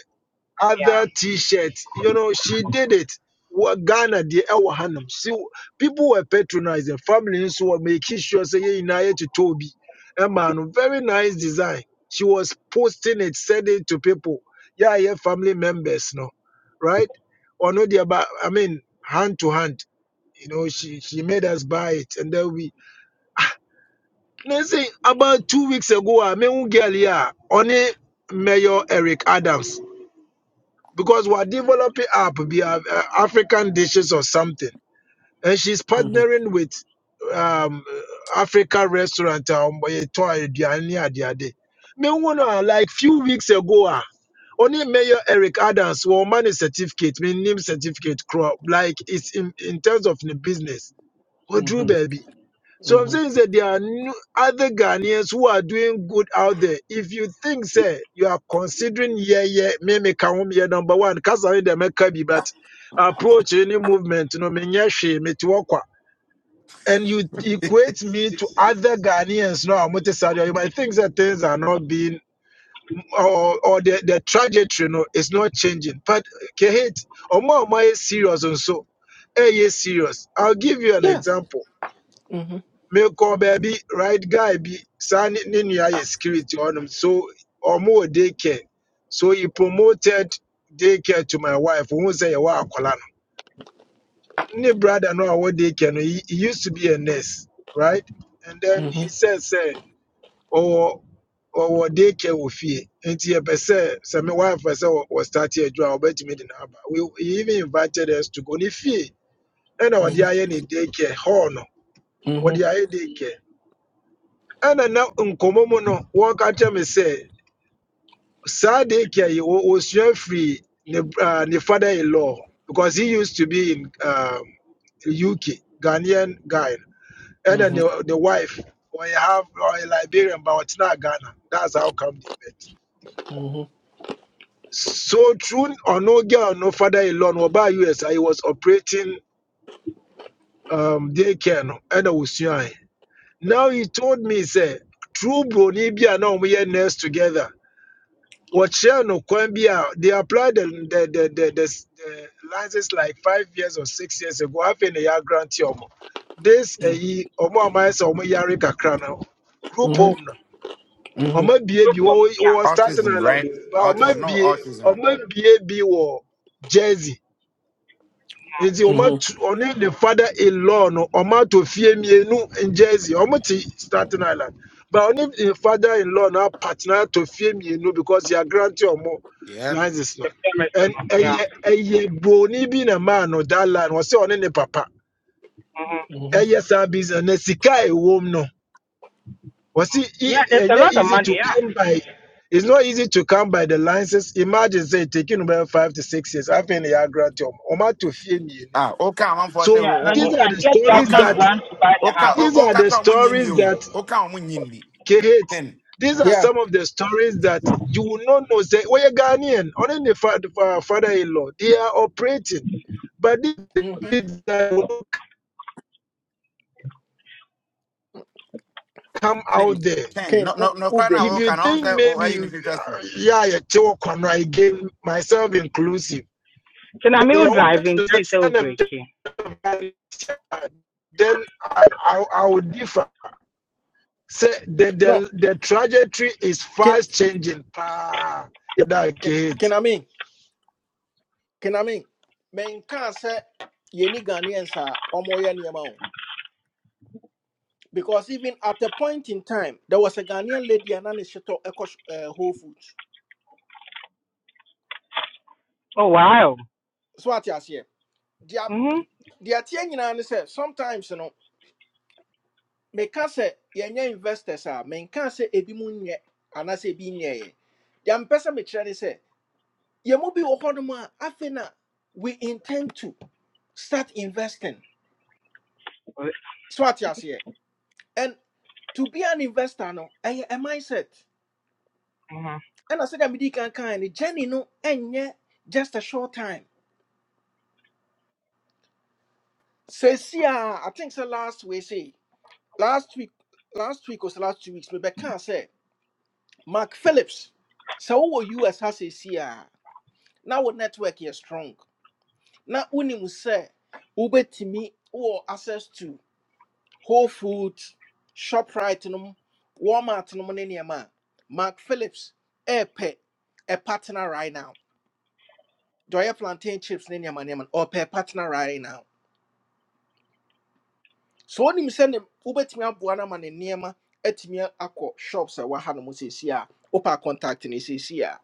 [SPEAKER 6] other
[SPEAKER 9] Yeah,
[SPEAKER 6] t-shirts. You know, she did it. Wa- Ghana the ɛwɔ hanom. She, people were patronizing. Families were making sure say yeah, inaya to Toby. A man, very nice design. She was posting it, sending it to people. Yeah, yeah, family members, no, right? Or no, dear, but I mean, hand to hand. You know, she she made us buy it, and then we. Nothing about two weeks ago, I mean, girl, yeah, only Mayor Eric Adams because we're developing up be uh, uh, African dishes or something, and she's
[SPEAKER 1] mhm,
[SPEAKER 6] partnering with um uh, Africa restaurant um eh, to- aduane ade ade. Me who know, like few weeks ago ah, only Mayor Eric Adams won money certificate, me name certificate crop like it's in, in terms of the business. What drew
[SPEAKER 1] mhm,
[SPEAKER 6] baby? So I'm
[SPEAKER 1] mhm.
[SPEAKER 6] saying that there are no other Ghanaians who are doing good out there. If you think, say, you are considering, yeah, yeah, me me kahum, yeah, number one, because I the Mekabi, but approach any movement, no, me nyashe, me tuwakwa. And you equate me to other Ghanaians, no, I'm not you might think that things are not being, or, or the, the trajectory, no, is not changing. But, Kehit, Omo Omo is serious and so, eh, yes, serious. I'll give you an
[SPEAKER 1] Yeah.
[SPEAKER 6] example
[SPEAKER 1] Mhm,
[SPEAKER 6] mekɔ baabi right guy be saa ne ne nua yɛ security hɔnom so Omo wɔ so he promoted day to my wife ohun sɛ yɛwɔ akɔla no ne brother no a ɔwɔ day no he, he used to be a nurse right and then he
[SPEAKER 1] mhm, mhm,
[SPEAKER 6] said sɛ ɔwɔ ɔwɔ day care wɔ fie nti yɛpɛ sɛ sɛ me wife pɛ sɛ wɔ wɔ start adwuma a ɔbɛtumi de n'aba we he even invited us to go ne fie and ɔde
[SPEAKER 1] mhm,
[SPEAKER 6] ayɛ ne day care hall no ɔde
[SPEAKER 1] mhm, mhm,
[SPEAKER 6] ayɛ day care. ɛna na nkɔmmɔ mu no wɔreka kyerɛ me sɛ saa de kia yi wɔ- wɔsua firi ne uh, ne father in law because he used to be in um, uk ghanaian guy ɛna ne, the the wife wɔyɛ half a liberian but it's not ghana that's how come they met
[SPEAKER 1] mhm,
[SPEAKER 6] so through no girl no father in law no ɔbaa us he was operating um, daycare no ɛna wɔsuae now he told me sɛ true broni bi now we are nurse together Wachia no Kwambia, they applied the the the the, the, s- the license like five years or six years ago. I've been a year grantee omo. This a ye omo amaya sa omo yare kakra na Group
[SPEAKER 1] mhm,
[SPEAKER 6] home na
[SPEAKER 1] mhm,
[SPEAKER 6] Omo bie
[SPEAKER 9] Good
[SPEAKER 6] bi
[SPEAKER 9] for-
[SPEAKER 6] wo
[SPEAKER 9] yeah,
[SPEAKER 6] wo starting
[SPEAKER 8] Autism, right?
[SPEAKER 6] island. But
[SPEAKER 8] Autism,
[SPEAKER 6] omo
[SPEAKER 8] no
[SPEAKER 6] bie
[SPEAKER 8] autism.
[SPEAKER 6] omo bie bi wo Jersey nti ɔma
[SPEAKER 1] mhm,
[SPEAKER 6] ɔne the father in law no ɔma atɔ fie mmienu njersey ɔmo te staten island but ɔne the father in law no apatena atɔ fie mmienu because yɛ agrante ɔmo
[SPEAKER 8] Yeah.
[SPEAKER 6] license
[SPEAKER 9] the
[SPEAKER 6] no
[SPEAKER 9] famous, you
[SPEAKER 6] and
[SPEAKER 9] know. yeah.
[SPEAKER 6] ɛyɛ ɛyɛ broni bi na maa no that line wɔsi ɔne ne papa
[SPEAKER 9] hmm
[SPEAKER 1] mhm.
[SPEAKER 6] ɛyɛ saa business na sika a ɛwɔ mu no wɔsi
[SPEAKER 9] Yeah,
[SPEAKER 6] i
[SPEAKER 9] there's a
[SPEAKER 6] ɛnyɛ
[SPEAKER 9] lot of
[SPEAKER 6] easy
[SPEAKER 9] money,
[SPEAKER 6] to
[SPEAKER 9] yeah.
[SPEAKER 6] come by it's not easy to come by the license imagine say taking about five to six years afei na yɛ agrante ɔmo ɔmo atɔ fie mmienu.
[SPEAKER 8] Ah, okay, I'm for say,
[SPEAKER 6] So
[SPEAKER 9] Yeah,
[SPEAKER 8] oh, oh,
[SPEAKER 9] and you
[SPEAKER 6] these are
[SPEAKER 9] can
[SPEAKER 6] the
[SPEAKER 9] get
[SPEAKER 8] oh.
[SPEAKER 6] stories
[SPEAKER 9] government
[SPEAKER 8] Okay,
[SPEAKER 6] that
[SPEAKER 9] grant to buy the
[SPEAKER 8] okay,
[SPEAKER 6] these
[SPEAKER 9] house.
[SPEAKER 8] oh,
[SPEAKER 6] are the
[SPEAKER 8] okay, I'm winning
[SPEAKER 6] stories
[SPEAKER 8] you.
[SPEAKER 6] that
[SPEAKER 8] Okay, I'm winning me.
[SPEAKER 6] create.
[SPEAKER 8] Then.
[SPEAKER 6] These are
[SPEAKER 1] Yeah.
[SPEAKER 6] some of the stories that you will not know. Say, well, you're Ghanaian, or any father-in-law, they are operating, but these
[SPEAKER 1] Mhm.
[SPEAKER 6] things that will not come
[SPEAKER 8] Please,
[SPEAKER 6] out there.
[SPEAKER 8] change.
[SPEAKER 1] Can
[SPEAKER 8] No,
[SPEAKER 1] who
[SPEAKER 8] no, no,
[SPEAKER 1] who
[SPEAKER 8] cry now.
[SPEAKER 1] break
[SPEAKER 6] If
[SPEAKER 1] it?
[SPEAKER 8] Walk
[SPEAKER 6] you
[SPEAKER 8] and
[SPEAKER 6] think
[SPEAKER 8] answer. Oh, I
[SPEAKER 6] maybe,
[SPEAKER 8] in the trust. you."
[SPEAKER 6] uh, yeah, you talk on again, myself inclusive,
[SPEAKER 9] Can I
[SPEAKER 6] you
[SPEAKER 9] mean
[SPEAKER 6] know,
[SPEAKER 9] driving? Can
[SPEAKER 6] the
[SPEAKER 9] I sell
[SPEAKER 6] son of
[SPEAKER 9] breaking?
[SPEAKER 6] God, then I, I, I would differ. Say the,
[SPEAKER 1] No.
[SPEAKER 6] the the trajectory is
[SPEAKER 1] Can
[SPEAKER 6] fast changing. Ah, that
[SPEAKER 1] can
[SPEAKER 6] kid.
[SPEAKER 1] can I mean? Can I mean? Men can say yeni Ghanaians are omoya niyama Because even at a point in time, there was a Ghanaian lady and an Sheto Echo uh, Whole Foods.
[SPEAKER 9] Oh wow.
[SPEAKER 1] So what you say? The
[SPEAKER 9] Mhm.
[SPEAKER 1] attention and say sometimes you know, me can say yenya investors are, me can say ebi munye and I say be nye. yeah. The ambassador me try to say, ye mo bi ohodoma afena. We intend to start investing. So what you say? And to be an investor no a mindset
[SPEAKER 9] Mhm.
[SPEAKER 1] And I ɛna sɛdeɛ mede kan kan no journey no ɛnyɛ just a short time Say, see, ah, I think so last week, say, last week, last week was last two weeks, maybe I can't say. Mark Phillips, so what you as has a see, ah, now what network is strong. Now, unimu say, Uber to me, or access to Whole Foods, ShopRite, no, Walmart, no, money, near man. Mark Phillips, a pet, a partner right now. Do I have plantain chips, near man, or pay partner right now? sɛ wonim sɛ ne wobɛtumi aboa no ama ne nneɛma atumi akɔ shops a wɔaha no mu seesei a wopɛ a contact no seesei a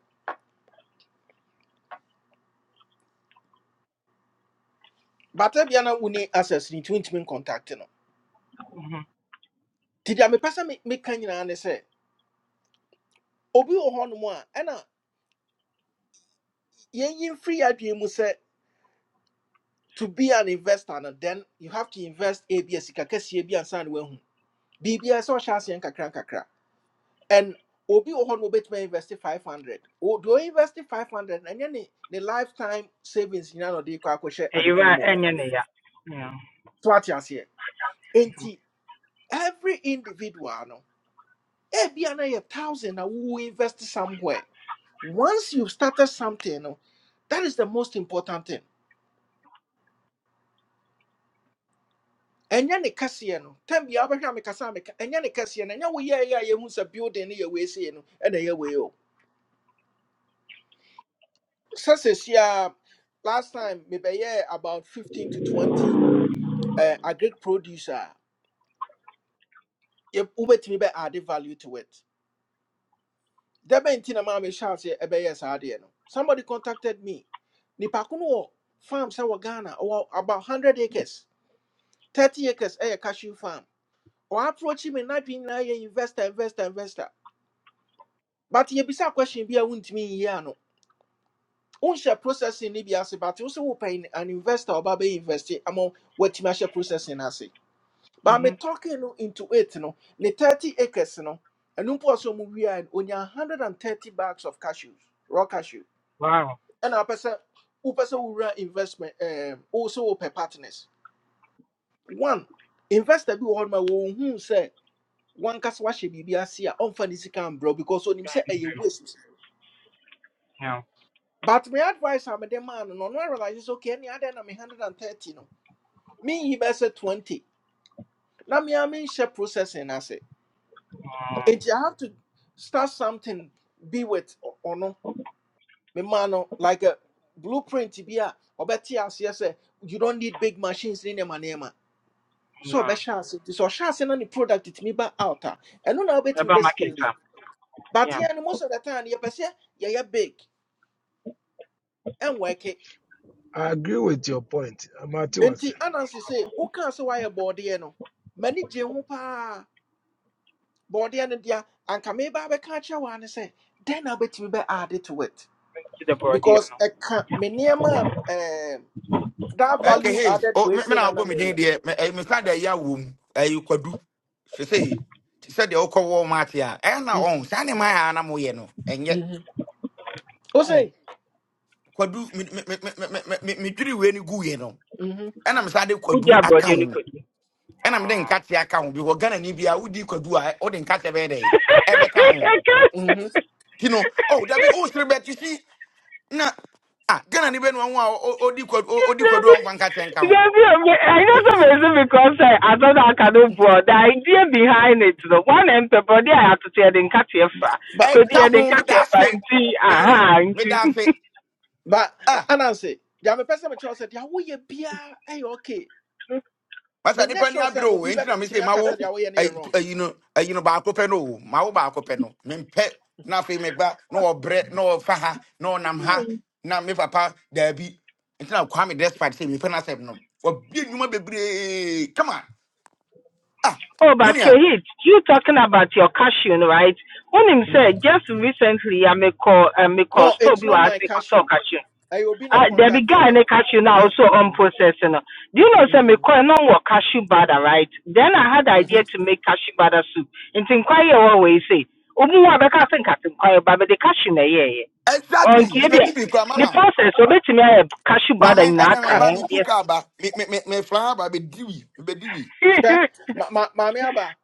[SPEAKER 1] bata bia na woni access no nti wontumi ncontact no
[SPEAKER 9] Mhm.
[SPEAKER 1] nti deɛ mepɛ sɛ me- meka nyinaa ne sɛ obi wɔ hɔnom a ɛna yɛnyi mfiri yɛ adwene mu sɛ to be an investor no then you have to invest a bi a sika kɛseɛ bi ansa ne woahu biribiaa sɛ ɔhyɛ aseɛ nkakra nkakra and obi wɔ hɔ no wobɛtumi invest five hundred. O do invest 500 and ɛnyɛ the lifetime savings nyinaa na ɔde kɔ akɔhyɛ
[SPEAKER 9] Hey, you
[SPEAKER 1] adeko no
[SPEAKER 9] are
[SPEAKER 1] mu o.
[SPEAKER 9] any yeah. Yeah.
[SPEAKER 1] so ate aseɛ enti every individual no ebia na yɛ thousand na wo invest somewhere once you have started something no that is the most important thing ɛnyɛ ne kɛseɛ no tam bia wobɛhwɛ me kasa me. meka ɛnyɛ ne kɛseɛ no ɛnyɛ woyɛeɛ a yɛhu sɛ building no yɛ weesei no ɛna ɛyɛ wei o sɛ sesia last time mebɛyɛɛ about 15 to 20 uh, agric produce a yɛ- wobɛtumi bɛ add value to it da bɛn nti na maa mehyɛ aseɛ ɛbɛyɛ saa adeɛ no somebody contacted me nipa ko no wɔ farm sɛ wɔ ghana ɔwɔ about 100 acres 30 acres eh cashew farm O ɔaproachi me n'adwene na ye investor investor investor but ye yɛbisa question bi a wontumi nyi ano wonhyɛ processing no bi ase but wo sɛ wopɛ an investor o ba be investe ama watumi ahyɛ processing no ase But me
[SPEAKER 9] Mhm.
[SPEAKER 1] talking no into it no, ne 30 acres no, and um so movie and only 130 bags of cashews, raw cashew.
[SPEAKER 9] Wow.
[SPEAKER 1] And our person who person who run investment um also per partners. One investor be on my own who say one cast wash bibi asia on funny can bro because on him say a waste.
[SPEAKER 9] Yeah.
[SPEAKER 1] But my advice I'm a man no no I realize it's okay any other than me 130 no. Me he be say 20. Now me I mean share processing I say.
[SPEAKER 9] Mm,
[SPEAKER 1] It you have to start something be with o- or no me man no, like a blueprint to be a obeti as yes you don't need big machines in my name
[SPEAKER 9] no.
[SPEAKER 1] so be chance it so chance na the product it me ba out and no na obeti me
[SPEAKER 9] Eba
[SPEAKER 1] be
[SPEAKER 9] market
[SPEAKER 1] scale it.
[SPEAKER 9] am.
[SPEAKER 1] but
[SPEAKER 9] Yeah.
[SPEAKER 1] yeah no, most of the time you person yeah yeah big and work it
[SPEAKER 6] I agree with your point. Amati was
[SPEAKER 1] enti anansi say who can say why board there no many je ho pa board there no dia anka me ba be catch one say then obeti me be add it to it
[SPEAKER 9] To the broadie
[SPEAKER 1] because
[SPEAKER 9] no.
[SPEAKER 1] ɛka me a ɛɛm, that
[SPEAKER 8] Okay,
[SPEAKER 1] value
[SPEAKER 8] hey,
[SPEAKER 1] added
[SPEAKER 8] oh,
[SPEAKER 1] wei
[SPEAKER 8] me me,
[SPEAKER 1] se
[SPEAKER 8] now,
[SPEAKER 1] na na
[SPEAKER 8] boom, me
[SPEAKER 1] meyɛ no
[SPEAKER 8] dear, me, eh, me, can't a ya womb. Eh, you could do. She say, she said, the old Walmart here. And now,
[SPEAKER 1] Mhm,
[SPEAKER 8] on, Sandy, my animal, you no. and yet,
[SPEAKER 1] mhm. Wo
[SPEAKER 8] oh,
[SPEAKER 1] sei?
[SPEAKER 8] could do me, me, me, me, me, me, me, me. three when you go, you no.
[SPEAKER 1] Mhm,
[SPEAKER 8] And I'm sad, they could
[SPEAKER 9] Who
[SPEAKER 8] do
[SPEAKER 9] the broadie no
[SPEAKER 8] account.
[SPEAKER 9] could.
[SPEAKER 8] And I'm then catch the account because Ghana Nibia would you could do I, or then catch a bad day. Ever come
[SPEAKER 9] I can't.
[SPEAKER 1] mhm.
[SPEAKER 8] You know, oh, that be all bet you see. na ah Ghana ni bɛnu ahoɔ a ɔ- ɔ- ɔdi kwadu ɔ- ɔdi kwadu a ɔmfa nkakyɛ nka tenka ho
[SPEAKER 9] I
[SPEAKER 1] Eh,
[SPEAKER 9] know some reason because I, thought I cannot do broad. The idea behind it, the one and the body I had to tell the
[SPEAKER 1] ba
[SPEAKER 9] catiefa.
[SPEAKER 1] ba
[SPEAKER 9] Could
[SPEAKER 8] ɛka
[SPEAKER 9] you the
[SPEAKER 8] ho meda ase
[SPEAKER 9] catiefa and see?
[SPEAKER 8] me
[SPEAKER 9] Aha, and
[SPEAKER 8] meda ase
[SPEAKER 1] ba a-
[SPEAKER 8] ah
[SPEAKER 1] anansi deɛ mepɛ sɛ mekyerɛ wo sɛ deɛ woyɛ biara ɛyɛ okay
[SPEAKER 8] masa
[SPEAKER 1] menyɛ
[SPEAKER 8] nipa ni
[SPEAKER 1] sure
[SPEAKER 8] abere
[SPEAKER 1] sɛ
[SPEAKER 8] o
[SPEAKER 1] obi
[SPEAKER 8] enti na me se
[SPEAKER 1] bɛtumi
[SPEAKER 8] ma
[SPEAKER 1] aka sɛ
[SPEAKER 8] wo
[SPEAKER 1] deɛ woyɛ no yɛ
[SPEAKER 8] ayi tu-
[SPEAKER 1] wrong
[SPEAKER 8] ayi no ayi no baako pɛ no o ma wo baako pɛ no mempɛ na afei meba na ɔbrɛ na ɔfa ha na ɔnam ha na me papa daabi enti na kwame despite sɛ mefɛ no asɛm no wabie nnwuma bebree kama ah
[SPEAKER 9] Oh, but
[SPEAKER 8] menua
[SPEAKER 9] Kehit, you talking about your cashew, right? When him said
[SPEAKER 1] Mhm.
[SPEAKER 9] just recently, I make call, I make call,
[SPEAKER 1] no it's
[SPEAKER 9] Toby
[SPEAKER 1] not
[SPEAKER 9] was
[SPEAKER 1] my
[SPEAKER 9] make a talk
[SPEAKER 1] cashew
[SPEAKER 9] cashew.
[SPEAKER 1] I will be not
[SPEAKER 9] Uh, there be
[SPEAKER 1] contacted
[SPEAKER 9] guy
[SPEAKER 1] me
[SPEAKER 9] in a cashew now
[SPEAKER 1] yeah.
[SPEAKER 9] also on
[SPEAKER 1] Mhm,
[SPEAKER 9] processing. Do you know some
[SPEAKER 1] mhm,
[SPEAKER 9] coin on what cashew butter, right? Then I had the idea
[SPEAKER 1] mhm.
[SPEAKER 9] to make cashew butter soup. And think quite what say. Umu wa beka think I think quite but the cashew na yeah. On
[SPEAKER 8] exactly
[SPEAKER 9] kibia.
[SPEAKER 8] mebɛdi
[SPEAKER 1] Yeah.
[SPEAKER 8] bi kora
[SPEAKER 9] The
[SPEAKER 8] mama
[SPEAKER 9] process of it me I cashew butter
[SPEAKER 8] Maame,
[SPEAKER 9] in
[SPEAKER 8] ɛna me
[SPEAKER 1] ah
[SPEAKER 8] ba
[SPEAKER 9] Aka.
[SPEAKER 8] me tu
[SPEAKER 9] Yes.
[SPEAKER 8] ba me me me me flan ba me diwi me diwi.
[SPEAKER 1] sure. ma ma maame aba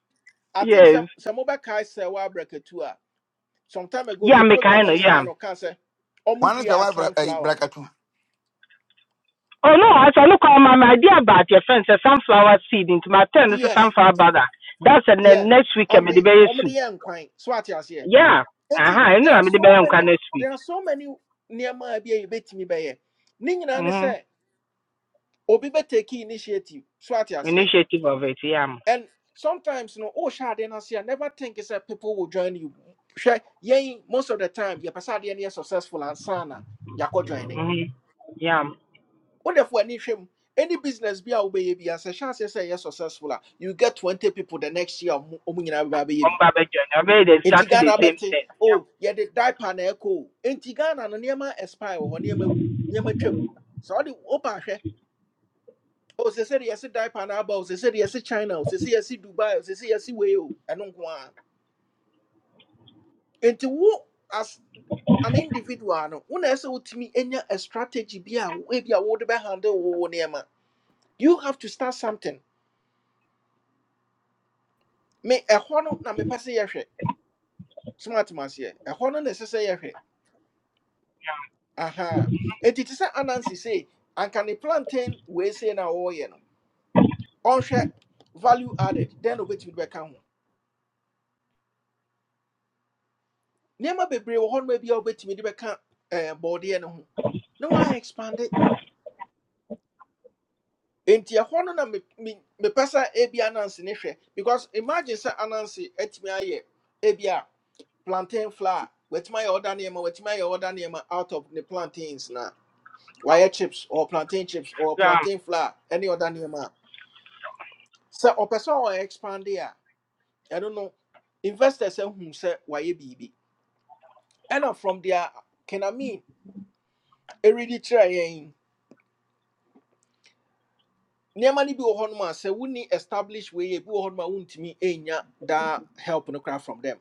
[SPEAKER 1] i think
[SPEAKER 9] yes.
[SPEAKER 1] some some sɛ sɛ mobɛkae sɛ woabrɛkatu a some time ago your
[SPEAKER 9] Yam me kind
[SPEAKER 1] programs
[SPEAKER 9] of
[SPEAKER 1] is an
[SPEAKER 9] yam.
[SPEAKER 1] cancer
[SPEAKER 8] Wɔn sɛ
[SPEAKER 1] omudia
[SPEAKER 8] wa bra ɛyi
[SPEAKER 1] sunflower
[SPEAKER 8] brakatu.
[SPEAKER 9] Oh no, as I look on my idea about your friends, a sunflower seed into my turn, this is
[SPEAKER 1] yes
[SPEAKER 9] sunflower butter. That's the
[SPEAKER 1] yeah
[SPEAKER 9] next week I'm
[SPEAKER 1] of
[SPEAKER 9] the
[SPEAKER 1] the
[SPEAKER 9] berry soup.
[SPEAKER 1] Omudia and quine swat yes yeah
[SPEAKER 9] Yeah.
[SPEAKER 1] and
[SPEAKER 9] Uh huh. I know
[SPEAKER 1] there are
[SPEAKER 9] I'm the
[SPEAKER 1] so
[SPEAKER 9] best
[SPEAKER 1] many
[SPEAKER 9] next week.
[SPEAKER 1] there are so many near my be a bit me by here ning and
[SPEAKER 9] hmm
[SPEAKER 1] say obi be take initiative swat yes yeah
[SPEAKER 9] Initiative of it, yeah.
[SPEAKER 1] and sometimes no oh shade na say never think is that people will join you Hwɛ, yɛn, most of the time your pasade near successful and sana yako join
[SPEAKER 9] hmm Yeah.
[SPEAKER 1] wonderful any shame any business be our baby as a chance say yes successful a, you get 20 people the next year omunyina ba
[SPEAKER 9] On
[SPEAKER 1] baby
[SPEAKER 9] Baba John. I made
[SPEAKER 1] enti
[SPEAKER 9] exactly the
[SPEAKER 1] Ghana
[SPEAKER 9] same
[SPEAKER 1] beti
[SPEAKER 9] thing.
[SPEAKER 1] oh yeah the diaper na echo enti Ghana no niema expire ho niema wu, niema twam so all the open hwe oh, say say yes diaper na aba o say se yes China o say se yes Dubai o say se yes we o ɛno nko ara enti wo as an individual no when I say to me a strategy be a way be a would be handle wo wo nneɛma. you have to start something me ɛhɔ no na mepɛ sɛ yɛhwɛ smart maseɛ ɛhɔ no na ɛsɛ sɛ yɛhwɛ aha enti te sɛ anansi sei anka ne plantain wei sei na a no ɔnhwɛ value added then na obɛtumi de bɛka ho nneɛma bebree wɔ hɔ no ma bi a wobɛtumi de bɛka ɛɛ bɔɔdeɛ no ho na wɔayɛ expand nti ɛhɔ no na me- me- mepɛ sɛ ebi anansi ne hwɛ because imagine sɛ anansi atumi ayɛ ebi a plantain flour watumi ayɛ ɔda nneɛma watumi ayɛ ɔda nneɛma out of ne plantains na wire chips or plantain chips or
[SPEAKER 9] Yeah.
[SPEAKER 1] plantain flour, any other name. So or person or expand there. I don't know. Investors say who say why BB. And uh, from there can I mean a really try Nearly be a honma say we need established way bi wɔ hɔ nom a bu honma won't me enya that help no craft from them.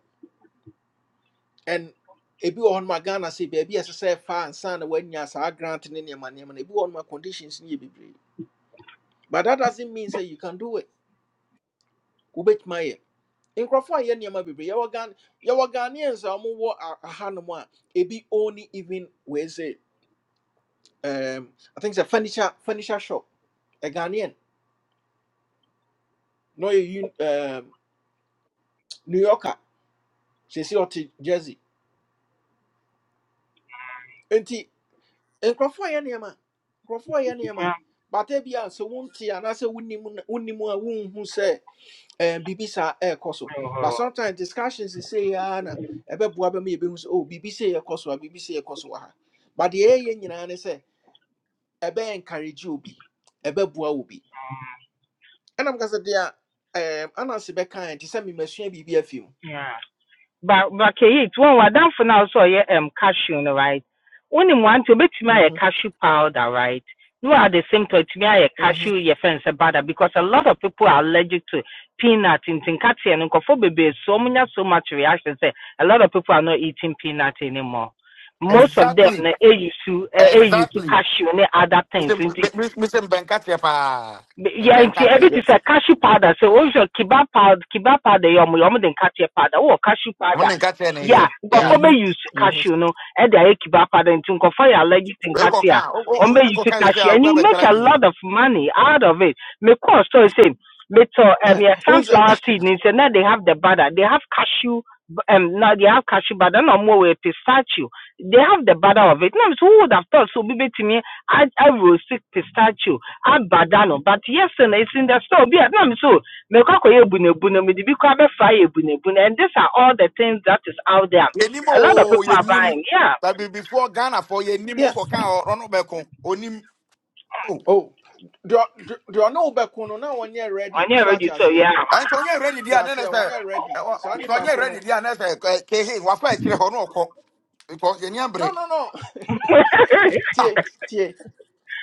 [SPEAKER 1] And ebi wɔ hɔ nom a bu honma Ghana say baby as I say far and son when ya sa grant in your money and a bu honma conditions need be But that doesn't mean say you can do it. wobɛtumi ayɛ nkurɔfoɔ a yɛ nneɛma bebree yɛwɔ ghan yɛwɔ ghanaians a wɔwɔ a- ahanom a ebi only even wei sɛ um, i think sɛ furniture furniture shop a ghanaian na ɔyɛ Un- um, new yorker sɛsi ɔte jersey nti nkurɔfoɔ a yɛ nneɛma nkurɔfoɔ a yɛ nneɛma
[SPEAKER 9] Yeah.
[SPEAKER 1] bata bi a sɛ wonte anaasɛ wonim n- wonim a wonhu sɛ and bibi sa air so
[SPEAKER 9] Yeah.
[SPEAKER 1] but sometimes discussions is say ah na ebe bua be me ebe oh bibi say air course wa bibi say air course wa ha but the air nyina ne say ebe encourage obi ebe bua obi and i'm gonna there um anansi be kind say me masua bibi afim
[SPEAKER 9] Yeah. But ba bakɛyi nti wɔn wadamfo for now, so ɔyɛ um, cashew right? no right wonim wante obɛtumi a
[SPEAKER 1] mhm
[SPEAKER 9] cashew powder right no at the same time tumi a
[SPEAKER 1] mhm
[SPEAKER 9] cashew your friends, sɛ butter because a lot of people are allergic to peanut nti nkateɛ and nkɔfo bebree so many so much reaction sɛ a lot of people are not eating peanut anymore most of them
[SPEAKER 8] Exactly
[SPEAKER 9] na eyi su eh, eyi su
[SPEAKER 8] exactly.
[SPEAKER 9] cashew ne other things
[SPEAKER 8] Mr
[SPEAKER 9] nti
[SPEAKER 8] Mr Mpenkatiɛ paa me
[SPEAKER 9] yeah, ɛbi
[SPEAKER 8] Mpenkatiɛ.
[SPEAKER 1] yeah
[SPEAKER 9] te cashew powder So, wohwɛ kiba powder kiba powder You, ɔmo yɛ ɔmo de nkateɛ powder wowɔ cashew
[SPEAKER 8] Wɔn
[SPEAKER 9] powder
[SPEAKER 8] ne Nkateɛ ne
[SPEAKER 9] yɛ a
[SPEAKER 8] yɛ. Yeah.
[SPEAKER 9] nkɔfoɔ
[SPEAKER 1] mhm
[SPEAKER 9] bɛuse
[SPEAKER 1] mhm
[SPEAKER 9] cashew no ɛde ayɛ kiba powder nti nkɔfoɔ yɛ allergic to
[SPEAKER 8] We kɔ
[SPEAKER 9] nkateɛ a
[SPEAKER 8] kan o
[SPEAKER 9] ɔmo
[SPEAKER 8] o o kɔ
[SPEAKER 9] bɛuse
[SPEAKER 8] kan yi
[SPEAKER 9] cashew
[SPEAKER 8] sɛ o
[SPEAKER 9] and
[SPEAKER 8] bɛ
[SPEAKER 9] you make
[SPEAKER 8] challenge
[SPEAKER 9] a lot
[SPEAKER 8] You.
[SPEAKER 9] of money out of it mekɔɔ store sɛ metɔ um, yɛ
[SPEAKER 1] Who's that?
[SPEAKER 9] sunflower seed ne sɛ na they have the butter they have cashew um, now they have cashew butter na ɔmo wɔ yɛ pistachio they have the butter of it na so who would have thought so obi bɛtumi a a roast pistachio abada no but yesterday it's in the store bi a na me so me kɔ kɔ yɛ ebunebune me de bi kɔ abɛfra yɛ ebunebune and these are all the things that is out there
[SPEAKER 8] Yɛnim
[SPEAKER 9] a lot of
[SPEAKER 8] o
[SPEAKER 9] people are
[SPEAKER 8] yenim
[SPEAKER 9] buying yeah
[SPEAKER 8] That be before Ghana for yɛnim o
[SPEAKER 1] yeah
[SPEAKER 8] kɔ kan o ɔno bɛ ko onim o.
[SPEAKER 1] oh do do no be no na one year
[SPEAKER 9] I'm
[SPEAKER 1] ready
[SPEAKER 9] ɔnyɛ
[SPEAKER 1] so at
[SPEAKER 9] already so
[SPEAKER 1] here.
[SPEAKER 9] yeah
[SPEAKER 8] And So onye ready there? a ne
[SPEAKER 1] Just
[SPEAKER 8] ne
[SPEAKER 1] here one
[SPEAKER 8] sɛ
[SPEAKER 1] year ready
[SPEAKER 8] ɛwɔ
[SPEAKER 1] so
[SPEAKER 8] sɔ
[SPEAKER 1] nipa
[SPEAKER 8] onye
[SPEAKER 1] ko no
[SPEAKER 8] ready di a ne sɛ kehe wafa akyire no ɔkɔ. Because yɛn
[SPEAKER 1] no no no
[SPEAKER 8] Ah,
[SPEAKER 1] tie tie.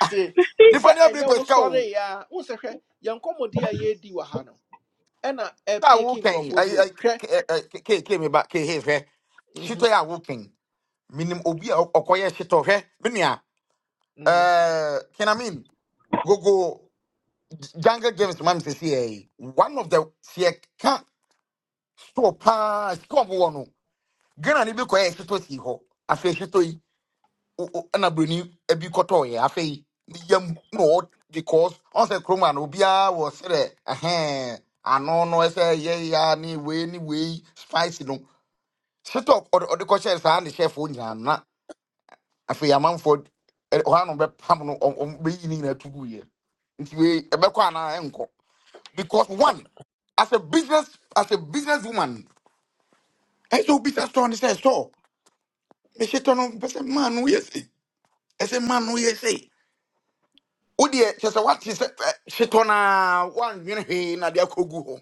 [SPEAKER 1] nti sɛ
[SPEAKER 8] nipa ni abiri
[SPEAKER 1] ɛnyɛ wo
[SPEAKER 8] kwesika o.
[SPEAKER 1] sɔre ya. wo sɛ hwɛ yɛn nkɔmmɔdi a yɛredi wɔ ha no ɛna
[SPEAKER 8] Ta wo
[SPEAKER 1] ɛpeki
[SPEAKER 8] kan.
[SPEAKER 1] nkurɔfoɔ bi
[SPEAKER 8] Ai ai
[SPEAKER 1] o hwɛ
[SPEAKER 8] ke ke me ba ke he hwe.
[SPEAKER 1] Mhm,
[SPEAKER 8] Shito ya wo kan. Minim obi a okoye shito hwe. Me nua.
[SPEAKER 1] mhm.
[SPEAKER 8] Eh, can I mean gogo Jungle James mam se see one of the se ka store pa come one. Gana ni bi koye shito si ho. Afi shito wo- wo- ɛna buroni bi afei ne yam na because ɔsɛ kurom a na obiara wɔ srɛ ɛhɛn ano no ɛsɛ yɛ ya ne wei ne wei spice no setɔ ɔde ɔde kɔhyɛ saa ne hyɛfoɔ nyinaa na afei amanfoɔ ɛ- ɔha no bɛpam no ɔm ɔm- bɛyi ne nyinaa tugu yɛ nti wei ɛbɛkɔ anaa ɛnkɔ because
[SPEAKER 1] A-
[SPEAKER 8] one as a business as a business woman ɛsɛ obi sɛ store ne sɛ store mehyɛ tɔ no pɛ sɛ no woyɛ sei ɛsɛ maa no woyɛ wodeɛ kyɛ sɛ wate sɛ ɛ, hyetɔ noa woandwene hwee na de akɔgu hɔ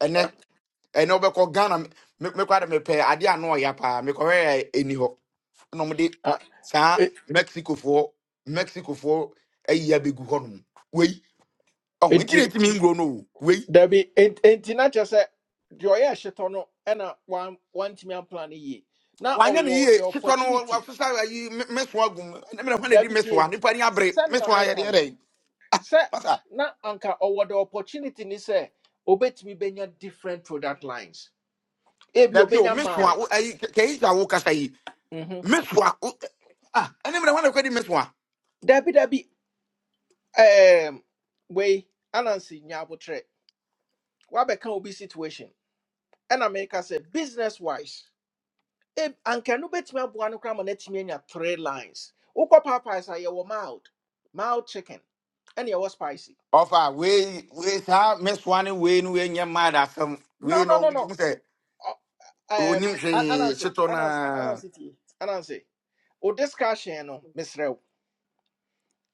[SPEAKER 8] ɛnɛ ɛnɛ wobɛkɔ ghana me- me- mekɔ ade mepɛ adeɛ ano ɔya paa mekɔhwɛ ɛni hɔ na ɔmde
[SPEAKER 1] a-
[SPEAKER 8] saa
[SPEAKER 1] e-
[SPEAKER 8] mexicofoɔ mexicofoɔ ayi abɛgu hɔ nom wei ɔho nti na
[SPEAKER 1] enti
[SPEAKER 8] ɛtumi nguro no o wei
[SPEAKER 1] dabi ent- enti na kyerɛ sɛ deɛ ɔyɛ hyetɔ no ɛna wan- wantumi ampla no yie na
[SPEAKER 8] wanyɛ ne
[SPEAKER 1] ɔwɔ
[SPEAKER 8] yie
[SPEAKER 1] the
[SPEAKER 8] hyetɔ no
[SPEAKER 1] opportunity
[SPEAKER 8] wafesa ayi me- mesoa agum ɛnɛ me hɔ na hwana di
[SPEAKER 1] dabi
[SPEAKER 8] mesoa
[SPEAKER 1] tie
[SPEAKER 8] nnipa ni
[SPEAKER 1] sɛ
[SPEAKER 8] abere
[SPEAKER 1] sɛ ne na
[SPEAKER 8] mesoa
[SPEAKER 1] meka
[SPEAKER 8] yɛdeɛ
[SPEAKER 1] no
[SPEAKER 8] dɛn
[SPEAKER 1] sɛ
[SPEAKER 8] masa
[SPEAKER 1] na anka ɔwɔ the opportunity ni sɛ obetumi benya different product lines ebi
[SPEAKER 8] dabi o
[SPEAKER 1] obenya
[SPEAKER 8] mesoa
[SPEAKER 1] mild
[SPEAKER 8] wo- ayi kɛyi sa wo kasa yi
[SPEAKER 1] Mhm.
[SPEAKER 8] mesoa wo- ah ɛnɛ mmerɛ hɔ na kɔdi mesoa
[SPEAKER 1] dabi dabi um way anansi nyabotre wabɛka obi situation ɛna America, sɛ business wise e anka no bɛtumi aboa no koraa ma no atumi anya three lines wokɔ papas a yɛwɔ mild mild chicken ɛne yɛwɔ spicy
[SPEAKER 8] ɔfa wei wei saa mesoa ne wei no wei nyɛ mada asɛm
[SPEAKER 1] no
[SPEAKER 8] wei
[SPEAKER 1] no
[SPEAKER 8] no
[SPEAKER 1] no
[SPEAKER 8] we
[SPEAKER 1] no
[SPEAKER 8] sɛ
[SPEAKER 1] Ɔ- um,
[SPEAKER 8] onim
[SPEAKER 1] A-
[SPEAKER 8] hwee say
[SPEAKER 1] anansi anansi
[SPEAKER 8] noa
[SPEAKER 1] anansi tie anansi o discussion no miss wo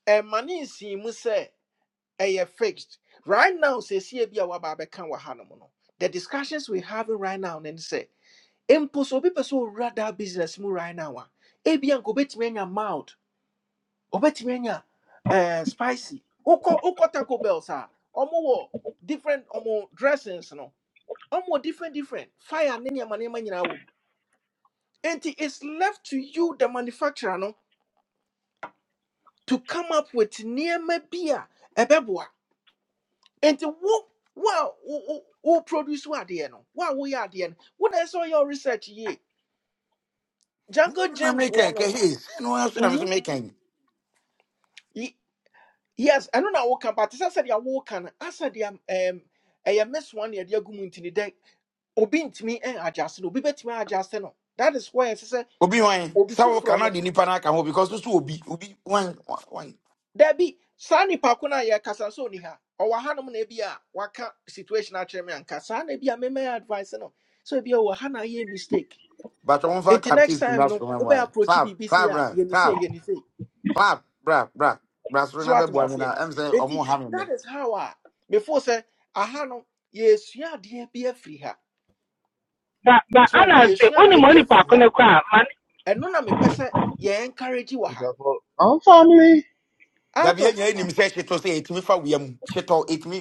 [SPEAKER 1] ɛma ne nsii mu sɛ eh fixed right now seesie bi a waba abɛka wɔ ha no mu no the discussions we having right now ne say. mpo sɛ obi pɛ sɛ owura daa business mu right now a ebia nka obɛtumi anya mild obɛtumi anya eh, spicy wokɔ wokɔ taco bells a ɔmowɔ different ɔmo dressings no ɔmowɔ different different fire ne nneɛma nneɛma nyinaa wɔ mu enti it's left to you the manufacturer no to come up with nneɛma bi a ɛbɛboa enti wo wo a wo wo wo produce wo adeɛ no wo a woyɛ adeɛ no wo na ɛsɛ sɛ ɔyɛ wo research yie
[SPEAKER 8] menyɛ
[SPEAKER 1] Jungle
[SPEAKER 8] no na
[SPEAKER 1] James
[SPEAKER 8] mekɛn
[SPEAKER 1] wɔ no
[SPEAKER 8] kɛ hei sɛ no ara so na me so
[SPEAKER 1] Mhm.
[SPEAKER 8] mekɛn
[SPEAKER 1] Yes, I ɛno na woka but as I said sɛ sɛdeɛ woka no asɛdeɛ um, ɛyɛ miss one yɛde agu mu nti ne dɛ obi ntumi agyase no obi bɛtumi agyase no that is why I said
[SPEAKER 8] obi hwan
[SPEAKER 1] obi
[SPEAKER 8] sɛ woka
[SPEAKER 1] foforɔ
[SPEAKER 8] na
[SPEAKER 1] no
[SPEAKER 8] de nnipa no aka ho because so obi obi one one. one.
[SPEAKER 1] daabi saa nnipa ko no a yɛkasa nso ɔni ha ɔwɔ hanom waka situation akyerɛ me anka saa na ebi a memɛyɛ advice no so ebi a ɔwɔ ha mistake
[SPEAKER 8] but ɔmfa
[SPEAKER 1] Until next
[SPEAKER 8] claptis
[SPEAKER 1] time
[SPEAKER 8] mbra
[SPEAKER 1] no
[SPEAKER 8] soro ma
[SPEAKER 1] wobɛ
[SPEAKER 8] mwae
[SPEAKER 1] approach
[SPEAKER 8] clap
[SPEAKER 1] biribi sei
[SPEAKER 8] clap
[SPEAKER 1] a
[SPEAKER 8] clap
[SPEAKER 1] yɛni
[SPEAKER 8] clap
[SPEAKER 1] sei yɛni sei
[SPEAKER 8] clap bra bra bra soro
[SPEAKER 1] so
[SPEAKER 8] na
[SPEAKER 1] watem
[SPEAKER 8] I'm na
[SPEAKER 1] aseɛ
[SPEAKER 8] ɛm sɛ ɔmo
[SPEAKER 1] nti
[SPEAKER 8] ha me
[SPEAKER 1] that
[SPEAKER 8] nnɛ
[SPEAKER 1] is how I before sɛ aha no yɛsua adeɛ a free her.
[SPEAKER 9] but but
[SPEAKER 1] so
[SPEAKER 9] Anna say
[SPEAKER 1] yɛsua
[SPEAKER 9] only
[SPEAKER 1] adeɛ bi
[SPEAKER 9] money
[SPEAKER 1] afiri
[SPEAKER 9] ko
[SPEAKER 1] ha
[SPEAKER 9] ne kɔ a ma
[SPEAKER 1] ɛno na mepɛ sɛ yɛ encourage wɔ ha
[SPEAKER 11] I'm family.
[SPEAKER 1] out
[SPEAKER 8] dabi
[SPEAKER 1] of
[SPEAKER 8] yɛnya yɛnim sɛ hyetɔ sɛ ɛtumi fa wia mu hyetɔ ɛtumi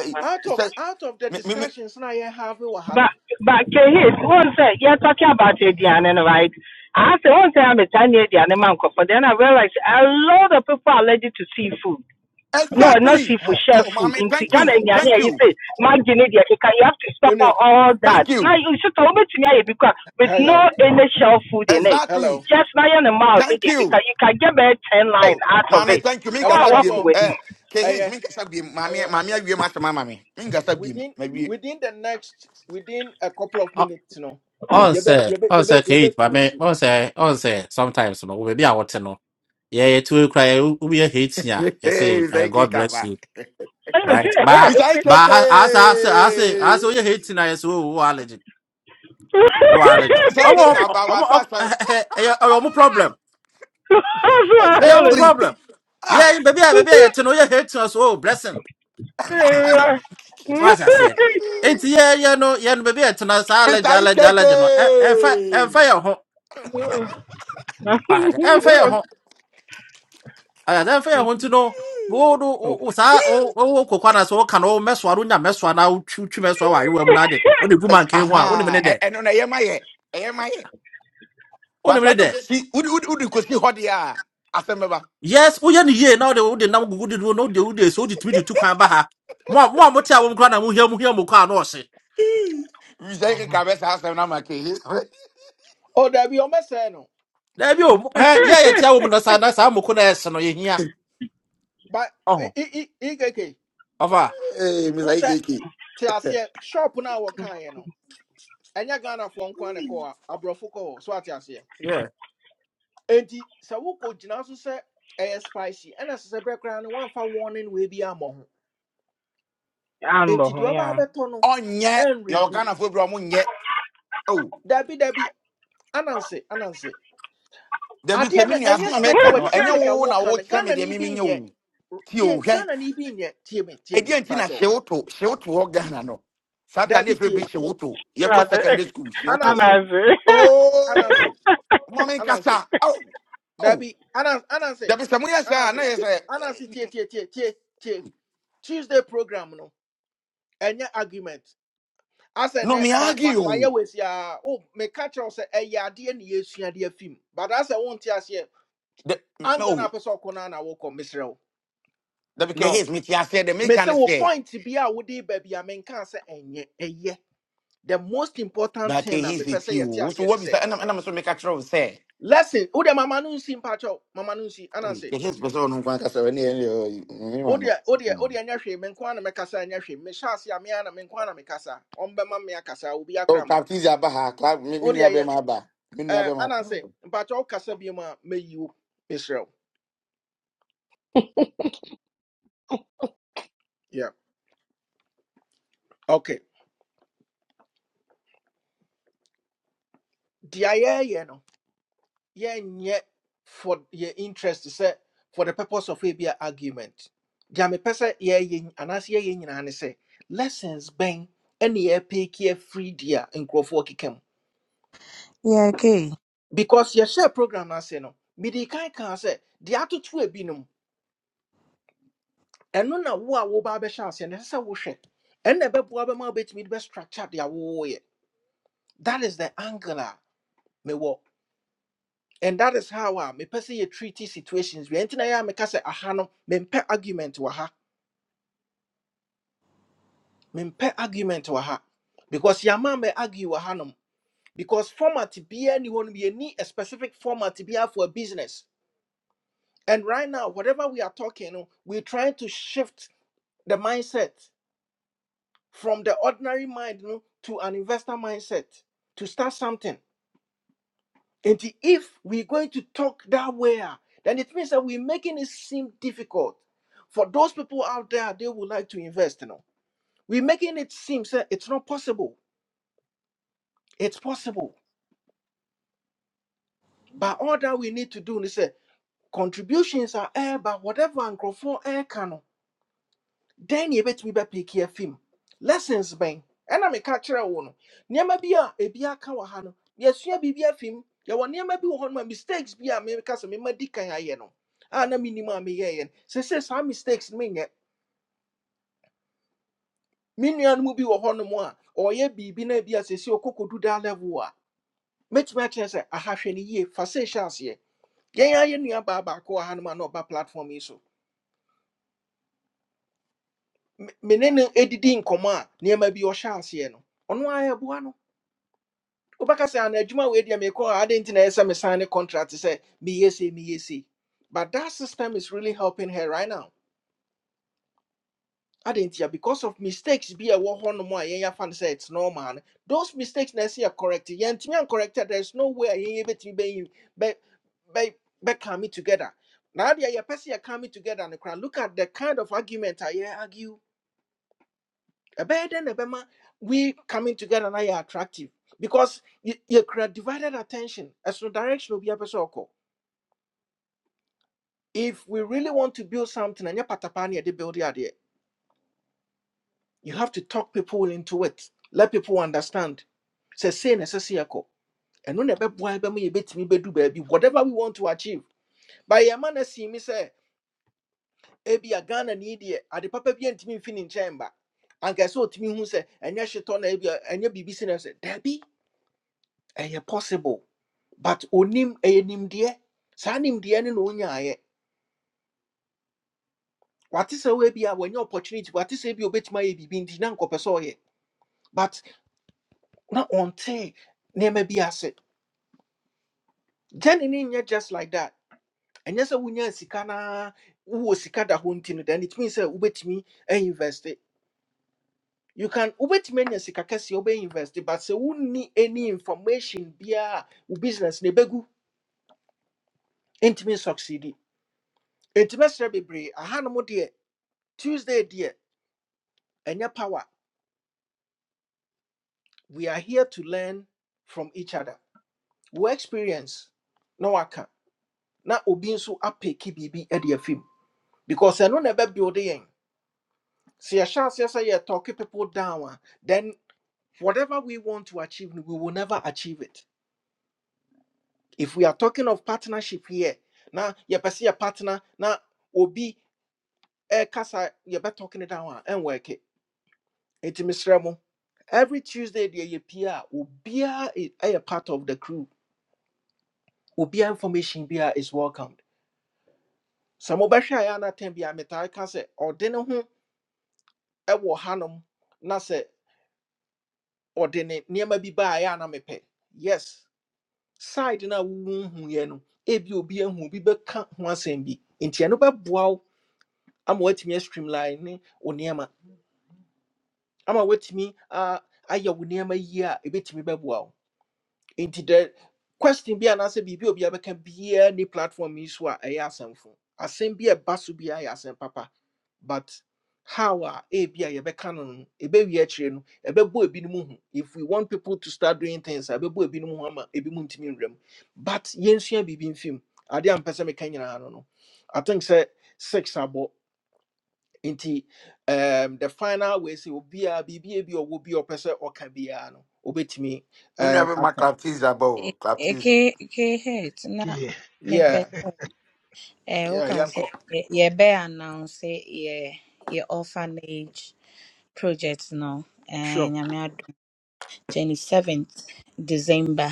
[SPEAKER 9] ne
[SPEAKER 1] out of
[SPEAKER 8] sɛ
[SPEAKER 1] out of the discussions na yɛ have wɔ ha
[SPEAKER 9] but
[SPEAKER 1] no
[SPEAKER 9] but kehis say you're talking about
[SPEAKER 1] Mhm.
[SPEAKER 9] aduane no right I say one say I'm ni aduane ma nkɔfɔ then I realize a lot of people are allergic to seafood. no, not
[SPEAKER 8] Exactly.
[SPEAKER 9] seafood,
[SPEAKER 1] Ha,
[SPEAKER 9] share
[SPEAKER 8] Oh,
[SPEAKER 9] food.
[SPEAKER 8] mommy,
[SPEAKER 9] In
[SPEAKER 8] thank you.
[SPEAKER 9] Ghana,
[SPEAKER 1] okay
[SPEAKER 8] Thank
[SPEAKER 9] you
[SPEAKER 8] you.
[SPEAKER 9] say, Magine, you have to stop
[SPEAKER 1] wonim
[SPEAKER 9] all all that.
[SPEAKER 8] Thank you.
[SPEAKER 9] Now, you should tell me to me because with no
[SPEAKER 1] hello
[SPEAKER 9] any shell food in it.
[SPEAKER 8] Exactly.
[SPEAKER 1] hello
[SPEAKER 9] Just now, you're in the mouth, you
[SPEAKER 8] Thank you.
[SPEAKER 9] can you can get about 10 line
[SPEAKER 8] Oh,
[SPEAKER 9] out of
[SPEAKER 8] mommy,
[SPEAKER 9] it.
[SPEAKER 8] thank you. Minka
[SPEAKER 9] Oh, I walk
[SPEAKER 1] abusuafo
[SPEAKER 8] sabim.
[SPEAKER 9] with you.
[SPEAKER 8] Eh, kehis,
[SPEAKER 1] ɛyɛ
[SPEAKER 8] minka sabim. Mommy,
[SPEAKER 1] ɛyɛ
[SPEAKER 8] mommy, I will master my mommy. Minka sabim.
[SPEAKER 1] within
[SPEAKER 8] Maybe.
[SPEAKER 1] within the next within a couple of
[SPEAKER 12] o-
[SPEAKER 1] minutes no
[SPEAKER 12] ɔnsɛ
[SPEAKER 1] yɛbɛ yɛbɛ
[SPEAKER 12] ɔnsɛ
[SPEAKER 1] yɛbɛ
[SPEAKER 12] kɛyi
[SPEAKER 1] yɛbɛ
[SPEAKER 12] ba me
[SPEAKER 1] close
[SPEAKER 12] ɔnsɛ ɔnsɛ sometimes no we be a wɔte no Yeah, yeah to cry, we be yɛ hating a
[SPEAKER 8] Hey,
[SPEAKER 12] yɛsɛ
[SPEAKER 8] Mr.
[SPEAKER 12] eh,
[SPEAKER 8] Ike
[SPEAKER 12] god bless
[SPEAKER 8] Kaba.
[SPEAKER 12] you
[SPEAKER 9] I'm yeah.
[SPEAKER 12] right ba
[SPEAKER 8] Mr.
[SPEAKER 12] ba
[SPEAKER 8] Ike.
[SPEAKER 12] ha- ase ase ase ase oyɛ hating a we, o wɔ allergy we, allergy
[SPEAKER 8] Mr. Ike
[SPEAKER 12] ɔmo
[SPEAKER 8] wasasa.
[SPEAKER 12] ɔmo
[SPEAKER 8] was
[SPEAKER 12] ɔmo
[SPEAKER 8] awesome.
[SPEAKER 12] ɛyɛ ɛyɛ ɔmo problem ɛyɛ ɔmo
[SPEAKER 8] Exactly.
[SPEAKER 12] problem
[SPEAKER 8] Ah,
[SPEAKER 12] yɛ beebi a beebi a yɛte no oyɛ hating a so o blessing so ase aseɛ eti yɛ yɛ no yɛ no beebi a yɛte no saa allergy
[SPEAKER 8] Mr.
[SPEAKER 12] allergy allergy no ɛ ɛnfa ɛnfa
[SPEAKER 8] Ike.
[SPEAKER 12] yɛ ho ɛnfa yɛ ho eh fa ɛyɛ dɛ fɛn ho nti no wo no wo
[SPEAKER 1] oh
[SPEAKER 12] wo- saa wo wo kokwa na so woka no mɛsoa no nya mɛsoa na wotwi twi mɛsoa wɔ ayewa mu na de wo de gu mankan ho a wo ne me ne
[SPEAKER 8] Aha.
[SPEAKER 12] dɛ
[SPEAKER 8] And on a yema ye.
[SPEAKER 12] wo ne
[SPEAKER 8] But
[SPEAKER 12] me
[SPEAKER 8] saa
[SPEAKER 12] ne
[SPEAKER 8] de
[SPEAKER 12] dɛ
[SPEAKER 8] kosi wode wode wode kosi hɔ deɛ a asɛm bɛba
[SPEAKER 12] yes woyɛ no yie na wode wode nam gugu de do no na wode wode so wode tumi de tu kwan ba ha mo a mo a mote a wɔm koraa na mohia mohia mo kɔ a na ɔhye
[SPEAKER 8] misa yi keka bɛsa asɛm no ama ke
[SPEAKER 1] oh dabi ɔmɛsɛɛ no
[SPEAKER 12] daabi o mo- hɛ yɛ yɛ tia wɔ mu na saa na saa moko na ɛhye no yɛhia
[SPEAKER 1] but i
[SPEAKER 12] ɔho
[SPEAKER 1] i i i- ikeke
[SPEAKER 12] ɔfa
[SPEAKER 8] misa
[SPEAKER 1] n
[SPEAKER 8] yi
[SPEAKER 1] sɛ
[SPEAKER 8] keke
[SPEAKER 1] te aseɛ shop na wɔkaeɛ no ɛnyɛ Ghana nko ara na ɛkɔ hɔ a aborɔfo kɔ hɔ so ate aseɛ enti sɛ wokɔ gyina so sɛ ɛyɛ spicy Ena sɛ sɛ berɛ koraa no woamfa warning wei bi ammɔ ho enti deɛ ɔbaa bɛtɔ no
[SPEAKER 8] ɔnyɛ yɛwɔ
[SPEAKER 1] ɛnredi
[SPEAKER 8] ghanafoɔ bi a ɔmonyɛ o
[SPEAKER 1] dabi dabi ananse ananse
[SPEAKER 8] dabi sɛ
[SPEAKER 1] adeɛ
[SPEAKER 8] me
[SPEAKER 1] no
[SPEAKER 8] nua
[SPEAKER 1] ɛnyɛ
[SPEAKER 8] asɛm a
[SPEAKER 1] straight
[SPEAKER 8] meka
[SPEAKER 1] forward
[SPEAKER 8] no
[SPEAKER 1] te sɛ
[SPEAKER 8] ɛnyɛ
[SPEAKER 1] sɛdeɛ
[SPEAKER 8] wo na
[SPEAKER 1] woka no
[SPEAKER 8] wokyerɛ me
[SPEAKER 1] ghana
[SPEAKER 8] deɛ
[SPEAKER 1] ni bi
[SPEAKER 8] memenyɛ
[SPEAKER 1] nyɛ
[SPEAKER 8] wo tie
[SPEAKER 1] tie
[SPEAKER 8] o hwɛ
[SPEAKER 1] ghana ni bi nyɛ tie me tie me
[SPEAKER 8] ɛdeɛ nti na hye
[SPEAKER 1] mpakyɛw
[SPEAKER 8] wo to ghana no sata ne
[SPEAKER 1] dabi
[SPEAKER 8] ɛfrɛ bi
[SPEAKER 1] tie
[SPEAKER 8] hye wo secondary school
[SPEAKER 9] I'm
[SPEAKER 8] shoto.
[SPEAKER 1] ananse
[SPEAKER 9] over.
[SPEAKER 8] Oh to
[SPEAKER 1] ananse
[SPEAKER 8] oo ma
[SPEAKER 1] ananse
[SPEAKER 8] oh ao ao
[SPEAKER 1] Debbie, Anas, Anansi,
[SPEAKER 8] dabi sɛ moyɛ na
[SPEAKER 1] Anansi,
[SPEAKER 8] yɛ
[SPEAKER 1] Anansi, tie,
[SPEAKER 8] sɛ
[SPEAKER 1] tie, tie, tie, tie. Tuesday program no, any argument. I said,
[SPEAKER 8] no
[SPEAKER 1] ne,
[SPEAKER 8] me
[SPEAKER 1] my, my, my,
[SPEAKER 8] argue
[SPEAKER 1] always, yeah, oh, me catch us a ya, dear, near, dear, dear, film. But as I won't tell you,
[SPEAKER 8] The,
[SPEAKER 1] I'm
[SPEAKER 8] No.
[SPEAKER 1] gonna pass on Conan, walk on Miss Row.
[SPEAKER 8] That
[SPEAKER 1] No,
[SPEAKER 8] WKH me tia say the make
[SPEAKER 1] me say,
[SPEAKER 8] and
[SPEAKER 1] well,
[SPEAKER 8] say
[SPEAKER 1] point to be out with the baby, I mean, can't say, and yeah, eh, yeah." the most
[SPEAKER 8] but
[SPEAKER 1] important
[SPEAKER 8] okay,
[SPEAKER 1] thing, I'm
[SPEAKER 8] he's
[SPEAKER 1] a
[SPEAKER 8] is
[SPEAKER 1] person, yes,
[SPEAKER 8] you.
[SPEAKER 1] yes,
[SPEAKER 8] So what
[SPEAKER 1] and
[SPEAKER 8] be
[SPEAKER 1] say,
[SPEAKER 8] say and I'm and I'm so make a trouble say.
[SPEAKER 1] listen, oh, the mama no see, Pacho, mama no
[SPEAKER 8] Hey,
[SPEAKER 1] see,
[SPEAKER 8] The his person no kwan kasa we ne me ma no.
[SPEAKER 1] Odia, Odia, Odia, Nyashi, Menkwana Mekasa, Nyashi, Meshasi, Amiana, Menkwana Mekasa, Ombema Meakasa, Ubia
[SPEAKER 8] Oh
[SPEAKER 1] Kramba.
[SPEAKER 8] captiza ba ha clap me me nua be
[SPEAKER 1] Odia,
[SPEAKER 8] ma ba. Me nua
[SPEAKER 1] uh,
[SPEAKER 8] be ma.
[SPEAKER 1] Ananse, but all Casabiuma, may you, Israel. Yeah. Okay. Dia, you know, yen yet for your interest, sir, for the purpose of a beer argument. Jame Pesa, ye yin, Anas ye yin, and say, lessons bang, any ye pick ye free dear, and Crawford
[SPEAKER 2] yeah okay
[SPEAKER 1] Because your share program, I say, no, Midi Kai can say, the attitude binum. ɛno na wo a woba bɛhyɛ aseɛ no ɛsɛ sɛ wohwɛ ɛnna ɛbɛboa bɛma wobɛtumi de bɛstructure de awowoyɛ that is the angle a mewɔ and that is how a mepɛ sɛ yɛ treaty situations bi ɛnti na yɛ a meka sɛ aha no mempɛ argument wɔ ha mempɛ argument wɔ ha because yɛama mɛ argue wɔ hanom because format biara ni hɔ no yɛni a specific format biara for a business and right now whatever we are talking no we're trying to shift the mindset from the ordinary mind you know, to an investor mindset to start something. And the- if we're going to talk that way, ah, then it means that we're making it seem difficult. For those people out there, they would like to invest. You know, we're making it seem say, it's not possible. It's possible. But all that we need to do is say contributions are air, but whatever and air can. oh. dɛn na yɛbɛtumi bɛpiiki afi mu lessons bɛn ɛna meka kyerɛ wo no nneɛma bi a ebi aka wɔ ha no yɛsua biribi afi mu yɛwɔ you bi wɔ hɔ no ma mistakes be a meka sɛ mema di kan ayɛ no a medican. I know. Ah, na menim me meyɛeɛ no sɛsɛ some mistakes no menyɛ me nua no mu bi wɔ hɔ be be ɔyɛ be no bi a sɛsi ɔkɔkɔdu da level Met my chance a mɛtumi akyerɛ sɛ ahahwɛ no yie fa sɛ ɛhyɛ aseɛ yɛn a yɛ nua baa baako wɔ no ma platform iso. so me me ne no ɛdidi nkɔmmɔ a nneɛma bi ɔhyɛ aseɛ no ɔno ara yɛboa no wobɛka say ana adwuma we deɛ mekɔ a adɛn na ɛyɛ sɛ mesan ne contract sɛ meyɛ sei meyɛ sei but that system is really helping her right now adɛn because of mistakes be a ɛwɔ hɔ nom a yɛyɛfa no sɛ it's normal no those mistakes na ɛsɛ yɛ correct yɛntumi ancorrect a there's no way a yɛyɛ bɛtumi be be be bɛka me together Now adeɛ a yɛpɛ sɛ yɛka me together no look at the kind of argument I yɛ argue ɛbɛyɛ dɛn na ɛbɛma we coming together na yɛ attractive because y- yɛkura divided attention ɛsono direction obi apɛ sɛ ɔkɔ if we really want to build something ɛnyɛ patapaa ne yɛde build adeɛ you have to talk people into it let people understand sɛ sei na ɛsɛ sɛ yɛkɔ ɛno na ɛbɛboa bɛma yɛbɛtumi bɛdu baabi whatever we want to achieve but yɛma no asii mi sɛ ebia ghana ne yi deɛ ade papa bi antumi mfi ne nkyɛn ba anka ɛsɛ sɛ ɔtumi hu sɛ ɛnyɛ hyetɔ na ebia ɛnyɛ biribi si na ɛsɛ daabi ɛyɛ possible but onim ɛyɛ nimdeɛ saa nimdeɛ no na onyaayɛ wate sɛ woa bi a wanya opportunity wate sɛ bi a obɛtumi ayɛ biribi nti na nkɔpɛ sɛ ɔyɛ but na onte ne nneɛma bi ase gyane ne nyɛ just like that ɛnyɛ sɛ wonya sika naa wowɔ sika da hɔ nti no then it means sɛ wobɛtumi invest it. You can wobɛtumi anya sika kɛseɛ wobɛinvest but sɛ wonni any information biara a wo business ne begu. ntumi succeed nti mɛsrɛ bebree mo deɛ tuesday deɛ and your power. We are here to learn from each other. We experience no waka na obi nso apeki biribi de afim because ɛno na ɛbɛbuilde yɛn sɛ yɛhyɛ aseɛ sɛ yɛtɔke people down a then whatever we want to achieve no, we will never achieve it if we are talking of partnership here na yɛpɛ sɛ yɛ partner Now obi you're ɛkasa talking it down a ɛnwɛke ɛnti mesrɛ mo every tuesday deɛ yɛpie a obiaa i- a a part of the crew obiara information bi a is welcomed sɛ mobɛhwɛ a ɛyɛ anatɛn bi a metaa ka sɛ ɔde ne ho ɛwɔ hanom na sɛ ɔde ne nneɛma bi baa ɛyɛ a na mepɛ yes side na a wowohuiɛ no ebi obi ahu obi bɛka ho asɛm bi nti ɛno bɛboa wo ama woatumi astreamline ne wo nneɛma ama woatumi a- ayɛ wo nneɛma yie a ɛbɛtumi bɛboa wo nti the question bi anaasɛ biribi a obi abɛka biara ne platform yi so a ɛyɛ asɛmfo asɛm be a basu so biara yɛ papa but how are a be a yɛbɛka no no ɛbɛwie akyirɛ no ɛbɛbɔ ebinom ho if we want people to start doing things a ɛbɛbɔ ebinom ho ama be ntumi nwura mu but yɛnsua biribi mfim adeɛ a mpɛ sɛ meka nyinaa no no i think say six abɔ nti um, the final way say obiara biribi a bi a ɔwɔ bi a ɔpɛ sɛ ɔka biara no obɛtumi
[SPEAKER 8] Me
[SPEAKER 1] um,
[SPEAKER 8] nua be ma
[SPEAKER 1] aka
[SPEAKER 8] captiza ba o captizi
[SPEAKER 2] Eke eke het na
[SPEAKER 6] Okay. key.
[SPEAKER 2] mepe.
[SPEAKER 1] yeah
[SPEAKER 2] sɛ eh
[SPEAKER 1] Yeah,
[SPEAKER 2] woka sɛ
[SPEAKER 1] Yanko.
[SPEAKER 2] yɛ- yɛbɛ announce ye ye orphanage project no eh
[SPEAKER 1] Sure.
[SPEAKER 2] nyame adom 27th December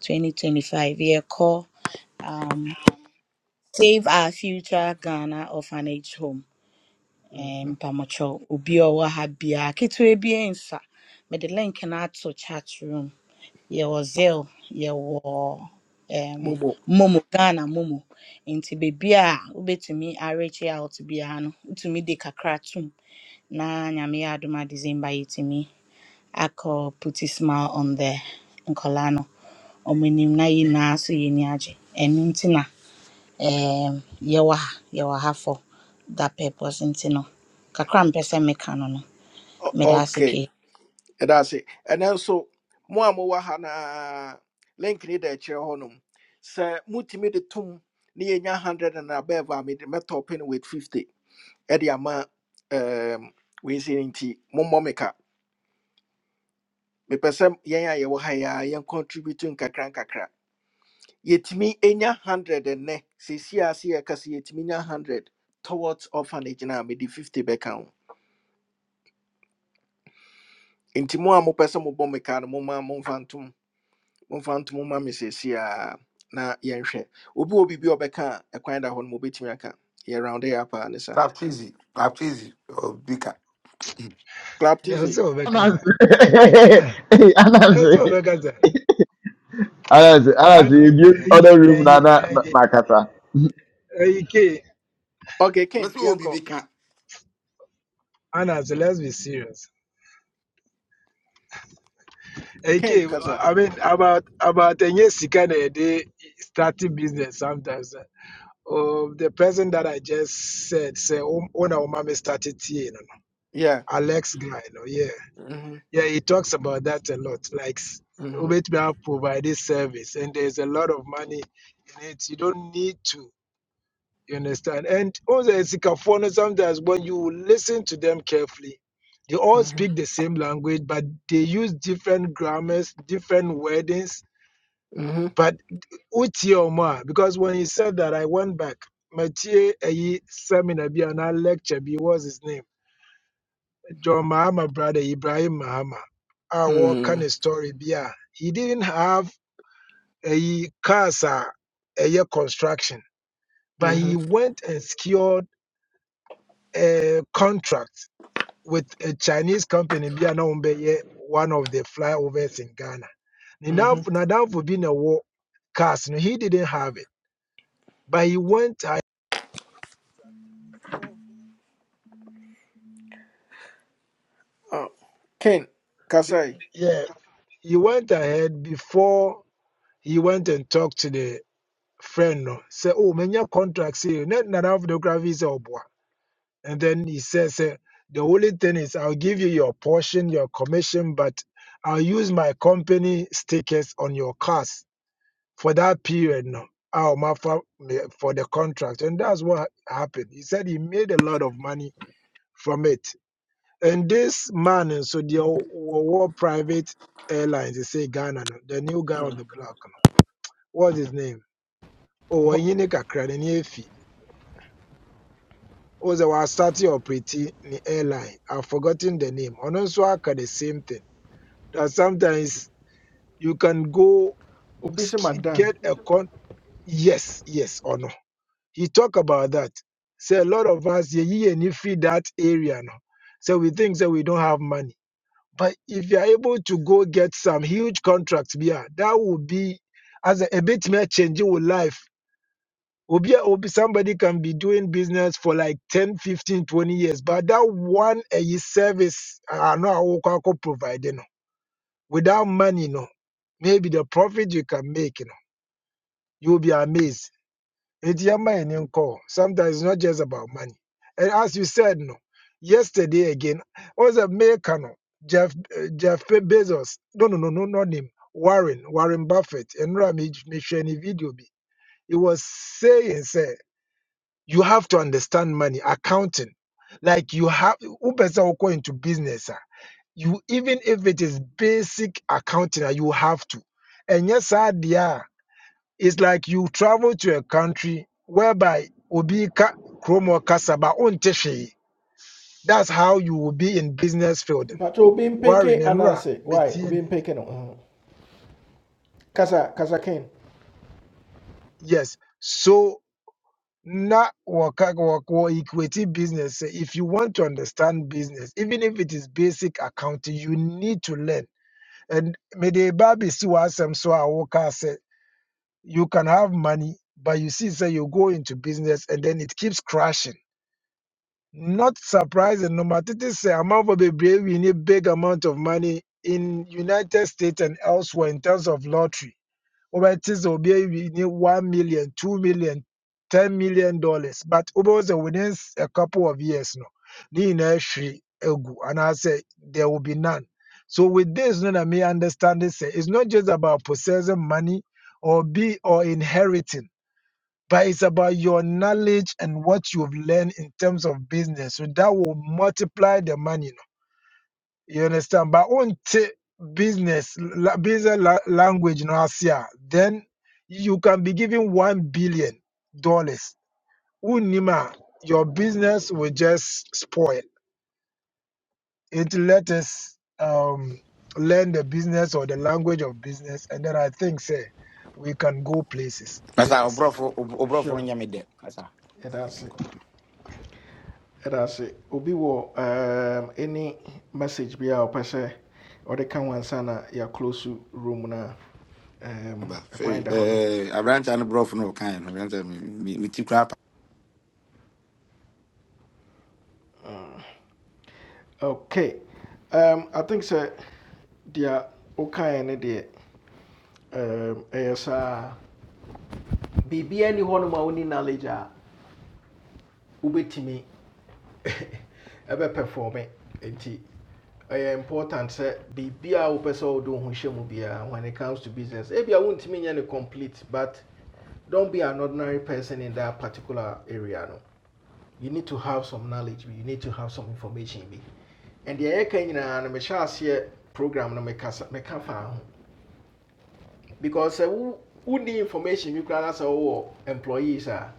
[SPEAKER 2] 2025 call um Save Our Future Ghana Orphanage Home
[SPEAKER 1] mm
[SPEAKER 2] eh
[SPEAKER 1] Mhm.
[SPEAKER 2] mpamɔtwɛw obi a ɔwɔ ha biara ketewa bi nsa mede link na ato chat room yɛwɔ Zell, yɛwɔ um,
[SPEAKER 1] Mobo.
[SPEAKER 2] Momo, Ghana Momo. Nti beebi a wobɛtumi areach out biara no, wotumi de kakra tom na Nyame yɛ adom a December yɛtumi akɔ put a smile on the nkɔlaa no. Ɔmo anim na yɛn nyinaa so yɛ ani agye. Ɛno nti na um, yɛwɔ ha, yɛwɔ ha for that purpose nti no, kakra a mpɛ sɛ meka no no,
[SPEAKER 1] O-
[SPEAKER 2] mede ase
[SPEAKER 1] okay.
[SPEAKER 2] kei.
[SPEAKER 1] And that's it. And also, mo a mowɔ ha na link ni da kyerɛ hɔnom. Sɛ mutumi de tom ne yɛnya hundred and above a mede mɛtɔ open with fifty. Ɛde ama um wei se no nti mommɔ me ka. Mepɛ sɛ yɛn a yɛwɔ ha yi a yɛn contribute nkakra nkakra. Yɛtumi ne. hundred nnɛ. Seesei a se yɛka sɛ yɛtumi hundred towards orphanage na mede fifty bɛka nti mo a mopɛ sɛ mobɔ me kaa no moma momfa ntom momfa ntom ma me seesie a na yɛnhwɛ obi wɔ biribi a ɔbɛka a ɛkwan da hɔ no mobɛtumi aka yɛ round it up a ne sa
[SPEAKER 8] captizi captizi o bika.
[SPEAKER 1] clap tizzy
[SPEAKER 6] Nelson Obekaza.
[SPEAKER 11] Anansi. Anansi.
[SPEAKER 6] Nelson Obekaza.
[SPEAKER 11] Anansi.
[SPEAKER 6] I
[SPEAKER 11] Anansi. If you build other room, Nana Makata.
[SPEAKER 6] AK
[SPEAKER 1] okay
[SPEAKER 8] Me
[SPEAKER 1] ken
[SPEAKER 8] so obi
[SPEAKER 1] yɛnkɔ
[SPEAKER 8] bika.
[SPEAKER 6] Anas, let's be serious.
[SPEAKER 1] ken
[SPEAKER 6] Okay.
[SPEAKER 1] kasa
[SPEAKER 6] I mean about about a year kind day starting business sometimes. eh, Oh, the person that I just said, say, oh, oh, no, mommy started here, you know,
[SPEAKER 1] yeah
[SPEAKER 6] Alex guy, you know, yeah.
[SPEAKER 1] Mhm,
[SPEAKER 6] Yeah, he talks about that a lot. Like s-
[SPEAKER 1] mhm,
[SPEAKER 6] Ubetmia provided service, and there's a lot of money in it. You don't need to. You understand? And also, Sikafono, sometimes when you listen to them carefully, they all
[SPEAKER 1] mhm,
[SPEAKER 6] speak the same language, but they use different grammars, different wordings.
[SPEAKER 1] mhm,
[SPEAKER 6] But Uti Omar, because when he said that, I went back. Mathieu Ayi seminar bi and lecture bi, what's his name? John Mahama brother Ibrahim Mahama our kind
[SPEAKER 1] mm,
[SPEAKER 6] ne story bi he didn't have a casa, a construction but he
[SPEAKER 1] mhm,
[SPEAKER 6] went and secured a contract with a Chinese company bi a na wɔbɛyɛ one of the flyovers in Ghana. Ne nam-
[SPEAKER 1] mhm.
[SPEAKER 6] for being a ɛwɔ cars no he didn't have it but he went ahead
[SPEAKER 1] Oh, ken kasae
[SPEAKER 6] yeah he went ahead before he went and talked to the friend no say oh many contracts contract say na nana photography is obwa and then he says eh, the only thing is i'll give you your portion your commission but i'll use my company stickers on your cars for that period no I'll offer for the contract and that's what happened he said he made a lot of money from it and this man eh, so the o- world private airlines they say ghana no, the new guy on the block no, what's his name oh
[SPEAKER 1] Wh-
[SPEAKER 6] Onyini Kakra, was a wasati operating the airline. I've forgotten the name. And also I can the same thing. That sometimes you can go
[SPEAKER 1] obi se
[SPEAKER 6] sk-
[SPEAKER 1] magdan
[SPEAKER 6] get a con yes, yes or no. He talk about that. Say a lot of us ye and you feed that area now. So we think that we don't have money. But if you are able to go get some huge contracts, yeah, that will be as a, a bit more changing with life Obi, obi, somebody can be doing business for like 10, 15, 20 years, but that one a year service, I know I will provide, you know, without money, no, maybe the profit you can make, you know, you'll be amazed. It's your mind and call. Sometimes it's not just about money. And as you said, no, yesterday again, was a maker, no, Jeff, uh, Jeff Bezos, no, no, no, no, not him, Warren, Warren Buffett, and Ramage, Michelle, video, be. he was saying, say you have to understand money accounting like you have upesa will go into business Ah, you even if it is basic accounting ah, you have to and yes idea it's like you travel to a country whereby obi ka kromo kasaba unteshe that's how you will be in business field
[SPEAKER 1] mpatɛ obi
[SPEAKER 6] warren
[SPEAKER 1] mpeke
[SPEAKER 6] enra
[SPEAKER 1] ananse why
[SPEAKER 6] metie
[SPEAKER 1] obi mpeke no mhm. kasa kasa ken
[SPEAKER 6] yes so not waka waka equity business. Say, If you want to understand business, even if it is basic accounting, you need to learn. And mede babi si wasem so awoka say you can have money, but you see say you go into business and then it keeps crashing. Not surprising, no matter this say amount of brave, we need big amount of money in United States and elsewhere in terms of lottery wobɛte sɛ obi awini one million, two million, ten million dollars but over sɛ within a couple of years no ne nyinaa ahwiri agu anaasɛ there will be none so with this no na me understand it sɛ it's not just about possessing money or be or inheriting but it's about your knowledge and what you've learned in terms of business so that will multiply the money No? You understand? But until business, la, business la, language in Asia, then you can be given one billion dollars. Unima, your business will just spoil. It let us um, learn the business or the language of business, and then I think say we can go places. Me
[SPEAKER 8] Masa
[SPEAKER 6] that say.
[SPEAKER 8] obrofo obrofo
[SPEAKER 1] sure
[SPEAKER 8] nya me de. Masa.
[SPEAKER 1] yɛda ase ɛda ase obi wɔ um, any message bi a ɔpɛ sɛ ɔde ka sana ya close to room na a um,
[SPEAKER 8] Ba fe
[SPEAKER 1] ɛkwan da no
[SPEAKER 8] eh abrancha no brofo no kan no abrancha me me ti
[SPEAKER 1] okay um, i think sɛ deɛ wokaeɛ ne deɛ um, ɛyɛ saa biribiaa ni hɔ nom a woni knowledge a wobɛtumi ɛbɛperforme nti ɛyɛ important sɛ biribiaa wopɛ sɛ wode do ho hyɛ when it comes to business ebia wontumi nyɛ no complete but don't be an ordinary person in that particular area no you need to have some knowledge you need to have some information bi and deɛ yɛka nyinaa no mehyɛ aseɛ program no meka sa- meka faa ho because eh, who who need information You can ask our employees a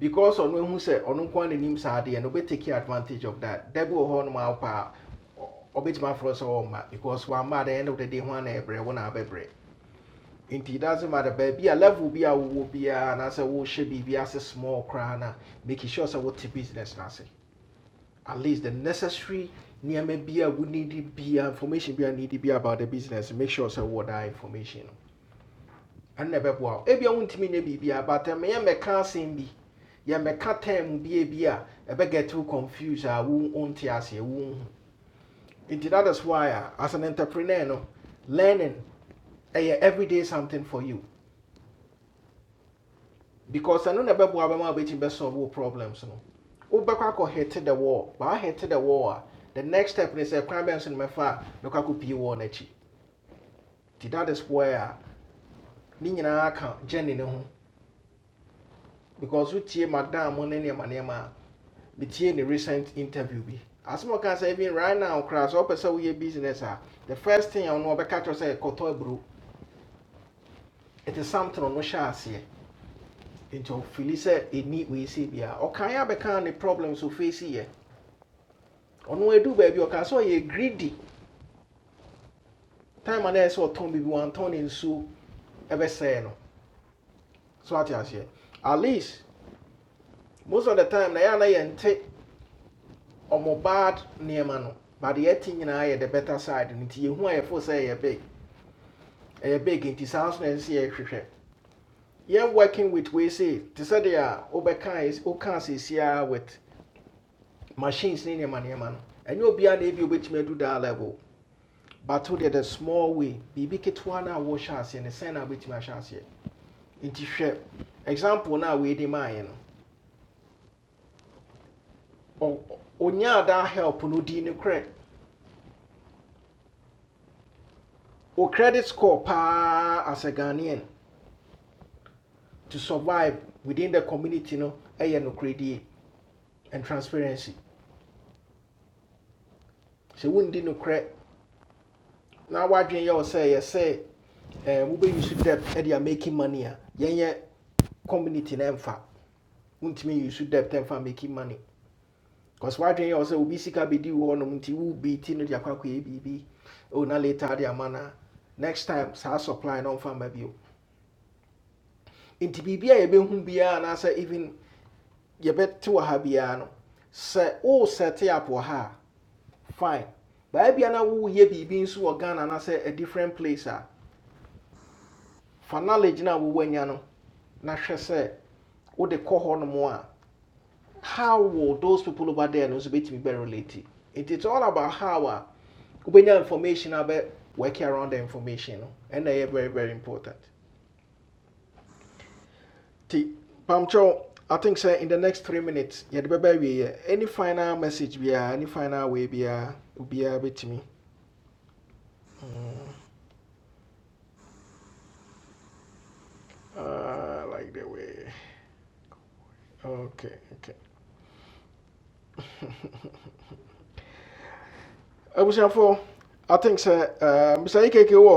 [SPEAKER 1] because on ehu say on nko ara n'anim saa And we take advantage of that da bi wɔ hɔ nom a wo paa ɔ- ɔbɛtumi aforɔ sɛ because one at the end of the day one every one every nti doesn't matter baby. baabi a level bi a wowɔ biara And wohyɛ biribi ase should be no a small crana, making sure sɛ wote business no ase at least the necessary nneɛma bi a wonedi bia information bi a nedi bia about the business make sure sɛ wowɔ that information And never no ɛno na ɛbɛboa wo ebia wontumi nyɛ biribia but can't seem be. asɛm bi yɛ mmɛka term be a bi a ɛbɛget too confused I won't own tears a wo wonte aseɛ wonhu nti that is why uh, as an entrepreneur no learning everyday something for you because ɛno na ɛbɛboa bɛma wobɛtumi to solve problems no wobɛkɔ akɔ hete the wall but I wahete the wall the next step ne sɛ kwan bɛn so no mɛfa a mɛkɔ akɔpie wall no akyi nti that is where a ne nyinaa ka gyene ne ho because wotie madam mo ne nneɛma We a the recent interview As asɛm a ɔka even right now koraa sɛ wopɛ sɛ business the first thing I know about catch was a ɔno ɔbɛka kyerɛ wo sɛ kɔtɔ aburo it is something ɔno hyɛ aseɛ nti ɔfili sɛ ɛni wei Or can ɔkaeɛ become the problems we face here? ɔno edu baabi ɔka sɛ ye greedy time a na ɛsɛ ɔtɔn biribi wantɔn ne nsuo ɛbɛsɛɛ no so ate aseɛ at least most of the time na yɛa na yɛnte ɔmo bad nneɛma no but the thing na yɛ the better side no nti yɛhu a yɛfo sɛ ɛyɛ big ɛyɛ big nti saa so na ɛsɛ sɛ yɛhwehwɛ yɛn working with wei se te sɛ deɛ a wobɛka wokaa seesiaa with machines ne nneɛma nneɛma no ɛnyɛ obiara na ebi obɛtumi adu daa level but wo deɛ the small way biribi ketewa no a wɔhyɛ aseɛ no sɛn na wobɛtumi ahyɛ aseɛ nti hwɛ example no we weede maayɛ no ɔ- ɔ- ɔnyaa help no di ne korɛ o credit score paa as a ghanaian to survive within the community no ɛyɛ nokorɛ credit and transparency So sɛ wondi nokorɛ na woadwen yɛ wo say? yɛ say, eh, we wobɛyi so debt ɛde a making money a yɛnyɛ community no ɛmfa wontumi yi so debt ɛmfa making money Because why w'adwene yɛ wɔ sɛ obi sika bɛdi wo hɔnom nti wobeeti no de akɔ akɔyɛ biribi o na later de ama no a next time saa supply no ɔmfa mma bio nti biribi a yɛbɛhu biara anaasɛ even yɛbɛte wɔ ha biara no sɛ set up wɔ ha a fine baabia na woyɛ biribi nso wɔ ghana anaasɛ a gun and I say a different place a fa knowledge no a wowanya no na hwɛ sɛ wode kɔ hɔnom a how will those people over there no nso be bɛ related? it is all about how uh, we get information a bɛ work around the information and they are very very important nti Pamcho, i think sɛ in the next three minutes yɛde bɛba awieyɛ any final message biara any final way biara obiara bɛtumi Mm, Ah, I like the way okay okay I abusuafoɔ i think sɛ uh, mr ekeke wɔ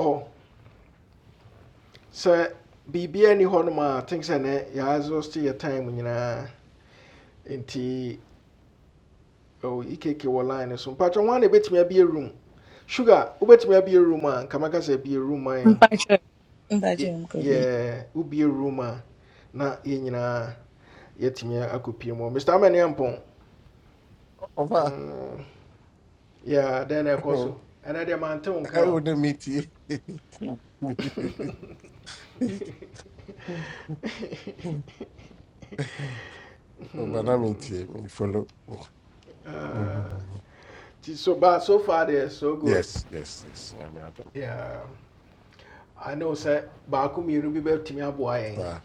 [SPEAKER 1] sɛ biribiara ni hɔnom a think sɛ nɛ yɛazoste yɛ time nyinaa nti oh, ikeke wɔ line no so mpatwɛ ho a na ɛbɛtumi abie room sugar wobɛtumi abie room a nkama ka sɛ bie room man, Kamaka say
[SPEAKER 2] Mpakyɛ,
[SPEAKER 1] be a yɛ
[SPEAKER 2] mpakyɛ nkɔ bio.
[SPEAKER 1] yɛ- wobie room mine. Yeah, who be a na yɛ nyinaa yɛatumi akɔpie mu mr amane ampɔn
[SPEAKER 4] ɔfa
[SPEAKER 1] mm, yeah, dɛn na ɛkɔ so ɛnɛ deɛ mante wo nka
[SPEAKER 4] Ɛwɔ ne mi tie. Ɔba na mi
[SPEAKER 1] Hmm,
[SPEAKER 4] tie mi follow.
[SPEAKER 1] ah.
[SPEAKER 4] Mhm.
[SPEAKER 1] so ba so far deɛ so good
[SPEAKER 4] Yes yes yes. Nyame adom.
[SPEAKER 1] yeah. i know sɛ baako mmienu bi bɛtumi to yɛn
[SPEAKER 4] Saa.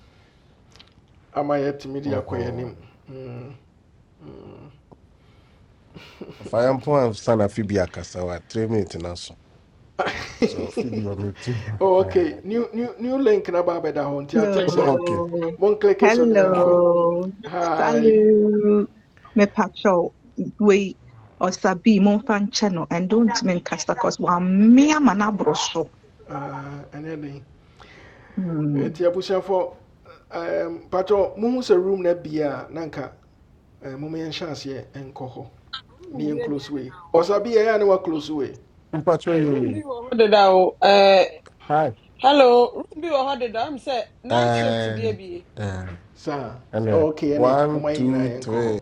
[SPEAKER 1] ama yɛatumi de akɔ yɛn anim
[SPEAKER 4] Mhm.
[SPEAKER 1] Mm, mm.
[SPEAKER 4] Fa yɛn mpo ansa na afi bi akasa wa three minutes na so. So afi bi wɔ mi ti.
[SPEAKER 1] oh, okay new, new, new link na ba bɛda hɔ nti i think sir.
[SPEAKER 13] Hello.
[SPEAKER 1] One click is on the yɛnkɔ
[SPEAKER 13] Hello.
[SPEAKER 1] hi
[SPEAKER 13] Salut. Me pacho. We osabi mon fan channel and don't mean casta cause wa mea mana broso.
[SPEAKER 1] Ah, ɛnyɛ den nti abusuafoɔ um, patɔ muhu sɛ room na bia nanka nka eh, moma yɛnhyɛ aseɛ nkɔ hɔ ne
[SPEAKER 14] room bi
[SPEAKER 1] close way ɔsa bi yɛyɛ a close way
[SPEAKER 4] Mpacho
[SPEAKER 14] Hey, room bi
[SPEAKER 4] Yumi.
[SPEAKER 14] wɔ hɔ deda o ɛɛ
[SPEAKER 4] Hi.
[SPEAKER 14] hello room bi wɔ hɔ deda am sɛ night shift bi
[SPEAKER 4] Uh,
[SPEAKER 14] abie
[SPEAKER 4] uh,
[SPEAKER 1] Sir,
[SPEAKER 4] and, uh,
[SPEAKER 1] oh, okay ɛne
[SPEAKER 4] one,
[SPEAKER 1] momma yɛn nyinaa
[SPEAKER 4] two,
[SPEAKER 1] yɛnkɔ hɔ
[SPEAKER 4] three.